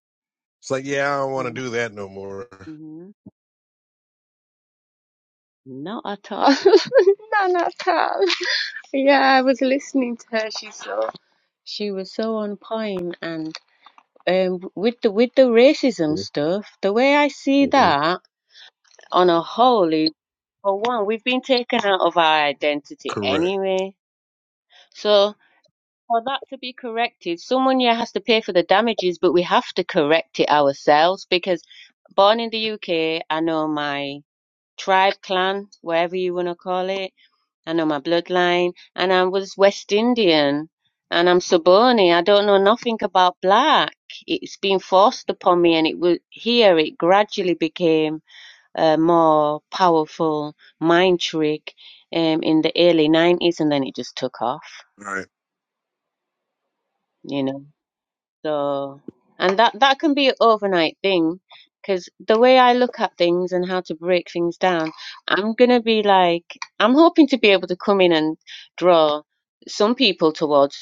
Speaker 1: it's like, yeah, I don't want to do that no more.
Speaker 4: Mm-hmm. Not at all. <laughs> Not at all. Yeah, I was listening to her. She's so she was so on point and um, with the with the racism
Speaker 1: hmm
Speaker 4: stuff, the way I see that on a whole is for one, we've been taken out of our identity
Speaker 1: Correct.
Speaker 4: anyway. So for that to be corrected, someone here has to pay for the damages, but we have to correct it ourselves because born in the UK, I know my tribe, clan, whatever you want to call it. I know my bloodline, and I was West Indian, and I'm Soboni. I don't know nothing about black. It's been forced upon me, and it was here. It gradually became a more powerful mind trick um, in the early '90s, and then it just took off.
Speaker 1: All right.
Speaker 4: You know. So, and that that can be an overnight thing because the way I look at things and how to break things down, I'm gonna be like, I'm hoping to be able to come in and draw some people towards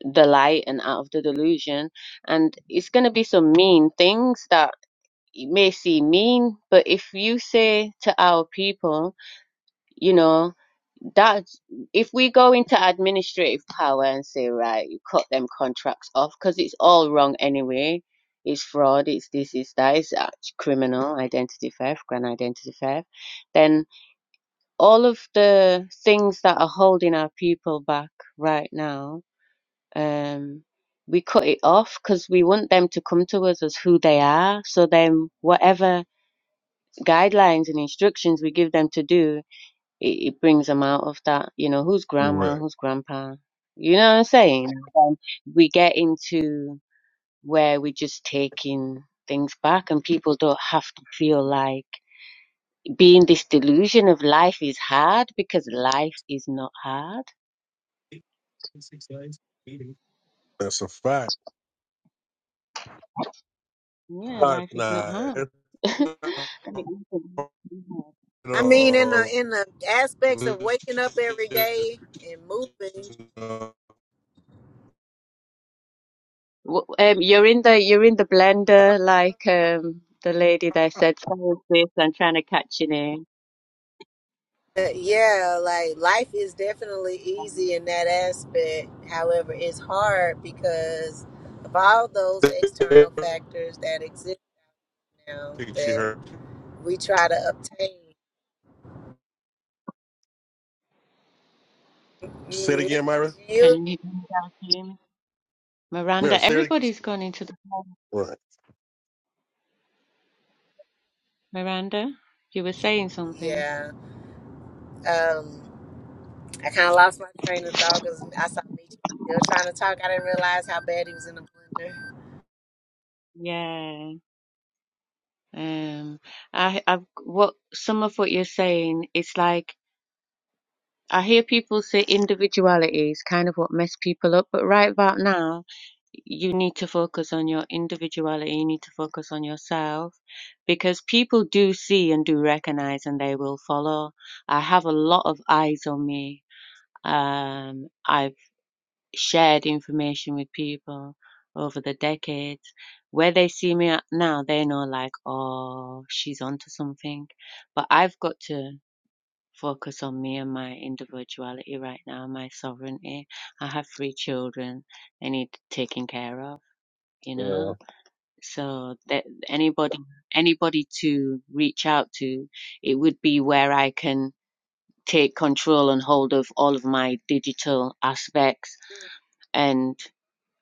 Speaker 4: the light and out of the delusion, and it's gonna be some mean things that it may seem mean, but if you say to our people, you know that if we go into administrative power and say right you cut them contracts off because it's all wrong anyway it's fraud it's this it's that it's act- criminal identity theft grand identity theft then all of the things that are holding our people back right now um we cut it off because we want them to come to us as who they are so then whatever guidelines and instructions we give them to do it, it brings them out of that, you know, who's grandma,
Speaker 1: Correct.
Speaker 4: who's grandpa. You know what I'm saying? Um, we get into where we're just taking things back and people don't have to feel like being this delusion of life is hard because life is not hard.
Speaker 1: That's a fact.
Speaker 4: Yeah,
Speaker 1: Nah, it's
Speaker 4: life
Speaker 1: <laughs>
Speaker 4: is not
Speaker 1: not.
Speaker 4: hard.
Speaker 1: It's not
Speaker 4: I mean, it isn't hard.
Speaker 1: at
Speaker 3: I mean, in the
Speaker 1: all.
Speaker 3: in the aspects of
Speaker 1: It's
Speaker 3: waking
Speaker 1: just,
Speaker 3: up every day and moving,
Speaker 1: you know,
Speaker 4: W- Um, you're in the you're in the blender like um the lady there said, sorry sis, I'm trying to catch your name.
Speaker 3: uh, yeah, like life is definitely easy in that aspect. However, it's hard because of all those
Speaker 1: I
Speaker 3: external factors that exist now
Speaker 1: think she
Speaker 3: that
Speaker 1: heard.
Speaker 3: we try to obtain.
Speaker 1: Say it
Speaker 3: Mm, Me,
Speaker 1: again, Myra.
Speaker 3: you,
Speaker 4: Can you
Speaker 1: Myra,
Speaker 4: Miranda?
Speaker 1: say it again.
Speaker 4: Everybody's gone into
Speaker 1: Right.
Speaker 4: Miranda, you were saying something.
Speaker 3: yeah. Um, I kind of lost my train of thought because I saw Michi still trying to talk. I didn't realize how bad he was in the blender.
Speaker 4: Yeah. Um, I, I've, what, some of what you're saying, it's like, I hear people say individuality is kind of what mess people up, but right about now, you need to focus on your individuality, you need to focus on yourself, because people do see and do recognize and they will follow. I have a lot of eyes on me. Um, I. shared information with people over the decades. Where they see me at now, they know like, oh, she's onto something. But I've got to focus on me and my individuality right now, my sovereignty. I have three children I need taken care of, you
Speaker 1: Yeah.
Speaker 4: know? So that anybody anybody to reach out to, it would be where I can take control and hold of all of my digital aspects and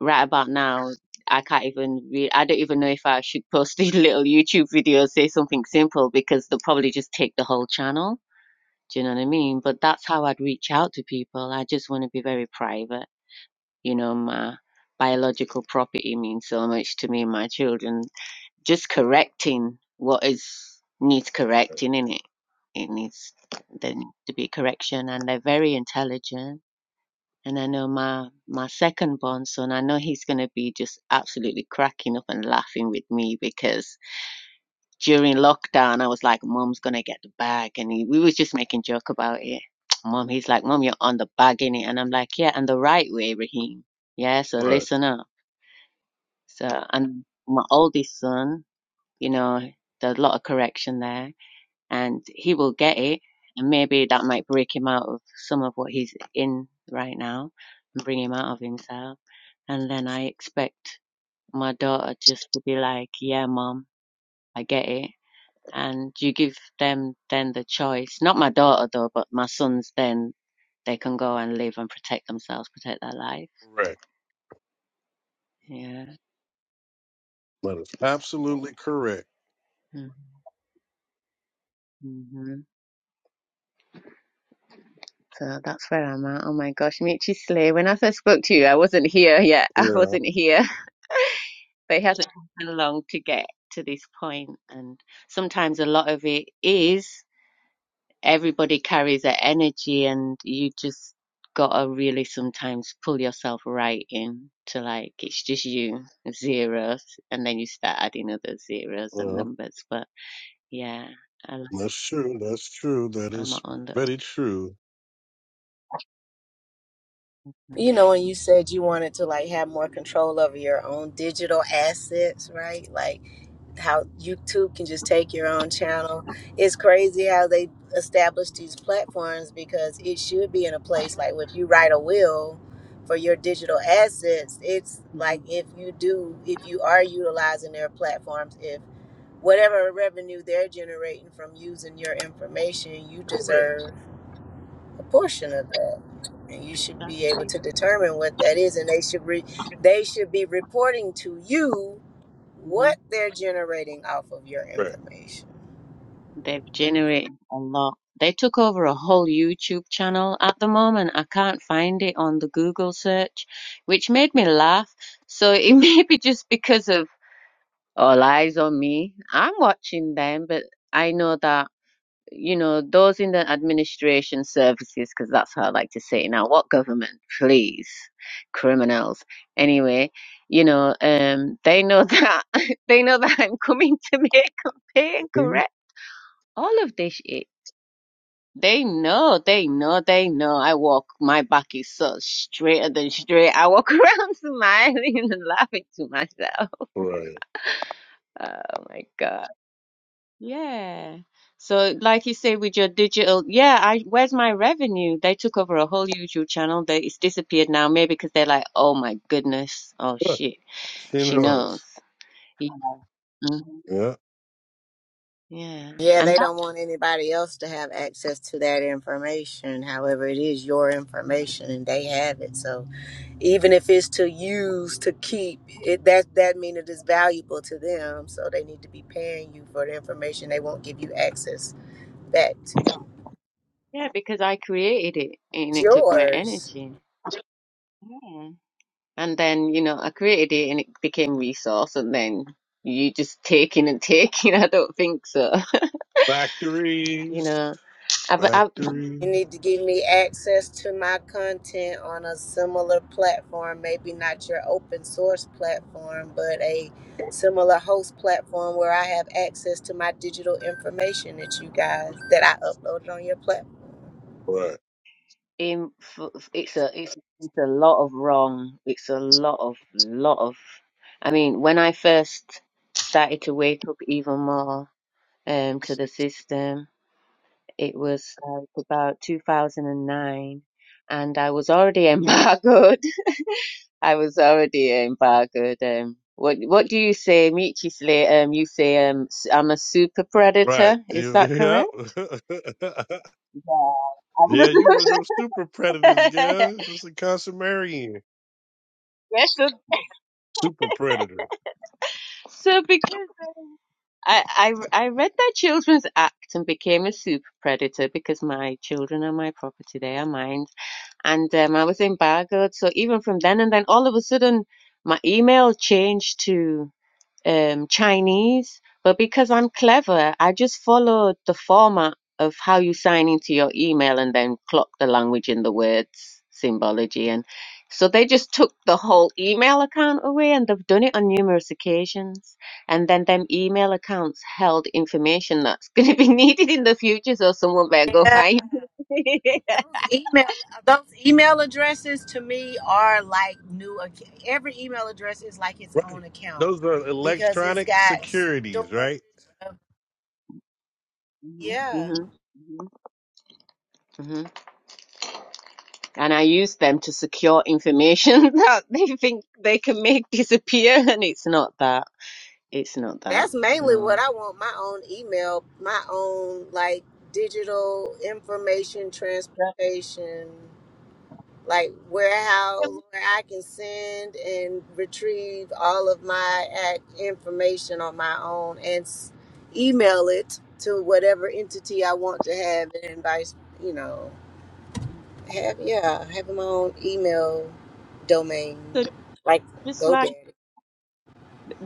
Speaker 4: right about now, I can't even read. I don't even know if I should post a <laughs> little YouTube video, say something simple, because they'll probably just take the whole channel. Do you know what I mean? But that's how I'd reach out to people. I just want to be very private. You know, my biological property means so much to me and my children. Just correcting what is needs correcting in it. It needs there needs to be correction, and they're very intelligent and I know my my second born son, I know he's going to be just absolutely cracking up and laughing with me because during lockdown, I was like, "Mom's going to get the bag," and he, we was just making joke about it. <tsk> Mom, he's like, "Mom, you're on the bag in it," and I'm like, "Yeah, and the right way, Raheem. Yeah, so
Speaker 1: Right.
Speaker 4: listen up." So, and my oldest son, you know, there's a lot of correction there and he will get it. And maybe that might break him out of some of what he's in right now and bring him out of himself. And then I expect my daughter just to be like, yeah, mom, I get it. And you give them then the choice, not my daughter though, but my sons then they can go and live and protect themselves, protect their life.
Speaker 1: Correct.
Speaker 4: Yeah.
Speaker 1: That is absolutely correct.
Speaker 4: Mm-hmm. So that's where I'm at. Oh my gosh, Michi Slay. When I first spoke to you, I wasn't here yet. <laughs> I
Speaker 1: Yeah.
Speaker 4: wasn't here. but it hasn't taken long to get to this point and sometimes a lot of it is everybody carries that energy and you just gotta really sometimes pull yourself right in to like it's just you zeros and then you start adding other zeros and
Speaker 1: Yeah.
Speaker 4: numbers but yeah I, like-
Speaker 1: That's true. That's true. That
Speaker 4: i'm my
Speaker 1: is
Speaker 4: own little
Speaker 1: very true.
Speaker 4: thing.
Speaker 3: You know, and you said you wanted to like have more control over your own digital assets, right? Like how YouTube can just take your own channel. It's crazy how they establish these platforms because it should be in a place like if you write a will for your digital assets, it's like
Speaker 4: Mhm.
Speaker 3: if you do, if you are utilizing their platforms, if whatever revenue they're generating from using your information, you
Speaker 1: Correct.
Speaker 3: deserve a portion of that and you should be able
Speaker 4: exactly
Speaker 3: to determine what that is and they should re- they should be reporting to you
Speaker 4: hmm
Speaker 3: what they're generating off of your
Speaker 1: Right.
Speaker 3: information
Speaker 4: They've generated a lot. They took over a whole YouTube channel. At the moment, I can't find it on the Google search, which made me laugh. So it <laughs> may be just because of all eyes on me. I'm watching them, but I know that, you know, those in the administration services, because that's how I like to say it now, what government, please, criminals. Anyway, you know, um, they know that, <laughs> they know that I'm coming to make and pay and
Speaker 1: Hmm?
Speaker 4: correct all of this shit. They know, they know, they know. I walk, my back is so straight and straight. I walk <laughs> around smiling and laughing to myself.
Speaker 1: Right.
Speaker 4: Oh my God. Yeah. So, like you say, with your digital, yeah, I, where's my revenue? They took over a whole YouTube channel. They, it's disappeared now, maybe because they're like, oh my goodness. Oh
Speaker 1: Huh.
Speaker 4: shit.
Speaker 1: She
Speaker 4: She
Speaker 1: knows.
Speaker 4: knows. Yeah. Mhm.
Speaker 1: Yeah.
Speaker 4: Yeah.
Speaker 3: Yeah,
Speaker 4: And
Speaker 3: they
Speaker 4: that,
Speaker 3: don't want anybody else to have access to that information. However, it is your information and they have it. So even if it's to use to keep it that that means it is valuable to them. So they need to be paying you for the information they won't give you access back to.
Speaker 4: yeah, because I created it and
Speaker 3: It's
Speaker 4: it took my
Speaker 3: yours.
Speaker 4: energy. Yeah. And then, you know, I created it and it became resource and then you just taking and taking. <laughs> I don't think so. You
Speaker 1: Factories.
Speaker 4: know, I've, I've
Speaker 3: You
Speaker 1: Factories.
Speaker 3: need to give me access to my content on a similar platform, maybe not your open source platform, but a similar host platform where I have access to my digital information that you guys that I uploaded on your platform.
Speaker 1: Right.
Speaker 4: in, it's a, it's, it's a lot of wrong. It's a lot of, lot of, I mean, when I first started to wake up even more, um, to the system, it was like about 2009 and I was already <laughs> embargoed. I was already um, bargoed. Um, what what do you say, Michi Slay? Um, you say um, s- I'm a super predator.
Speaker 1: Right.
Speaker 4: Is
Speaker 1: You- <laughs>
Speaker 4: that
Speaker 1: Yeah.
Speaker 4: correct? Yeah.
Speaker 1: <laughs> yeah, you one of those super predators, guys. That's a consummarian.
Speaker 4: <laughs> yes. So,
Speaker 1: Super predator.
Speaker 4: so because I, I I read that Children's Act and became a super predator because my children are my property. They are mine, and um, I was embargoed. So even from then and then, all of a sudden, my email changed to. um, Chinese, but because I'm clever, I just followed the format of how you sign into your email and then clock the language and the words symbology. And so they just took the whole email account away, and they've done it on numerous occasions. And then them email accounts held information that's <laughs> going to be needed in the future, so someone better go
Speaker 3: Yeah,
Speaker 4: find it.
Speaker 3: those email those email addresses to me are like new. ac- Every email address is like its own
Speaker 1: Right.
Speaker 3: account
Speaker 1: Those are
Speaker 3: because it's
Speaker 1: electronic
Speaker 3: got
Speaker 1: securities, right?
Speaker 3: storage of
Speaker 4: <laughs>
Speaker 3: yeah.
Speaker 4: hmm hmm and I use them to secure information <laughs> that they think they can make disappear, and it's not that. It's not that.
Speaker 3: that's mainly what
Speaker 4: No.
Speaker 3: I want my own email, my own like digital information transportation, like warehouse where I can send and retrieve all of my ac- information on my own and s- email it to whatever entity I want to have and vice, you know,
Speaker 4: Yeah.
Speaker 3: have, yeah, having my own email domain,
Speaker 4: So
Speaker 3: like
Speaker 4: just like
Speaker 3: GoDaddy.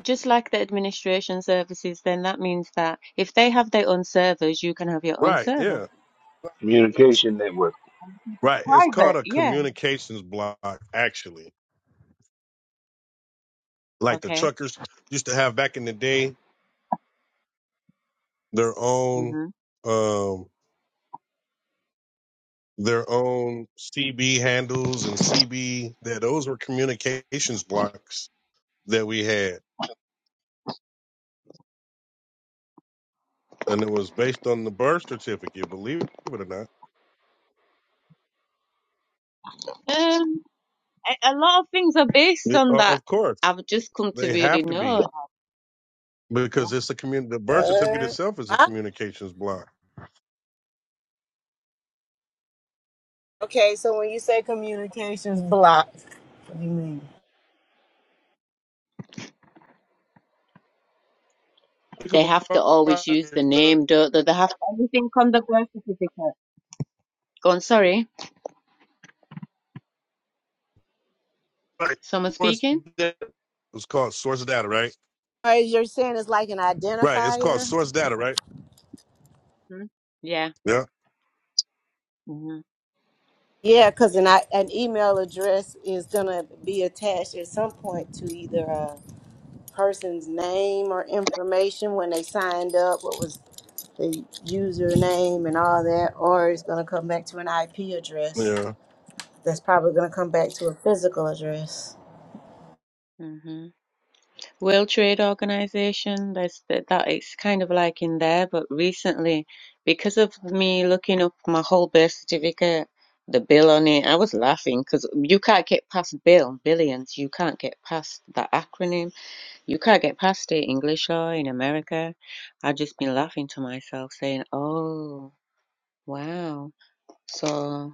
Speaker 4: just like the administration services, then that means that if they have their own servers, you can have your own
Speaker 1: Right,
Speaker 4: server.
Speaker 1: yeah.
Speaker 2: Communication network.
Speaker 1: Right. It's called
Speaker 4: Private,
Speaker 1: a
Speaker 4: yeah.
Speaker 1: communications block, actually. Like the
Speaker 4: Okay.
Speaker 1: truckers used to have back in the day. their own
Speaker 4: hmm
Speaker 1: um their own CB handles and CB that those were communications blocks that we had and it was based on the birth certificate believe it or not
Speaker 4: Um, a, a lot of things are based
Speaker 1: The-
Speaker 4: on
Speaker 1: o-
Speaker 4: that.
Speaker 1: of course
Speaker 4: I've just come to
Speaker 1: they
Speaker 4: really
Speaker 1: have to be
Speaker 4: know
Speaker 1: because it's a community the birth certificate itself is a
Speaker 3: What?
Speaker 1: communications block
Speaker 3: Okay, so when you say communications blocked, what do you mean?
Speaker 1: think
Speaker 4: they
Speaker 1: about
Speaker 4: have to always use the
Speaker 1: yourself,
Speaker 4: name, don't they? They have everything on the birth certificate. Go on, sorry.
Speaker 1: like,
Speaker 4: Someone
Speaker 1: source
Speaker 4: speaking?
Speaker 1: data. it's called source data right
Speaker 3: As you're saying, it's like an
Speaker 1: right it's called
Speaker 3: identifier.
Speaker 1: source data right
Speaker 4: Mhm. Yeah.
Speaker 1: yeah
Speaker 4: hmm
Speaker 3: Yeah, because an, i- an email address is gonna be attached at some point to either a person's name or information when they signed up. What was the username and all that, or it's gonna come back to an IP address.
Speaker 1: yeah
Speaker 3: That's probably gonna come back to a physical address.
Speaker 4: hmm World Trade Organization, that's that, that it's kind of like in there, but recently, because of me looking up my whole birth certificate, the bill on it, I was laughing because you can't get past bill, billions. You can't get past that acronym. You can't get past it English law in America. I've just been laughing to myself saying, oh, wow. So.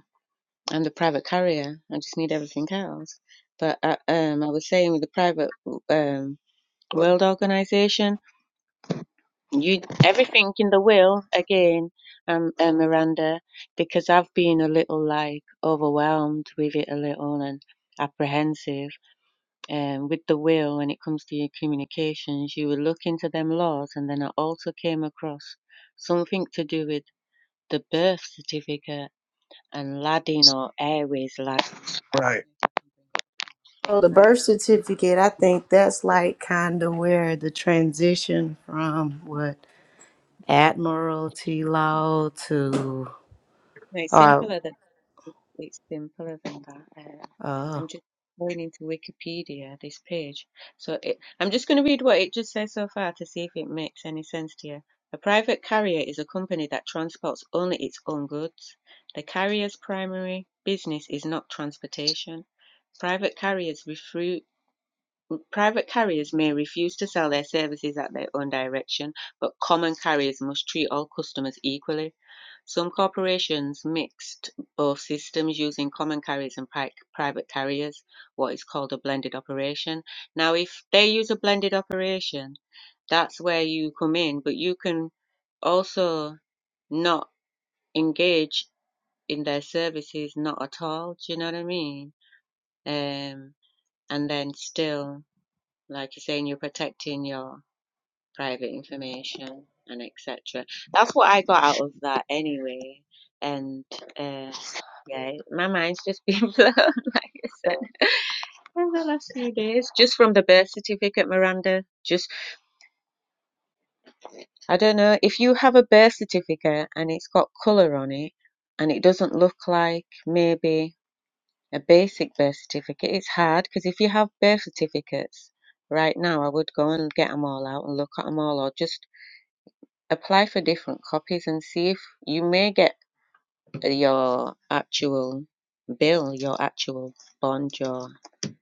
Speaker 4: I'm the private carrier. I just need everything else. But uh, um, I was saying with the private um, world organization, you everything in the will again, um, uh, Miranda, because I've been a little like overwhelmed with it a little and apprehensive. Um, with the will, when it comes to your communications, you would look into them laws, and then I also came across something to do with the birth certificate and Laddin or Airways Lad.
Speaker 1: right
Speaker 4: for
Speaker 3: So the
Speaker 4: right
Speaker 3: birth
Speaker 4: now.
Speaker 3: certificate, I think that's like kind of where the transition from what Admiralty Law to,
Speaker 4: No, it's
Speaker 3: or,
Speaker 4: simpler than it's simpler than that. Uh, I'm
Speaker 3: oh,
Speaker 4: just going into Wikipedia, this page. So it, I'm just going to read what it just says so far to see if it makes any sense to you. A private carrier is a company that transports only its own goods. The carrier's primary business is not transportation. Private carriers refru- private carriers may refuse to sell their services at their own direction, but common carriers must treat all customers equally. Some corporations mixed both systems using common carriers and pri- private carriers, what is called a blended operation. Now, if they use a blended operation, that's where you come in, but you can also not engage in their services, not at all. Do you know what I mean? Um, and then still, like you're saying, you're protecting your private information and etc. That's what I got out of that anyway. And uh, yeah, my mind's just <laughs> been blown, like I said, in the last few days, just from the birth certificate, Miranda. Just I don't know if you have a birth certificate and it's got color on it, and it doesn't look like maybe a basic birth certificate. It's hard because if you have birth certificates right now, I would go and get them all out and look at them all, or just apply for different copies and see if you may get your actual bill, your actual bond, your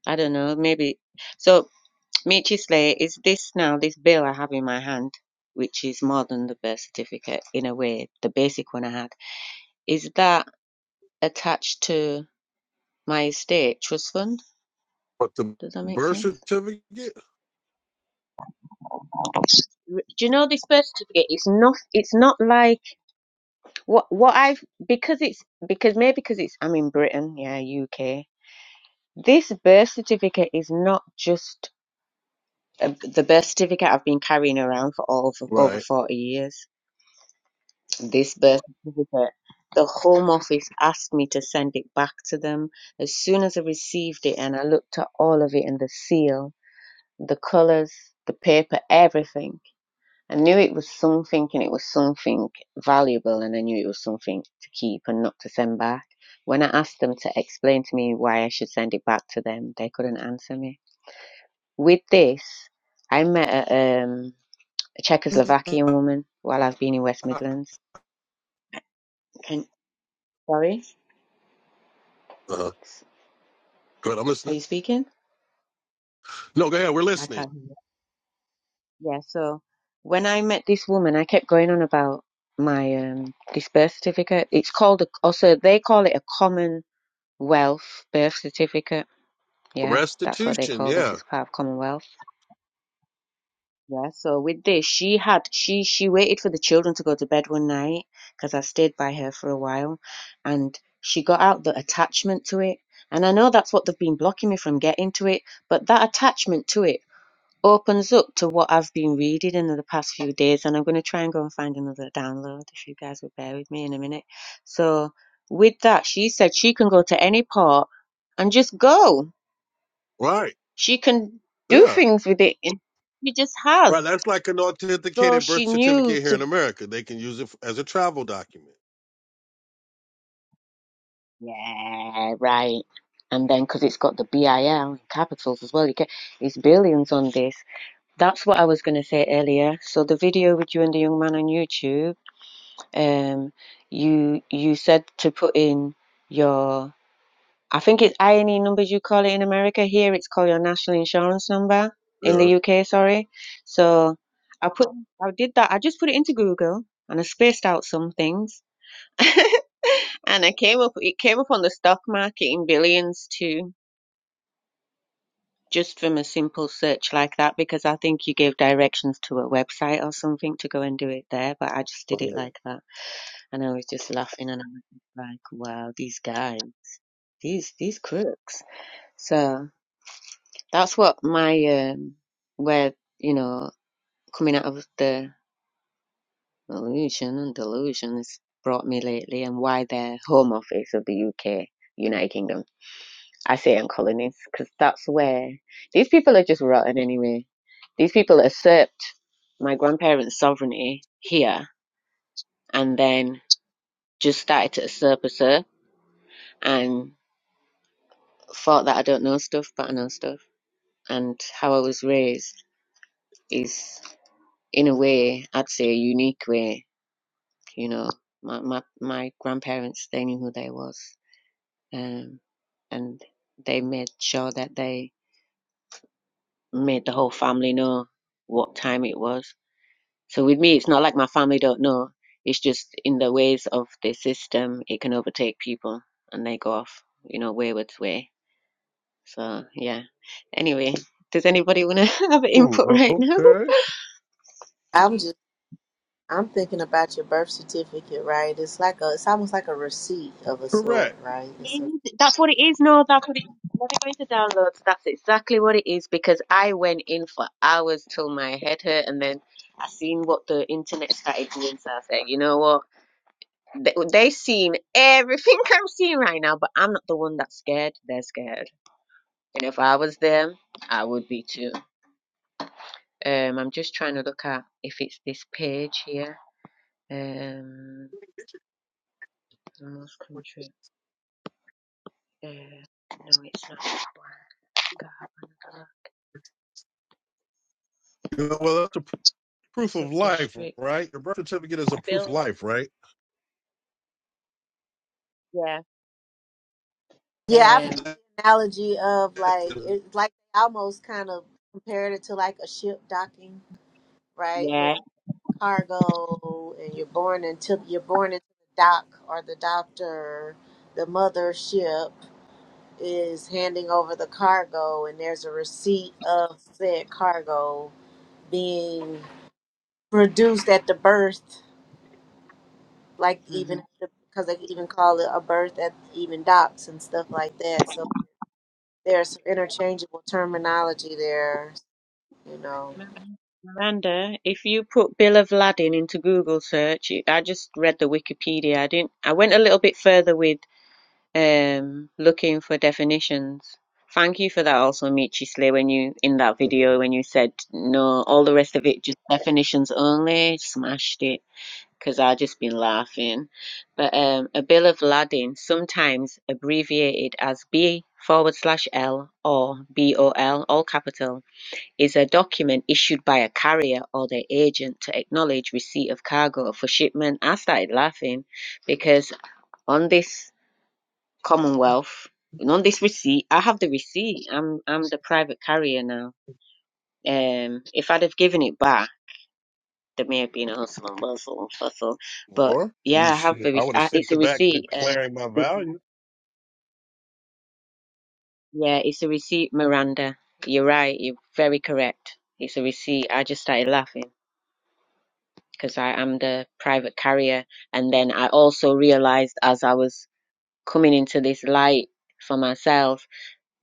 Speaker 4: I don't know, maybe. So, Michi Slay, is this now this bill I have in my hand, which is more than the birth certificate in a way, the basic one I had, is that attached to my estate trust fund?
Speaker 1: but the
Speaker 4: Does that make
Speaker 1: birth
Speaker 4: sense?
Speaker 1: certificate
Speaker 4: do you know this birth certificate it's not it's not like what what i've because it's because maybe because it's i'm in britain yeah uk This birth certificate is not just uh, the birth certificate I've been carrying around for over over
Speaker 1: Right.
Speaker 4: 40 years. This birth certificate, the Home Office asked me to send it back to them. As soon as I received it and I looked at all of it and the seal, the colours, the paper, everything, I knew it was something and it was something valuable and I knew it was something to keep and not to send back. When I asked them to explain to me why I should send it back to them, they couldn't answer me With this, I met a, um, a Czechoslovakian woman while I've been in West Midlands. Can, sorry?
Speaker 1: Uh, huh. good. I'm
Speaker 4: Are
Speaker 1: listening.
Speaker 4: you speaking?
Speaker 1: No, go ahead. We're
Speaker 4: I
Speaker 1: listening.
Speaker 4: can't hear. you. Yeah, so when I met this woman, I kept going on about my um, this birth certificate. It's called, a, also, they call it a Commonwealth birth certificate. Yeah, that's what they
Speaker 1: Restitution.
Speaker 4: call this.
Speaker 1: Yeah.
Speaker 4: It's part of Commonwealth. Yeah, so with this, she had she she waited for the children to go to bed one night because I stayed by her for a while, and she got out the attachment to it. And I know that's what they've been blocking me from getting to it, but that attachment to it opens up to what I've been reading in the past few days, and I'm going to try and go and find another download if you guys would bear with me in a minute. So with that, she said she can go to any part and just go.
Speaker 1: Right.
Speaker 4: She can do
Speaker 1: Yeah.
Speaker 4: things with it. and She just
Speaker 1: Right.
Speaker 4: has.
Speaker 1: That's like an
Speaker 4: So
Speaker 1: authenticated
Speaker 4: she
Speaker 1: birth
Speaker 4: knew
Speaker 1: certificate here in
Speaker 4: to,
Speaker 1: America. They can use it as a travel document.
Speaker 4: yeah, right. And then because it's got the BIL in capitals as well, you get it's billions on this. That's what I was going to say earlier. So the video with you and the young man on YouTube, um, you you said to put in your, I think it's INE numbers you call it in America. Here it's called your national insurance number in the
Speaker 1: Yeah.
Speaker 4: UK, sorry. So I put, I did that. I just put it into Google and I spaced out some things <laughs> and I came up it came up on the stock market in billions too, just from a simple search like that because I think you gave directions to a website or something to go and do it there, but I just did it
Speaker 1: Oh.
Speaker 4: like that and I was just laughing and I was just like, Wow, these guys, these these crooks. So that's what my um where, you know, coming out of the illusion and delusion has brought me lately and why they home office of the UK, United Kingdom I say in colonies because that's where these people are just rotten anyway. These people usurped my grandparents' sovereignty here and then just started to usurp usurp and thought that I don't know stuff, but I know stuff. And how I was raised is, in a way, I'd say a unique way. You know, my, my, my grandparents, they knew who they was. Um, and they made sure that they made the whole family know what time it was So with me, it's not like my family don't know. It's just in the ways of the system, it can overtake people and they go off, you know, wayward way. So yeah. Anyway, does anybody want to <laughs> have input
Speaker 1: Hmm,
Speaker 4: right now? <laughs>
Speaker 1: okay.
Speaker 3: I'm just I'm thinking about your birth certificate, right? It's like a it's almost like a receipt of a sort,
Speaker 1: Correct.
Speaker 3: right?
Speaker 4: It
Speaker 3: It's a,
Speaker 4: is- That's what it is. No, that's what it is. When I go into downloads, that's exactly what it is because I went in for hours till my head hurt, and then I seen what the internet started doing. So I said, you know what? They, they've seen everything <laughs> I'm seeing right now, but I'm not the one that's scared. They're scared. And if I was them, I would be too. Um, I'm just trying to look at if it's this page here. Um, most country. Uh, no, it's not. that God,
Speaker 1: You know, well, that's a proof
Speaker 4: Sub
Speaker 1: of life,
Speaker 4: district.
Speaker 1: right? Your birth certificate is a
Speaker 4: Bill.
Speaker 1: proof of life, right?
Speaker 4: Yeah.
Speaker 3: yeah, I've
Speaker 4: Um.
Speaker 3: heard
Speaker 1: That
Speaker 3: the analogy of like
Speaker 1: is-
Speaker 3: it's like almost kind of compared it to like a ship docking, right? Where
Speaker 4: Yeah.
Speaker 3: cargo and you're born into you're born into the dock or the doctor, the mothership. is handing over the cargo and there's a receipt of said cargo being produced at the berth, like even
Speaker 4: hmm
Speaker 3: because they even call it a berth at even docks and stuff like that so there's some interchangeable terminology there you know
Speaker 4: Miranda, if you put Bill of Ladin into Google search, I just read the Wikipedia. I didn't. I went a little bit further with um looking for definitions. Thank you for that also, Michi Slay, when you in that video when you said no, all the rest of it just definitions only, smashed it because I just been laughing. But um, a bill of lading, sometimes abbreviated as B forward slash L or BOL, all capital, is a document issued by a carrier or their agent to acknowledge receipt of cargo for shipment. I started laughing because on this Commonwealth. And on this receipt, I have the receipt. I'm I'm the private carrier now. Um, if I'd have given it back, there may have been a hustle and bustle and fussle. But
Speaker 1: Or
Speaker 4: yeah,
Speaker 1: new
Speaker 4: I have
Speaker 1: shit.
Speaker 4: the re-
Speaker 1: I would have
Speaker 4: I, it's
Speaker 1: sent
Speaker 4: a
Speaker 1: it back
Speaker 4: receipt.
Speaker 1: declaring my
Speaker 4: Um,
Speaker 1: value.
Speaker 4: yeah, it's a receipt, Miranda. You're right. You're very correct. It's a receipt. I just started laughing because I am the private carrier, and then I also realized as I was coming into this light for myself,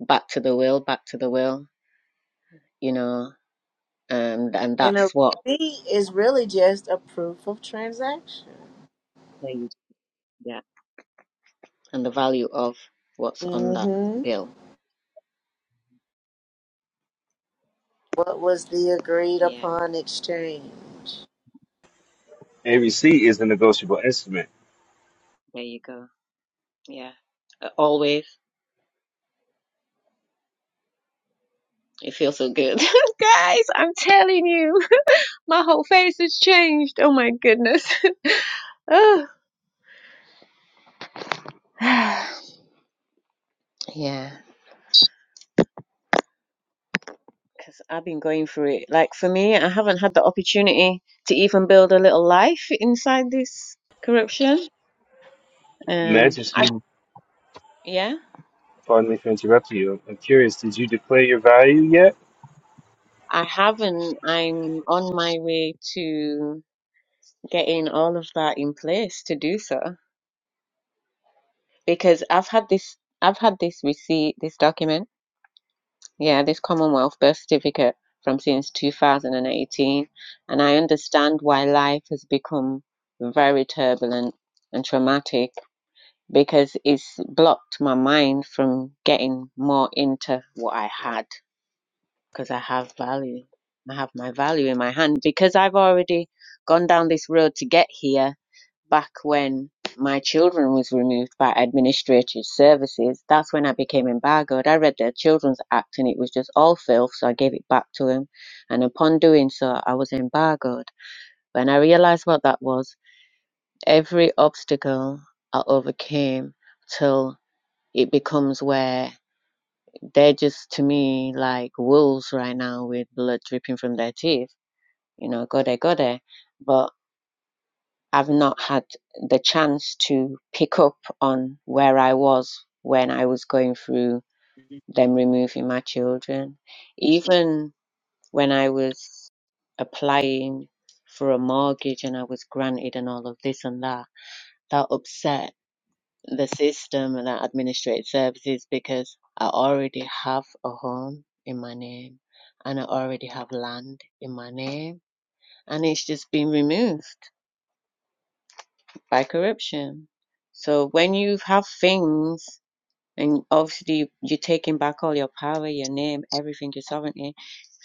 Speaker 4: back to the will, back to the will. You know, and and
Speaker 3: and
Speaker 4: that's
Speaker 3: a
Speaker 4: what
Speaker 3: receipt is really just a proof of transaction
Speaker 4: there you yeah and the value of what's on that
Speaker 3: mm-hmm
Speaker 4: bill
Speaker 3: what was the agreed
Speaker 4: yeah
Speaker 3: upon exchange
Speaker 2: ABC is a negotiable instrument.
Speaker 4: there you go yeah Uh, always it feels so good <laughs> guys i'm telling you <laughs> my whole face has changed oh my goodness <laughs> oh <sighs> yeah because i've been going through it like for me i haven't had the opportunity to even build a little life inside this corruption um I,
Speaker 2: Majesty,
Speaker 1: Hmm.
Speaker 4: yeah
Speaker 2: pardon me for interrupting you. I'm curious. Did you declare your value yet?
Speaker 4: i haven't i'm on my way to getting all of that in place to do so because I've had this I've had this receipt, this document, yeah, this Commonwealth birth certificate from since 2018, and eighteen, and I understand why life has become very turbulent and traumatic because it's blocked my mind from getting more into what I had because I have value. I have my value in my hand because I've already gone down this road to get here back when my children was removed by administrative services that's when i became embargoed i read their children's act and it was just all filth so i gave it back to him and upon doing so i was embargoed when i realized what that was every obstacle i overcame till it becomes where they're just to me like wolves right now with blood dripping from their teeth you know go there go there but I've not had the chance to pick up on where I was when I was going through them removing my children. Even when I was applying for a mortgage and I was granted and all of this and that, that upset the system and that administrative services because I already have a home in my name and I already have land in my name and it's just been removed. by corruption. So when you have things, and obviously you're taking back all your power, your name, everything, your sovereignty,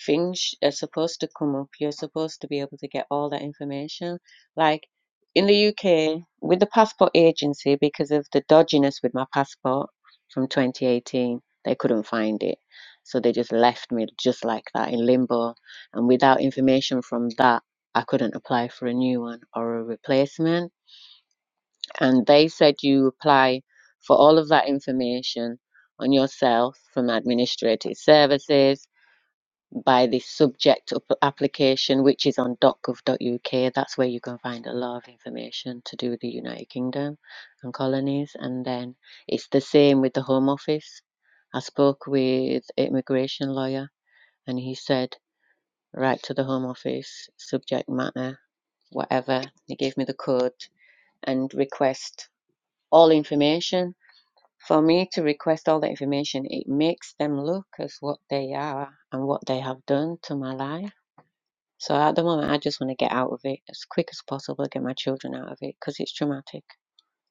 Speaker 4: things are supposed to come up. You're supposed to be able to get all that information. Like in the UK, with the passport agency, because of the dodginess with my passport from 2018, they couldn't find it. So they just left me just like that in limbo. And without information from that, I couldn't apply for a new one or a replacement and they said you apply for all of that information on yourself from administrative services by the subject up- application which is on .gov.uk that's where you can find a lot of information to do with the united kingdom and colonies and then it's the same with the home office i spoke with an immigration lawyer and he said write to the home office subject matter whatever he gave me the code and request all information for me to request all the information, it makes them look as what they are and what they have done to my life. So at the moment, I just want to get out of it as quick as possible, get my children out of it because it's traumatic.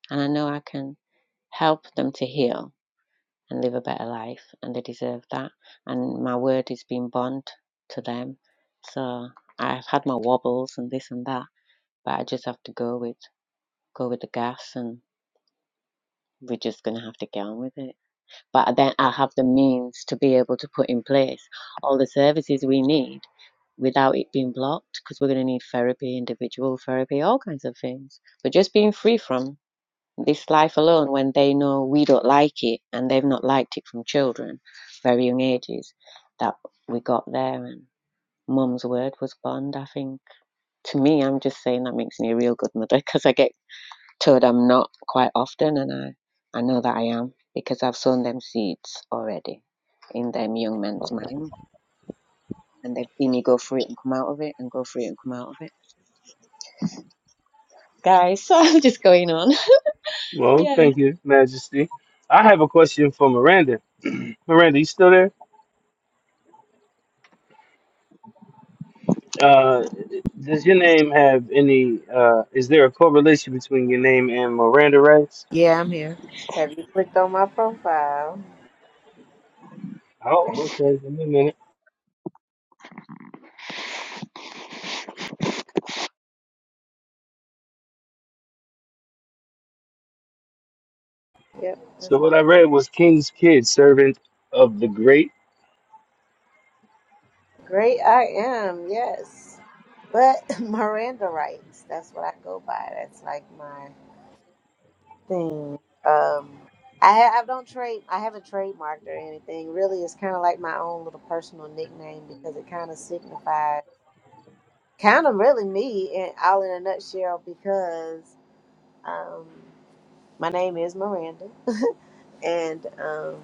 Speaker 4: And I know I can help them to heal and live a better life, and they deserve that. And my word is being bond to them. So I've had my wobbles and this and that, but I just have to go with go with the gas, and we're just gonna have to get on with it. but then I have the means to be able to put in place all the services we need without it being blocked because we're going to need therapy, individual therapy, all kinds of things. But just being free from this life alone when they know we don't like it and they've not liked it from children, very young ages, that we got there and mum's word was bond. I think to me, I'm just saying that makes me a real good mother because I get told I'm not quite often, and I, I know that I am because I've sown them seeds already in them young men's mind, and they've seen me go through it and come out of it, and go through it and come out of it. Guys, <laughs> so I'm just going on. <laughs>
Speaker 2: Well,
Speaker 4: Yeah.
Speaker 2: thank you, Majesty. I have a question for Miranda. <clears throat> Miranda, you still there? Uh, does your name have any? Uh, is there a correlation between your name and Miranda rights?
Speaker 3: yeah i'm here have you clicked on my profile
Speaker 2: Oh, okay. Give me a minute.
Speaker 3: yep
Speaker 2: So
Speaker 3: that's
Speaker 2: what I read was King's kid, servant of the great.
Speaker 3: Great I am, yes. But <laughs> Miranda rights That's what I go by. That's like my thing. Um I ha- I don't trade I haven't trademarked or anything. Really it's kinda like my own little personal nickname because it kinda signifies kind of really me in all in a nutshell because um my name is Miranda <laughs> and um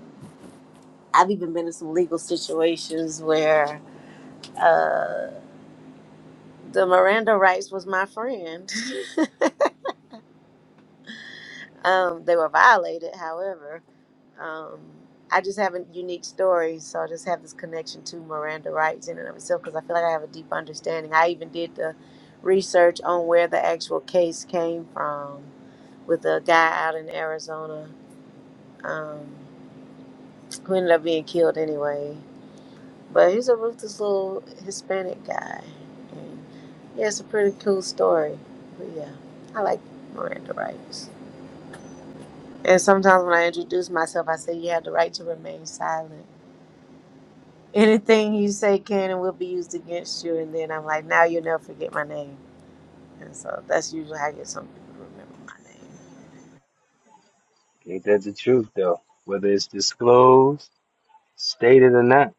Speaker 3: I've even been in some legal situations where uh the Miranda Rights was my friend. <laughs> Um, they were violated, however. Um, I just have a unique story, so I just have this connection to Miranda rights in and of itself because I feel like I have a deep understanding. I even did the research on where the actual case came from with a guy out in Arizona um, who ended up being killed anyway. But he's a ruthless little Hispanic guy. And yeah, it's a pretty cool story. But yeah, I like Miranda rights. And sometimes when I introduce myself, I say you have the right to remain silent. Anything you say can and will be used against you. And then I'm like, now you'll never forget my name. And so that's usually how I get some people to remember my name.
Speaker 2: Ain't that the truth though? Whether it's disclosed, stated or not,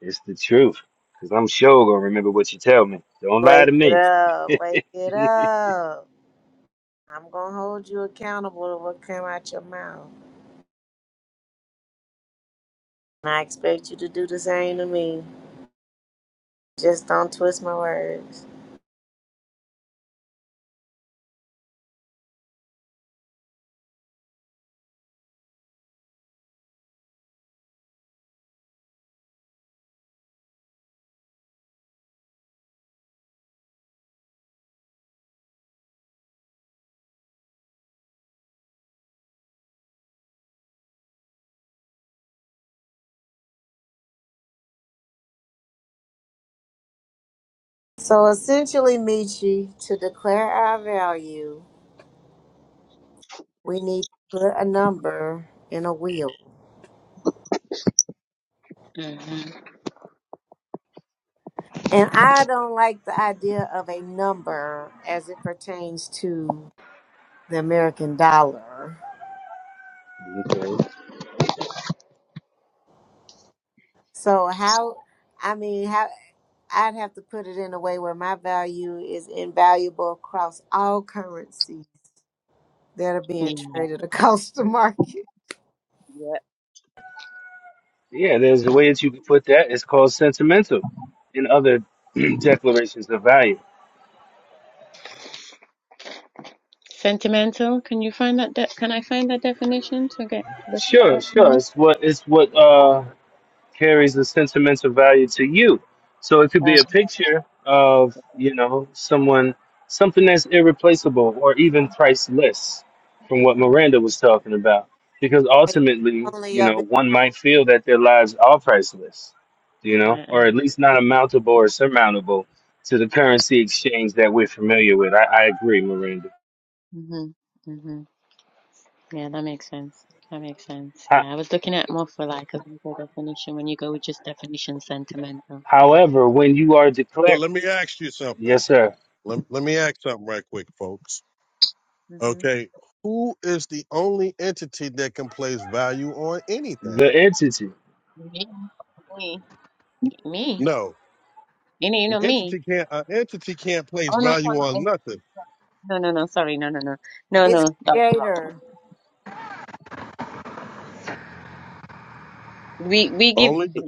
Speaker 2: it's the truth. Cause I'm sure gonna remember what you tell me. Don't lie to
Speaker 3: Wake it
Speaker 2: me.
Speaker 3: up, wake
Speaker 2: <laughs>
Speaker 3: it up. I'm going to hold you accountable to what came out your mouth. And I expect you to do the same to me. Just don't twist my words. So essentially, Michi, to declare our value, we need to put a number in a wheel.
Speaker 4: Mhm.
Speaker 3: And I don't like the idea of a number as it pertains to the American dollar.
Speaker 2: okay.
Speaker 3: So how I mean how I'd have to put it in a way where my value is invaluable across all currencies that are
Speaker 4: Yeah.
Speaker 3: being traded <laughs> across the market.
Speaker 4: yeah.
Speaker 2: Yeah, there's a way that you can put that. It's called sentimental, and other <clears throat> declarations of value.
Speaker 4: Sentimental. Can you find that? De- can I find that definition to get look that
Speaker 2: Sure,
Speaker 4: up
Speaker 2: sure.
Speaker 4: now?
Speaker 2: It's what it's what. uh, carries the sentimental value to you. So it could be a
Speaker 4: Uh,
Speaker 2: picture of, you know, someone, something that's irreplaceable or even priceless from what Miranda was talking about. Because ultimately,
Speaker 3: Only
Speaker 2: you
Speaker 3: of
Speaker 2: know, one might feel that their lives are priceless, you know,
Speaker 4: uh, uh,
Speaker 2: or at least not amountable or surmountable to the currency exchange that we're familiar with. I, I agree, Miranda.
Speaker 4: mhm, mhm. Yeah, that makes sense. That makes sense.
Speaker 2: Ho-
Speaker 4: Yeah, I was looking at more for like a legal definition when you go with just definition sentimental. Yeah.
Speaker 2: however, when you are
Speaker 1: But
Speaker 2: declared,
Speaker 1: let me ask you something.
Speaker 2: yes, sir,
Speaker 1: Let, let me ask something right quick, folks.
Speaker 4: hmm
Speaker 1: Okay. Who is the only entity that can place value on
Speaker 2: the
Speaker 1: anything?
Speaker 2: entity.
Speaker 4: Me, me, me.
Speaker 1: No.
Speaker 4: You know, you
Speaker 1: An
Speaker 4: know me.
Speaker 1: entity can't an entity can't place
Speaker 4: Oh no, no,
Speaker 1: value on
Speaker 4: no,
Speaker 1: nothing.
Speaker 4: no, no. no, Sorry, no, no, no, no,
Speaker 3: its
Speaker 4: no. That's wrong.
Speaker 3: creator
Speaker 4: We we give.
Speaker 1: Only the,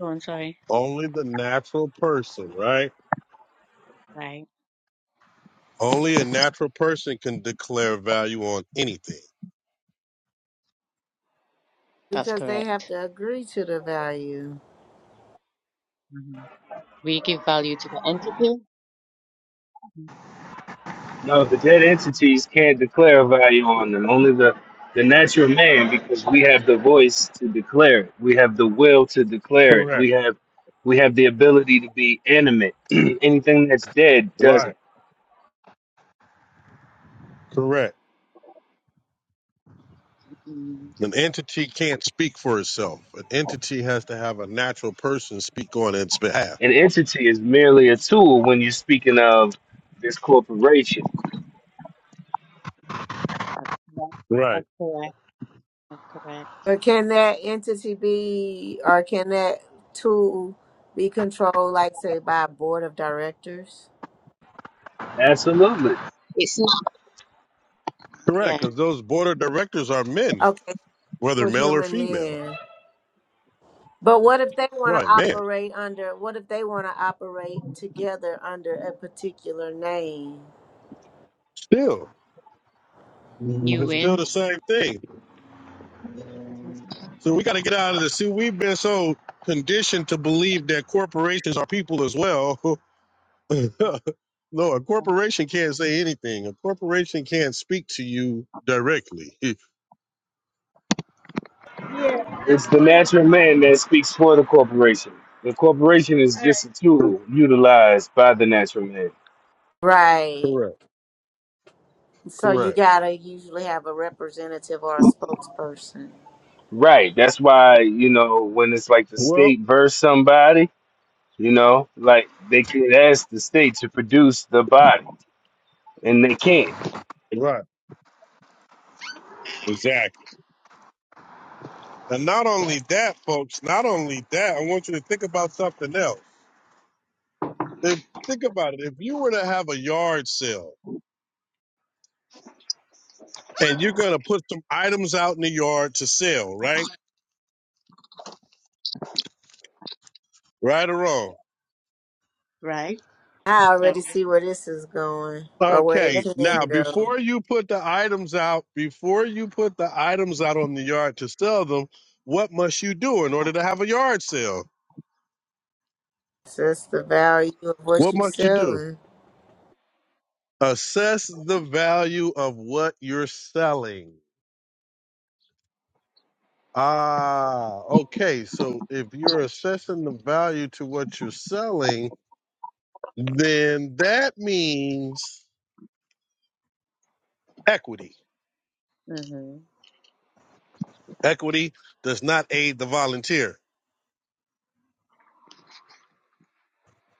Speaker 4: Go on, sorry.
Speaker 1: only the natural person, right?
Speaker 4: Right.
Speaker 1: Only a natural person can declare value on anything.
Speaker 4: That's
Speaker 3: because they have
Speaker 4: correct.
Speaker 3: to agree to the value.
Speaker 4: hmm We give value to the entity.
Speaker 2: No, the dead entities can't declare value on them. Only the the natural man, because we have the voice to declare it. We have the will to declare it.
Speaker 1: Correct.
Speaker 2: We have we have the ability to be animate. <clears throat> Anything that's dead doesn't.
Speaker 1: Right. Correct.
Speaker 4: Mm-hmm.
Speaker 1: An entity can't speak for itself. An entity has to have a natural person speak on its behalf.
Speaker 2: An entity is merely a
Speaker 4: hmm
Speaker 2: tool when you're speaking of this corporation.
Speaker 4: Yeah,
Speaker 1: Right.
Speaker 4: that's correct. That's correct.
Speaker 3: But can that entity be, or can that tool be controlled, like say, by a board of directors?
Speaker 2: Absolutely.
Speaker 4: It's not.
Speaker 1: Correct.
Speaker 4: Yeah.
Speaker 1: Because those board of directors are men,
Speaker 3: Okay,
Speaker 1: whether
Speaker 3: for
Speaker 1: male or
Speaker 3: human
Speaker 1: female.
Speaker 3: men. But what if they want to
Speaker 1: Right, man.
Speaker 3: operate under? What if they want to operate together under a particular name?
Speaker 1: Still.
Speaker 4: You
Speaker 1: It's still
Speaker 4: win.
Speaker 1: the same thing. So we got to get out of this. See, we've been so conditioned to believe that corporations are people as well. <laughs> no, a corporation can't say anything. A corporation can't speak to you directly. <laughs>
Speaker 2: It's the natural man that speaks for the corporation. The corporation is just a
Speaker 1: Cor-
Speaker 2: tool utilized by the natural man.
Speaker 3: Right.
Speaker 1: Correct.
Speaker 3: So you
Speaker 1: Correct.
Speaker 3: gotta usually have a representative or a spokesperson.
Speaker 2: Right. That's why, you know, when it's like the
Speaker 1: Well,
Speaker 2: state versus somebody, you know, like they could ask the state to produce the body and they can't.
Speaker 1: right. Exactly. And not only that, folks, not only that, I want you to think about something else. If, think about it. If you were to have a yard sale and you're going to put some items out in the yard to sell, right? Right or wrong?
Speaker 4: Right.
Speaker 3: I
Speaker 4: Yeah.
Speaker 3: already see where this is going, or where it
Speaker 1: Okay, now
Speaker 3: can go.
Speaker 1: before you put the items out, before you put the items out on the yard to sell them, what must you do in order to have a yard sale?
Speaker 3: So that's the value of what
Speaker 1: What
Speaker 3: you're
Speaker 1: must you do?
Speaker 3: selling.
Speaker 1: Assess the value of what you're selling. Ah, okay. So if you're assessing the value to what you're selling, then that means equity.
Speaker 4: Mm-hmm.
Speaker 1: Equity does not aid the volunteer.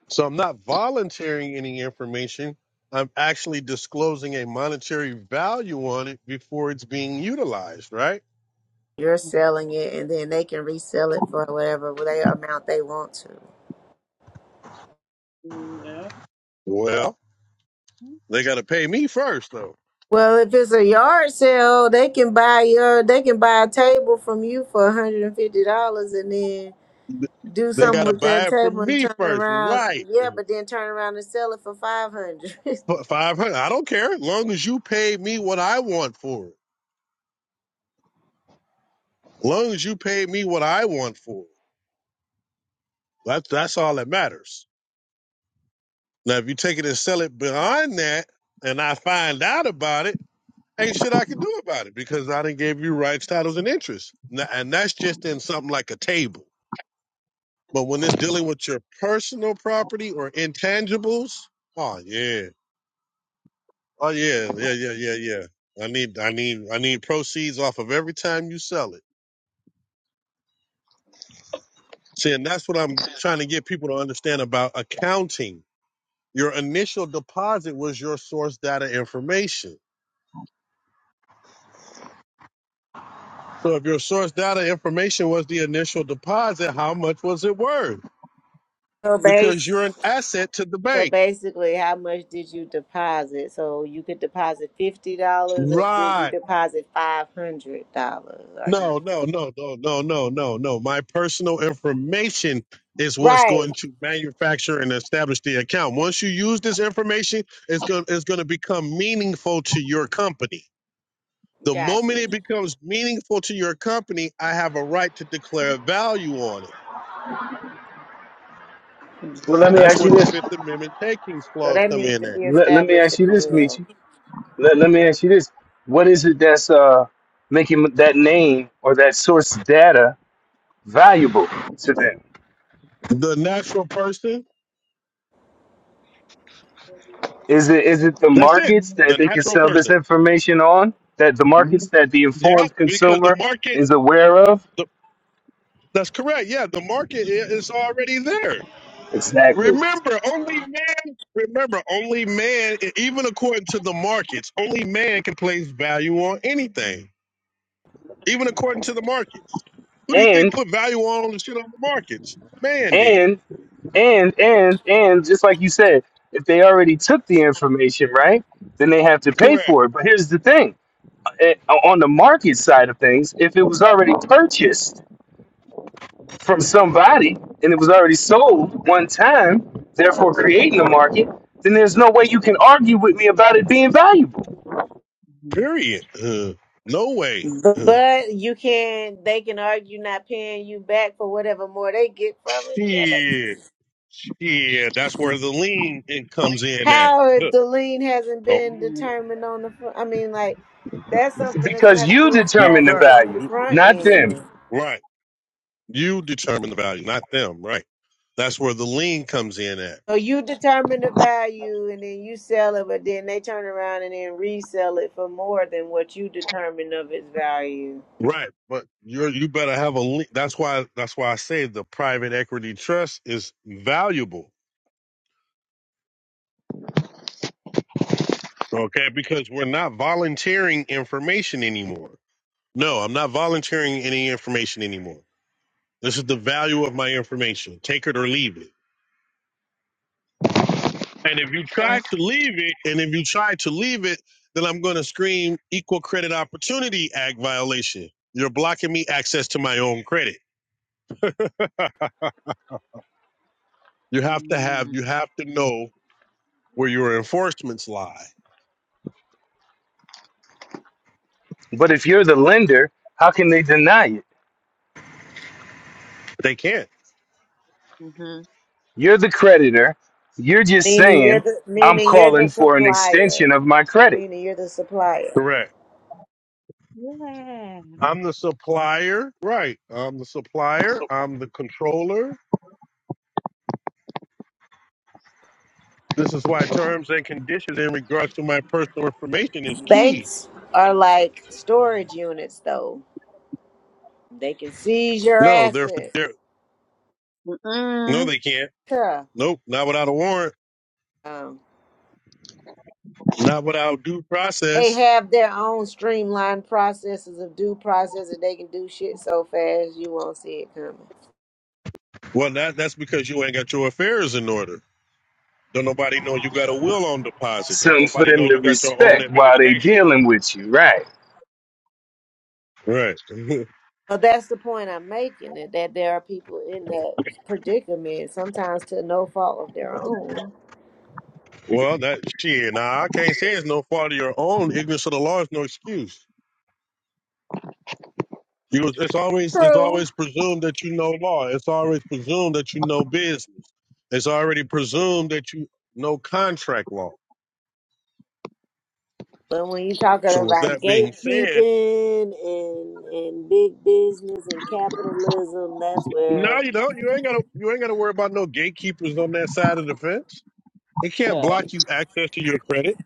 Speaker 1: So I'm not volunteering any information. I'm actually disclosing a monetary value on it before it's being utilized, right?
Speaker 3: you're selling it and then they can resell it for whatever they amount they want to.
Speaker 4: Okay.
Speaker 1: Well, they got to pay me first, though.
Speaker 3: Well, if it's a yard sale, they can buy your they can buy a table from you for hundred and fifty dollars and then do
Speaker 1: They got
Speaker 3: something
Speaker 1: to
Speaker 3: with
Speaker 1: buy
Speaker 3: that
Speaker 1: it
Speaker 3: table
Speaker 1: from
Speaker 3: and
Speaker 1: me
Speaker 3: turn
Speaker 1: first,
Speaker 3: around
Speaker 1: right?
Speaker 3: yeah, but then turn around and sell it for five hundred.
Speaker 1: F- 500. I don't care. As long as you pay me what I want for it. As long as you pay me what I want for it. That's, that's all that matters. Now, if you take it and sell it beyond that and I find out about it, ain't shit I can do about it because I didn't give you rights, titles, and interests. Now, and that's just in something like a table. But when it's dealing with your personal property or intangibles, oh yeah, oh yeah, yeah, yeah, yeah, yeah. I need, I need, I need proceeds off of every time you sell it. See, and that's what I'm trying to get people to understand about accounting. Your initial deposit was your source data information. So if your source data information was the initial deposit, how much was it worth?
Speaker 3: <laughs> so
Speaker 1: because
Speaker 3: base
Speaker 1: you're an asset to the
Speaker 3: so
Speaker 1: bank.
Speaker 3: basically how much did you deposit? So you could deposit fifty dollars or did you
Speaker 1: Right.
Speaker 3: deposit five hundred dollars?
Speaker 1: No, no, no, no, no, no, no, no. My personal information is what's
Speaker 3: Right.
Speaker 1: going to manufacture and establish the account. Once you use this information, it's going it's going to become meaningful to your company. The moment
Speaker 3: Gotcha.
Speaker 1: it becomes meaningful to your company, I have a right to declare value on it.
Speaker 2: Well, let me
Speaker 1: That's
Speaker 2: ask
Speaker 1: where
Speaker 2: you
Speaker 1: the
Speaker 2: this.
Speaker 1: Fifth Amendment takings
Speaker 3: So
Speaker 1: clause
Speaker 3: that
Speaker 1: come
Speaker 3: needs
Speaker 1: in
Speaker 3: to
Speaker 1: at.
Speaker 3: be
Speaker 2: Let, let me
Speaker 3: established
Speaker 2: ask you
Speaker 3: in the
Speaker 2: this,
Speaker 3: will.
Speaker 2: Michi. Let, let me ask you this. What is it that's uh, making that name or that source data valuable to them?
Speaker 1: The natural person,
Speaker 2: Is it is it the
Speaker 1: that's it.
Speaker 2: markets that
Speaker 1: The
Speaker 2: they can
Speaker 1: natural
Speaker 2: sell this
Speaker 1: person.
Speaker 2: information on? That the markets
Speaker 1: Mhm.
Speaker 2: that the
Speaker 1: Yeah,
Speaker 2: informed
Speaker 1: because the
Speaker 2: consumer
Speaker 1: market
Speaker 2: is aware of?
Speaker 1: The, that's correct. Yeah, the market i- is already there.
Speaker 2: Exactly.
Speaker 1: Remember, only man. Remember, only man. e- Even according to the markets, only man can place value on anything. Even according to the markets, who do you think
Speaker 2: And
Speaker 1: put value on the shit on the markets? Man did.
Speaker 2: and And and and just like you said, if they already took the information, right, then they have to pay
Speaker 1: Correct.
Speaker 2: for it. But here's the thing: eh, on the market side of things, if it was already purchased from somebody and it was already sold one time, therefore creating a market, then there's no way you can argue with me about it being valuable
Speaker 1: Period. Uh, no way.
Speaker 3: But,
Speaker 1: Uh,
Speaker 3: but you can, they can argue not paying you back for whatever more they get from it. Damn it.
Speaker 1: shit. Shit. That's where the lean in comes in at.
Speaker 3: How if
Speaker 1: Huh.
Speaker 3: the lien hasn't
Speaker 1: No,
Speaker 3: been determined on the front? I mean, like, that's something that's
Speaker 2: because
Speaker 3: going to have to
Speaker 2: you
Speaker 3: be
Speaker 2: determine the
Speaker 3: established
Speaker 1: because
Speaker 3: on the
Speaker 2: value,
Speaker 3: front
Speaker 2: not them.
Speaker 3: end.
Speaker 1: right. You determine the value, not them, right? That's where the lien comes in at.
Speaker 3: So you determine the value and then you sell it, but then they turn around and then resell it for more than what you determined of its value.
Speaker 1: Right. But you're you better have a lien. That's why that's why I say the private equity trust is valuable. Okay, because we're not volunteering information anymore. No, I'm not volunteering any information anymore. This is the value of my information. Take it or leave it. And if you
Speaker 4: And I said,
Speaker 1: try to leave it, and if you try to leave it, then I'm going to scream Equal Credit Opportunity Act violation. You're blocking me access to my own credit. <laughs> you have to have
Speaker 4: mm
Speaker 1: you have to know where your enforcements lie.
Speaker 2: But if you're the lender, how can they deny it?
Speaker 1: They can't.
Speaker 4: mm-hmm.
Speaker 2: You're the creditor. You're just
Speaker 3: Meaning you're
Speaker 2: saying,
Speaker 3: the
Speaker 2: I'm
Speaker 3: meaning you're the
Speaker 2: calling for an
Speaker 3: supplier.
Speaker 2: extension of my credit.
Speaker 3: Meaning you're the supplier.
Speaker 1: Correct.
Speaker 4: Yeah.
Speaker 1: I'm the supplier. Right. I'm the supplier. I'm the controller. This is why terms and conditions in regards to my personal information is key.
Speaker 3: Banks are like storage units, though. They can seize your
Speaker 1: No, they're
Speaker 3: assets.
Speaker 1: they're, no
Speaker 4: Mm-mm.
Speaker 1: they can't.
Speaker 3: Huh.
Speaker 1: Nope, not without a warrant.
Speaker 3: Um,
Speaker 1: Not without due
Speaker 3: they
Speaker 1: process.
Speaker 3: have their own streamlined processes of due process, and they can do shit so fast you won't see it coming.
Speaker 1: Well that that's because you ain't got your affairs in order. Don't nobody know you got a will on deposit. Don't
Speaker 2: Something for
Speaker 1: nobody know
Speaker 2: them to
Speaker 1: you got your own
Speaker 2: respect while they
Speaker 1: administration.
Speaker 2: dealing with you, right?
Speaker 1: Right. <laughs>
Speaker 3: But that's the point I'm making that, that there are people in that predicament, sometimes to no fault of their own.
Speaker 1: Well, that shit. Now I can't say it's no fault of your own. Ignorance of the law is no excuse. You, it's always it's
Speaker 3: True.
Speaker 1: always presumed that you know law. It's always presumed that you know business. It's already presumed that you know contract law.
Speaker 3: But when you're talking
Speaker 1: So with
Speaker 3: about
Speaker 1: that being said,
Speaker 3: gatekeeping and and big business and capitalism, that's where.
Speaker 1: no, you don't. You ain't gotta you ain't gotta worry about no gatekeepers on that side of the fence. They can't block you access to your credit.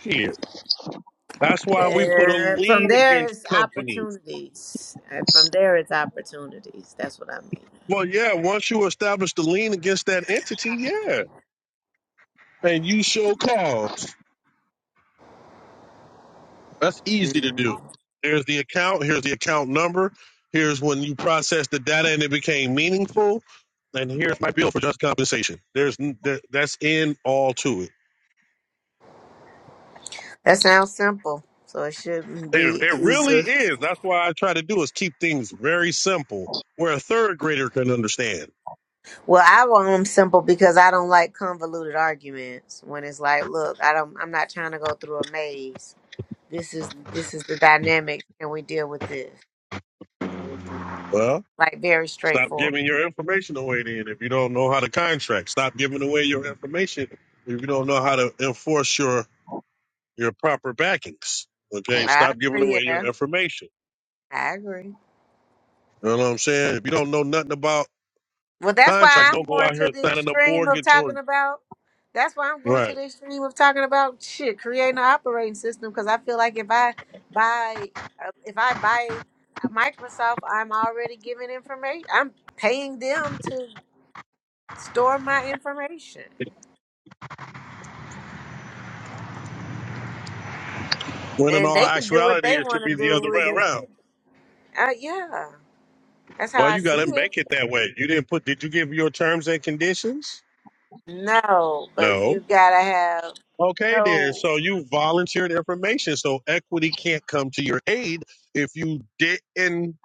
Speaker 1: Shit. That's why we put a
Speaker 3: There, from
Speaker 1: lien
Speaker 3: there
Speaker 1: against
Speaker 3: is
Speaker 1: companies.
Speaker 3: opportunities. Uh, From there is opportunities. That's what I mean.
Speaker 1: Well, yeah, once you establish the lien against that entity, yeah. and you show cause. That's easy to do.
Speaker 3: Mhm.
Speaker 1: Here's the account. Here's the account number. Here's when you process the data and it became meaningful. And here's my bill for just compensation. There's n- th- that's in all to it.
Speaker 3: That sounds simple, so it shouldn't
Speaker 1: It,
Speaker 3: be
Speaker 1: it really
Speaker 3: easy.
Speaker 1: is. That's why I try to do is keep things very simple where a third grader can understand.
Speaker 3: Well, I want them simple because I don't like convoluted arguments. When it's like, look, I don't. I'm not trying to go through a maze. This is this is the dynamic, and we deal with this.
Speaker 1: Well,
Speaker 3: Like very
Speaker 1: stop
Speaker 3: straightforward.
Speaker 1: giving your information away then if you don't know how to contract. Stop giving away your information if you don't know how to enforce your your proper backings. Okay,
Speaker 3: I
Speaker 1: stop giving
Speaker 3: agree
Speaker 1: away your
Speaker 3: there.
Speaker 1: information.
Speaker 3: I agree.
Speaker 1: You know what I'm saying? If you don't know nothing about
Speaker 3: Well, that's
Speaker 1: contracts,
Speaker 3: why I'm
Speaker 1: don't go
Speaker 3: going
Speaker 1: out
Speaker 3: to
Speaker 1: here
Speaker 3: the
Speaker 1: signing a
Speaker 3: extreme of
Speaker 1: mortgage or
Speaker 3: talking about. That's why I'm going to
Speaker 1: right.
Speaker 3: the extreme of talking about shit, creating an operating system because I feel like if I buy, uh, if I buy Microsoft, I'm already giving information. I'm paying them to store my information,
Speaker 1: When in
Speaker 3: and
Speaker 1: all
Speaker 3: they can do what
Speaker 1: actuality,
Speaker 3: they
Speaker 1: it should
Speaker 3: want
Speaker 1: be
Speaker 3: to
Speaker 1: the other
Speaker 3: do
Speaker 1: way
Speaker 3: with it.
Speaker 1: around.
Speaker 3: Uh, yeah, that's how
Speaker 1: Well,
Speaker 3: I
Speaker 1: you got
Speaker 3: see
Speaker 1: to
Speaker 3: it.
Speaker 1: make it that way. You didn't put. Did you give your terms and conditions?
Speaker 3: No, but you
Speaker 1: No.
Speaker 3: gotta have
Speaker 1: Okay, then.
Speaker 3: no
Speaker 1: So you volunteered information. So equity can't come to your aid if you didn't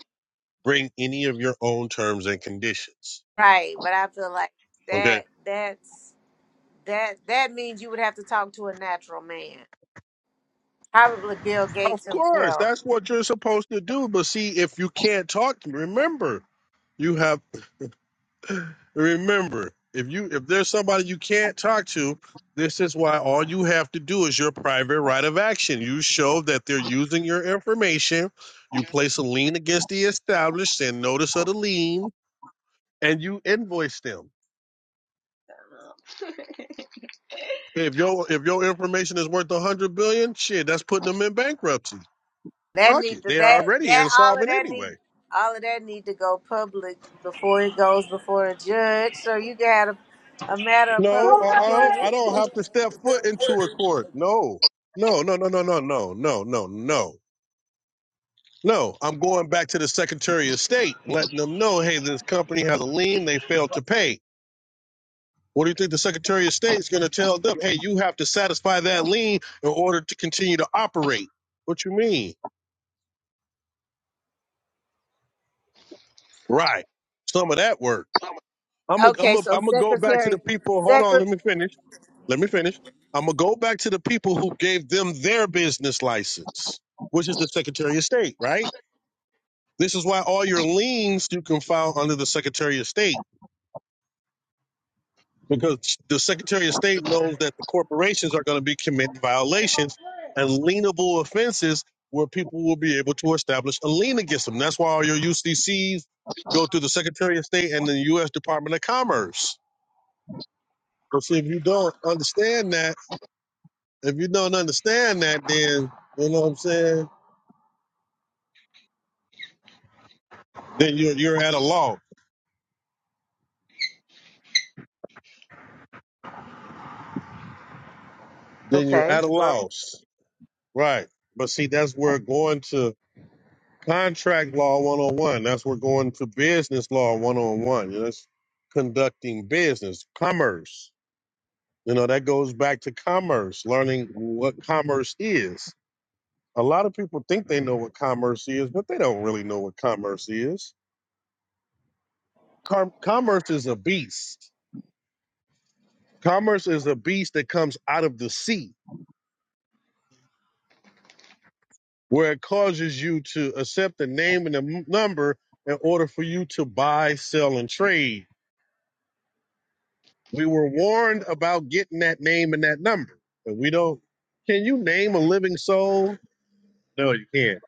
Speaker 1: bring any of your own terms and conditions.
Speaker 3: right. But I feel like
Speaker 1: Okay.
Speaker 3: that. That's That that means you would have to talk to a natural man, probably Bill Gates
Speaker 1: Of course,
Speaker 3: himself.
Speaker 1: that's what you're supposed to do. But see, if you can't talk, remember you have. <sighs> Remember, if you if there's somebody you can't talk to, this is why all you have to do is your private right of action. You show that they're using your information. You place a lien against the established and notice of the lien, and you invoice them.
Speaker 4: <laughs>
Speaker 1: If your if your information is worth a hundred billion, shit, that's putting them in bankruptcy.
Speaker 3: That
Speaker 1: Fuck
Speaker 3: need
Speaker 1: it,
Speaker 3: to
Speaker 1: they are
Speaker 3: that
Speaker 1: already
Speaker 3: that all of
Speaker 1: insolvent
Speaker 3: that
Speaker 1: anyway.
Speaker 3: need all of that need to go public before it goes before a judge, so you got a, a matter of
Speaker 1: No,
Speaker 3: public
Speaker 1: uh uh I
Speaker 3: opinion.
Speaker 1: don't
Speaker 3: <laughs>
Speaker 1: have to step foot into a court. No. No, no, no, no, no, no, no, no, no. No, I'm going back to the Secretary of State, letting them know, hey, this company has a lien, they failed to pay. What do you think the Secretary of State is going to tell them? Hey, you have to satisfy that lien in order to continue to operate. What you mean? Right. Some of that work. I'm going I'm
Speaker 3: okay,
Speaker 1: to
Speaker 3: so
Speaker 1: I'm go back to
Speaker 3: secretary,
Speaker 1: the people. Hold on,
Speaker 3: secret.
Speaker 1: let me finish. Let me finish. I'm going to go back to the people who gave them their business license, which is the Secretary of State, right? This is why all your liens you can file under the Secretary of State because the Secretary of State knows that the corporations are going to be committing violations and lienable offenses where people will be able to establish a lien against them. That's why all your UCCs go through the Secretary of State and the U.S. Department of Commerce. But see, if you don't understand that, If you don't understand that, then you know what I'm saying. Then you're you're at a loss. Then you're
Speaker 3: Okay,
Speaker 1: at a
Speaker 3: well,
Speaker 1: loss, right? But see, that's where going to contract law one on one. That's where going to business law one. You know, it's conducting business, commerce. You know, that goes back to commerce, learning what commerce is. A lot of people think they know what commerce is, but they don't really know what commerce is. Com- commerce is a beast. Commerce is a beast that comes out of the sea where it causes you to accept the name and the m- number in order for you to buy, sell, and trade. We were warned about getting that name and that number, and we don't. Can you name a living soul? No, you can't.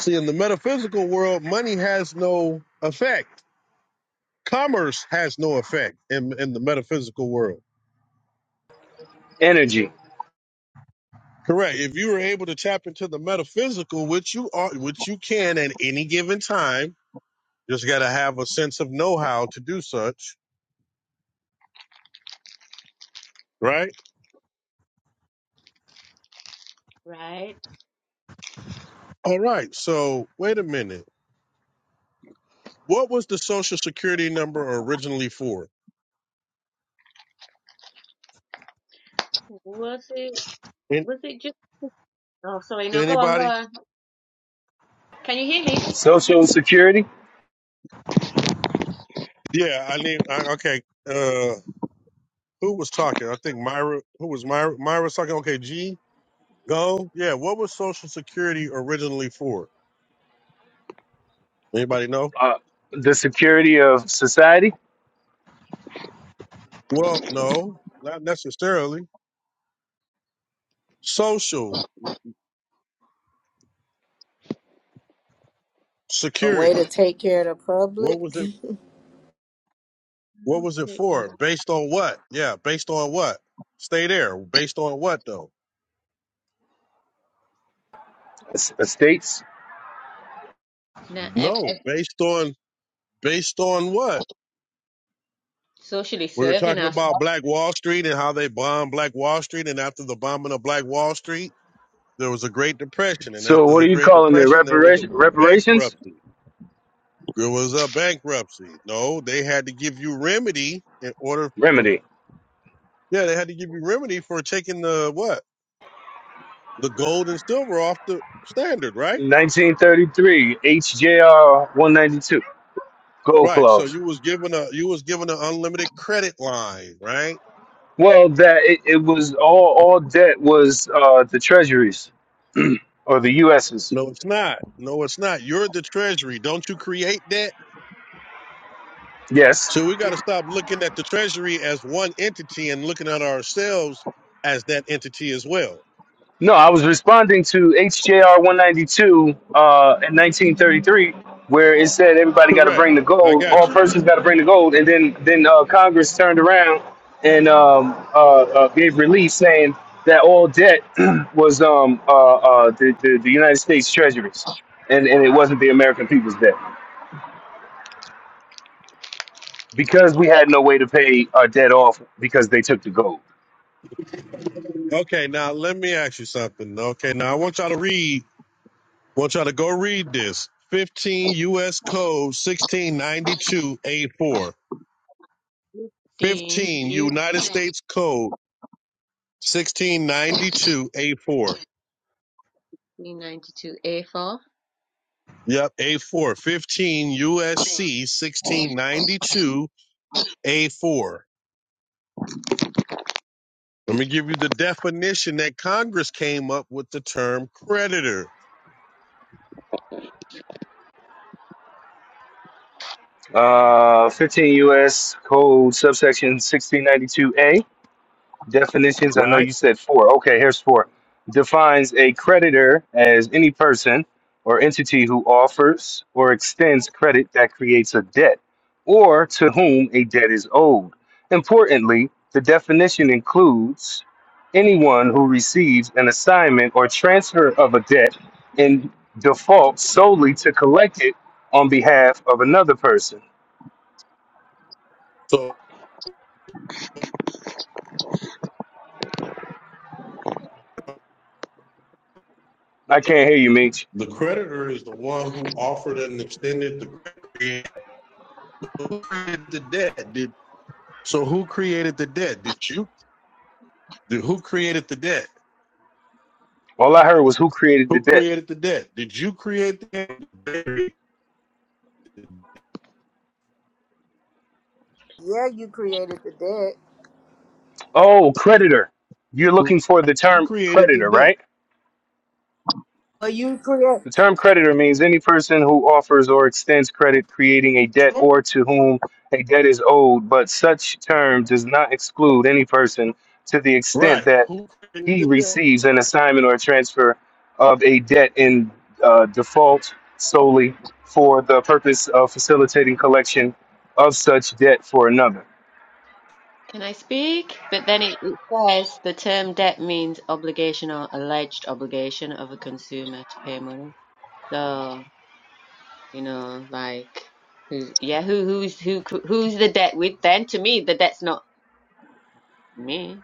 Speaker 1: See, in the metaphysical world, money has no effect. Commerce has no effect in, in the metaphysical world.
Speaker 2: Energy,
Speaker 1: Correct. If you were able to tap into the metaphysical, which you are, which you can at any given time, just got to have a sense of know-how to do such, right?
Speaker 4: Right.
Speaker 1: All right. So wait a minute. What was the social security number originally for?
Speaker 4: Was it
Speaker 1: An-
Speaker 4: was it just Oh, sorry. No, go on, go
Speaker 1: Anybody?
Speaker 4: on. Can you hear me? Mm,
Speaker 2: social security,
Speaker 1: Yeah, I need. I, okay. Uh, who was talking? I think Myra. Who was Myra? Myra was talking. Okay, G. Go. Yeah. What was social security originally for? Anybody know?
Speaker 2: uh, the security of society,
Speaker 1: Well, no, not necessarily. Social
Speaker 3: a way to
Speaker 1: security.
Speaker 3: take care of the public.
Speaker 1: What was
Speaker 3: <laughs>
Speaker 1: it? What was it
Speaker 4: Take care.
Speaker 1: for? Based on what? Yeah. Based on what? Stay there. Based on what though?
Speaker 2: es- estates.
Speaker 4: Now, ev-
Speaker 1: No.
Speaker 4: ev-
Speaker 1: Based on Based on what?
Speaker 4: socially
Speaker 1: We were
Speaker 4: serving
Speaker 1: talking
Speaker 4: ourselves,
Speaker 1: about Black Wall Street and how they bombed Black Wall Street. And after the bombing of Black Wall Street, there was a Great Depression. And
Speaker 2: So
Speaker 1: after
Speaker 2: what are
Speaker 1: the
Speaker 2: you
Speaker 1: Great
Speaker 2: calling it?
Speaker 1: Depression, there was a
Speaker 2: Reparation, reparations?
Speaker 1: bankruptcy. There was a bankruptcy. No, they had to give you remedy in order for,
Speaker 2: Remedy.
Speaker 1: yeah, they had to give you remedy for taking the what? The gold and silver off the standard, right?
Speaker 2: 1933, HJR 192, gold
Speaker 1: Right. So
Speaker 4: I'm
Speaker 2: clause.
Speaker 1: you was given a, you was given an unlimited credit line, right?
Speaker 2: Well, that it, it was all all debt was uh, the treasuries <clears throat> or the U.S.'s.
Speaker 1: No, it's not. No, it's not. You're the treasury. Don't you create debt?
Speaker 2: Yes.
Speaker 1: So we got to stop looking at the treasury as one entity and looking at ourselves as that entity as well.
Speaker 2: No, I was responding to HJR 192 uh, in 1933, where it said everybody got to
Speaker 1: Correct.
Speaker 2: bring the
Speaker 1: I
Speaker 2: gold, all
Speaker 1: got you.
Speaker 2: persons got to bring the gold, and then then uh, Congress turned around and um, uh, uh, gave relief saying that all debt <clears throat> was um, uh, uh, the, the the United States treasuries, and and it wasn't the American people's debt because we had no way to pay our debt off because they took the gold.
Speaker 1: Okay, now let me ask you something. Okay, now I want y'all to read, want y'all to go read this. 15 U.S. Code 1692A4.
Speaker 4: Dean,
Speaker 1: 15
Speaker 4: you,
Speaker 1: United States Code 1692A4.
Speaker 4: 392A4.
Speaker 1: Yep, A4. 15 USC 1692A4. Let me give you the definition that Congress came up with the term creditor,
Speaker 2: Uh, 15 U.S. Code subsection 1692A Definitions. I know
Speaker 1: right?
Speaker 2: you said four. Okay, here's four. Defines a creditor as any person or entity who offers or extends credit that creates a debt or to whom a debt is owed. Importantly, the definition includes anyone who receives an assignment or transfer of a debt in default solely to collect it on behalf of another person.
Speaker 1: So
Speaker 2: I can't hear you, Meech.
Speaker 1: the creditor is the one who offered and extended the credit. Who created the debt? Did so? Who created the debt? Did you? Did, who created the debt?
Speaker 2: All I heard was who created the
Speaker 1: Who
Speaker 2: debt.
Speaker 1: created the debt? Did you create the debt?
Speaker 3: yeah, you created the debt.
Speaker 2: Oh, creditor. You're
Speaker 1: Who
Speaker 2: looking for the term
Speaker 1: created the
Speaker 2: creditor,
Speaker 1: debt?
Speaker 2: right?
Speaker 3: Well, you create
Speaker 2: The term creditor means any person who offers or extends credit creating a debt or to whom a debt is owed, but such term does not exclude any person to the extent
Speaker 1: Right.
Speaker 2: that
Speaker 1: Who created
Speaker 2: he
Speaker 1: the debt?
Speaker 2: receives an assignment or transfer of a debt in uh, default solely for the purpose of facilitating collection of such debt for another.
Speaker 4: Can I speak? But then it, it says the term debt means obligation or alleged obligation of a consumer to pay money. So, you know, like, who's, yeah, who, who's, who, cr- who's the debt with then? To me, the debt's not me.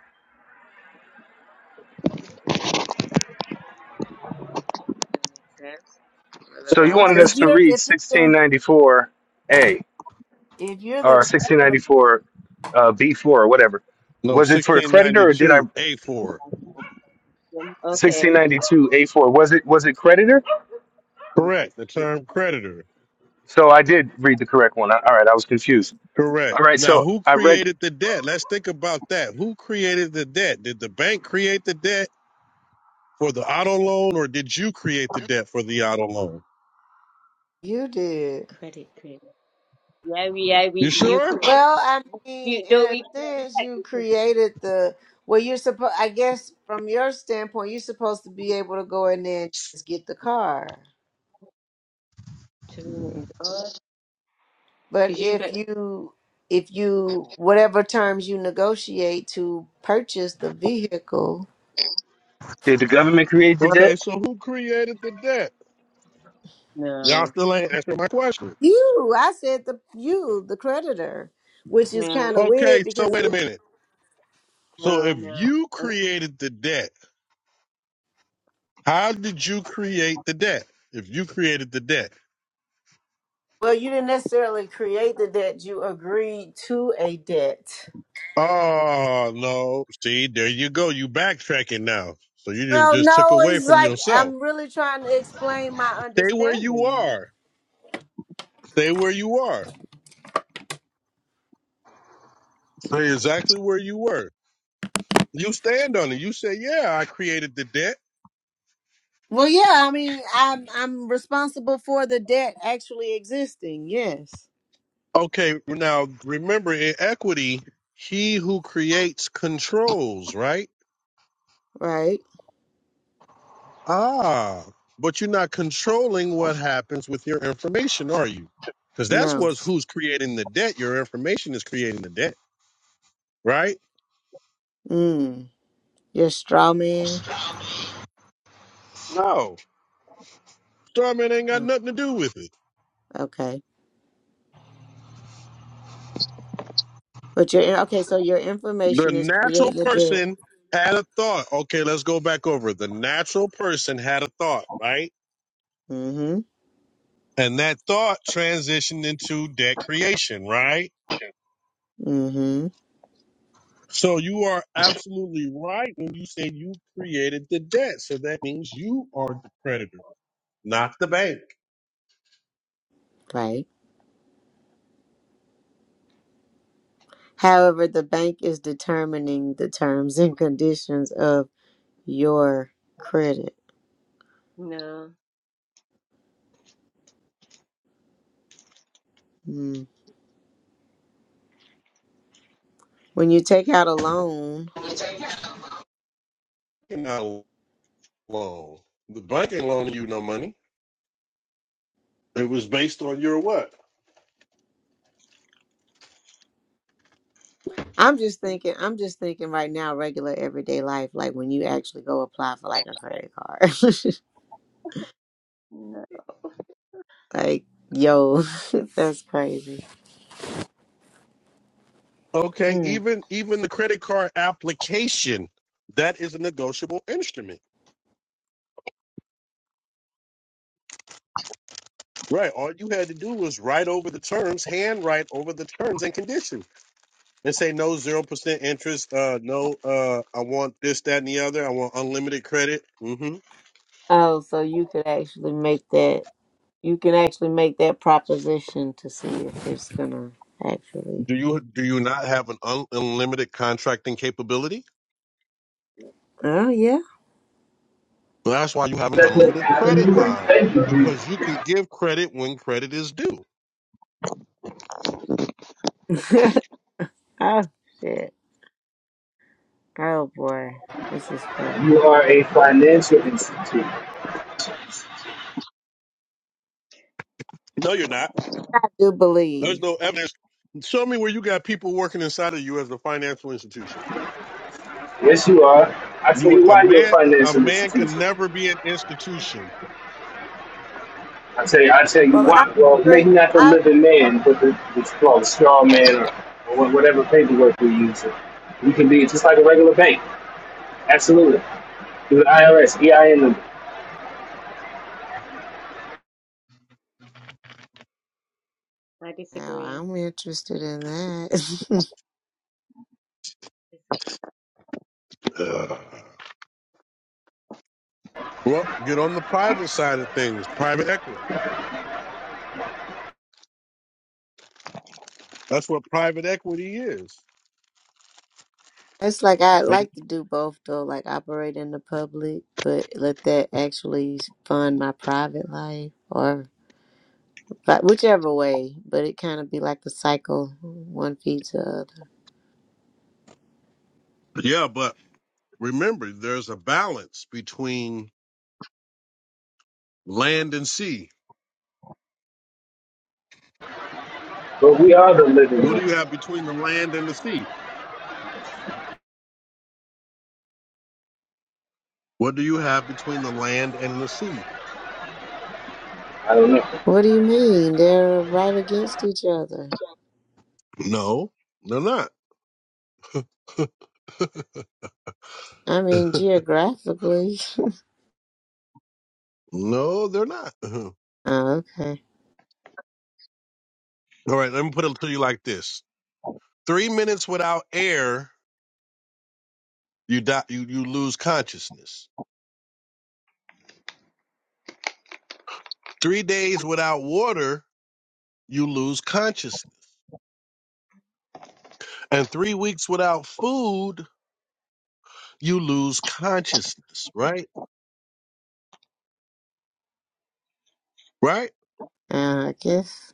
Speaker 4: That makes sense. For the
Speaker 2: So you wanted
Speaker 4: last.
Speaker 3: if
Speaker 2: us to
Speaker 3: you're
Speaker 2: read
Speaker 3: if you're the,
Speaker 2: 1694A.
Speaker 3: if you're
Speaker 2: or
Speaker 3: the creditor,
Speaker 2: 1694 uh, B4 or whatever.
Speaker 1: No,
Speaker 2: Was it for a
Speaker 4: Okay.
Speaker 2: creditor or did I
Speaker 1: 1692 A4.
Speaker 4: Okay.
Speaker 2: 1692 A4? Was it was it creditor?
Speaker 1: Correct. The term creditor.
Speaker 2: So I did read the correct one. I, all right, I was confused.
Speaker 1: Correct.
Speaker 2: All right,
Speaker 1: Now,
Speaker 2: so
Speaker 1: who
Speaker 2: I read.
Speaker 1: created the debt? Let's think about that. Who created the debt? Did the bank create the debt for the auto loan or did you create the debt for the auto loan?
Speaker 3: you did.
Speaker 4: Credit, credit. Yeah, we, yeah,
Speaker 1: You
Speaker 4: we, you,
Speaker 1: sure?
Speaker 3: Well, I mean,
Speaker 4: you,
Speaker 3: in
Speaker 4: don't
Speaker 3: a
Speaker 4: we call it
Speaker 3: sense, you created the well. You're supposed, I guess, from your standpoint, you're supposed to be able to go in there and just get the car.
Speaker 4: Oh,
Speaker 3: But
Speaker 4: because you've,
Speaker 3: if
Speaker 4: ex-
Speaker 3: you, if you, whatever terms you negotiate to purchase the vehicle,
Speaker 2: Did the government create the
Speaker 1: Okay,
Speaker 2: debt?
Speaker 1: so who created the debt? Y'all
Speaker 4: no,
Speaker 1: still ain't answering my question.
Speaker 3: you, I said the you, the creditor, which is
Speaker 4: no,
Speaker 3: kind of weird
Speaker 1: Okay, so
Speaker 3: because,
Speaker 1: wait a
Speaker 3: it,
Speaker 1: minute. So
Speaker 4: no,
Speaker 1: if
Speaker 4: no,
Speaker 1: you
Speaker 4: uh,
Speaker 1: created the debt, how did you create the debt? If you created the debt.
Speaker 3: well, you didn't necessarily create the debt; you agreed to a debt.
Speaker 1: Oh, no. See, there you go. You backtracking now. So you didn't
Speaker 3: Well,
Speaker 1: just took
Speaker 3: no,
Speaker 1: away
Speaker 3: it's
Speaker 1: from
Speaker 3: like
Speaker 1: yourself.
Speaker 3: I'm really trying to explain my
Speaker 1: Stay where you
Speaker 3: understanding.
Speaker 1: are. Stay where you are. Stay exactly where you were. You stand on it. You say, yeah, I created the debt.
Speaker 3: Well, yeah, I mean, I'm I'm responsible for the debt actually existing. Yes,
Speaker 1: Okay, now remember in equity, he who creates controls, right?
Speaker 3: right?
Speaker 1: Ah, but you're not controlling what happens with your information, are you? Because that's
Speaker 3: No,
Speaker 1: what's who's creating the debt. Your information is creating the debt, right?
Speaker 3: mm, you're a straw man.
Speaker 1: No. Starman ain't got
Speaker 3: Oh,
Speaker 1: nothing to do with it.
Speaker 3: Okay, but your okay. So your
Speaker 1: The
Speaker 3: information is
Speaker 1: natural
Speaker 3: creating a debt.
Speaker 1: person had a thought. Okay, let's go back over. The natural person had a thought, right?
Speaker 3: Mm-hmm.
Speaker 1: And that thought transitioned into debt creation, right?
Speaker 3: Mm-hmm.
Speaker 1: So you are absolutely right when you say you created the debt. So that means you are the creditor, not the bank.
Speaker 3: Right. However, the bank is determining the terms and conditions of your credit.
Speaker 4: no,
Speaker 3: Mm. When you take out a loan,
Speaker 1: You're not alone. The bank ain't loaning you no money. It was based on your what?
Speaker 3: I'm just thinking, I'm just thinking right now, regular everyday life, like when you actually go apply for like a credit card.
Speaker 4: no.
Speaker 3: <laughs> like, yo, <laughs> that's crazy.
Speaker 1: Okay,
Speaker 3: Mm.
Speaker 1: even even the credit card application, that is a negotiable instrument. Right. All you had to do was write over the terms, handwrite over the terms and conditions, and say no zero percent interest. Uh, no. Uh, I want this, that, and the other. I want unlimited credit. hmm
Speaker 3: Oh, so you could actually make that, you can actually make that proposition to see if it's gonna actually.
Speaker 1: Do you do you not have an un- unlimited contracting capability?
Speaker 3: Oh, yeah.
Speaker 1: Well, that's why you have an unlimited credit line because you can give credit when credit is due.
Speaker 3: <laughs> oh, shit. Oh, boy. This is funny.
Speaker 1: No, you're not.
Speaker 3: I do
Speaker 1: There's
Speaker 3: believe.
Speaker 1: no evidence. Show me where you got people working inside of you as a financial institution.
Speaker 2: Yes, you are. I tell
Speaker 1: You are
Speaker 2: you
Speaker 1: a
Speaker 2: why you're a
Speaker 1: man. A
Speaker 2: financial
Speaker 1: man can
Speaker 2: institution.
Speaker 1: never be an institution.
Speaker 2: I tell you, I tell you
Speaker 3: Well, I
Speaker 2: why. Well,
Speaker 3: agree.
Speaker 2: maybe not the
Speaker 3: I
Speaker 2: living man, but the, what's it called, straw man, or, or wha- whatever paperwork we use. You can be just like a regular bank. Absolutely. Through the IRS.
Speaker 4: I
Speaker 3: now
Speaker 4: disagree.
Speaker 3: I'm interested in that. <laughs>
Speaker 1: Ugh. Well, get on the private side of things, private equity. That's what private equity is.
Speaker 3: It's like I
Speaker 1: They-
Speaker 3: like to do both though, like operate in the public, but let that actually fund my private life or but whichever way. But it kind of be like the cycle, one feeds the other.
Speaker 1: Yeah, but remember, there's a balance between land and sea. What do you have between the land and the sea? What do you have between the land and the sea?
Speaker 3: What do you mean? They're right against each other.
Speaker 1: No, they're not. <laughs>
Speaker 3: I mean, geographically. <laughs>
Speaker 1: no, they're not. <laughs> All
Speaker 3: oh, okay.
Speaker 1: right, let me put it to you like this: three minutes without air, you die, you you lose consciousness. Three days without water, you lose consciousness. and three weeks without food, you lose consciousness, right? Right?
Speaker 3: Uh, I guess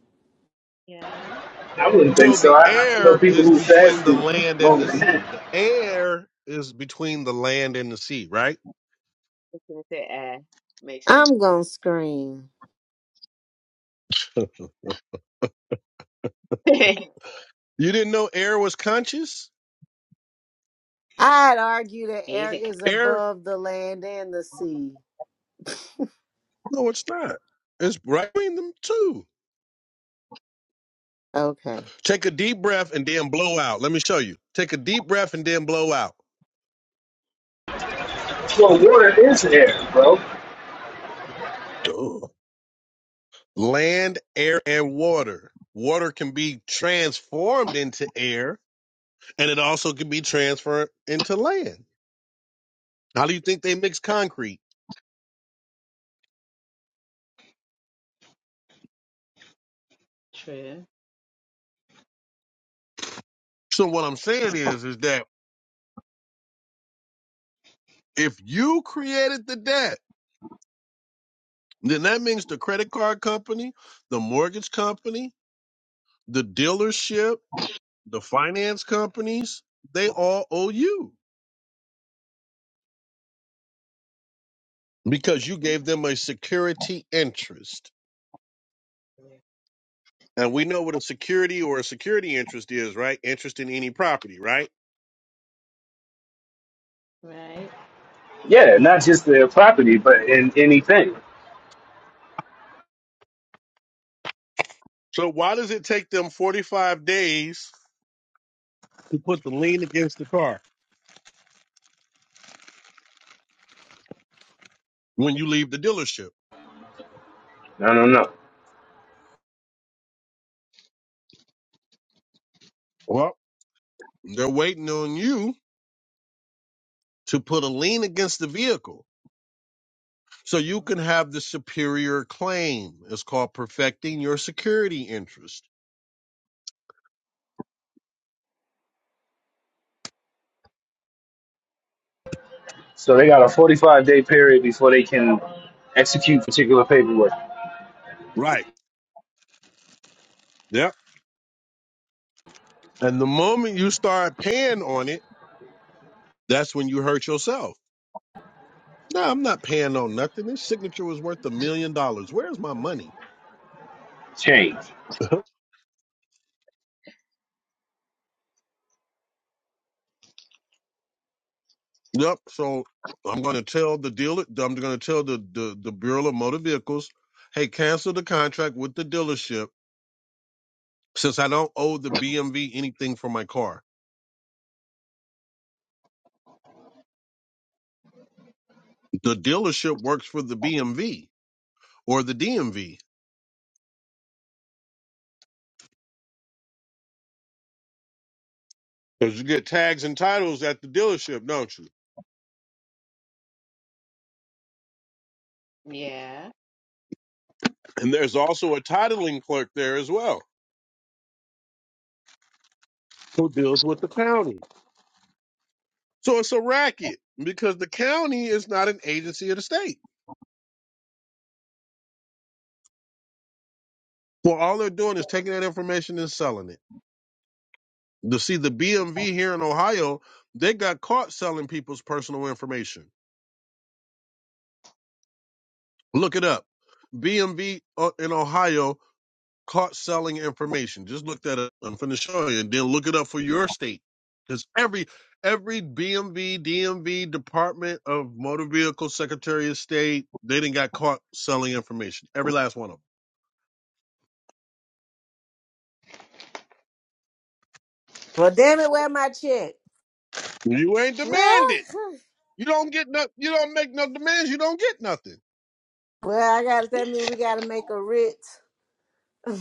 Speaker 4: Yeah. I
Speaker 2: I wouldn't think
Speaker 1: So
Speaker 2: so.
Speaker 1: the
Speaker 2: I, I know
Speaker 1: air
Speaker 2: people
Speaker 1: is
Speaker 2: who
Speaker 1: between the
Speaker 2: fasted
Speaker 1: land and
Speaker 2: longer
Speaker 1: the
Speaker 2: than
Speaker 1: sea.
Speaker 2: that.
Speaker 1: The air is between the land and the sea, right?
Speaker 4: was going to say air. Makes sense.
Speaker 3: I'm gonna scream.
Speaker 4: <laughs>
Speaker 1: You didn't know air was conscious?
Speaker 3: I'd argue the
Speaker 4: Is
Speaker 3: air
Speaker 4: it
Speaker 3: is
Speaker 1: Air?
Speaker 3: above the land and the sea.
Speaker 1: No, it's not. It's right between them two.
Speaker 3: Okay.
Speaker 1: Take a deep breath and then blow out. Let me show you. Take a deep breath and then blow out.
Speaker 2: Well, water is air, bro.
Speaker 1: Duh. Land, air, and water. Water can be transformed into air and it also could be transferred into land. How do you think they mix concrete?
Speaker 4: true?
Speaker 1: So what I'm saying is, is that if you created the debt, then that means the credit card company, the mortgage company, the dealership, the finance companies, they all owe you because you gave them a security interest. And we know what a security or a security interest is, right? Interest in any property, right?
Speaker 4: Right.
Speaker 2: Yeah, not just their property, but in anything.
Speaker 1: So why does it take them 45 days to put the lien against the car? when you leave the dealership.
Speaker 2: No, no, no.
Speaker 1: Well, they're waiting on you to put a lien against the vehicle so you
Speaker 4: Um,
Speaker 1: can have the superior claim. It's called perfecting your security interest.
Speaker 2: So they got a 45 day period before they can execute particular paperwork,
Speaker 1: Right. Yep. And the moment you start paying on it, that's when you hurt yourself. No, I'm not paying on nothing. This signature was worth a million dollars. Where's my money?
Speaker 2: change,
Speaker 1: <laughs> Yep. So I'm going to tell the dealer. I'm going to tell the, the the Bureau of Motor Vehicles, hey, cancel the contract with the dealership since I don't owe the BMV anything for my car. The dealership works for the BMV or the DMV. Because you get tags and titles at the dealership, don't you?
Speaker 4: Yeah.
Speaker 1: And there's also a titling clerk there as well who deals with the county. So it's a racket because the county is not an agency of the state. Well, all they're doing is taking that information and selling it. To see the BMV here in Ohio, they got caught selling people's personal information. Look it up. BMV uh, in Ohio caught selling information. Just look that up. I'm finna show you, and then look it up for your state, because every every BMV, DMV, Department of Motor Vehicle, Secretary of State, they didn't got caught selling information. Every last one of
Speaker 3: Well, damn it, where my check?
Speaker 1: them. You ain't demanded.
Speaker 3: <laughs>
Speaker 1: You don't get no. You don't make no demands. You don't get nothing.
Speaker 3: Well, I got to that mean we got to make a writ <laughs>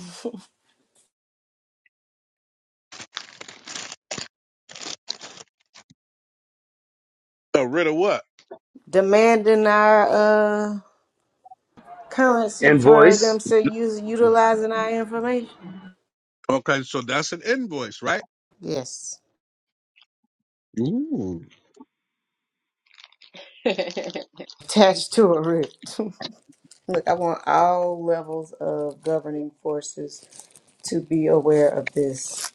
Speaker 1: So rid of what?
Speaker 3: demanding our uh currency for
Speaker 2: invoice
Speaker 3: them to use utilizing our information.
Speaker 1: Okay, so that's an invoice, right?
Speaker 3: Yes,
Speaker 1: Ooh.
Speaker 4: <laughs> hmm
Speaker 3: attached to a writ. <laughs> Look, I want all levels of governing forces to be aware of this.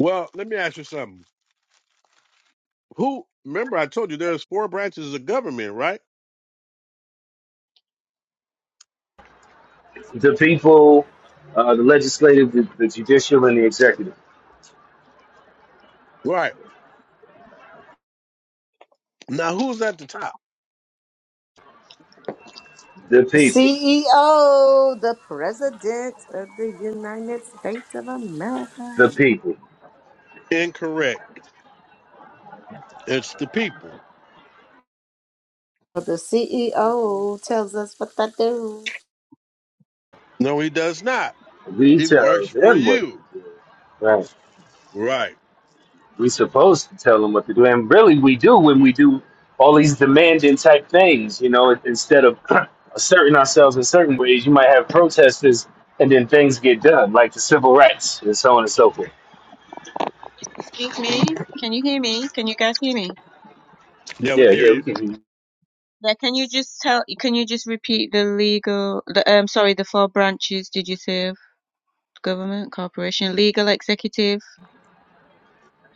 Speaker 1: Well, let me ask you something. Who? Remember, I told you there's four branches of government, right?
Speaker 2: the people, uh, the legislative, the, the judicial, and the executive.
Speaker 1: Right. Now, who's at the top?
Speaker 2: The
Speaker 3: The
Speaker 2: people,
Speaker 3: CEO, the President of the United States of
Speaker 2: the
Speaker 3: America.
Speaker 2: people.
Speaker 1: Incorrect. It's the people.
Speaker 3: The CEO tells us what to do.
Speaker 1: No, he does not.
Speaker 2: We
Speaker 1: He
Speaker 2: tell
Speaker 1: works for
Speaker 2: them what
Speaker 1: you.
Speaker 2: to do. Right.
Speaker 1: Right.
Speaker 2: We supposed to tell them what to do, and really we do when we do all these demanding type things. You know, instead of <clears throat> asserting ourselves in certain ways, you might have protesters, and then things get done, like the civil rights and so on and so forth.
Speaker 4: Excuse me? Can you hear me? Can you guys hear me?
Speaker 1: Yeah, we
Speaker 2: Yeah,
Speaker 1: can hear
Speaker 2: yeah, we
Speaker 1: you.
Speaker 2: can.
Speaker 4: Yeah, can you just tell, can you just repeat the legal, the, um, sorry, the four branches, did you say, of government, corporation, legal, executive?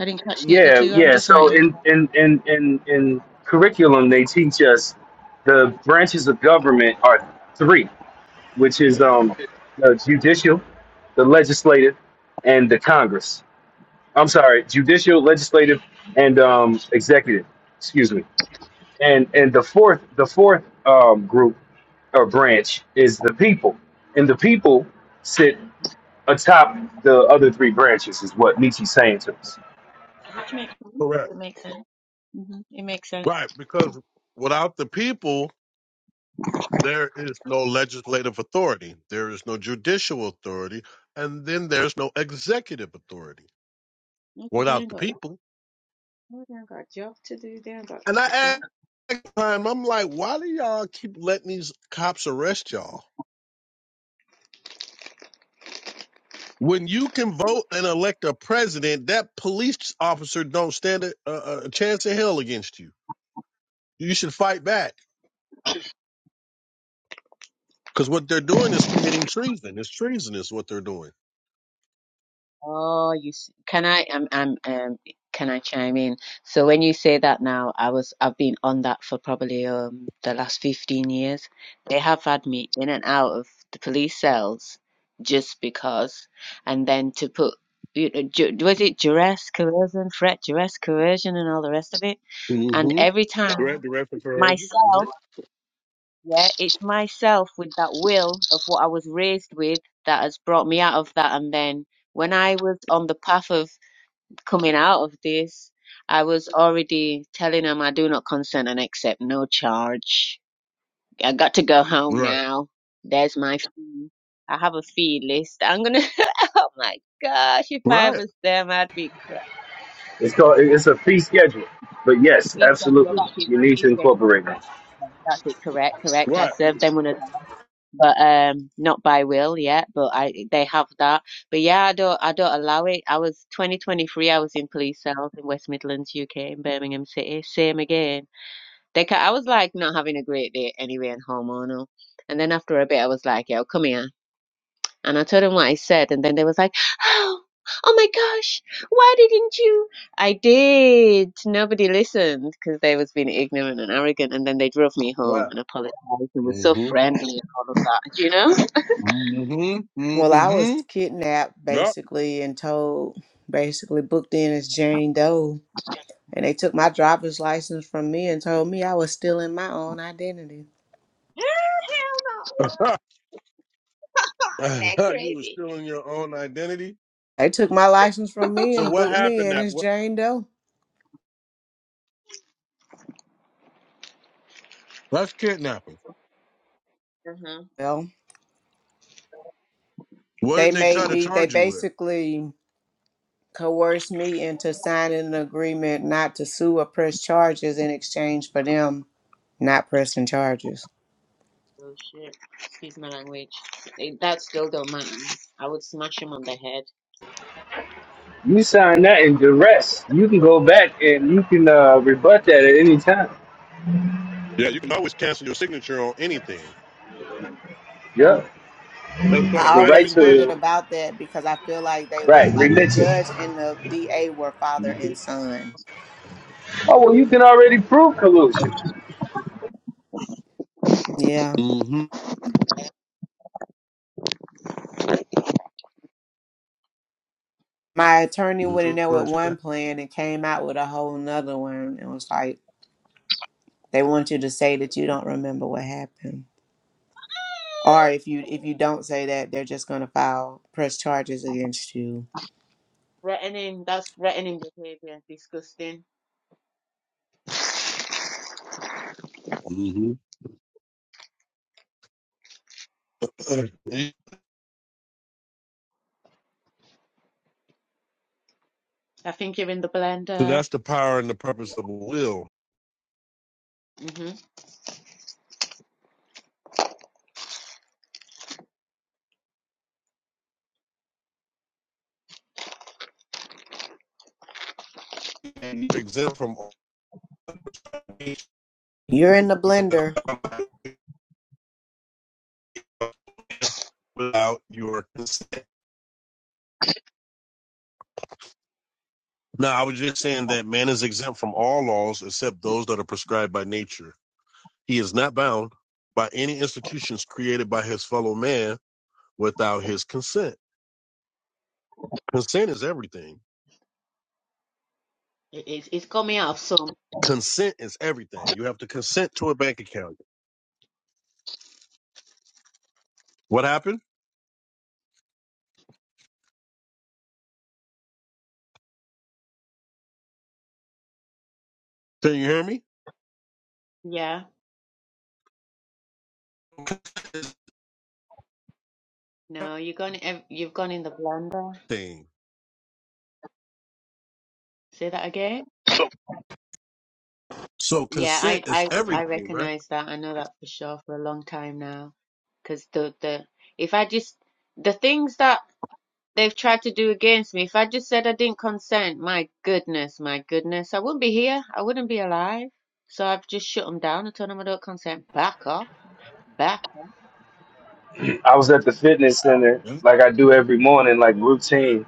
Speaker 4: I didn't catch the other
Speaker 2: Yeah,
Speaker 4: two. I'm
Speaker 2: yeah.
Speaker 4: just
Speaker 2: So
Speaker 4: writing them
Speaker 2: in
Speaker 4: down.
Speaker 2: in in in in curriculum, they teach us the branches of government are three, which is um the judicial, the legislative, and the Congress. I'm sorry, judicial, legislative, and um, executive. Excuse me. And and the fourth, the fourth um, group or branch is the people, and the people sit atop the other three branches. Is what Nietzsche's saying to us.
Speaker 4: Which makes sense.
Speaker 1: Correct.
Speaker 4: It makes sense. hmm It makes sense.
Speaker 1: Right. Because without the people, there is no legislative authority, there is no judicial authority, and then there's no executive authority
Speaker 4: Okay, they
Speaker 1: without
Speaker 4: ain't
Speaker 1: the
Speaker 4: got,
Speaker 1: people.
Speaker 4: oh, they ain't got a job to do. They ain't got
Speaker 1: And I
Speaker 4: a job.
Speaker 1: asked time, I'm like, why do y'all keep letting these cops arrest y'all? When you can vote and elect a president, that police officer don't stand a, a, a chance in hell against you. You should fight back because what they're doing is committing treason. It's treasonous what they're doing.
Speaker 4: Oh, you s- can I um um um can I chime in? So when you say that now, I was I've been on that for probably um the last 15 years. They have had me in and out of the police cells just because, and then to put you know, ju was it duress, coercion, threat, duress, coercion, and all the rest of it. And
Speaker 1: Mm-hmm.
Speaker 4: every time
Speaker 1: Direct, direct and coercive.
Speaker 4: myself,
Speaker 1: Mhm.
Speaker 4: yeah, it's myself with that will of what I was raised with that has brought me out of that. And then when I was on the path of coming out of this, I was already telling him I do not consent and accept no charge. I got to go home
Speaker 1: Right.
Speaker 4: now. There's my fee. I have a fee list. I'm gonna. <laughs> oh my gosh! If I
Speaker 1: Right.
Speaker 4: was them, I'd be correct.
Speaker 2: It's called. It's a fee schedule. But yes,
Speaker 4: Fee schedule.
Speaker 2: absolutely,
Speaker 4: That's it.
Speaker 2: you
Speaker 4: My
Speaker 2: need
Speaker 4: fee
Speaker 2: to
Speaker 4: schedule.
Speaker 2: incorporate that.
Speaker 4: That's it. Correct. Correct. I
Speaker 1: Right.
Speaker 4: served them one of them, but um, not by will yet. But I, they have that. But yeah, I don't. I don't allow it. I was 2023. I was in police cells in West Midlands, UK, in Birmingham City. Same again They, ca- I was like not having a great day anyway and hormonal. And then after a bit, I was like, yo, come here. And I told them what I said. And then they was like, oh, oh my gosh, why didn't you? I did. Nobody listened because they was being ignorant and arrogant. And then they drove me home
Speaker 1: Right.
Speaker 4: and apologized and was so
Speaker 1: Mm-hmm.
Speaker 4: friendly and all of that, you know?
Speaker 1: Mm-hmm.
Speaker 3: Well, I was
Speaker 1: Mm-hmm.
Speaker 3: kidnapped
Speaker 1: Yep.
Speaker 3: basically and told, basically booked in as Jane Doe. And they took my driver's license from me and told me I was stealing my own identity.
Speaker 1: <laughs> you were still in your own identity.
Speaker 3: They took my license from me
Speaker 1: So
Speaker 3: and
Speaker 1: what
Speaker 3: booked me
Speaker 1: happened?
Speaker 3: in
Speaker 1: That
Speaker 3: as
Speaker 1: what?
Speaker 3: Jane Doe.
Speaker 1: That's kidnapping.
Speaker 4: Uh-huh.
Speaker 3: Well,
Speaker 1: What
Speaker 3: they
Speaker 1: did they
Speaker 3: made
Speaker 1: try to
Speaker 3: me, they
Speaker 1: charge you with?
Speaker 3: basically coerced me into signing an agreement not to sue or press charges in exchange for them not pressing charges.
Speaker 4: Oh shit. Excuse my language. They, that still don't matter. I would smash him on the head.
Speaker 2: You sign that in duress. You can go back and you can uh, rebut that at any time.
Speaker 1: Yeah, you can always cancel your signature on anything.
Speaker 2: Yeah,
Speaker 1: That's called a
Speaker 3: I
Speaker 2: The
Speaker 1: right of
Speaker 2: right
Speaker 3: always wondered
Speaker 1: rescission.
Speaker 2: to
Speaker 3: about that because I feel like they live
Speaker 2: right
Speaker 3: like the
Speaker 2: religion.
Speaker 3: judge and the DA were father and son.
Speaker 2: Oh well, you can already prove collusion.
Speaker 3: Yeah.
Speaker 1: Mm-hmm.
Speaker 3: My attorney went in there with one plan and came out with a whole nother one and was like, they want you to say that you don't remember what happened. Or if you if you don't say that, they're just gonna file press charges against you.
Speaker 4: Threatening, that's threatening behavior. Disgusting.
Speaker 1: Mm-hmm.
Speaker 4: I think.
Speaker 1: So that's the power and the purpose of a will.
Speaker 4: hmm
Speaker 1: And you're exempt from all
Speaker 3: You're in the blender.
Speaker 1: without your consent. No, I was just saying that man is exempt from all laws except those that are prescribed by nature. He is not bound by any institutions created by his fellow man without his consent. Consent is everything.
Speaker 4: It is. It's got me out of some.
Speaker 1: Consent is everything. You have to consent to a bank account. What happened? Can you hear me?
Speaker 4: Yeah.
Speaker 1: Consent
Speaker 4: No, you've gone. ev- You've gone in the blender. Say that again.
Speaker 1: So
Speaker 4: Yeah, I,
Speaker 1: consent is
Speaker 4: I, I
Speaker 1: everything, right?
Speaker 4: recognize that. I know that for sure for a long time now. Because the, the, if I just the things that they've tried to do against me, if I just said I didn't consent, my goodness, my goodness, I wouldn't be here. I wouldn't be alive. So I've just shut them down and told them I don't consent. Back off. Back.
Speaker 2: I was at the fitness center
Speaker 1: Yeah.
Speaker 2: like I do every morning, like routine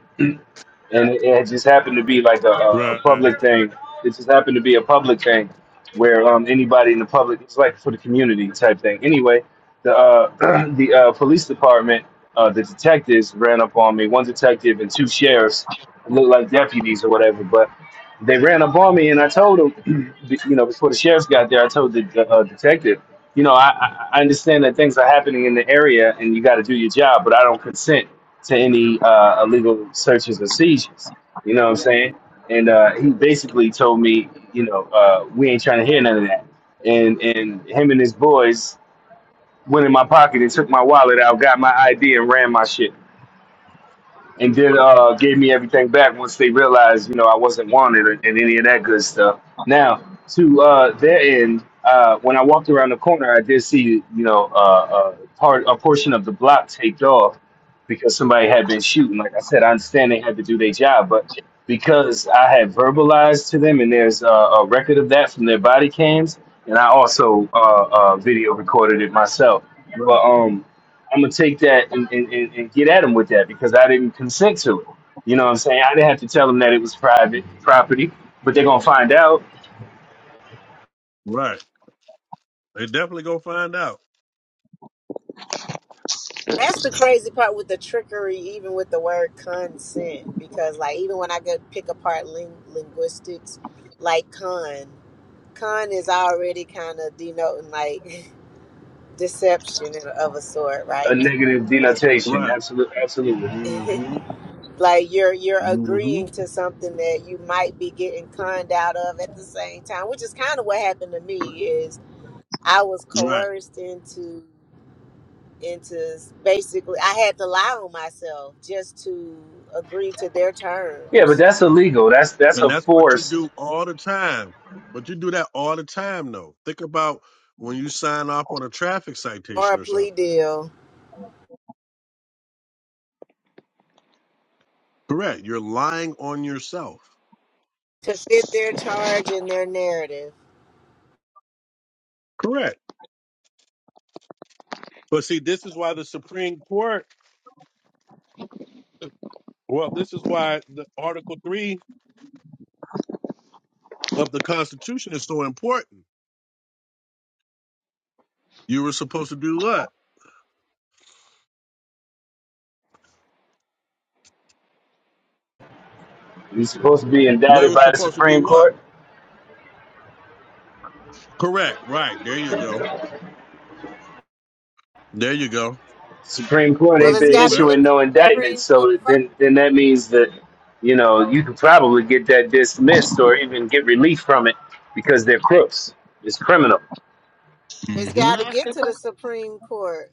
Speaker 2: and it, it just happened to be like a, a a
Speaker 1: Right.
Speaker 2: public thing. It just happened to be a public thing where um, anybody in the public, it's like for the community type thing. Anyway, the uh, <clears throat> the uh, police department, uh, the detectives ran up on me. One detective and two sheriffs looked like deputies or whatever, but they ran up on me, and I told them, <clears throat> you know, before the sheriffs got there, I told the, the uh, detective. You know, I, I I understand that things are happening in the area and you got to do your job, but I don't consent to any uh, illegal searches or seizures. You know what I'm saying? And uh, he basically told me, you know, uh, we ain't trying to hear none of that. And and him and his boys went in my pocket and took my wallet out, got my ID, and ran my shit and then uh gave me everything back once they realized you know I wasn't wanted and, and any of that good stuff. Now to uh their end, uh when I walked around the corner, I did see you know uh, a part a portion of the block taped off because somebody had been shooting. Like I said, I understand they had to do their job, but because I had verbalized to them, and there's uh, a record of that from their body cams, and I also uh, uh, video recorded it myself. But
Speaker 1: Right.
Speaker 2: um, I'm gonna take that and, and, and, and get at him with that because I didn't consent to it. You know what I'm saying? I didn't have to tell them that it was private property, but they're gonna find out
Speaker 1: Right. They definitely go find out.
Speaker 3: That's the crazy part with the trickery, even with the word consent, because like even when I go pick apart ling- linguistics, like con, con is already kind of denoting like <laughs> deception of a sort,
Speaker 2: a
Speaker 3: right?
Speaker 2: negative denotation.
Speaker 1: Right.
Speaker 2: Absolutely, absolutely.
Speaker 1: mm
Speaker 3: Consent.
Speaker 1: hmm
Speaker 3: <laughs> like you're you're
Speaker 1: mm
Speaker 3: agreeing
Speaker 1: hmm
Speaker 3: to something that you might be getting conned out of at the same time, which is kind of what happened to me. Is I was
Speaker 1: Right.
Speaker 3: coerced into. into basically I had to lie on myself just to agree to their
Speaker 2: Yeah, but
Speaker 3: terms
Speaker 2: that's illegal. That's that's
Speaker 1: And
Speaker 2: a
Speaker 1: that's what you
Speaker 2: force.
Speaker 1: do all the time. But you do that all the time though. Think about when you sign off on a traffic
Speaker 3: or a
Speaker 1: citation or
Speaker 3: plea
Speaker 1: something.
Speaker 3: deal
Speaker 1: Correct. You're lying on yourself.
Speaker 3: to fit their charge and their narrative.
Speaker 1: Correct. But see, this is why the Supreme Court well, this is why the Article Three of the Constitution is so important. You were supposed to do what?
Speaker 2: He's supposed to be
Speaker 1: They
Speaker 2: indicted
Speaker 1: were
Speaker 2: by the
Speaker 1: supposed to
Speaker 2: Supreme
Speaker 1: do what?
Speaker 2: Court.
Speaker 1: Correct. Right. There you go. There you go.
Speaker 2: Supreme Court
Speaker 3: Well,
Speaker 1: Supposed
Speaker 2: ain't
Speaker 1: to
Speaker 3: it's
Speaker 2: been
Speaker 1: be
Speaker 3: got to
Speaker 1: where?
Speaker 2: issuing
Speaker 3: get to
Speaker 2: no
Speaker 3: the
Speaker 2: indictment,
Speaker 3: Supreme Court
Speaker 2: so
Speaker 3: first.
Speaker 2: then then that means that you know you could probably get that dismissed or even get relief from it because they're crooks. It's criminal.
Speaker 3: It's
Speaker 1: Mm-hmm.
Speaker 4: Can
Speaker 3: got to
Speaker 4: I ask
Speaker 3: get
Speaker 4: a
Speaker 3: to the Supreme Court.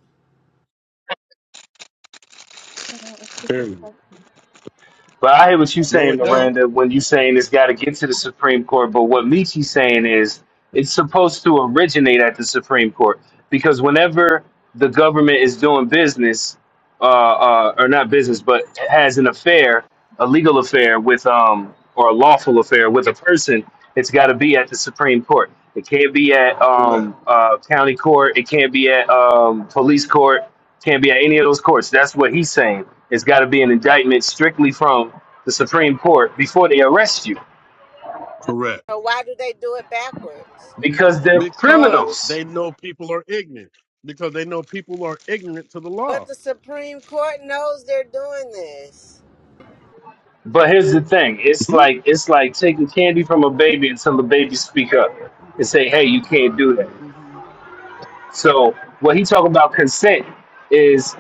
Speaker 4: question?
Speaker 1: Period.
Speaker 2: But I hear what you
Speaker 1: No,
Speaker 2: saying,
Speaker 1: it
Speaker 4: Hello?
Speaker 1: don't.
Speaker 2: Miranda, when you saying it's got to get to the Supreme Court. But what Michi's saying is it's supposed to originate at the Supreme Court because whenever the government is doing business, uh, uh, or not business, but has an affair, a legal affair with, um, or a lawful affair with a person, it's got to be at the Supreme Court. It can't be at
Speaker 1: Correct.
Speaker 2: um, uh, county court. It can't be at um, police court. Can't be at any of those courts. That's what he's saying. It's got to be an indictment strictly from the Supreme Court before they arrest you
Speaker 1: Correct.
Speaker 3: So why do they do it backwards?
Speaker 2: because they're
Speaker 1: Because
Speaker 2: criminals.
Speaker 1: they know people are ignorant. Because they know people are ignorant to the
Speaker 3: But
Speaker 1: law.
Speaker 3: the Supreme Court knows they're doing this
Speaker 2: But here's the thing: it's
Speaker 1: Mhm.
Speaker 2: like it's like taking candy from a baby until the baby speak up and say, "Hey, you can't do that."
Speaker 4: hmm
Speaker 2: So what he talking about consent is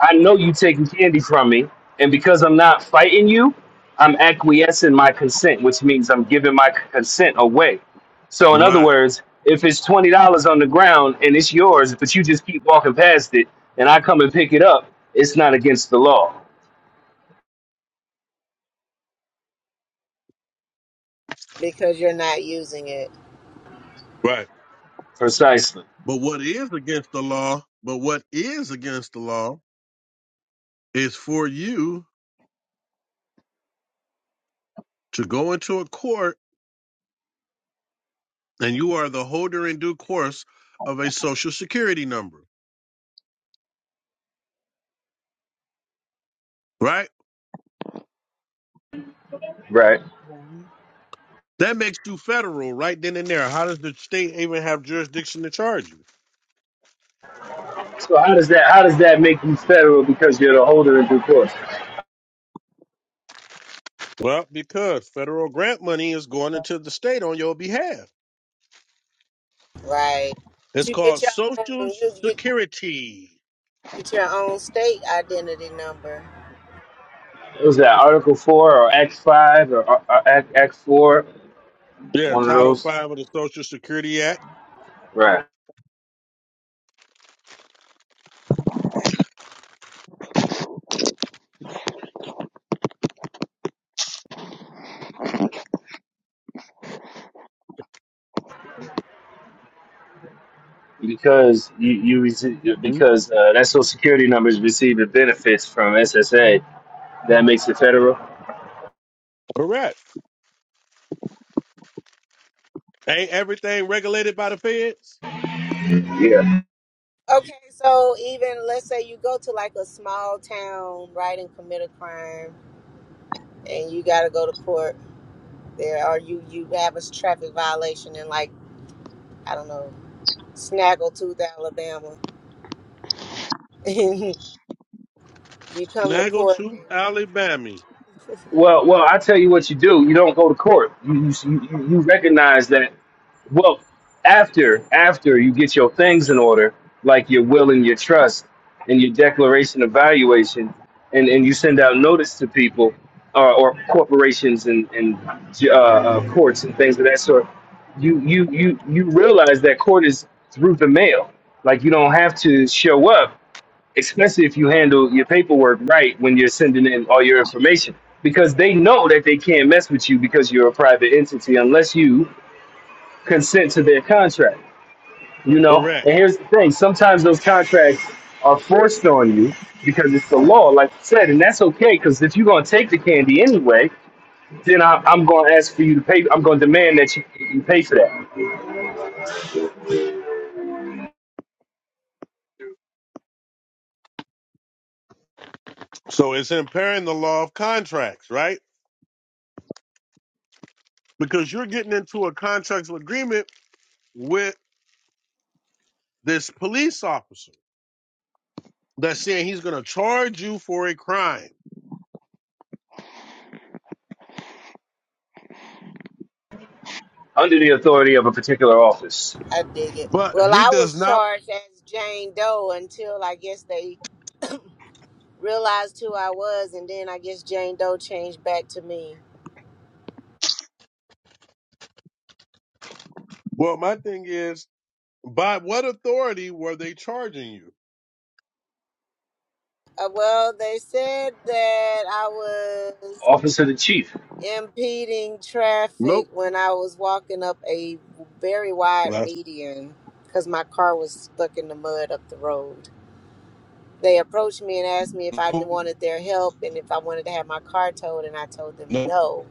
Speaker 2: I know you taking candy from me, and because I'm not fighting you, I'm acquiescing my consent, which means I'm giving my consent away. So, in other
Speaker 1: Right.
Speaker 2: words, if it's twenty dollars on the ground and it's yours, but you just keep walking past it, and I come and pick it up, it's not against the law.
Speaker 3: because you're not using it
Speaker 1: Right.
Speaker 2: Precisely.
Speaker 1: But what is against the law, but what is against the law is for you to go into a court and you are the holder in due course of a social security number. Right?
Speaker 2: Right.
Speaker 4: Right.
Speaker 1: That makes you federal right then and there. How does the state even have jurisdiction to charge you?
Speaker 2: So how does that how does that make you federal because you're the holder in due course?
Speaker 1: Well, because federal grant money is going into the state on your behalf.
Speaker 3: right. But
Speaker 1: It's
Speaker 3: you get
Speaker 1: called
Speaker 3: your own.
Speaker 1: Social
Speaker 3: You get,
Speaker 1: Security.
Speaker 3: get your own state identity number
Speaker 2: What was that Article Four or Act Five or, or, or Act Act Four?
Speaker 1: Yeah,
Speaker 2: One of
Speaker 1: Title V
Speaker 2: those.
Speaker 1: of the Social Security Act.
Speaker 2: Right. because you, you rece-
Speaker 1: Mhm.
Speaker 2: because uh, that Social Security number is receiving benefits from SSA. That makes it federal.
Speaker 1: Correct. Ain't everything regulated by the feds?
Speaker 2: Yeah.
Speaker 3: Okay, so even let's say you go to like a small town, right, and commit a crime, and you got to go to court there, or you you have a traffic violation in like I don't know, Snaggletooth, Alabama, <laughs> and you come to
Speaker 1: Naggle
Speaker 3: court,
Speaker 1: to
Speaker 3: and
Speaker 1: Alabama.
Speaker 2: Well, well, I tell you what you do. You don't go to court. You you, you you recognize that. Well, after after you get your things in order, like your will and your trust and your declaration of valuation, and, and you send out notice to people uh, or corporations and and uh, uh, courts and things of that sort, you you you you realize that court is through the mail. Like you don't have to show up, especially if you handle your paperwork right when you're sending in all your information, because they know that they can't mess with you because you're a private entity unless you consent to their contract. You know,
Speaker 1: Correct.
Speaker 2: and here's the thing: sometimes those contracts are forced on you because it's the law, like you said, and that's okay. Because if you're gonna take the candy anyway, then I, I'm gonna ask for you to pay. I'm gonna demand that you, you pay for that
Speaker 1: So it's impairing the law of contracts, right? Because you're getting into a contractual agreement with this police officer. that's saying he's going to charge you for a crime.
Speaker 2: under the authority of a particular office,
Speaker 3: I dig it.
Speaker 1: But
Speaker 3: Well,
Speaker 1: he
Speaker 3: I
Speaker 1: does
Speaker 3: was
Speaker 1: not.
Speaker 3: charged as Jane Doe until I guess they realized who I was, and then I guess Jane Doe changed back to me.
Speaker 1: Well, my thing is, by what authority were they charging you?
Speaker 3: Uh, well, they said that I was.
Speaker 2: office of the chief.
Speaker 3: impeding traffic
Speaker 1: Nope.
Speaker 3: when I was walking up a very wide
Speaker 1: That's
Speaker 3: median because my car was stuck in the mud up the road. They approached me and asked me if I
Speaker 1: nope.
Speaker 3: wanted their help and if I wanted to have my car towed, and I told them
Speaker 1: nope.
Speaker 3: no.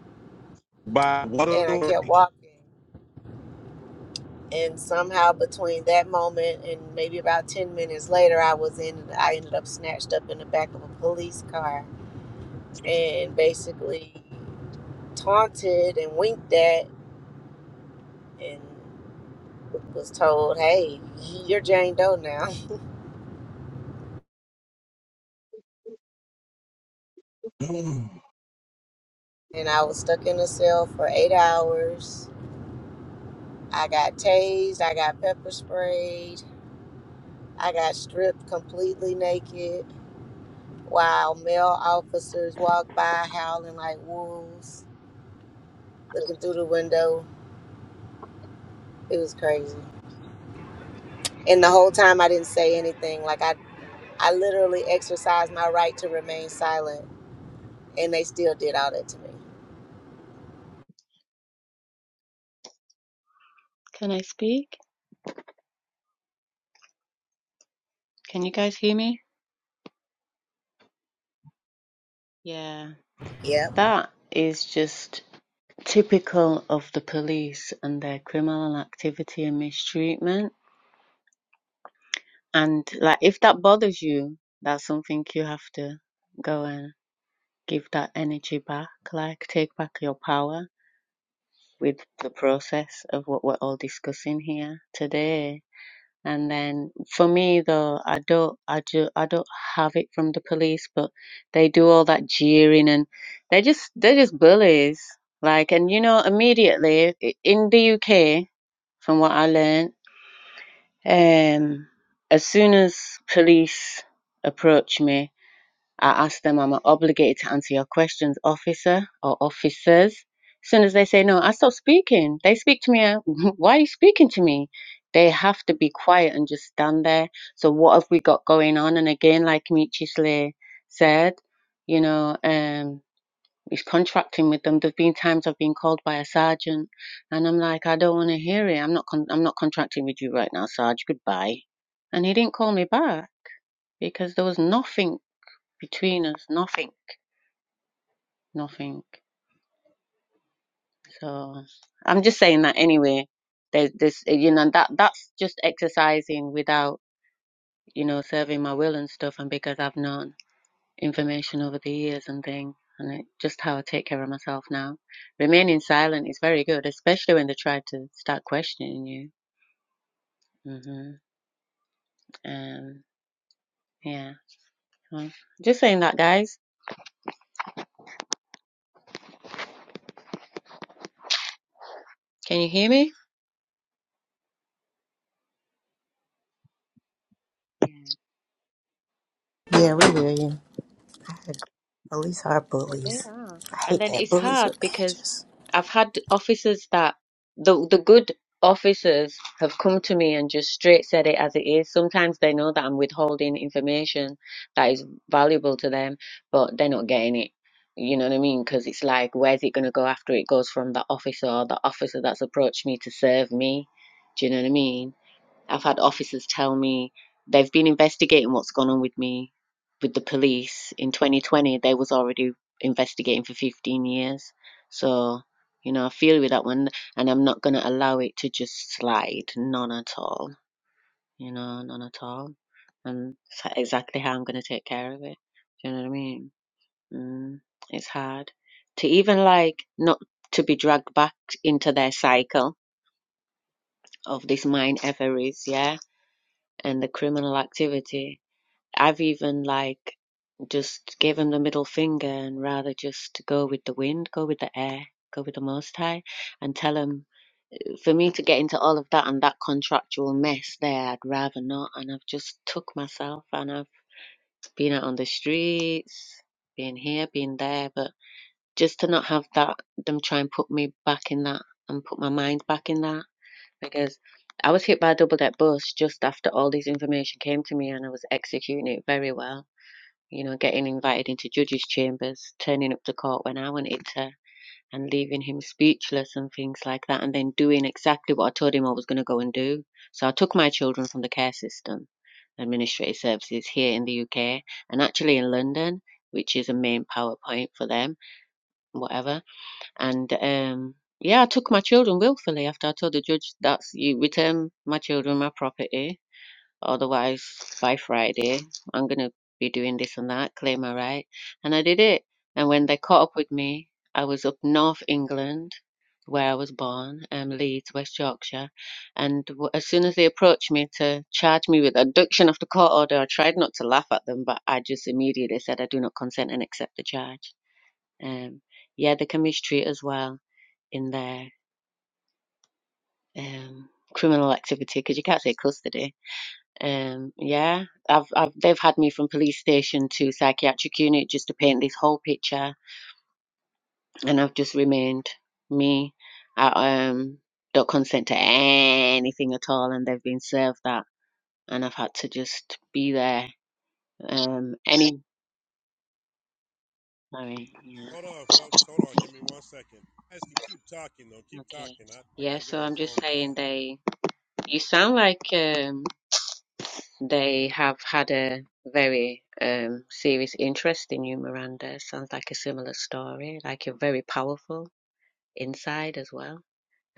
Speaker 1: By what
Speaker 3: And I kept
Speaker 1: authority?
Speaker 3: walking. And somehow, between that moment and maybe about 10 minutes later, I was in, I ended up snatched up in the back of a police car and basically taunted and winked at. and. was told, hey, you're Jane Doe now. <laughs>
Speaker 1: <sighs> <clears throat> Hold
Speaker 3: And I was stuck in a cell for eight hours. I got tased, I got pepper sprayed, I got stripped completely naked while male officers walked by howling like wolves, looking through the window. It was crazy. And the whole time I didn't say anything. Like I, I literally exercised my right to remain silent, and they still did all that to me.
Speaker 4: Can I speak? Can you guys hear me? Yeah.
Speaker 3: Yep.
Speaker 4: That is just typical of the police and their criminal activity and mistreatment. And like, if that bothers you, that's something you have to go and give that energy back. Like, take back your power with the process of what we're all discussing here today. And then for me though, I don't, I do, I don't have it from the police, but they do all that jeering and they just, they're just bullies. Like, and you know, immediately i- in the UK, from what I learned, um, as soon as police approach me, I ask them, am I obligated to answer your questions, officer or officers? As soon as they say no, I stop speaking. They speak to me, uh, <laughs> why are you speaking to me? They have to be quiet and just stand there. So, what have we got going on? And again, like Michi Slay said, you know, um, he's contracting with them. There have been times I've been called by a sergeant, and I'm like, I don't want to hear it. I'm not, con- I'm not contracting with you right now, Sarge. Goodbye. And he didn't call me back because there was nothing between us, nothing, nothing. So I'm just saying that anyway. There's this, you know, that that's just exercising without, you know, serving my will and stuff. And because I've known information over the years and thing, and it, just how I take care of myself now. Remaining silent is very good, especially when they try to start questioning you. hmm Um, yeah. Well, just saying that, guys. Can you hear me? Yeah.
Speaker 3: Yeah, we hear you. Police are
Speaker 4: Yeah, they
Speaker 3: bullies.
Speaker 4: are.
Speaker 3: I
Speaker 4: And
Speaker 3: hate
Speaker 4: then
Speaker 3: that.
Speaker 4: it's
Speaker 3: Bullies
Speaker 4: hard
Speaker 3: with
Speaker 4: because
Speaker 3: badges.
Speaker 4: I've had officers that the the good officers have come to me and just straight said it as it is. Sometimes they know that I'm withholding information that is valuable to them, but they're not getting it. You know what I mean? Because it's like, where's it going to go after it goes from the officer or the officer that's approached me to serve me? Do you know what I mean? I've had officers tell me they've been investigating what's gone on with me with the police. In 2020, they was already investigating for 15 years. So, you know, I feel with that one and I'm not going to allow it to just slide. None at all. You know, none at all. And it's exactly how I'm going to take care of it. Do you know what I mean? Mm, it's hard to even like not to be dragged back into their cycle of this mine ever is. yeah and the criminal activity. I've even like just gave him the middle finger and rather just go with the wind, go with the air, go with the Most High, and tell him for me to get into all of that and that contractual mess there, I'd rather not. And I've just took myself and I've been out on the streets, been here, been there, but just to not have that, them try and put me back in that and put my mind back in that because I was hit by a double deck bus just after all this information came to me and I was executing it very well. You know, getting invited into judges' chambers, turning up to court when I wanted to, and leaving him speechless and things like that, and then doing exactly what I told him I was going to go and do. So I took my children from the care system, administrative services here in the UK, and actually in London, which is a main power point for them, whatever and um, yeah, I took my children willfully after I told the judge that you return my children my property, otherwise by Friday I'm gonna be doing this and that, claim my right. And I did it. And when they caught up with me, I was up north England where I was born, um, Leeds, West Yorkshire. And w- as soon as they approached me to charge me with abduction of the court order, I tried not to laugh at them, but I just immediately said I do not consent and accept the charge. Um, yeah, they can mistreat as well in their um, criminal activity because you can't say custody. Um, yeah, I've, I've they've had me from police station to psychiatric unit just to paint this whole picture, and I've just remained me. I um don't consent to anything at all, and they've been served that, and I've had to just be there. Um, any sorry, yeah,
Speaker 1: on, folks. Hold on. Give me one second. You guys can keep talking, though. Keep
Speaker 4: okay,
Speaker 1: talking. I, I
Speaker 4: yeah.
Speaker 1: got to get
Speaker 4: So
Speaker 1: on
Speaker 4: I'm
Speaker 1: a
Speaker 4: just
Speaker 1: phone
Speaker 4: saying
Speaker 1: call.
Speaker 4: they. You sound like um They have had a very um, serious interest in you, Miranda. Sounds like a similar story. Like you're very powerful inside as well,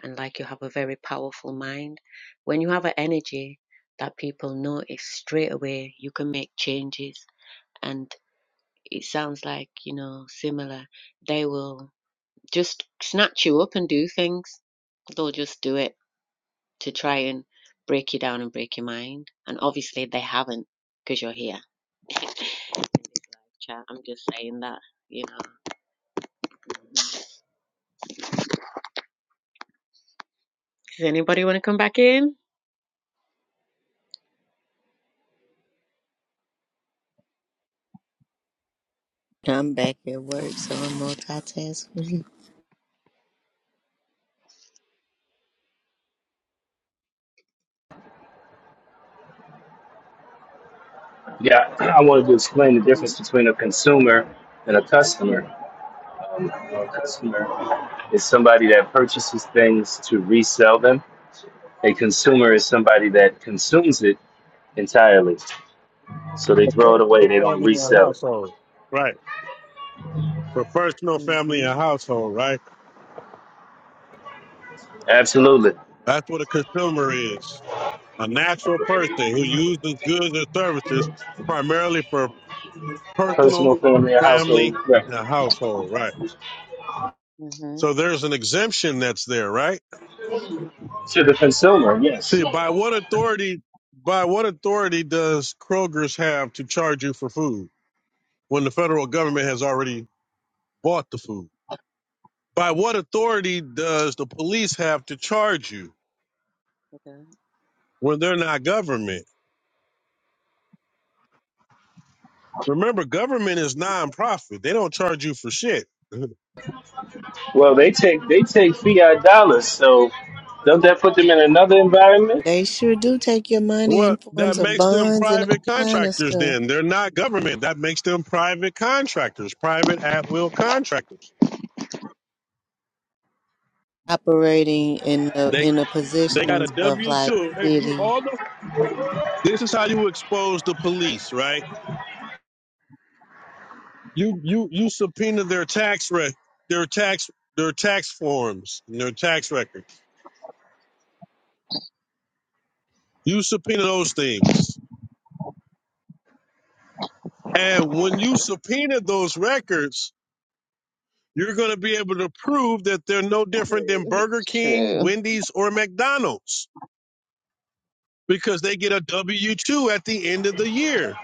Speaker 4: and like you have a very powerful mind. When you have an energy that people notice straight away, you can make changes. And it sounds like, you know, similar. They will just snatch you up and do things, they'll just do it to try and break you down and break your mind. And obviously, they haven't because you're here. Child, I'm just saying that, you know. Does anybody want to come back in?
Speaker 3: I'm back at work, so I'm multitasking. <laughs>
Speaker 2: Yeah, <clears throat> I wanted to explain the
Speaker 4: Mhm.
Speaker 2: difference between a consumer and a customer. Um, a customer is somebody that purchases things to resell them. A consumer is somebody that consumes it entirely. So they
Speaker 1: A
Speaker 2: throw it away,
Speaker 1: personal
Speaker 2: they don't
Speaker 1: family and
Speaker 2: resell it.
Speaker 1: household. Right. For personal family
Speaker 4: Mhm.
Speaker 1: and household, right?
Speaker 2: Absolutely.
Speaker 1: That's what a consumer is. A natural person who uses goods or services primarily for personal,
Speaker 2: Personal, family, and household
Speaker 1: family,
Speaker 2: record.
Speaker 1: and a household, right?
Speaker 4: Mhm.
Speaker 1: So there's an exemption that's there, right?
Speaker 2: To the consumer, yes.
Speaker 1: See, by what authority, by what authority does Kroger's have to charge you for food when the federal government has already bought the food? By what authority does the police have to charge you
Speaker 4: Okay.
Speaker 1: when they're not government? Remember, government is nonprofit. They don't charge you for shit. <laughs>
Speaker 2: Well, they take they take fiat dollars, so don't that put them in another environment
Speaker 3: They sure do take your money
Speaker 1: Well,
Speaker 3: in
Speaker 1: that
Speaker 3: forms of
Speaker 1: makes them
Speaker 3: bonds and all
Speaker 1: private
Speaker 3: kind of
Speaker 1: contractors
Speaker 3: stuff.
Speaker 1: then. They're not government. That makes them private contractors, private at will contractors.
Speaker 3: Operating in the
Speaker 1: They
Speaker 3: in the
Speaker 1: they got a
Speaker 3: positions of
Speaker 1: W
Speaker 3: like
Speaker 1: two. If you
Speaker 3: city.
Speaker 1: all the this is how you expose the police, right? You you you subpoena their tax re- their tax their tax forms, their tax records. You subpoena those things. And when you subpoena those records, you're going to be able to prove that they're no
Speaker 4: True.
Speaker 1: different than
Speaker 4: <laughs>
Speaker 1: Burger
Speaker 4: It's
Speaker 1: King,
Speaker 4: true.
Speaker 1: Wendy's, or McDonald's because they get a W 2 at the end of the year.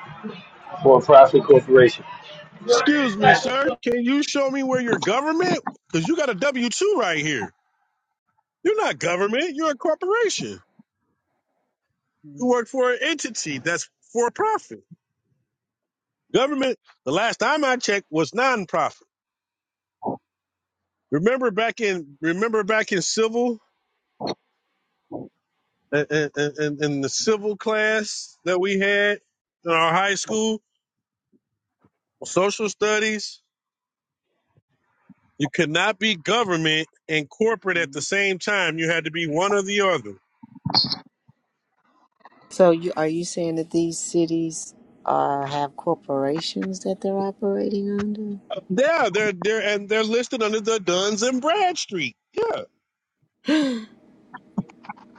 Speaker 2: for a profit corporation?
Speaker 1: Excuse me, sir. Can you show me where your government? Because you got a W 2 right here. You're not government, you're a corporation. You
Speaker 4: Mhm.
Speaker 1: work for an entity that's for profit. Government, the last time I checked, was non profit. Remember back in remember back in civil in, in, in in the civil class that we had in our high school, social studies, You could not be government and corporate at the
Speaker 4: And
Speaker 1: same time. You had to be one or the other.
Speaker 3: So you are you saying that these cities are have corporations that they're operating under?
Speaker 1: Yeah, they're they're and they're listed under the Duns and Bradstreet. Yeah,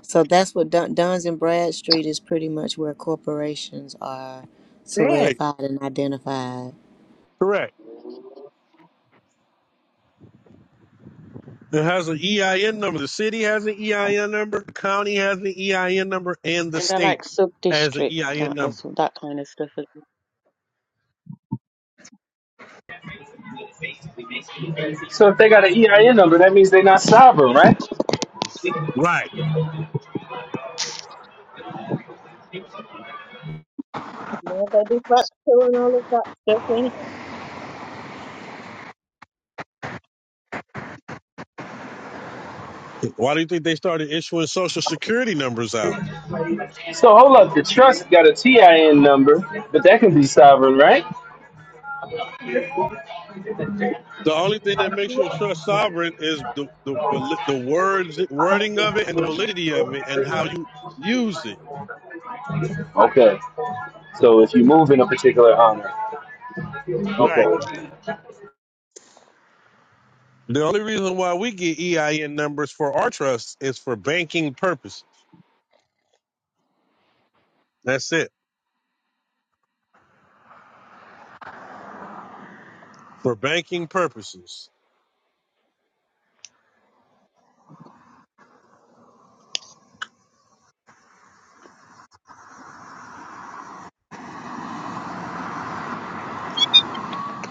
Speaker 3: So that's what Dun- Duns and Bradstreet is pretty much where corporations are
Speaker 1: right,
Speaker 3: solidified and identified.
Speaker 1: correct. It has an EIN number. The city has an EIN number. The county has an EIN number, and the
Speaker 4: I
Speaker 1: state
Speaker 4: like sub
Speaker 1: has an
Speaker 4: district
Speaker 1: EIN
Speaker 4: that
Speaker 1: number.
Speaker 4: as that kind of stuff
Speaker 2: So if they got an EIN number, that means they're not sovereign, right?
Speaker 1: Right.
Speaker 4: Yeah, they do fractal and all of that stuff
Speaker 1: Why do you think they started issuing social security numbers out?
Speaker 2: So hold up, the trust got a TIN number, but that can be sovereign, right?
Speaker 1: The only thing that makes you a trust sovereign is the the vali- the words wording of it and the validity of it and how you use it.
Speaker 2: Okay. So if you move in a particular honor,
Speaker 1: Right
Speaker 2: okay.
Speaker 1: The only reason why we get EIN numbers for our trust is for banking purposes. That's it. For banking purposes.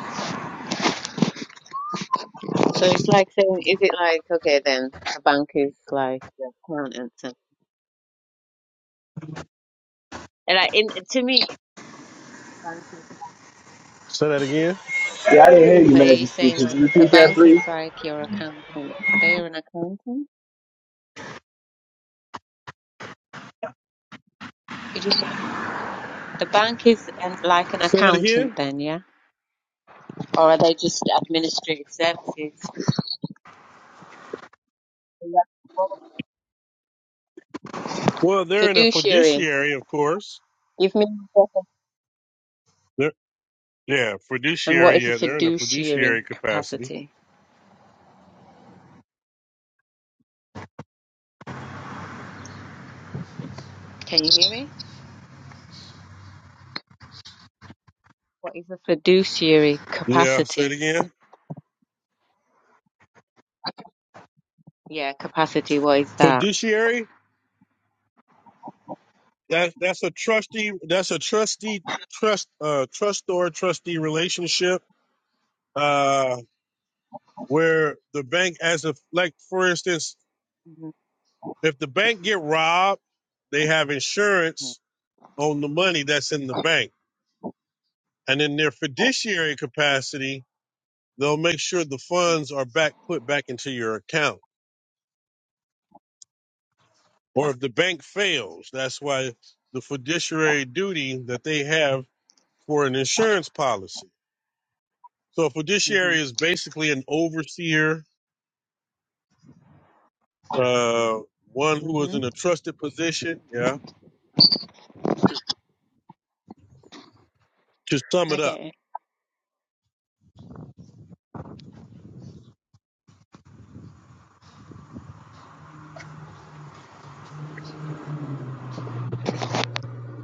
Speaker 4: anyway. So it's like saying, is it like okay then a bank is like the accountant? And, and like in to me, the bank is.
Speaker 1: Say that again.
Speaker 2: Yeah, I didn't hear you,
Speaker 4: Like, are you
Speaker 2: Majesty.
Speaker 4: saying
Speaker 2: Could
Speaker 4: like
Speaker 2: you
Speaker 4: the
Speaker 2: repeat that,
Speaker 4: bank
Speaker 2: please?
Speaker 4: is like your accountant? Are they an accountant? Did you say that? the bank is an, like an
Speaker 1: Say that
Speaker 4: accountant
Speaker 1: again.
Speaker 4: then? Yeah, or are they just administrative services? Yeah.
Speaker 1: Well, they're in a
Speaker 4: Fiduciary.
Speaker 1: fiduciary, of course.
Speaker 4: Give me.
Speaker 1: They're, yeah,
Speaker 4: And what
Speaker 1: fiduciary.
Speaker 4: is a
Speaker 1: Yeah, they're in a
Speaker 4: fiduciary
Speaker 1: fiduciary capacity.
Speaker 4: capacity? Can you hear me? What is a fiduciary
Speaker 1: Yeah. Say it
Speaker 4: capacity?
Speaker 1: again.
Speaker 4: Yeah, capacity. What is that?
Speaker 1: Fiduciary. That that's a trustee. That's a trustee trust uh trustor trustee relationship. Uh, where the bank, as a like, for instance.
Speaker 4: Mm-hmm.
Speaker 1: If the bank get robbed, they have insurance on the money that's in the bank. And in their fiduciary capacity, they'll make sure the funds are back put back into your account. Or if the bank fails, that's why the fiduciary duty that they have for an insurance policy. So a fiduciary is basically an overseer, uh, one who is
Speaker 4: Mm-hmm.
Speaker 1: in a trusted position. Yeah. To sum
Speaker 4: I
Speaker 1: it up.
Speaker 4: get it.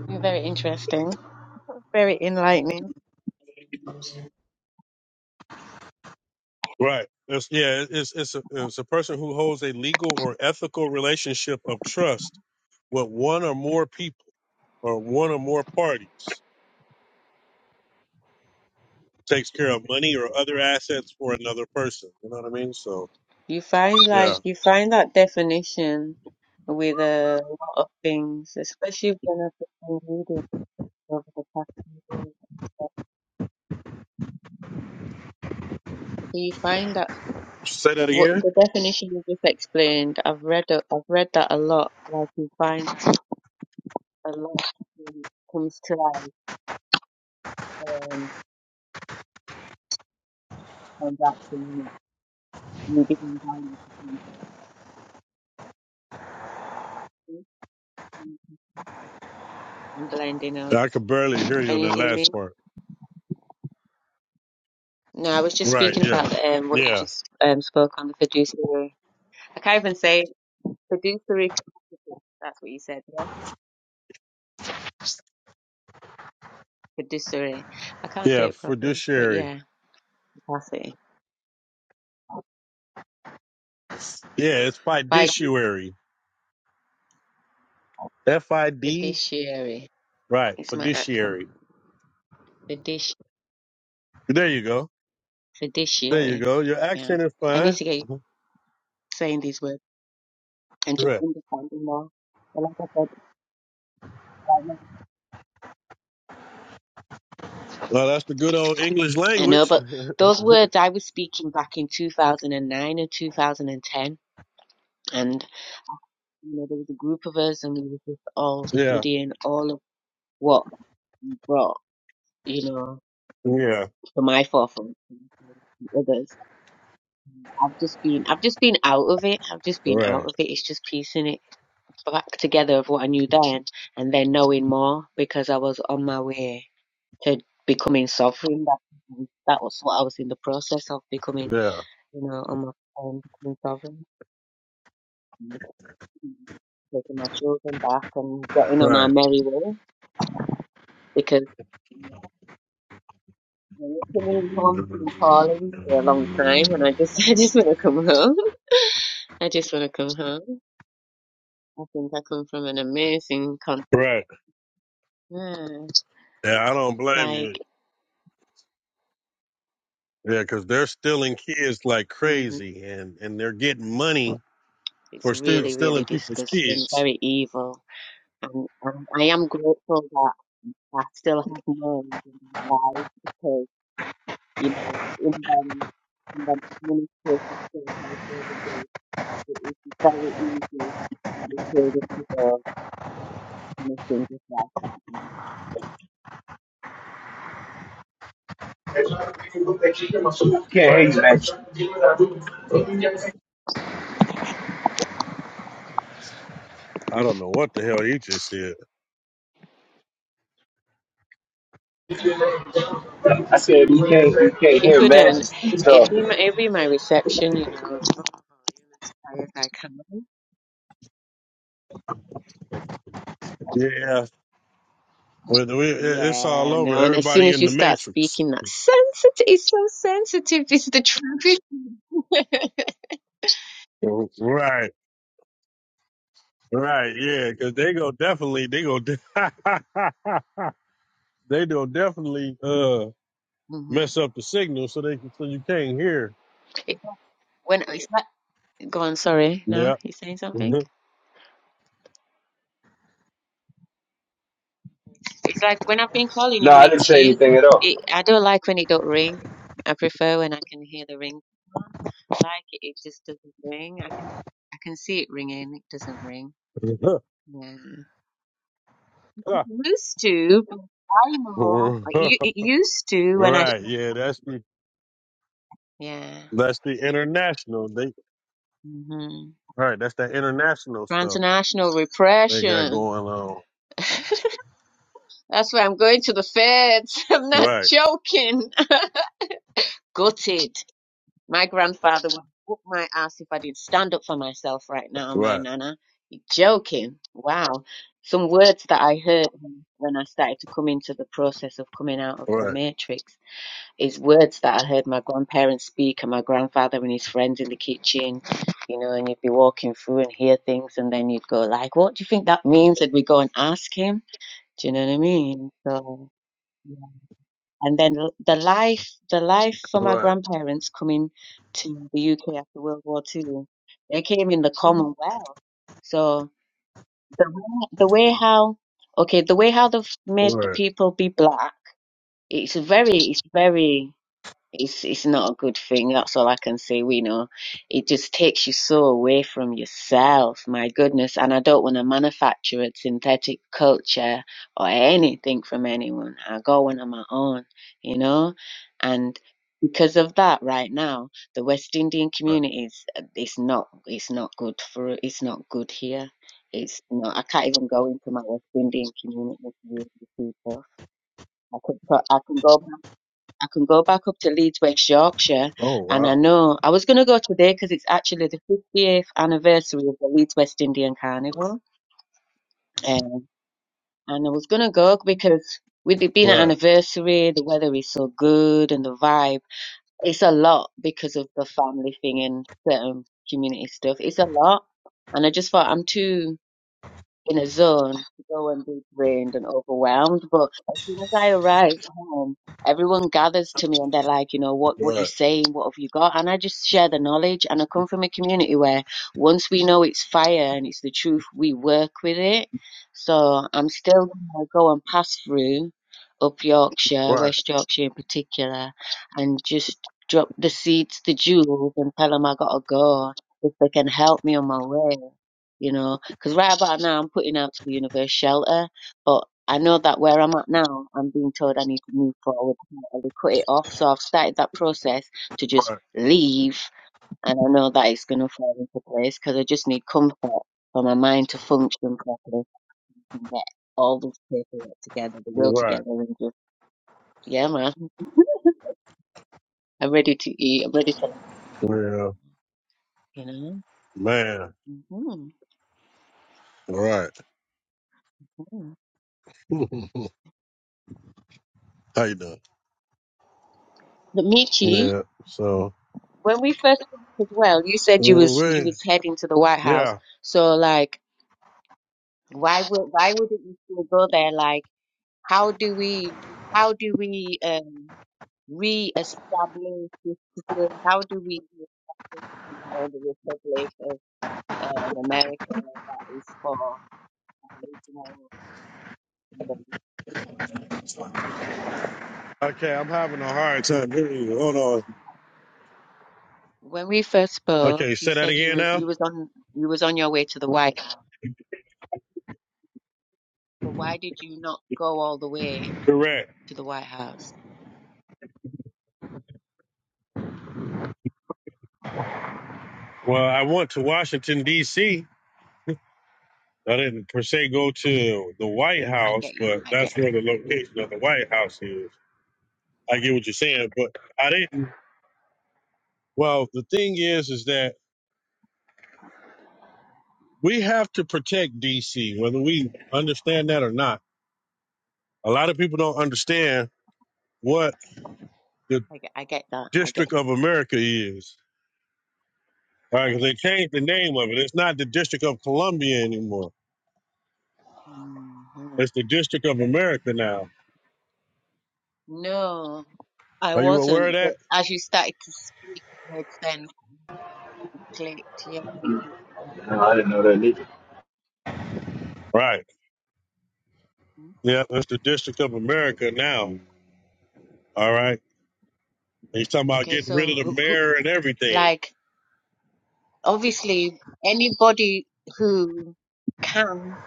Speaker 4: Mm, Very interesting. <laughs> Very enlightening.
Speaker 1: Right. It's, yeah, it's it's a, it's a person who holds a legal or ethical relationship of trust with one or more people or one or more parties. Takes care of money or other assets for another person. You know what I mean? So
Speaker 4: You find like
Speaker 1: yeah.
Speaker 4: you find that definition with a lot of things, especially when I've been reading over the past few days. Do you find that
Speaker 1: Say that
Speaker 4: what
Speaker 1: again.
Speaker 4: the definition you just explained? I've read a, I've read that a lot. Like you find a lot comes to life um, on that community. You become violent against me and
Speaker 1: I could barely hear you
Speaker 4: Can
Speaker 1: on
Speaker 4: you
Speaker 1: that
Speaker 4: hear me?
Speaker 1: last part.
Speaker 4: No, I was just
Speaker 1: Right.
Speaker 4: speaking
Speaker 1: Yeah.
Speaker 4: about um what you
Speaker 1: Yeah.
Speaker 4: just um spoke on the fiduciary. I can't even say it. fiduciary. capacity. That's what you said, yeah? Fiduciary. I can't say
Speaker 1: Yeah.
Speaker 4: it properly, but
Speaker 1: Fiduciary.
Speaker 4: yeah, capacity.
Speaker 1: Yeah. It's
Speaker 4: By
Speaker 1: fiduciary. F I D.
Speaker 4: fiduciary.
Speaker 1: Right.
Speaker 4: It's my accent.
Speaker 1: Fiduciary.
Speaker 4: Fiduci-
Speaker 1: There you go. There you
Speaker 4: fiduciary.
Speaker 1: go. Your
Speaker 4: Yeah.
Speaker 1: accent is
Speaker 4: I need
Speaker 1: fine.
Speaker 4: to get used to saying these words and just
Speaker 1: Correct.
Speaker 4: understanding more. But like I said,
Speaker 1: Well, that's the good old English
Speaker 4: I know,
Speaker 1: language.
Speaker 4: but those words I was speaking back in 2009 and 2010, and two thousand and ten, and you know there was a group of us, and we were just all
Speaker 1: Yeah.
Speaker 4: studying all of what we brought, you know,
Speaker 1: Yeah.
Speaker 4: to my forefront, and to others. I've just been, I've just been out of it. I've just been out
Speaker 1: Right.
Speaker 4: of it. It's just piecing it back together of what I knew then, and then knowing more because I was on my way to becoming sovereign. That, that was what I was in the process of becoming,
Speaker 1: Yeah.
Speaker 4: you know, on my own, becoming sovereign. taking my children back and getting on our
Speaker 1: Right.
Speaker 4: merry way because you know, it's been home been calling for a long time and I just <laughs> I just want to come home. I just want to come home. I think I come from an amazing country.
Speaker 1: Right.
Speaker 4: Yeah,
Speaker 1: Yeah, I don't blame you.
Speaker 4: like,
Speaker 1: Yeah, because they're stealing kids like
Speaker 4: hmm
Speaker 1: crazy, and and they're getting money
Speaker 4: it's
Speaker 1: for still
Speaker 4: really, really
Speaker 1: stealing people's
Speaker 4: disgusting,
Speaker 1: kids.
Speaker 4: very evil. And, and I am grateful that I still have mine in my life because, you know, in them, in them administrative state health services. It would be very easy for the children to go missing just like that. And
Speaker 2: Can't hear you, Majesty.
Speaker 1: I don't know what the hell you just said.
Speaker 2: I said you can't you can't
Speaker 4: You
Speaker 2: hear
Speaker 4: couldn't.
Speaker 2: Majesty
Speaker 4: It'd be
Speaker 2: talking.
Speaker 4: my, it'd be my reception, you know. "Oh, you're as Tired like, "Hello?"
Speaker 1: Yeah. Well, we, it- it's all
Speaker 4: Yeah,
Speaker 1: over.
Speaker 4: no. And as soon
Speaker 1: Everybody
Speaker 4: as
Speaker 1: in
Speaker 4: you
Speaker 1: the
Speaker 4: start
Speaker 1: matrix.
Speaker 4: speaking, that sensitive, it's so sensitive. It's the truth. <laughs>
Speaker 1: Right. Right. Yeah. Because they go definitely. They go. De- <laughs> they go definitely. Uh,
Speaker 4: hmm
Speaker 1: mess up the signal so they can so you can't hear.
Speaker 4: When it's like, go on, sorry.
Speaker 1: Yep.
Speaker 4: No, you saying
Speaker 1: <laughs>
Speaker 4: something? It's like when I've been calling
Speaker 2: No,
Speaker 4: you,
Speaker 2: I didn't say
Speaker 4: Michi,
Speaker 2: anything at all.
Speaker 4: it, I don't like when it don't ring. I prefer when I can hear the ring. like it. It just doesn't ring. I can I can see it ringing. It doesn't ring.
Speaker 1: right.
Speaker 4: Yeah, it used to. But I know it it used to when I.
Speaker 1: Yeah, that's the
Speaker 4: Yeah.
Speaker 1: that's the international. They
Speaker 4: hmm
Speaker 1: right. That's that international stuff
Speaker 4: Transnational
Speaker 1: they got
Speaker 4: repression. <laughs>
Speaker 1: going on.
Speaker 4: That's why I'm going to the feds. <laughs> I'm not
Speaker 1: Right.
Speaker 4: joking. <laughs> Gutted. My grandfather would whoop my ass if I did stand up for myself right now, my
Speaker 1: Right.
Speaker 4: nana. You're joking. Wow. Some words that I heard when I started to come into the process of coming out of the
Speaker 1: Right.
Speaker 4: matrix is words that I heard my grandparents speak and my grandfather and his friends in the kitchen, you know, and you'd be walking through and hear things and then you'd go like, What do you think that means? And we go and ask him. Do you know what I mean? So yeah and then l- the life the life for my
Speaker 1: Right.
Speaker 4: grandparents coming to the UK after World War Two, they came in the Commonwealth. So the way, the way how okay the way how they've made the
Speaker 1: Right.
Speaker 4: people be black, it's very it's very it's it's not a good thing. That's all I can say. We know it just takes you so away from yourself. My goodness, and I don't want to manufacture a synthetic culture or anything from anyone. I go on on my own, you know, and because of that, right now the West Indian
Speaker 1: right.
Speaker 4: community is it's not it's not good for it's not good here. It's not. I can't even go into my West Indian community with you people. I could put, I can go. I can go back up to Leeds, West Yorkshire,
Speaker 1: Oh
Speaker 4: and I
Speaker 1: wow.
Speaker 4: know I was going to go today because it's actually the 50th anniversary of the Leeds West Indian Carnival. Um, and I was going to go because with it being an
Speaker 1: Right.
Speaker 4: anniversary, the weather is so good and the vibe, it's a lot because of the family thing and certain community stuff. It's a lot. And I just thought I'm too in a zone, go and be drained and overwhelmed. But as soon as I arrived home, everyone gathers to me and they're like, you know, what what you
Speaker 1: Right.
Speaker 4: saying? What have you got? And I just share the knowledge. And I come from a community where once we know it's fire and it's the truth, we work with it. So I'm still gonna go and pass through up Yorkshire,
Speaker 1: Right.
Speaker 4: West Yorkshire in particular, and just drop the seeds, the jewels, and tell them I gotta go if they can help me on my way you know. Because right about now, I'm putting out to the universe shelter, but I know that where I'm at now, I'm being told I need to move forward and cut it off. So I've started that process to just
Speaker 1: Right.
Speaker 4: leave, and I know that it's going to fall into place because I just need comfort for my mind to function properly and get all this paperwork together, the will
Speaker 1: Right.
Speaker 4: together, and just, yeah, man, I'm ready to eat, I'm ready for,
Speaker 1: Yeah.
Speaker 4: you
Speaker 1: Man.
Speaker 4: know. hmm
Speaker 1: Right. <laughs> How you doing?
Speaker 4: The meat cheese.
Speaker 1: Yeah. So.
Speaker 4: when we first talked as well, you said you
Speaker 1: Oh,
Speaker 4: was you
Speaker 1: man.
Speaker 4: was heading to the White House.
Speaker 1: Yeah.
Speaker 4: So like, why would why wouldn't you still go there? Like, how do we how do we um reestablish this system? How do we reestablish you know, the Republic of um, America that is for Aboriginal people?
Speaker 1: Okay, I'm having a hard time hearing you. Hold on.
Speaker 4: When we first spoke,
Speaker 1: Okay,
Speaker 4: you
Speaker 1: say that
Speaker 4: said you
Speaker 1: again
Speaker 4: was
Speaker 1: now.
Speaker 4: you was on you was on your way to the White House. So why did you not go all the way
Speaker 1: Correct.
Speaker 4: to the White House?
Speaker 1: Well, I went to Washington D.C. I didn't per se go to the White
Speaker 4: I
Speaker 1: House,
Speaker 4: get you.
Speaker 1: but
Speaker 4: I get.
Speaker 1: that's where the location of the White House is. I get what you're saying, but I didn't. Well, the thing is, is that we have to protect
Speaker 4: you.
Speaker 1: D.C. whether we understand that or not. A lot of people don't understand what the
Speaker 4: I get. I get that. I get.
Speaker 1: District of America is. All right, 'cause they changed the name of it. It's not the District of Columbia anymore.
Speaker 4: hmm
Speaker 1: It's the District of America now.
Speaker 4: No, I
Speaker 1: Are you aware of
Speaker 4: wasn't. But
Speaker 1: that?
Speaker 4: as you started to speak, it made sense. It clicked. Yeah. hmm
Speaker 1: Right. Yeah, that's the District of America now. All right. He's talking about
Speaker 4: Okay.
Speaker 1: getting rid
Speaker 4: So,
Speaker 1: of the
Speaker 4: who,
Speaker 1: mayor
Speaker 4: who,
Speaker 1: and everything.
Speaker 4: like, obviously, anybody who can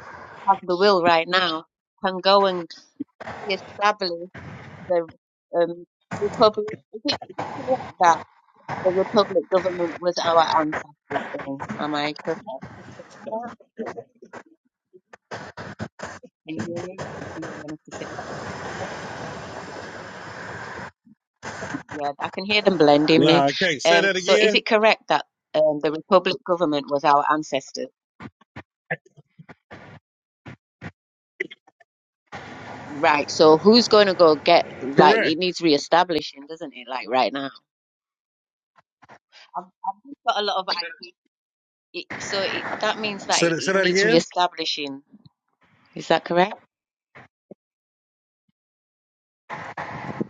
Speaker 4: have the will right now can go and reestablish the um, republic. Is it, is it correct that? The Republic government was our ancestors' thing. Am I correct? Just checking that. Can you hear me? I think I'm gonna have to say yeah, I can hear them blending me.
Speaker 1: Nah, I can't say
Speaker 4: Um
Speaker 1: that
Speaker 4: so is
Speaker 1: again.
Speaker 4: it correct that um the Republic government was our ancestors? Right. So who's gonna go get like it
Speaker 1: Correct.
Speaker 4: needs reestablishing, doesn't it, like right now? I've, I've just got a lot of ideas. It, so it, that means that
Speaker 1: Say
Speaker 4: it,
Speaker 1: that, say
Speaker 4: it
Speaker 1: that
Speaker 4: needs
Speaker 1: again.
Speaker 4: reestablishing. Is that correct?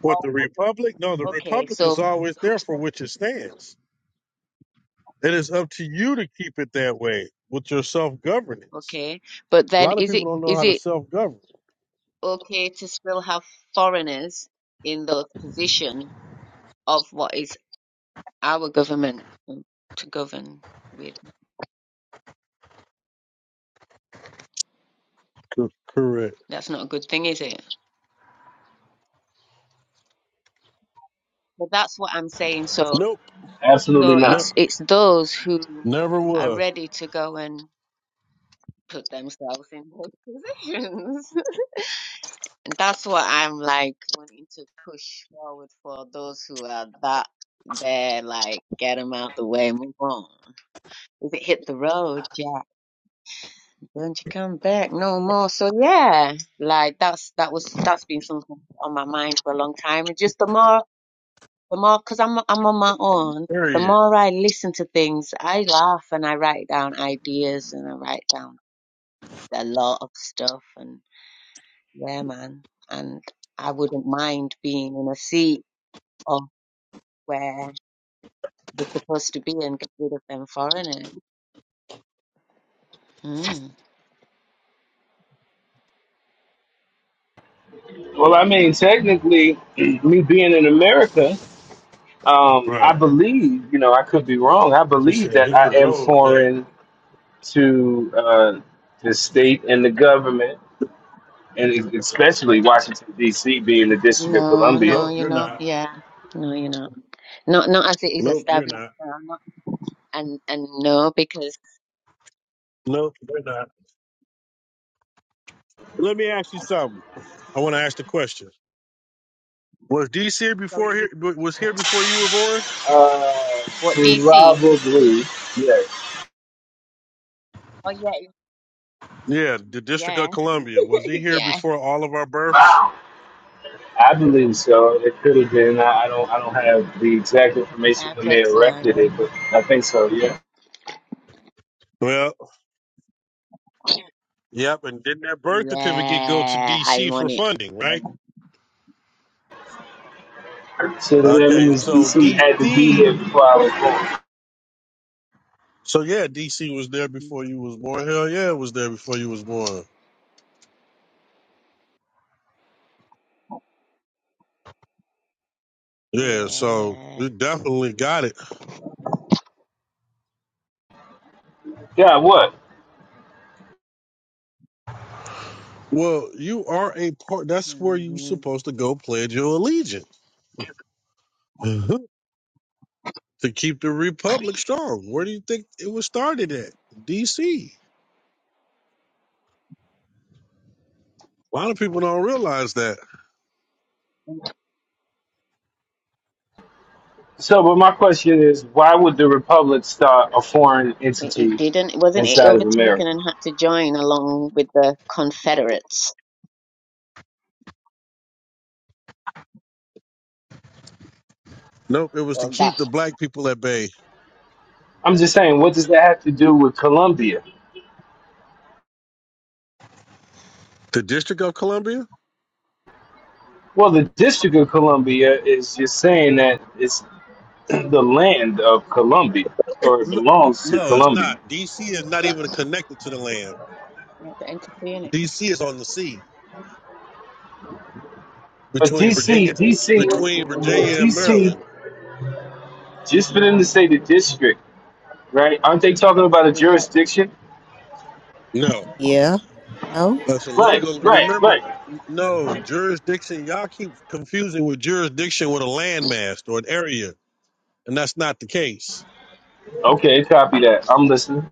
Speaker 1: What
Speaker 4: Oh,
Speaker 1: the Republic? No, the
Speaker 4: okay.
Speaker 1: Republic is
Speaker 4: So,
Speaker 1: always
Speaker 4: who-
Speaker 1: there for
Speaker 4: so
Speaker 1: which it stands. It is up to you to keep it that way with your self governance.
Speaker 4: okay. But
Speaker 1: A
Speaker 4: then,
Speaker 1: lot of
Speaker 4: is it
Speaker 1: people don't know
Speaker 4: is
Speaker 1: how to
Speaker 4: it
Speaker 1: self govern.
Speaker 4: okay to still have foreigners in the position of what is our government to govern with.
Speaker 1: Co- correct.
Speaker 4: That's not a good thing, is it? But that's what I'm saying. So,
Speaker 1: Nope.
Speaker 2: Absolutely
Speaker 4: so
Speaker 1: Ne-
Speaker 2: not.
Speaker 4: it's it's those who
Speaker 1: never
Speaker 4: are
Speaker 1: was.
Speaker 4: ready to go and put themselves in those <laughs> positions. And that's what I'm like wanting to push forward for those who are that there, like get them out the way and move on. If it hit the road, yeah. Don't you come back no more. So yeah, like that's that was that's been something on my mind for a long time. And just the more the more because I'm I'm on my own, the
Speaker 1: Period.
Speaker 4: more I listen to things, I laugh and I write down ideas and I write down a lot of stuff and yeah, man. And I wouldn't mind being in a seat of where they're supposed to be and get rid of them foreigners. Mm.
Speaker 2: Well, I mean, technically, <clears throat> me being in America, um, I
Speaker 1: Right.
Speaker 2: believe you know I could be wrong. I
Speaker 1: She
Speaker 2: believe
Speaker 1: said,
Speaker 2: that
Speaker 1: hit the
Speaker 2: I am
Speaker 1: road, Jack.
Speaker 2: foreign to uh, the state and the government, and e-, especially Washington D.C. being the District of
Speaker 4: No,
Speaker 2: Columbia.
Speaker 4: no,
Speaker 1: Nope,
Speaker 4: you're
Speaker 1: you're
Speaker 4: not.
Speaker 1: not.
Speaker 4: Yeah, no, you're not. Not not as it is
Speaker 1: Nope, you're
Speaker 4: established.
Speaker 1: not.
Speaker 4: now. and and no, because
Speaker 1: Nope, you're not. Let me ask you something. I want to ask the question. Was DC here
Speaker 4: sorry,
Speaker 1: before here?
Speaker 4: wh-
Speaker 1: Was here before you were born?
Speaker 2: Uh,
Speaker 4: what DC?
Speaker 2: probably yes.
Speaker 4: Oh yeah, it-
Speaker 1: Yeah, the District of
Speaker 4: yeah,
Speaker 1: Columbia. Was
Speaker 4: <laughs>
Speaker 1: he here
Speaker 4: yeah.
Speaker 1: before all of our births?
Speaker 2: I believe so. It could have been. I, I don't. I don't have the exact information
Speaker 4: I've
Speaker 2: when
Speaker 4: read
Speaker 2: they
Speaker 4: so I
Speaker 2: erected
Speaker 4: know.
Speaker 2: it, but I think so. Yeah.
Speaker 1: Well, yep. And didn't that birth certificate go to
Speaker 4: Yeah, I'm
Speaker 1: DC
Speaker 4: on
Speaker 1: for
Speaker 4: it.
Speaker 1: funding, right?
Speaker 4: Mhm.
Speaker 2: So then that
Speaker 1: Okay,
Speaker 2: means
Speaker 1: so
Speaker 2: DC had to be here
Speaker 1: DC.
Speaker 2: before I was born.
Speaker 1: So yeah, DC was there before you was born. Hell yeah, it was there before you was born. Yeah, so
Speaker 4: Yeah.
Speaker 1: you definitely got it.
Speaker 2: Yeah. What?
Speaker 1: Well, you are a part. That's where you
Speaker 4: hmm
Speaker 1: supposed to go pledge your allegiance. <laughs> to keep the republic strong. Where do you think it was started at? D.C. A lot of people don't realize that.
Speaker 2: So, but my question is, why would the Republic start a foreign
Speaker 4: It, it
Speaker 2: entity
Speaker 4: didn't. wasn't it
Speaker 2: inside of America?
Speaker 4: overtaken and had to join along with the Confederates.
Speaker 1: Nope, it was to
Speaker 4: Well, that
Speaker 1: keep the black people at bay.
Speaker 2: I'm just saying, what does that have to do with Colombia?
Speaker 1: The District of Columbia?
Speaker 2: Well, the District of Columbia is just saying that it's <clears throat> the land of Colombia, or it
Speaker 1: No,
Speaker 2: belongs to
Speaker 1: no it's
Speaker 2: Colombia.
Speaker 4: Mhm.
Speaker 1: not. D.C. is not even connected to the land.
Speaker 4: yeah, the entity in it.
Speaker 1: D.C. is on the sea
Speaker 2: But
Speaker 1: between
Speaker 2: DC,
Speaker 1: Virginia,
Speaker 2: DC,
Speaker 1: between Virginia and
Speaker 2: DC,
Speaker 1: Maryland.
Speaker 2: just for them to say the district, right? Aren't they
Speaker 4: So
Speaker 2: talking
Speaker 4: I'm
Speaker 2: about a
Speaker 4: thinking, yeah,
Speaker 2: jurisdiction?
Speaker 1: No,
Speaker 3: Yeah. No.
Speaker 1: that's
Speaker 2: Right,
Speaker 1: illegal. And
Speaker 2: right,
Speaker 1: Remember,
Speaker 2: right.
Speaker 1: no jurisdiction. Y'all keep confusing with jurisdiction with a landmass or an area, and that's not the case.
Speaker 2: Okay, copy that. I'm listening.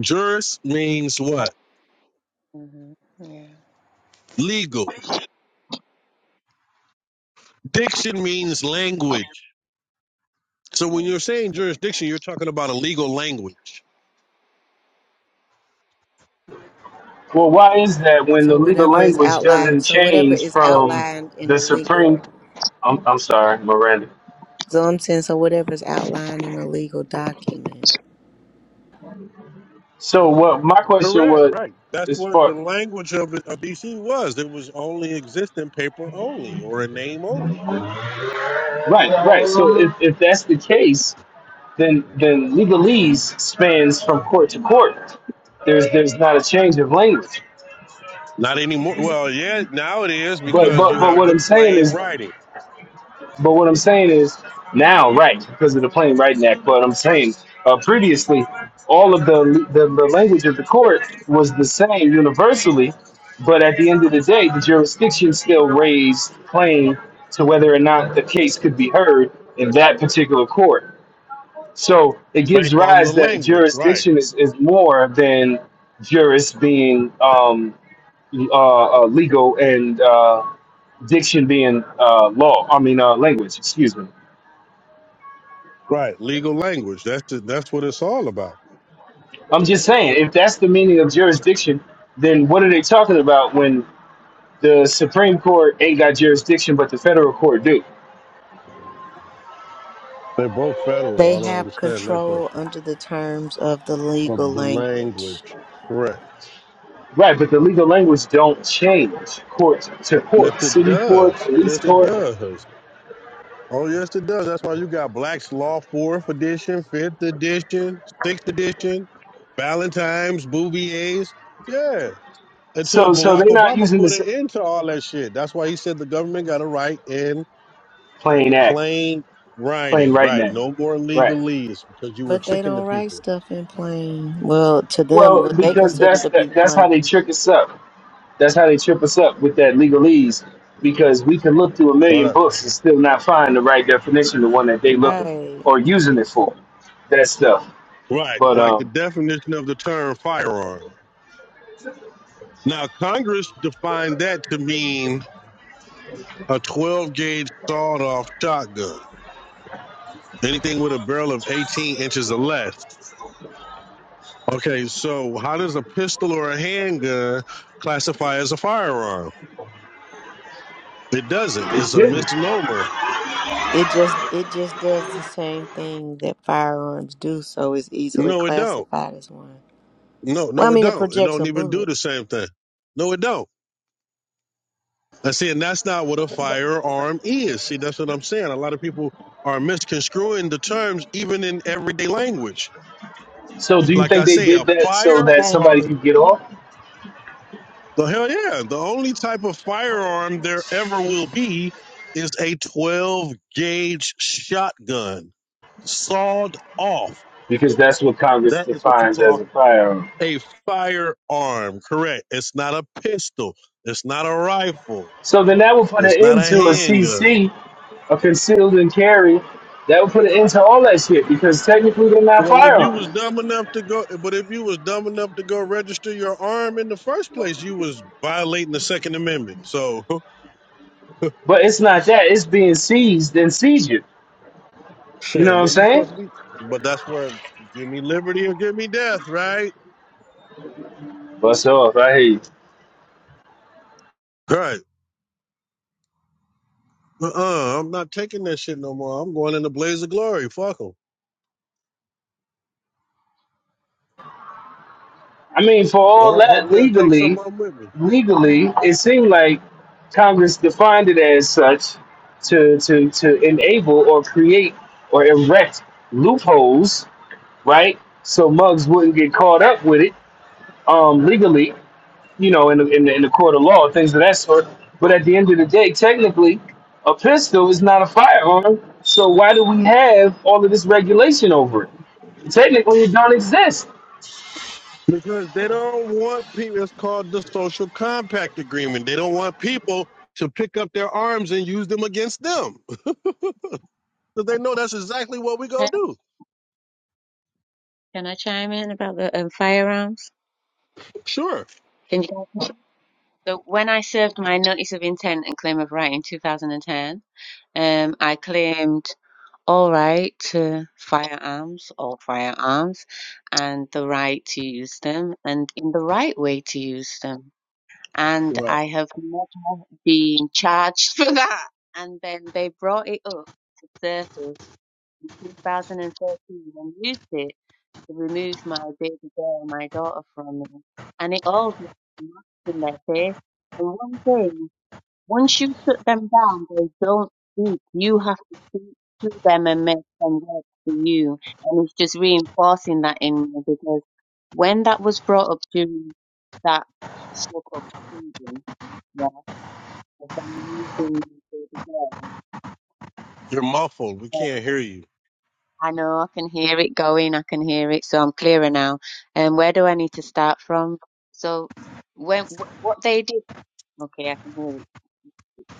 Speaker 1: Juris means what?
Speaker 4: mm-hmm. yeah,
Speaker 1: legal. Diction means language. So when
Speaker 4: yeah.
Speaker 1: you're saying
Speaker 4: I get
Speaker 1: jurisdiction,
Speaker 4: that.
Speaker 1: you're talking about a legal language.
Speaker 2: Well, why is that when the
Speaker 3: So
Speaker 2: legal
Speaker 3: whatever is
Speaker 2: language
Speaker 3: outlined,
Speaker 2: doesn't
Speaker 3: so whatever
Speaker 2: change
Speaker 3: is
Speaker 2: from
Speaker 3: outlined in
Speaker 2: the
Speaker 3: a legal,
Speaker 2: Supreme? I'm, I'm sorry, Miranda.
Speaker 3: so I'm saying, so whatever is outlined in a legal document.
Speaker 2: So, what my question
Speaker 1: Correct,
Speaker 2: was
Speaker 1: right. That's
Speaker 2: is
Speaker 1: what the
Speaker 2: for
Speaker 1: language of, of DC was. It was only existing paper only or a name only.
Speaker 2: right, right. So, if, if that's the case, then then legalese spans from court to court. There's there's not a change of language.
Speaker 1: Not anymore. Well, yeah, now it is
Speaker 2: But
Speaker 1: because
Speaker 2: but
Speaker 1: you
Speaker 2: but
Speaker 1: have
Speaker 2: what
Speaker 1: the
Speaker 2: I'm saying
Speaker 1: plain
Speaker 2: is,
Speaker 1: writing
Speaker 2: but what I'm saying is now, right? Because of the plain right neck. But I'm saying uh, previously, all of the, the the language of the court was the same universally. But at the end of the day, the jurisdiction still raised claim to whether or not the case could be heard in that particular court. So it gives
Speaker 1: based on
Speaker 2: rise
Speaker 1: the
Speaker 2: that
Speaker 1: language. Right,
Speaker 2: jurisdiction is, is more than jurist being um, uh, uh, legal and uh, diction being uh, law. I mean, uh, language. Excuse me.
Speaker 1: right. Legal language. That's it. that's what it's all about.
Speaker 2: I'm just saying, if that's the meaning of jurisdiction, then what are they talking about when the Supreme Court ain't got jurisdiction, but the federal court do?
Speaker 1: They're both federal.
Speaker 3: They
Speaker 1: I don't
Speaker 3: have
Speaker 1: understand that
Speaker 3: control
Speaker 1: question.
Speaker 3: under the terms of the
Speaker 1: Of
Speaker 3: legal
Speaker 1: the
Speaker 3: language.
Speaker 1: language. Correct.
Speaker 2: Right, but the legal language don't change court to
Speaker 1: Yes,
Speaker 2: court,
Speaker 1: it
Speaker 2: city court,
Speaker 1: does.
Speaker 2: police
Speaker 1: Yes, it
Speaker 2: court.
Speaker 1: does. Oh yes, it does. That's why you got Black's Law Fourth Edition, Fifth Edition, Sixth Edition, Valentine's, Bouvier's. Yeah, until
Speaker 2: So, so
Speaker 1: Barack
Speaker 2: they're not
Speaker 1: Obama
Speaker 2: using
Speaker 1: put an
Speaker 2: the
Speaker 1: end to all that shit. That's why he said the government got to write in
Speaker 2: plain act,
Speaker 1: plain
Speaker 2: plain
Speaker 1: writing,
Speaker 2: right
Speaker 1: right?
Speaker 2: now.
Speaker 1: No more
Speaker 2: Right.
Speaker 1: legalese because you were
Speaker 3: But they
Speaker 1: tricking the
Speaker 3: don't write
Speaker 1: people.
Speaker 3: stuff in plain. Well, to them,
Speaker 2: Well,
Speaker 3: what they
Speaker 2: because
Speaker 3: consider
Speaker 2: that's
Speaker 3: to be
Speaker 2: that, that's how they
Speaker 3: plain.
Speaker 2: trick us up. That's how they trip us up with that legalese because we can look through a million
Speaker 1: Right,
Speaker 2: books and still not find the right definition, the one that they looking for
Speaker 3: Right.
Speaker 2: or using it for, that stuff.
Speaker 1: right.
Speaker 2: But
Speaker 1: Like the
Speaker 2: um,
Speaker 1: definition of the term firearm. Now Congress defined that to mean a 12 gauge sawed off shotgun. Anything with a barrel of 18 inches or less. Okay, so how does a pistol or a handgun classify as a firearm? It doesn't.
Speaker 2: it's
Speaker 1: It's a
Speaker 2: hidden.
Speaker 1: misnomer.
Speaker 3: It just it just does the same thing that firearms do, so it's easily
Speaker 1: No, it don't.
Speaker 3: classified as one.
Speaker 1: No,
Speaker 3: Well, I
Speaker 1: no, it
Speaker 3: mean, it
Speaker 1: don't. It
Speaker 3: projects a
Speaker 1: don't even
Speaker 3: bullet.
Speaker 1: do the same thing. No, it don't. I see, and that's not what a firearm is. See, that's what I'm saying. A lot of people are misconstruing the terms even in everyday language.
Speaker 2: So do you
Speaker 1: Like I
Speaker 2: think they
Speaker 1: say, a
Speaker 2: did that so that somebody
Speaker 1: firearm
Speaker 2: could get off?
Speaker 1: So hell yeah. The only type of firearm there ever will be is a 12 gauge shotgun, sawed off.
Speaker 2: Because that's what Congress
Speaker 1: That is what you
Speaker 2: defines as
Speaker 1: call
Speaker 2: a firearm.
Speaker 1: a firearm, correct? It's not a pistol. It's not a rifle.
Speaker 2: So then that would put an
Speaker 1: It's not
Speaker 2: end
Speaker 1: a
Speaker 2: to a
Speaker 1: handgun.
Speaker 2: CC, a concealed and carry. That would put an end to all that shit because technically they're not
Speaker 1: Well, if you
Speaker 2: firearms.
Speaker 1: was dumb enough to go, but if you was dumb enough to go register your arm in the first place, you was violating the Second Amendment. So <laughs>
Speaker 2: But it's not that. It's being seized and seizure. You
Speaker 1: Shit,
Speaker 2: know what
Speaker 1: and
Speaker 2: I'm
Speaker 1: that you
Speaker 2: saying?
Speaker 1: supposed to be. But that's where give me liberty or give me death, right?
Speaker 2: Bust off. I hate. you.
Speaker 1: Right. Uh-uh, I'm not taking that shit no more. I'm going in the blaze of glory. Fuck them.
Speaker 2: I mean, for all
Speaker 1: Well,
Speaker 2: that
Speaker 1: hopefully I take
Speaker 2: legally,
Speaker 1: some of them with me.
Speaker 2: legally, it seemed like Congress defined it as such to to to enable or create or erect loopholes, right? So mugs wouldn't get caught up with it um, legally, you know, in the, in the in the court of law, things of that sort. But at the end of the day, technically, a pistol is not a firearm. So why do we have all of this regulation over it? Technically, it don't exist.
Speaker 1: Because they don't want people, it's called the social compact agreement. They don't want people to pick up their arms and use them against them. <laughs> Because they know that's exactly what we
Speaker 4: Hey,
Speaker 1: go do.
Speaker 4: Can I chime in about the um, firearms?
Speaker 1: Sure.
Speaker 4: Can you? So when I served my notice of intent and claim of right in 2010, um, I claimed all right to firearms, all firearms, and the right to use them, and in the right way to use them. And
Speaker 1: Right.
Speaker 4: I have never been charged <laughs> for that. And then they brought it up to surface in 2013 and used it to remove my baby girl, my daughter, from me. And it all just smashed in their face. The one thing once you put them down, they don't speak. You have to speak to them and make them work for you. And it's just reinforcing that in me because when that was brought up during that sort of season, yeah, of them using me for the girl,
Speaker 1: You're muffled. We
Speaker 4: uh,
Speaker 1: can't hear you.
Speaker 4: I know I can hear it going, I can hear it, so I'm clearer now. And where do I need to start from? So when wh- what they did, okay, I can hear it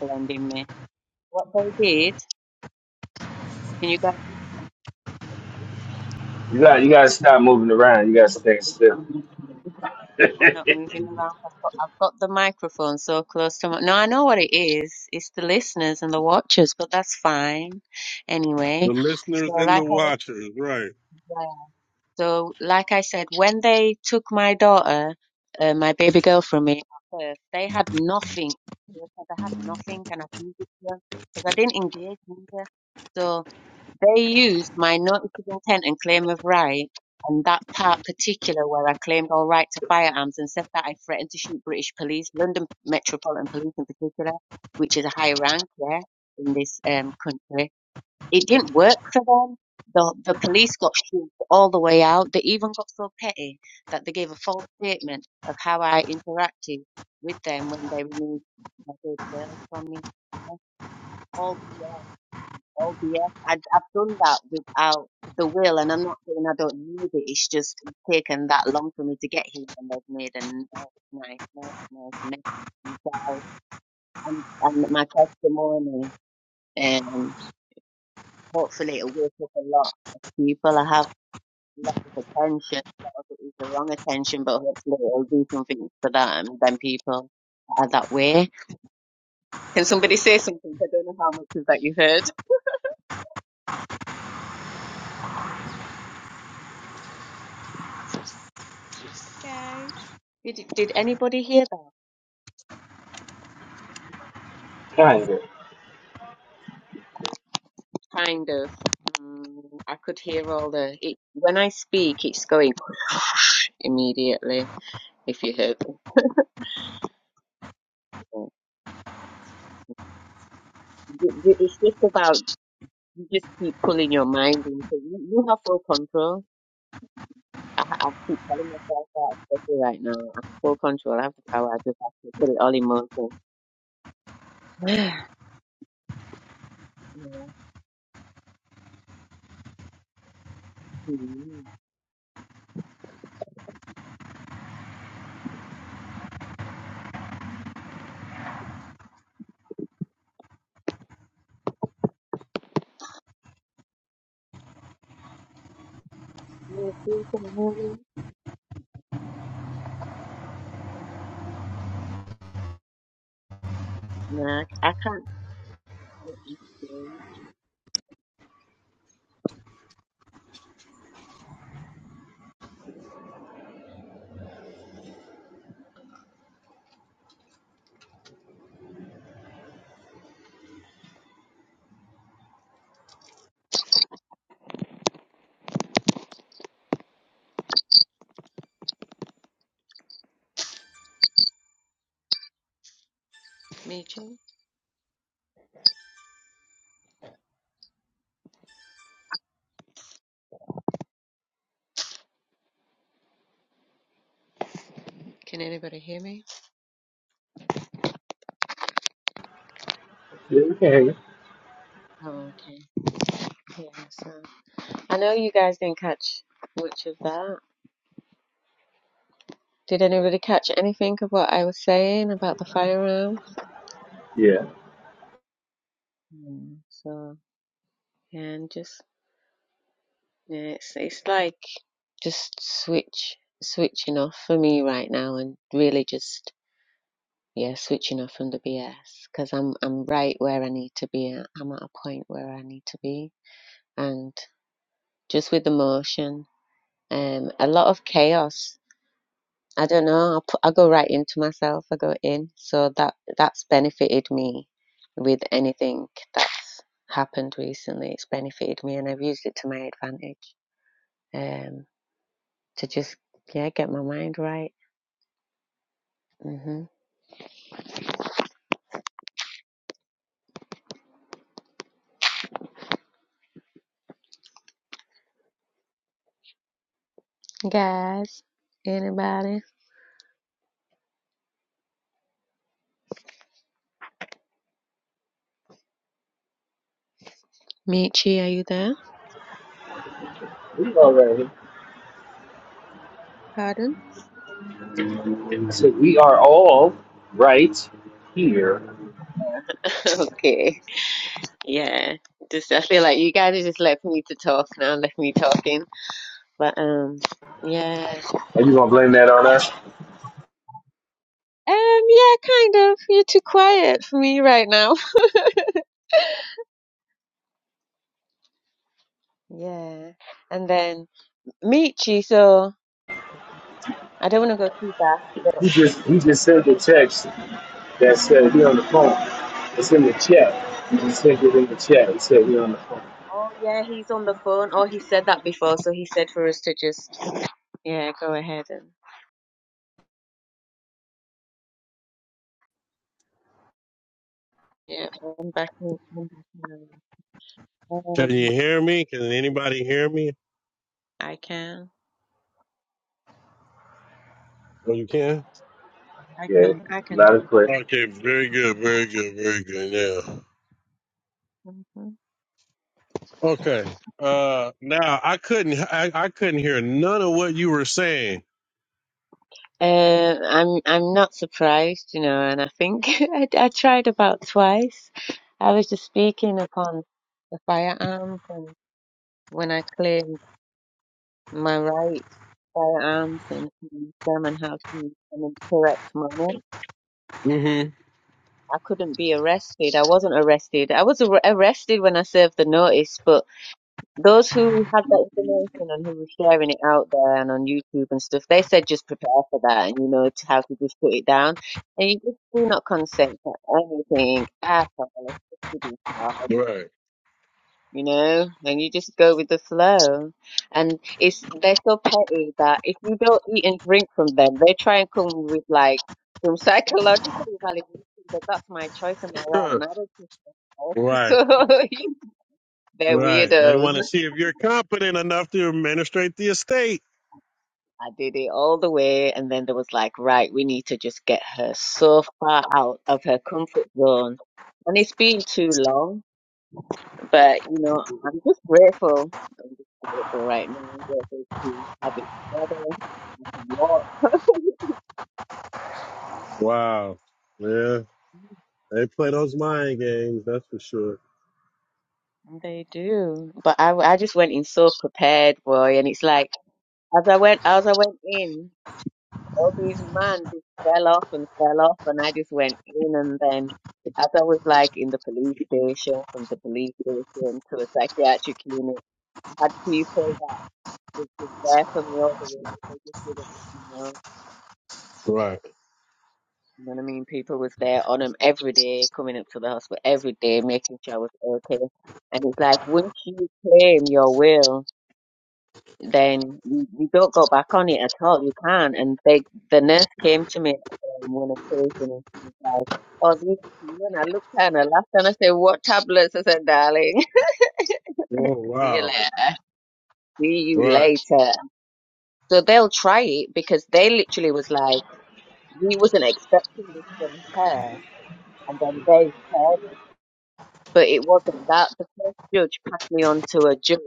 Speaker 4: blending me. What they did, can you guys?
Speaker 2: You got you gotta stop moving around. You gotta stay still.
Speaker 4: I'm not moving around. I've got, I've got the microphone so close to my. No, I know what it is. It's the listeners and the watchers, but that's fine.
Speaker 1: The
Speaker 4: Anyway, so
Speaker 1: listeners and
Speaker 4: like
Speaker 1: the
Speaker 4: I was,
Speaker 1: watchers, right.
Speaker 4: saying- so like I said, when they took my daughter, uh, my baby girl from me at birth, they had nothing. They said I had nothing, and I gave it to them because I didn't engage either. her. So they used my notice of intent and claim of right, and that part particular where I claimed all right to firearms and said that I threatened to shoot British police, London Metropolitan Police in particular, which is a high rank, yeah, in this um, country. It didn't work for them. The, the police got shoved all the way out. They even got so petty that they gave a false statement of how I interacted with them when they removed my baby girl from me. All BS. Oh yeah, I, I've done that without the will, and I'm not saying I don't need it. It's just it's taken that long for me to get here, and they've made a nice, nice, nice, nice mess. And so, and, and my testimony, um, hopefully it'll wake up a lot of people. I have a lot of attention. A lot of it is the wrong attention, but hopefully it'll do something for that and then people are that way. Can somebody say something? I don't know how much of that you heard. Guys, did did anybody hear that?
Speaker 2: Kinda.
Speaker 4: kind of. Um, I could hear all the. It, when I speak, it's going <laughs> immediately. If you heard, the- You- you- it's just about you just keep pulling your mind into. You, you have full control. I, ha- I keep telling myself that, especially right now. I have full control. I have the power. I just have to put it all in motion. <sighs> Yeah. Mhm. Yeah, see, can you hear me? Nah, I c- I can't. hear you. Me too. Can anybody hear me?
Speaker 2: Yeah, we can hear you.
Speaker 4: Oh, okay. Yeah. so. I know you guys didn't catch much of that. Did anybody catch anything of what I was saying about the firearms?
Speaker 2: Yeah.
Speaker 4: Mm, so yeah, and just yeah, it's it's like just switch switching off for me right now, and really just yeah, switching off from the BS because I'm I'm right where I need to be. At. I'm at a point where I need to be, and just with the motion, um, a lot of chaos I don't know. I, put, I go right into myself. I go in. So that that's benefited me with anything that's happened recently. It's benefited me, and I've used it to my advantage. Um, to just yeah, get my mind right. hmm Guys, anybody? Michi, are you there?
Speaker 2: We all right
Speaker 4: Pardon?
Speaker 2: here. So we are all right here.
Speaker 4: <laughs> okay. Yeah. Just I feel like you guys are just left me to talk now, left me talking. But um, yeah.
Speaker 2: Are you gonna
Speaker 4: Mhm.
Speaker 2: blame that on us?
Speaker 4: Um, yeah, kind of. You're too quiet for me right now. <laughs> Yeah. And then Michi, so I don't want to go too fast, but
Speaker 2: He just He just sent the text that said we on the phone. It's in the chat. He just sent it in the chat. It said we on the phone.
Speaker 4: oh yeah, he's on the phone. Oh, he said that before, so he said for us to just yeah, go ahead and yeah, I'm back. in- I'm back in
Speaker 1: Can
Speaker 4: Um,
Speaker 1: you hear me? Can anybody hear me?
Speaker 4: I can,
Speaker 1: Oh, you can?
Speaker 4: I
Speaker 2: Yeah.
Speaker 4: can, I can.
Speaker 2: Not a quick.
Speaker 1: Okay, very good, very good, very good. Now,
Speaker 4: Mhm.
Speaker 1: okay. Uh, now I couldn't, I, I couldn't hear none of what you were saying.
Speaker 4: Uh, I'm, I'm not surprised, you know, and I think <laughs> I, I tried about twice. I was just speaking upon the firearms. when I clear my right firearms and hands them and how to use them in a correct manner.
Speaker 1: Mm-hmm.
Speaker 4: I couldn't be arrested. I wasn't arrested. I was ar- arrested when I served the notice, but those who had that information and who were sharing it out there and on YouTube and stuff, they said just prepare for that and you know to how to just put it down. And you just do not consent to anything at all. It's just ridiculous.
Speaker 1: Right.
Speaker 4: you know, and you just go with the flow. And it's they're so petty that if you don't eat and drink from them, they try and come with like some psychological evaluation that that's my choice and my right,
Speaker 1: Huh.
Speaker 4: and I don't think
Speaker 1: Right.
Speaker 4: so. <laughs> So they're
Speaker 1: Right. They
Speaker 4: weirdos.
Speaker 1: want to see if you're competent enough to administrate the estate.
Speaker 4: I did it all the way, and then there was like, right, we need to just get her so far out of her comfort zone, and it's been too long. But you know, I'm just grateful. I'm just grateful right now. I'm grateful to have it together. I can walk. <laughs>
Speaker 1: Wow. Yeah. They play those mind games. That's for sure.
Speaker 4: They do, but I I just went in so prepared, boy, and it's like as I went as I went in, all these man just fell off and fell off, and I just went in, and then as I was like in the police station, from the police station to a psychiatric unit, I had people that was just there for me all the way. They just didn't, let me know.
Speaker 1: Right.
Speaker 4: You know what I mean? People was there on him every day, coming up to the hospital every day, making sure I was okay. And it's like once you claim your will, then you, you don't go back on it at all. You can't. And they, the nurse came to me on one occasion and she was like, "Oh, this is you." And I looked at her and I laughed and I said, "What tablets?" I said, "Darling, <laughs>
Speaker 1: Oh
Speaker 4: see you
Speaker 1: wow.
Speaker 4: later. See you
Speaker 1: Right.
Speaker 4: later." So they'll try it because they literally was like, "We wasn't expecting this from her," and then they said. But it wasn't that. The first judge passed me on to a judge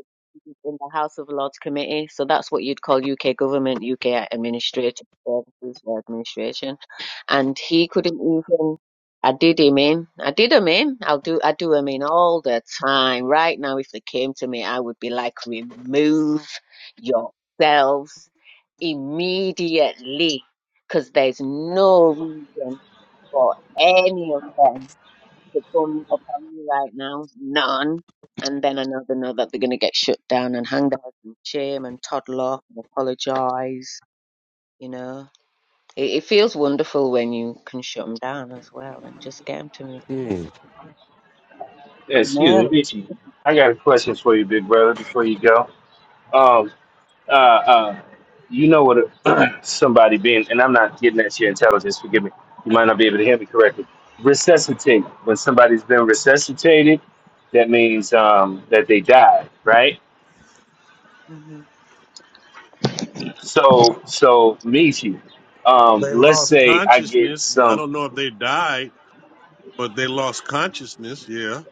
Speaker 4: in the House of Lords Committee. So that's what you'd call UK government, UK administrative services or administration. And he couldn't even. I did him in. I did him in. I'll do. I do him in all the time. Right now, if they came to me, I would be like, remove yourselves immediately, because there's no reason for any of them to come upon me right now, none. And then I know they know that they're going to get shut down and hang their heads in shame and toddle off and apologise. You know, it, it feels wonderful when you can shut them down as well and just get them to move.
Speaker 1: Mm.
Speaker 2: Yeah, excuse me,
Speaker 4: No.
Speaker 2: Richie. I got a question for you, big brother, before you go. Um. Uh, uh, you know what? A, <clears throat> somebody being, and I'm not getting at your intelligence. Forgive me. You might not be able to hear me correctly. Resuscitate. When somebody's been resuscitated, that means um, that they died, right?
Speaker 4: hmm And
Speaker 2: So, so Michi, um,
Speaker 1: They
Speaker 2: let's
Speaker 1: lost
Speaker 2: say I get
Speaker 1: consciousness. I
Speaker 2: some.
Speaker 1: don't know if they died, but they lost consciousness. Yeah.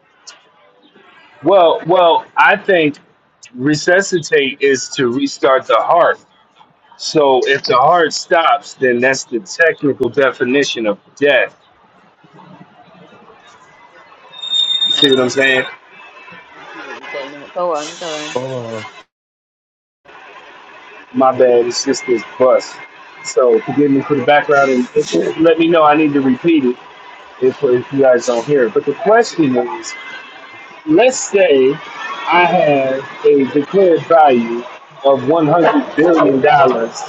Speaker 2: Well, well, I think resuscitate is to restart the heart. So if the heart stops, then that's the technical definition of death. You see what I'm
Speaker 4: I see,
Speaker 2: saying?
Speaker 4: what- I see what you're getting at. Go on, go on.
Speaker 2: My bad, it's just this bus. So forgive me for the background and if- you let me know I need to repeat it if, if you guys don't hear it. But the question is, let's say I have a declared value of $100 billion dollars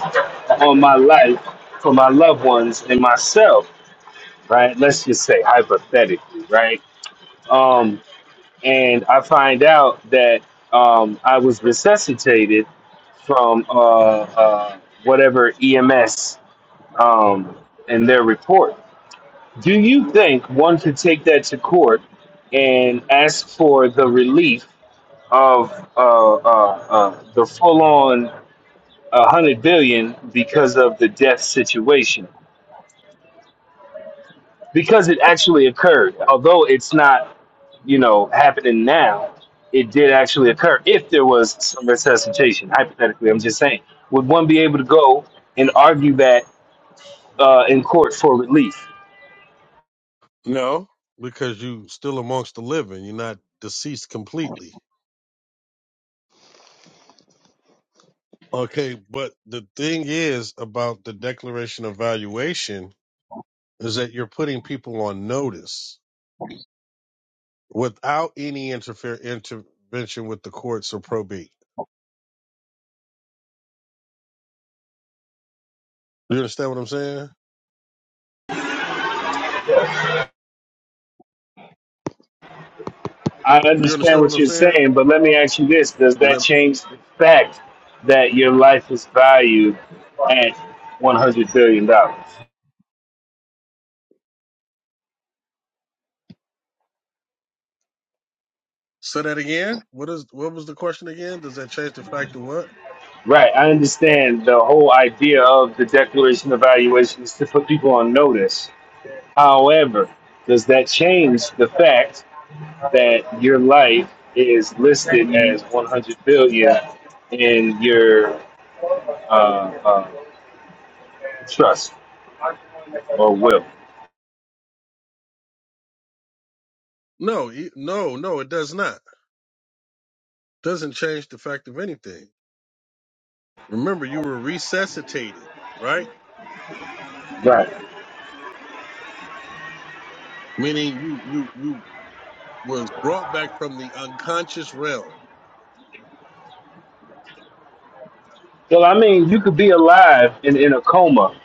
Speaker 2: on my life for my loved ones and myself, right? Let's just say hypothetically, right? Um and I find out that um, I was resuscitated from uh, uh, whatever EMS um, and their report. Do you think one could take that to court and ask for the relief of uh, uh, uh, the full-on uh, hundred billion because of the death situation? Because it actually occurred, although it's not you know, happening now, it did actually occur if there was some resuscitation, hypothetically. I'm just saying, would one be able to go and argue that uh, in court for relief?
Speaker 1: No, because you still amongst the living. You're not deceased completely. Okay, but the thing is about the declaration of valuation is that you're putting people on notice without any interfere intervention with the courts or probate. Do you understand what I'm saying?
Speaker 4: I d-
Speaker 2: I
Speaker 1: Do you
Speaker 2: understand
Speaker 1: understand what
Speaker 2: what
Speaker 1: I'm
Speaker 2: you're
Speaker 1: saying?
Speaker 2: saying, but let me ask you this Does
Speaker 1: Is
Speaker 2: that
Speaker 1: that
Speaker 2: change the fact that your life is valued at $100 billion? dollars?
Speaker 1: say that again? What is what was the question again? Does that change the fact of what?
Speaker 2: Right. I understand the whole idea of the declaration of valuation is to put people on notice. However, does that change the fact? that your life is listed as 100 billion in your uh, uh, trust or will.
Speaker 1: No, e- no, no, it does not. Doesn't change the fact of anything. Remember, you were resuscitated, right?
Speaker 2: Right.
Speaker 1: meaning you you you was brought back from the unconscious realm.
Speaker 2: So I mean, you could be alive and in a coma.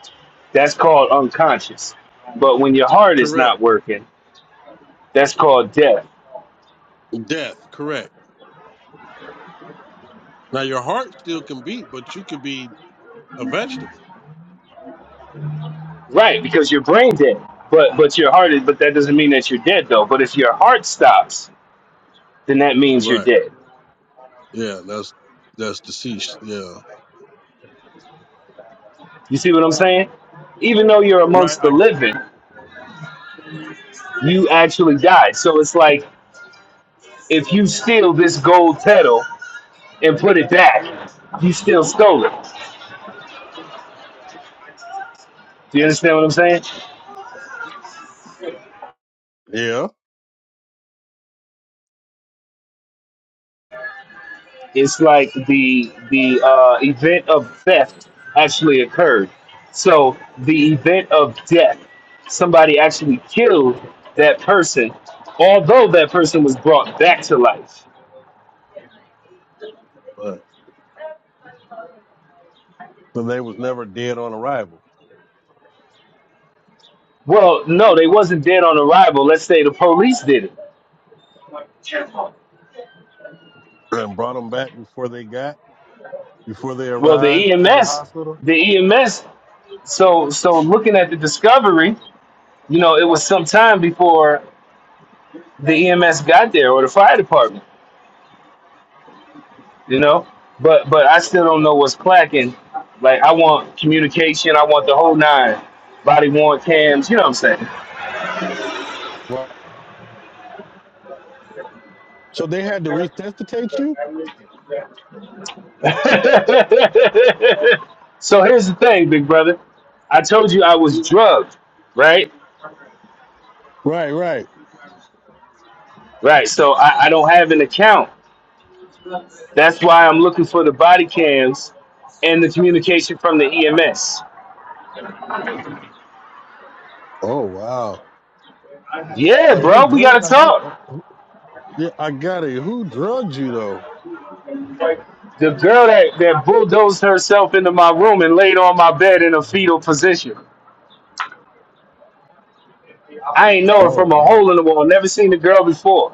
Speaker 2: That's called unconscious. But when your heart is
Speaker 1: Correct.
Speaker 2: not working, that's called death.
Speaker 1: Death. Correct. Now your heart still can beat, but you could be a vegetable.
Speaker 2: Right, because your brain dead. But but your heart is but that doesn't mean that you're dead though. But if your heart stops, then that means you're
Speaker 1: Right.
Speaker 2: dead.
Speaker 1: Yeah. That's that's deceased. Yeah.
Speaker 2: You see what I'm saying? Even though you're
Speaker 1: Right.
Speaker 2: amongst the
Speaker 1: I,
Speaker 2: living, you actually died. So it's like if you steal this gold pedal and put it back, you still stole it. Do you understand what I'm saying?
Speaker 1: yeah.
Speaker 2: It's like the the uh, event of theft actually occurred. So the event of death, somebody actually killed that person, although that person was brought back to life.
Speaker 1: Right. So they was never dead on arrival,
Speaker 2: Well, no, they wasn't dead on arrival. Let's say the police did it.
Speaker 1: and brought them back before they got before they
Speaker 2: Well,
Speaker 1: arrived
Speaker 2: the
Speaker 1: to the
Speaker 2: EMS,
Speaker 1: hospital.
Speaker 2: the EMS. So so looking at the discovery you know, it was some time before the EMS got there or the fire department, you know. But but I still don't know what's clacking. Like I want communication, I want the whole nine. Body worn cams, you know what I'm saying?
Speaker 1: Right. So they had to resuscitate you.
Speaker 2: <laughs> so here's the thing, big brother. I told you I was drugged, right?
Speaker 1: Right. Right.
Speaker 2: Right. So I, I don't have an account. That's why I'm looking for the body cams and the communication from the EMS.
Speaker 1: Oh wow.
Speaker 2: Yeah,
Speaker 1: Uh,
Speaker 2: bro,
Speaker 1: who
Speaker 2: we gotta
Speaker 1: drug? Uh, how,
Speaker 2: talk.
Speaker 1: uh, who- yeah, I got it. Who drugged you though?
Speaker 2: The girl that, that bulldozed herself into my room and laid on my bed in a fetal position. I ain't know her
Speaker 1: Oh
Speaker 2: from a hole
Speaker 1: wow.
Speaker 2: in the wall. Never seen the girl before.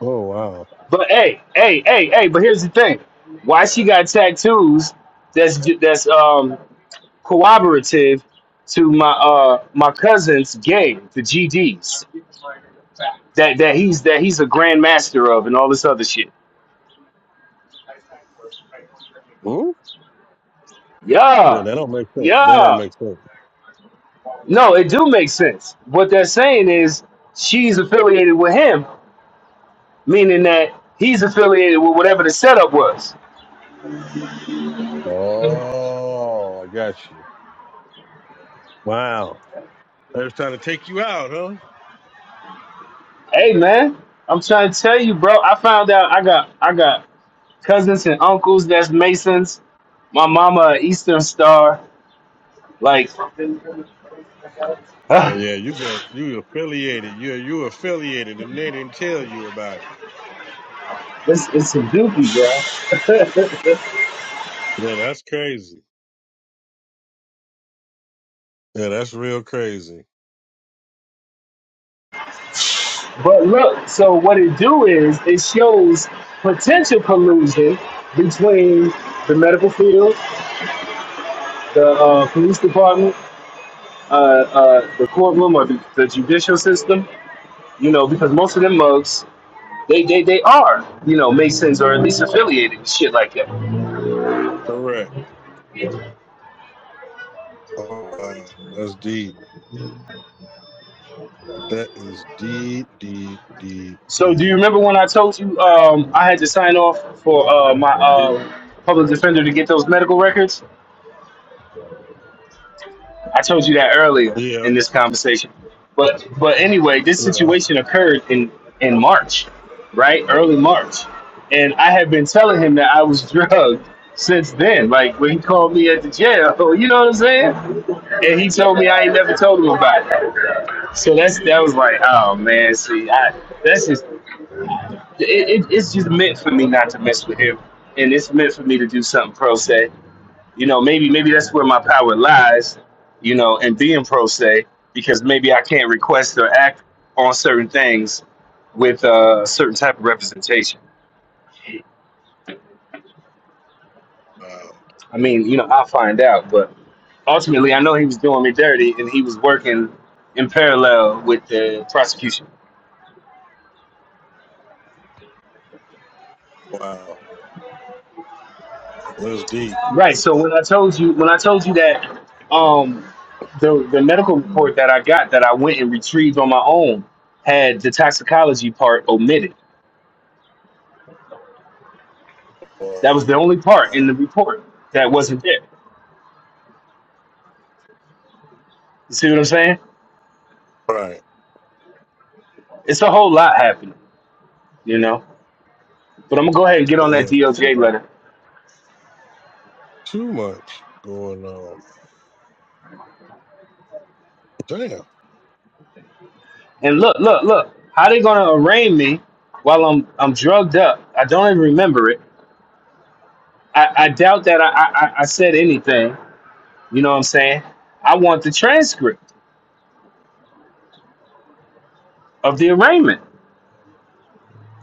Speaker 1: Oh wow.
Speaker 2: But hey, hey, hey, hey. But here's the thing: why she got tattoos? That's that's um cooperative to my uh my cousin's gang, the GDs. That that he's that he's a grandmaster of and all this other shit.
Speaker 1: Hmm? Yeah,
Speaker 2: Yeah,
Speaker 1: that don't make sense. That don't
Speaker 2: yeah.
Speaker 1: make sense.
Speaker 2: No, it do make sense. What they're saying is she's affiliated with him, meaning that he's affiliated with whatever the setup was.
Speaker 1: Oh, I got you. Wow. They was trying to take you out, huh?
Speaker 2: Hey man, I'm trying to tell you, bro. I found out I got I got cousins and uncles that's Masons. My mama a Eastern Star. Like, <sighs>
Speaker 1: Oh
Speaker 2: ah,
Speaker 1: yeah, you got you affiliated. You you affiliated, and they didn't tell you about it.
Speaker 2: it's it's a dookie, bro.
Speaker 1: Yeah, that's crazy. Yeah, that's real crazy.
Speaker 2: But look, so what it do is it shows potential collusion between the medical field, the uh, police department, uh, uh, the courtroom, or the, the judicial system. You know, because most of them mugs They, they, they are, you know, Masons or at least affiliated and shit like that.
Speaker 1: Correct. Oh wow, that's deep. That is deep, deep, deep,
Speaker 2: So do you
Speaker 1: deep.
Speaker 2: remember when I told you um, I had to sign off for uh, my uh, public defender to get those medical records? I told you that earlier
Speaker 1: Yeah,
Speaker 2: in this conversation. But but anyway, this
Speaker 1: yeah.
Speaker 2: situation occurred in in March, right? Early March, and I had been telling him that I was <laughs> drugged since then. Like when he called me at the jail, <laughs> you know what I'm saying? And he told me I ain't never told him about it. So that's that was like, oh man, see, I that's just it, it, it's just meant for me not to mess with him, and it's meant for me to do something pro se. You know, maybe maybe that's where my power lies. You know, and being pro se because maybe I can't request or act on certain things with uh, a certain type of representation.
Speaker 1: Wow,
Speaker 2: I mean, you know, I'll find out, but ultimately, I know he was doing me dirty, and he was working in parallel with the prosecution.
Speaker 1: wow. That's deep.
Speaker 2: Right. So when I told you when I told you that um the the medical report that I got that I went and retrieved on my own had the toxicology part omitted. That
Speaker 1: Wow.
Speaker 2: was the only part in the report that wasn't there. You see what I'm saying?
Speaker 1: Right.
Speaker 2: It's a whole lot happening, you know. But I'm gonna go ahead and get on that
Speaker 1: Yeah.
Speaker 2: DOJ letter.
Speaker 1: Too much going on. Damn.
Speaker 2: And look, look, look, how they gonna arraign me while I'm I'm drugged up. I don't even remember it. I, I doubt that I, I I I said anything. You know what I'm saying? I want the transcript of the arraignment.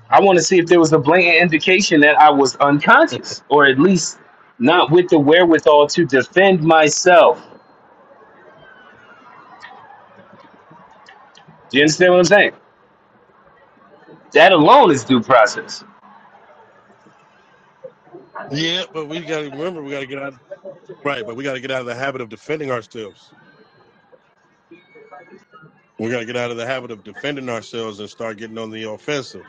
Speaker 2: I want to see if there was a blatant indication that I was unconscious or at least not with the wherewithal to defend myself. Do you understand what I'm saying? That alone is due process.
Speaker 1: Yeah, but we got to remember, we got to get out. Right, but we got to get out of the habit of defending ourselves. We got to get out of the habit of defending ourselves and start getting on the offensive.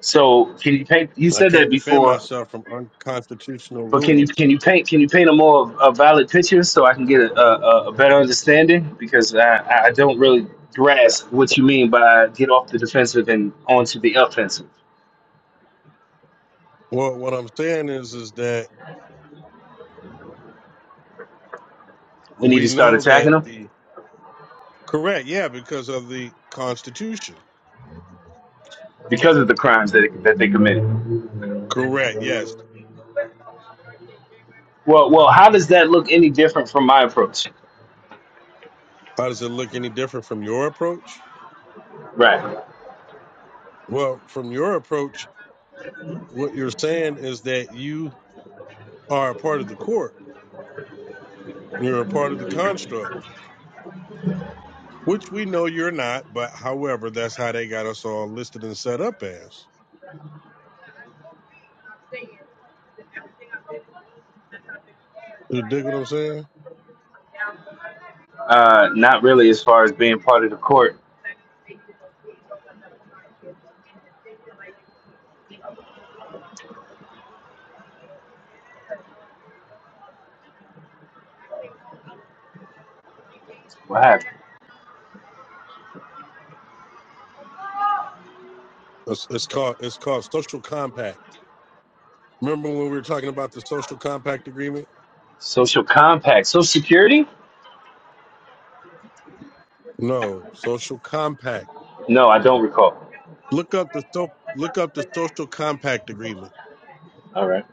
Speaker 2: So can you paint? You
Speaker 1: I
Speaker 2: said that
Speaker 1: can't defend
Speaker 2: before,
Speaker 1: myself from unconstitutional
Speaker 2: but can you
Speaker 1: rulings.
Speaker 2: can you paint can you paint a more a valid picture so I can get a, a, a better understanding because I, I don't really grasp what you mean by get off the defensive and onto the offensive.
Speaker 1: Well, what I'm saying is, is that
Speaker 2: We need
Speaker 1: we
Speaker 2: to start
Speaker 1: know
Speaker 2: attacking
Speaker 1: that
Speaker 2: them
Speaker 1: the correct, yeah, because of the Constitution.
Speaker 2: because of the crimes that that they committed.
Speaker 1: Correct, yes.
Speaker 2: Well, well, how does that look any different from my approach?
Speaker 1: How does it look any different from your approach?
Speaker 2: Right.
Speaker 1: Well, from your approach, what you're saying is that you are a part of the court You're a part of the construct, which we know you're not, but however, that's how they got us all listed and set up as. You dig what I'm saying?
Speaker 2: Uh, not really, as far as being part of the court. What happened?
Speaker 1: It's, it's called it's called social compact. Remember when we were talking about the social compact agreement?
Speaker 2: Social compact, social security?
Speaker 1: No, social compact.
Speaker 2: No, I don't recall.
Speaker 1: Look up the so, look up the social compact agreement.
Speaker 2: All right.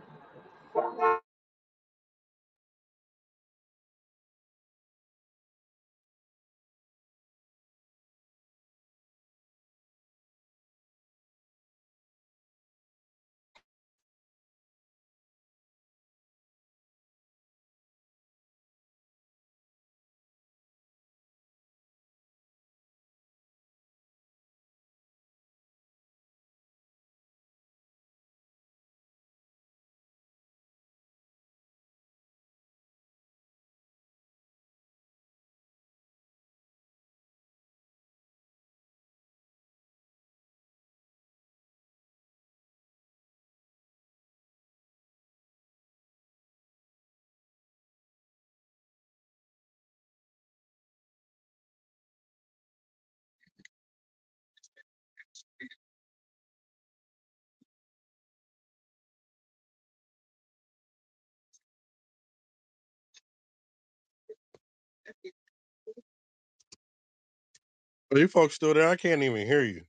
Speaker 1: Are you folks still there? I can't even hear you.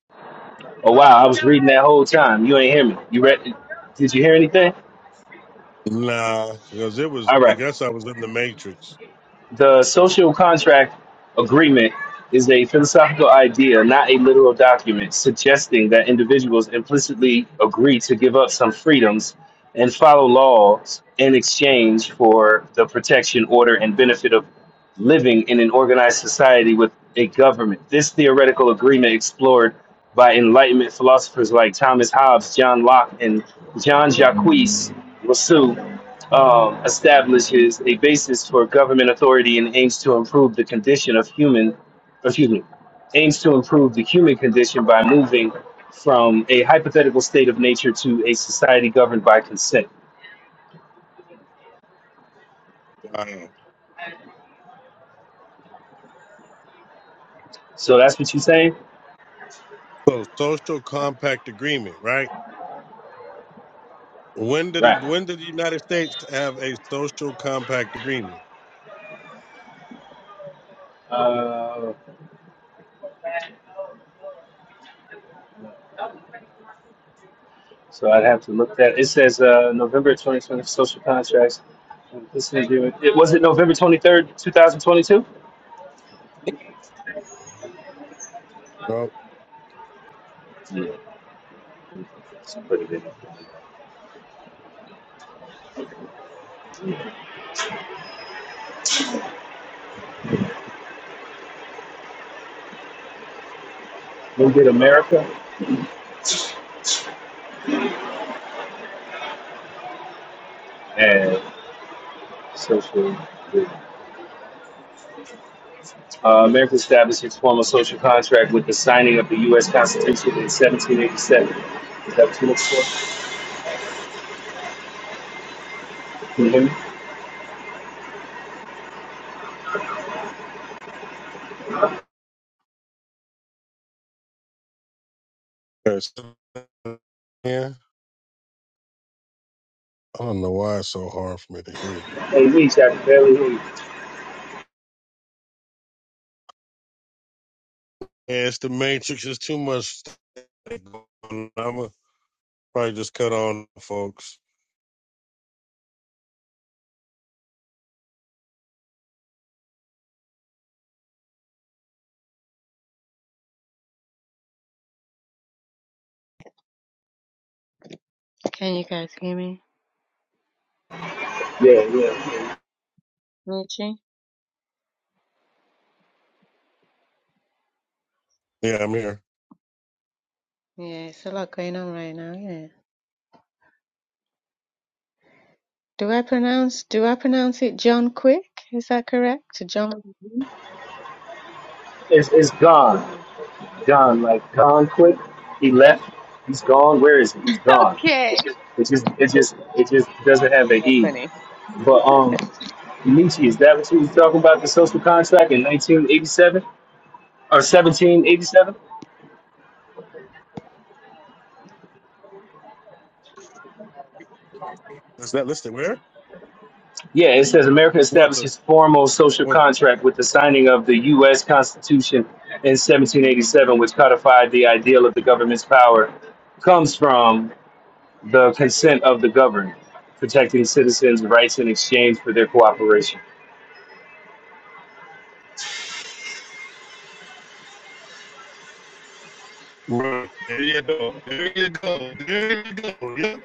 Speaker 2: Oh wow, I was reading that whole time. You ain't hear me. You read? Did you hear anything?
Speaker 1: Nah, because it was.
Speaker 2: All
Speaker 1: I
Speaker 2: right.
Speaker 1: guess I was in the matrix.
Speaker 2: The social contract agreement is a philosophical idea, not a literal document, suggesting that individuals implicitly agree to give up some freedoms and follow laws in exchange for the protection, order, and benefit of living in an organized society with a government. This theoretical agreement, explored by Enlightenment philosophers like Thomas Hobbes, John Locke, and John Jacques Rousseau, um, establishes a basis for government authority and aims to improve the condition of human, excuse me, aims to improve the human condition by moving from a hypothetical state of nature to a society governed by consent.
Speaker 1: Wow.
Speaker 2: So that's what you're saying,
Speaker 1: So social compact agreement, right? When did it,
Speaker 2: right?
Speaker 1: when did the United States have a social compact agreement?
Speaker 2: Uh, so I'd have to look that. It says uh, November 2020 social contracts. This is it. It- Was it November 23rd, 2022?
Speaker 1: Oh,
Speaker 2: Yeah, it's pretty good. New get America and social. Uh, America established its formal social contract with the signing of the U.S. Constitution in 1787. Is that what you look for? Can you hear me?
Speaker 1: yes. Yeah. I don't know why it's so hard for me to hear you.
Speaker 2: Hey, Reach, I can barely hear you.
Speaker 1: Yeah, it's the Matrix. It's too much. I'm gonna probably just cut on, folks.
Speaker 4: Can you guys hear me? Michi?
Speaker 1: Yeah, I'm here.
Speaker 4: Yeah, it's a lot going on right now. Yeah. Do I pronounce do I pronounce it John Quick? Is that correct? John Mhm.
Speaker 2: It's, it's gone.
Speaker 4: Yeah.
Speaker 2: Gone. Like, gone quick. He left. He's gone. Where is he? He's gone.
Speaker 4: <laughs> Okay.
Speaker 2: It just, it just, it just doesn't have an
Speaker 4: You're
Speaker 2: E.
Speaker 4: funny.
Speaker 2: But, um, Nietzsche, is that what you was talking about, the social contract in 1987? Or 1787?
Speaker 1: Is that listed where?
Speaker 2: Yeah, it says America
Speaker 1: What
Speaker 2: established
Speaker 1: the
Speaker 2: its formal social
Speaker 1: what?
Speaker 2: contract with the signing of the U.S. Constitution in 1787, which codified the ideal of the government's power, comes from the consent of the governed, protecting citizens' rights in exchange for their cooperation.
Speaker 1: Right. There you go. There you go. There you go. Yep.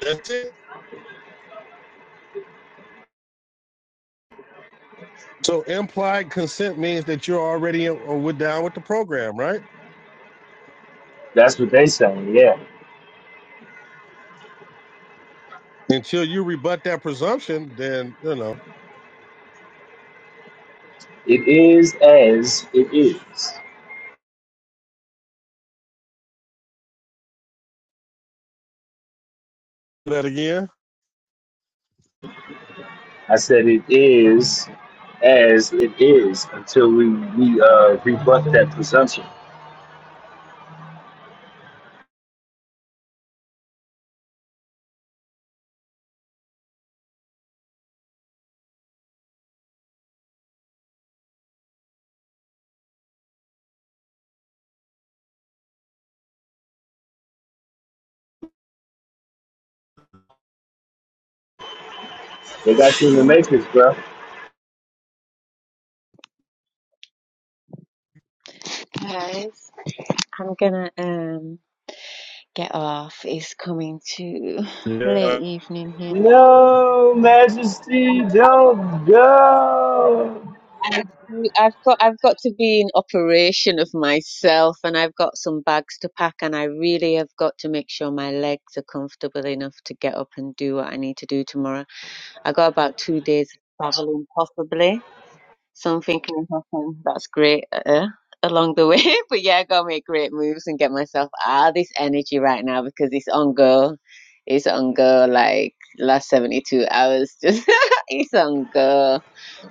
Speaker 1: That's it. So implied consent means that you're already uh, with down with the program, right?
Speaker 2: That's what they say. Yeah,
Speaker 1: Until you rebut that presumption, then you know
Speaker 2: it is as it is.
Speaker 1: that again.
Speaker 2: I said it is as it is until we we uh, rebut that presumption. They got you in the matrix, bro.
Speaker 4: Guys, I'm gonna um get off. It's coming to late
Speaker 1: Yeah.
Speaker 4: evening here.
Speaker 2: No, Majesty, don't go.
Speaker 4: I- I've got I've got to be in operation of myself and I've got some bags to pack and I really have got to make sure my legs are comfortable enough to get up and do what I need to do tomorrow. I got about two days of traveling possibly. Something can happen. That's great uh, along the way. <laughs> But yeah, I gotta make great moves and get myself out of this energy right now because it's on go. It's on go like last 72 hours. <laughs> Just it's on go.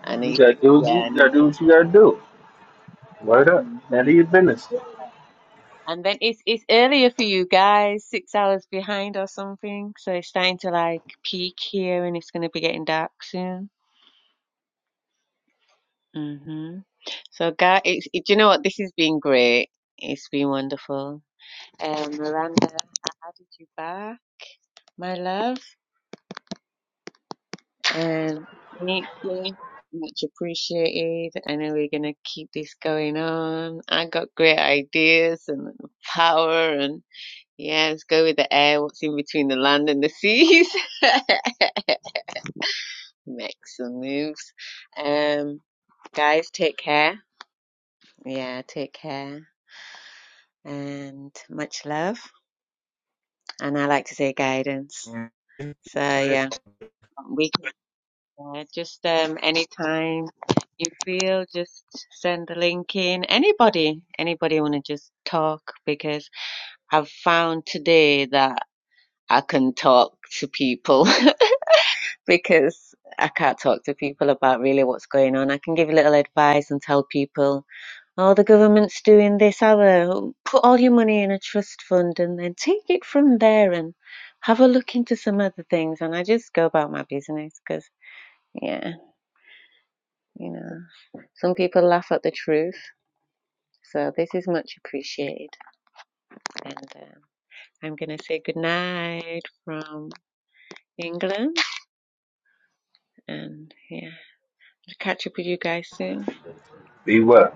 Speaker 4: I
Speaker 2: You
Speaker 4: need,
Speaker 2: gotta do what
Speaker 4: yeah,
Speaker 2: you,
Speaker 4: I
Speaker 2: you
Speaker 4: need
Speaker 2: gotta do
Speaker 4: to.
Speaker 2: what you gotta do. Word up.
Speaker 4: hmm
Speaker 2: Handle your business.
Speaker 4: And then it's it's earlier for you guys, six hours behind or something. So it's starting to like peak here and it's gonna be getting dark soon. hmm So, guys, it's, it, do you know what? This has been great. It's been wonderful. and Miranda Adichiegbà, my love. And thank you. Much appreciated. I know we're going to keep this going on. I got great ideas and power and yeah, let's go with the air, what's in between the land and the seas. <laughs> Make some moves. Um, guys, take care. Yeah, take care and much love. And I like to say guidance. So yeah, we Yeah, just um, anytime you feel, just send the link in. Anybody, anybody want to just talk? Because I've found today that I can talk to people <laughs> because I can't talk to people about really what's going on. I can give a little advice and tell people, oh, the government's doing this, other. Put all your money in a trust fund and then take it from there and have a look into some other things. And I just go about my business because, yeah, you know. Some people laugh at the truth, so this is much appreciated. And um I'm going to say goodnight from England. And yeah, I'll catch up with you guys soon.
Speaker 2: Be well.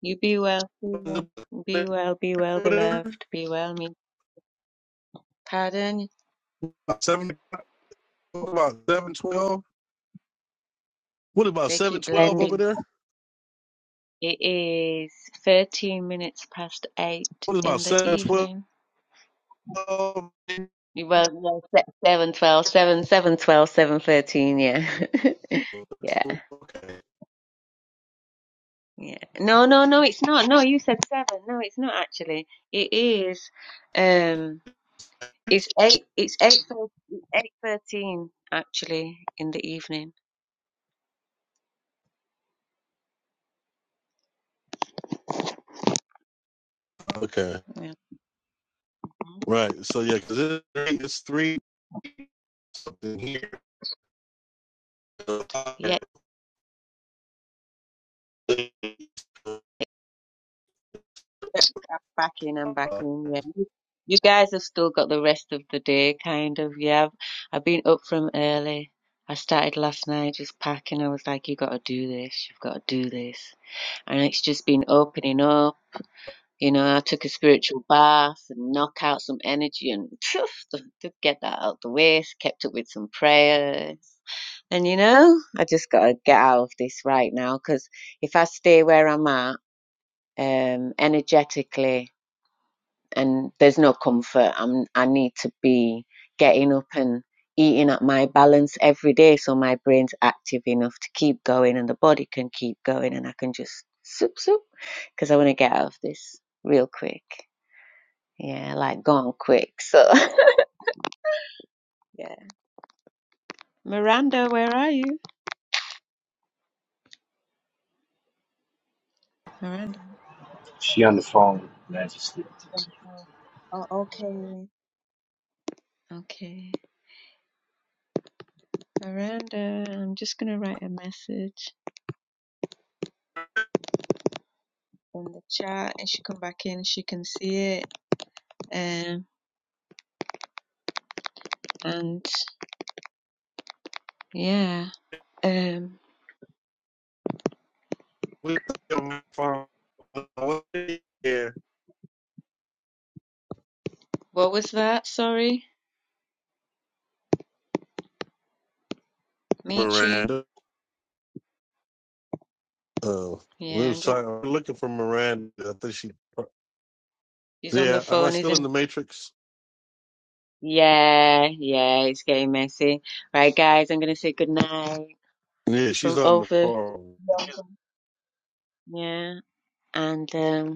Speaker 4: You be well. Be well, be well, be well, beloved. Be well, me. Pardon?
Speaker 1: Seven about seven twelve. What about
Speaker 4: They
Speaker 1: seven
Speaker 4: keep
Speaker 1: twelve over
Speaker 4: blending.
Speaker 1: there?
Speaker 4: It is 13 minutes past 8
Speaker 1: What about
Speaker 4: in the
Speaker 1: seven twelve?
Speaker 4: evening. Well, well 7, 12, seven, seven, twelve, seven, thirteen, yeah. <laughs> yeah.
Speaker 1: Okay.
Speaker 4: Yeah. No, no, no, it's not. No, you said seven. No, it's not actually. It is. Um, it's eight. It's eight. thir- Eight thirteen actually in the evening.
Speaker 1: Okay.
Speaker 4: Yeah.
Speaker 1: Right. So yeah, because it's three. here.
Speaker 4: Yeah. I'm back in. I'm back in. Yeah. You guys have still got the rest of the day, kind of. Yeah. I've, I've been up from early. I started last night just packing. I was like, you got to do this. You've got to do this. And it's just been opening up You know, I took a spiritual bath and knock out some energy and phew, to get that out the way. Kept up with some prayers. And you know, I just got to get out of this right now because if I stay where I'm at, um, energetically, and there's no comfort, I'm, I need to be getting up and eating at my balance every day so my brain's active enough to keep going and the body can keep going and I can just soup soup because I want to get out of this real quick. Yeah, like gone quick. So <laughs> yeah. Miranda, where are you? Miranda.
Speaker 2: She on the phone, Majesty.
Speaker 4: Oh, oh, okay. Okay. Miranda, I'm just gonna write a message in the chat and she come back in, she can see it. Um and yeah. Um what was that? Sorry? Michi?
Speaker 1: Miranda. Oh, we
Speaker 4: Yeah,
Speaker 1: was
Speaker 4: I'm just
Speaker 1: looking for Miranda. I think she.
Speaker 4: he's on the
Speaker 1: Yeah, am I
Speaker 4: phone,
Speaker 1: still
Speaker 4: isn't
Speaker 1: in the Matrix?
Speaker 4: Yeah, yeah, it's getting messy. Right guys, I'm gonna say goodnight
Speaker 1: Yeah, she's
Speaker 4: from
Speaker 1: on the
Speaker 4: over.
Speaker 1: phone.
Speaker 4: Yeah. And um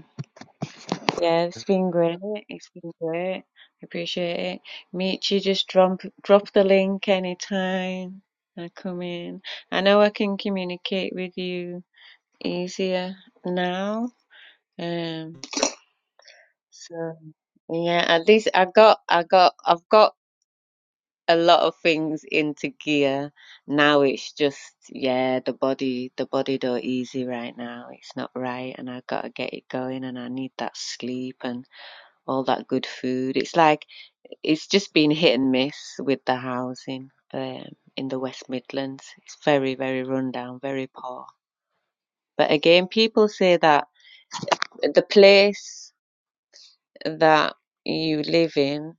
Speaker 4: Yeah, it's been great. It's been great. I appreciate it. Meet you, just drop drop the link anytime I come in. I know I can communicate with you easier now. Um, so yeah, at least I got I got I've got a lot of things into gear. Now it's just yeah, the body the body don't easy right now. It's not right and I gotta get it going and I need that sleep and all that good food. It's like It's just been hit and miss with the housing um, in the West Midlands. It's very, very rundown, very poor. But again, people say that the place that you live in,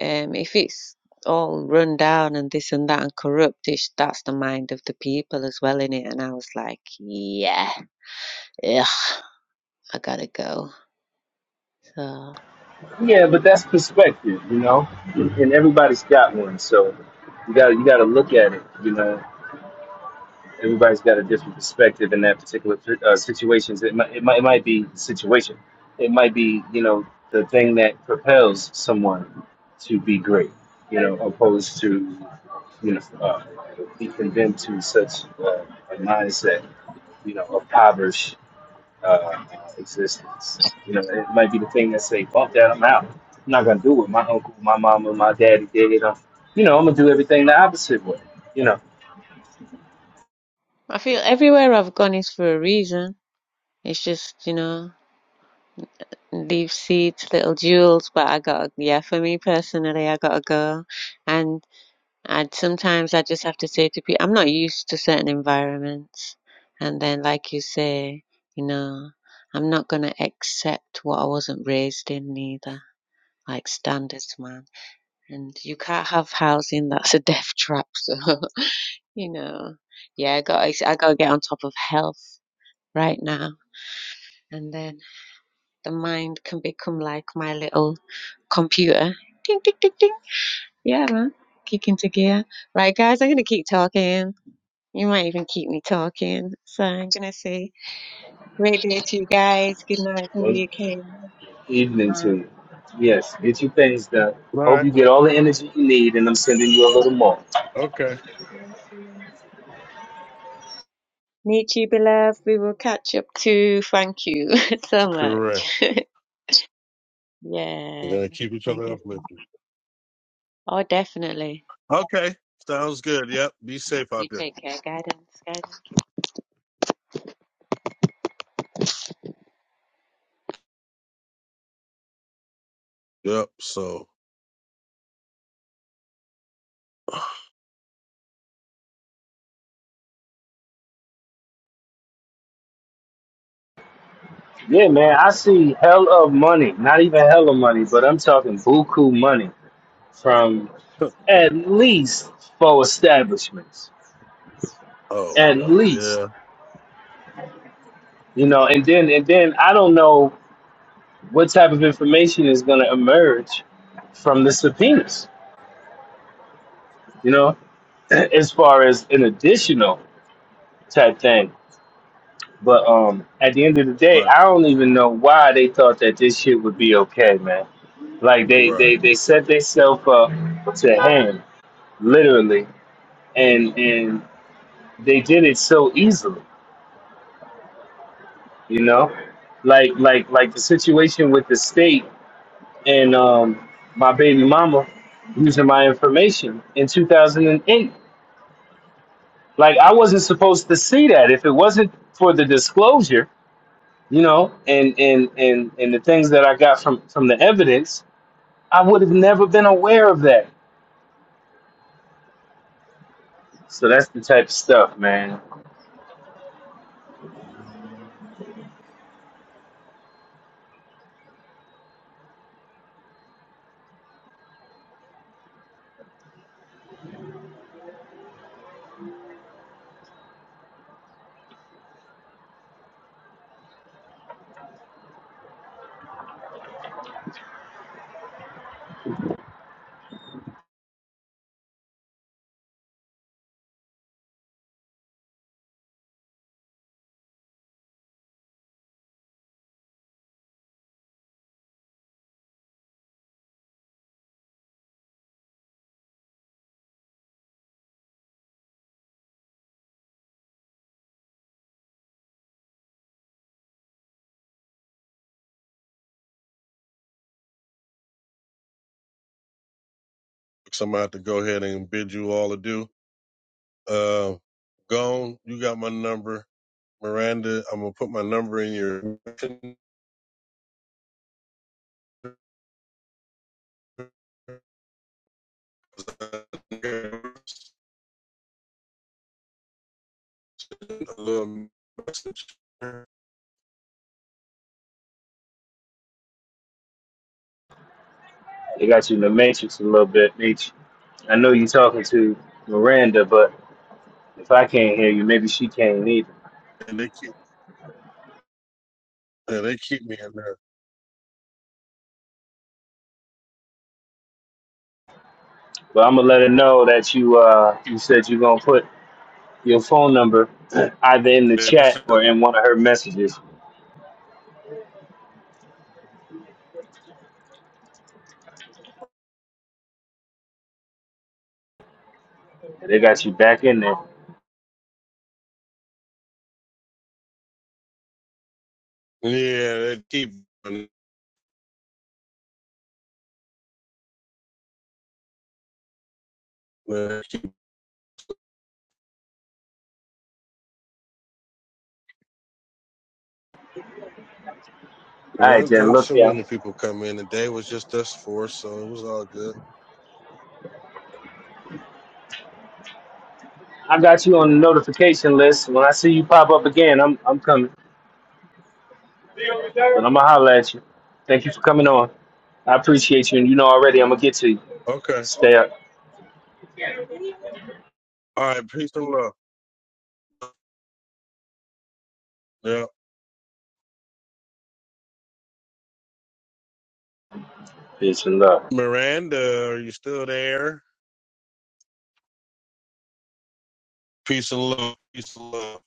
Speaker 4: um, if it's all run down and this and that and corrupt, it's, that's the mind of the people as well in it. And I was like, yeah, ugh, I gotta go. So
Speaker 2: Yeah, but that's perspective, you know. And everybody's got one, so you gotta you gotta look at it, you know. everybody's got a different perspective in that particular uh, situations. It might, it might, it might be the situation. It might be, you know, the thing that propels someone to be great, you know, opposed to, you know, uh, be condemned to such uh, a mindset, you know, of impoverished uh, existence. You know, it might be the thing that say, "Fuck that, I'm out. I'm not gonna do what my uncle, my mama, my daddy did. I'm, you know, I'm gonna do everything the opposite way." You know,
Speaker 4: I feel everywhere I've gone is for a reason. It's just, you know. Leave seeds, little jewels, but I got yeah, for me personally, I gotta go. And I sometimes I just have to say to people, I'm not used to certain environments. And then, like you say, you know, I'm not gonna accept what I wasn't raised in neither, like standards, man. And you can't have housing that's a death trap, <laughs> so, you know, yeah, I got I gotta get on top of health right now. And then the mind can become like my little computer. Ding, ding, ding, ding. Yeah, man. Kick into gear. Right, guys, I'm going to keep talking. You might even keep me talking. So I'm going to say great day to you guys. Good night from
Speaker 2: when
Speaker 4: the UK.
Speaker 2: Evening
Speaker 4: Um,
Speaker 2: to you. Yes, get your things done.
Speaker 1: All
Speaker 2: Hope
Speaker 1: right,
Speaker 2: you get
Speaker 1: well,
Speaker 2: all the energy you need, and I'm sending you a little more.
Speaker 1: okay.
Speaker 4: Meet you, beloved. We will catch up too. Thank you <laughs> so
Speaker 1: Correct.
Speaker 4: much. <laughs>
Speaker 1: We're
Speaker 4: yeah.
Speaker 1: going to keep each
Speaker 4: Thank
Speaker 1: other
Speaker 4: you.
Speaker 1: uplifted.
Speaker 4: Oh, definitely.
Speaker 1: Okay, sounds good. Yep, be safe
Speaker 4: You
Speaker 1: out there.
Speaker 4: take care. Guidance, guidance.
Speaker 1: Yep, so.
Speaker 2: Yeah, man, I see hell of money. Not even hell of money, but I'm talking buku money from
Speaker 1: <laughs>
Speaker 2: at least four establishments. At
Speaker 1: Oh, uh,
Speaker 2: least,
Speaker 1: yeah.
Speaker 2: you know, and then and then I don't know what type of information is going to emerge from the subpoenas. You know, <clears throat> as far as an additional type thing. But um, at the end of the day,
Speaker 1: Right.
Speaker 2: I don't even know why they thought that this shit would be okay, man. Like they
Speaker 1: right.
Speaker 2: they they set themselves up to hang, literally, and and they did it so easily, you know, like like like the situation with the state and um my baby mama using my information in 2008. Like I wasn't supposed to see that if it wasn't for the disclosure you know and and and and the things that i got from from the evidence i would have never been aware of that so that's the type of stuff man
Speaker 1: So I'm going to have to go ahead and bid you all adieu. Uh, Gone, you got my number. Miranda, I'm going to put my number in your a little message. And
Speaker 2: they got you in the matrix a little bit Meech. i know you talking to miranda but if i can't hear you maybe she can't either
Speaker 1: they keep, yeah, they keep me in
Speaker 2: but i'm gonna let her know that you uh you said you're gonna put your phone number <clears throat> either in the chat
Speaker 1: there.
Speaker 2: or in one of her messages they got you back in there all
Speaker 1: Yeah, they keep. Well,
Speaker 2: right Jen.
Speaker 1: then
Speaker 2: look
Speaker 1: so
Speaker 2: here I'm-
Speaker 1: many people come in. The day was just us four, so it was all good.
Speaker 2: i got you on the notification list when i see you pop up again i'm i'm coming But I'm going to holler at you. Thank you for coming on. I appreciate you. And you know already, I'm going to get to you.
Speaker 1: Okay.
Speaker 2: Stay up.
Speaker 1: All right. Peace and love. Yeah.
Speaker 2: Peace and love.
Speaker 1: Miranda, are you still there? Peace and love. Peace and love.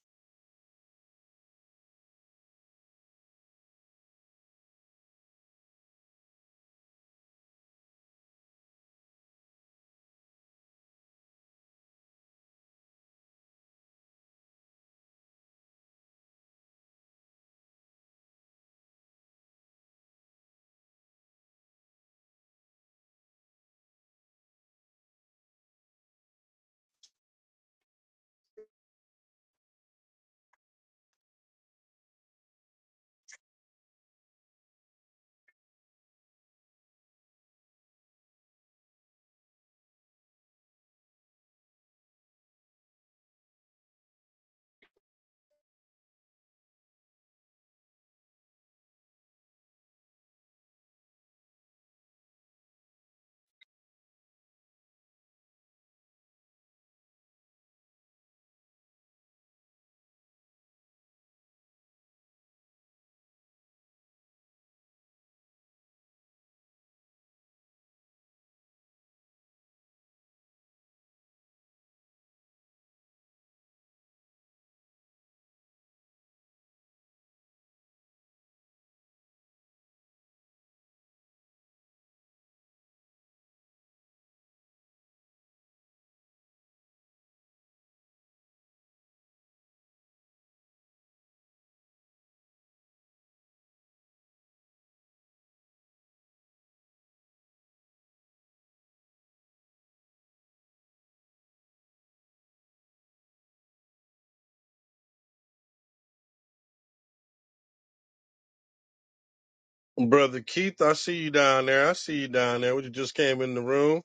Speaker 1: Brother Keith, I see you down there. I see you down there. You just came in the room.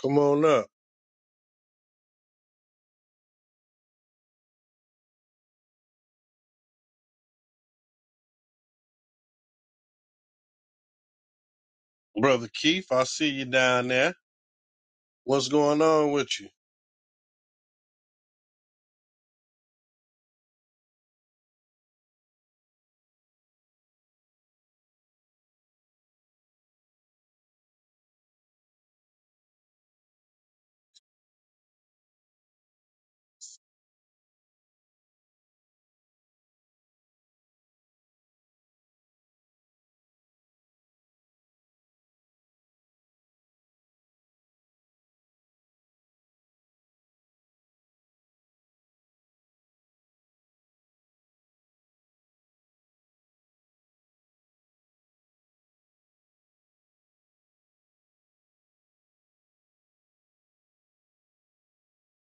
Speaker 1: Come on up. Brother Keith, I see you down there. What's going on with you?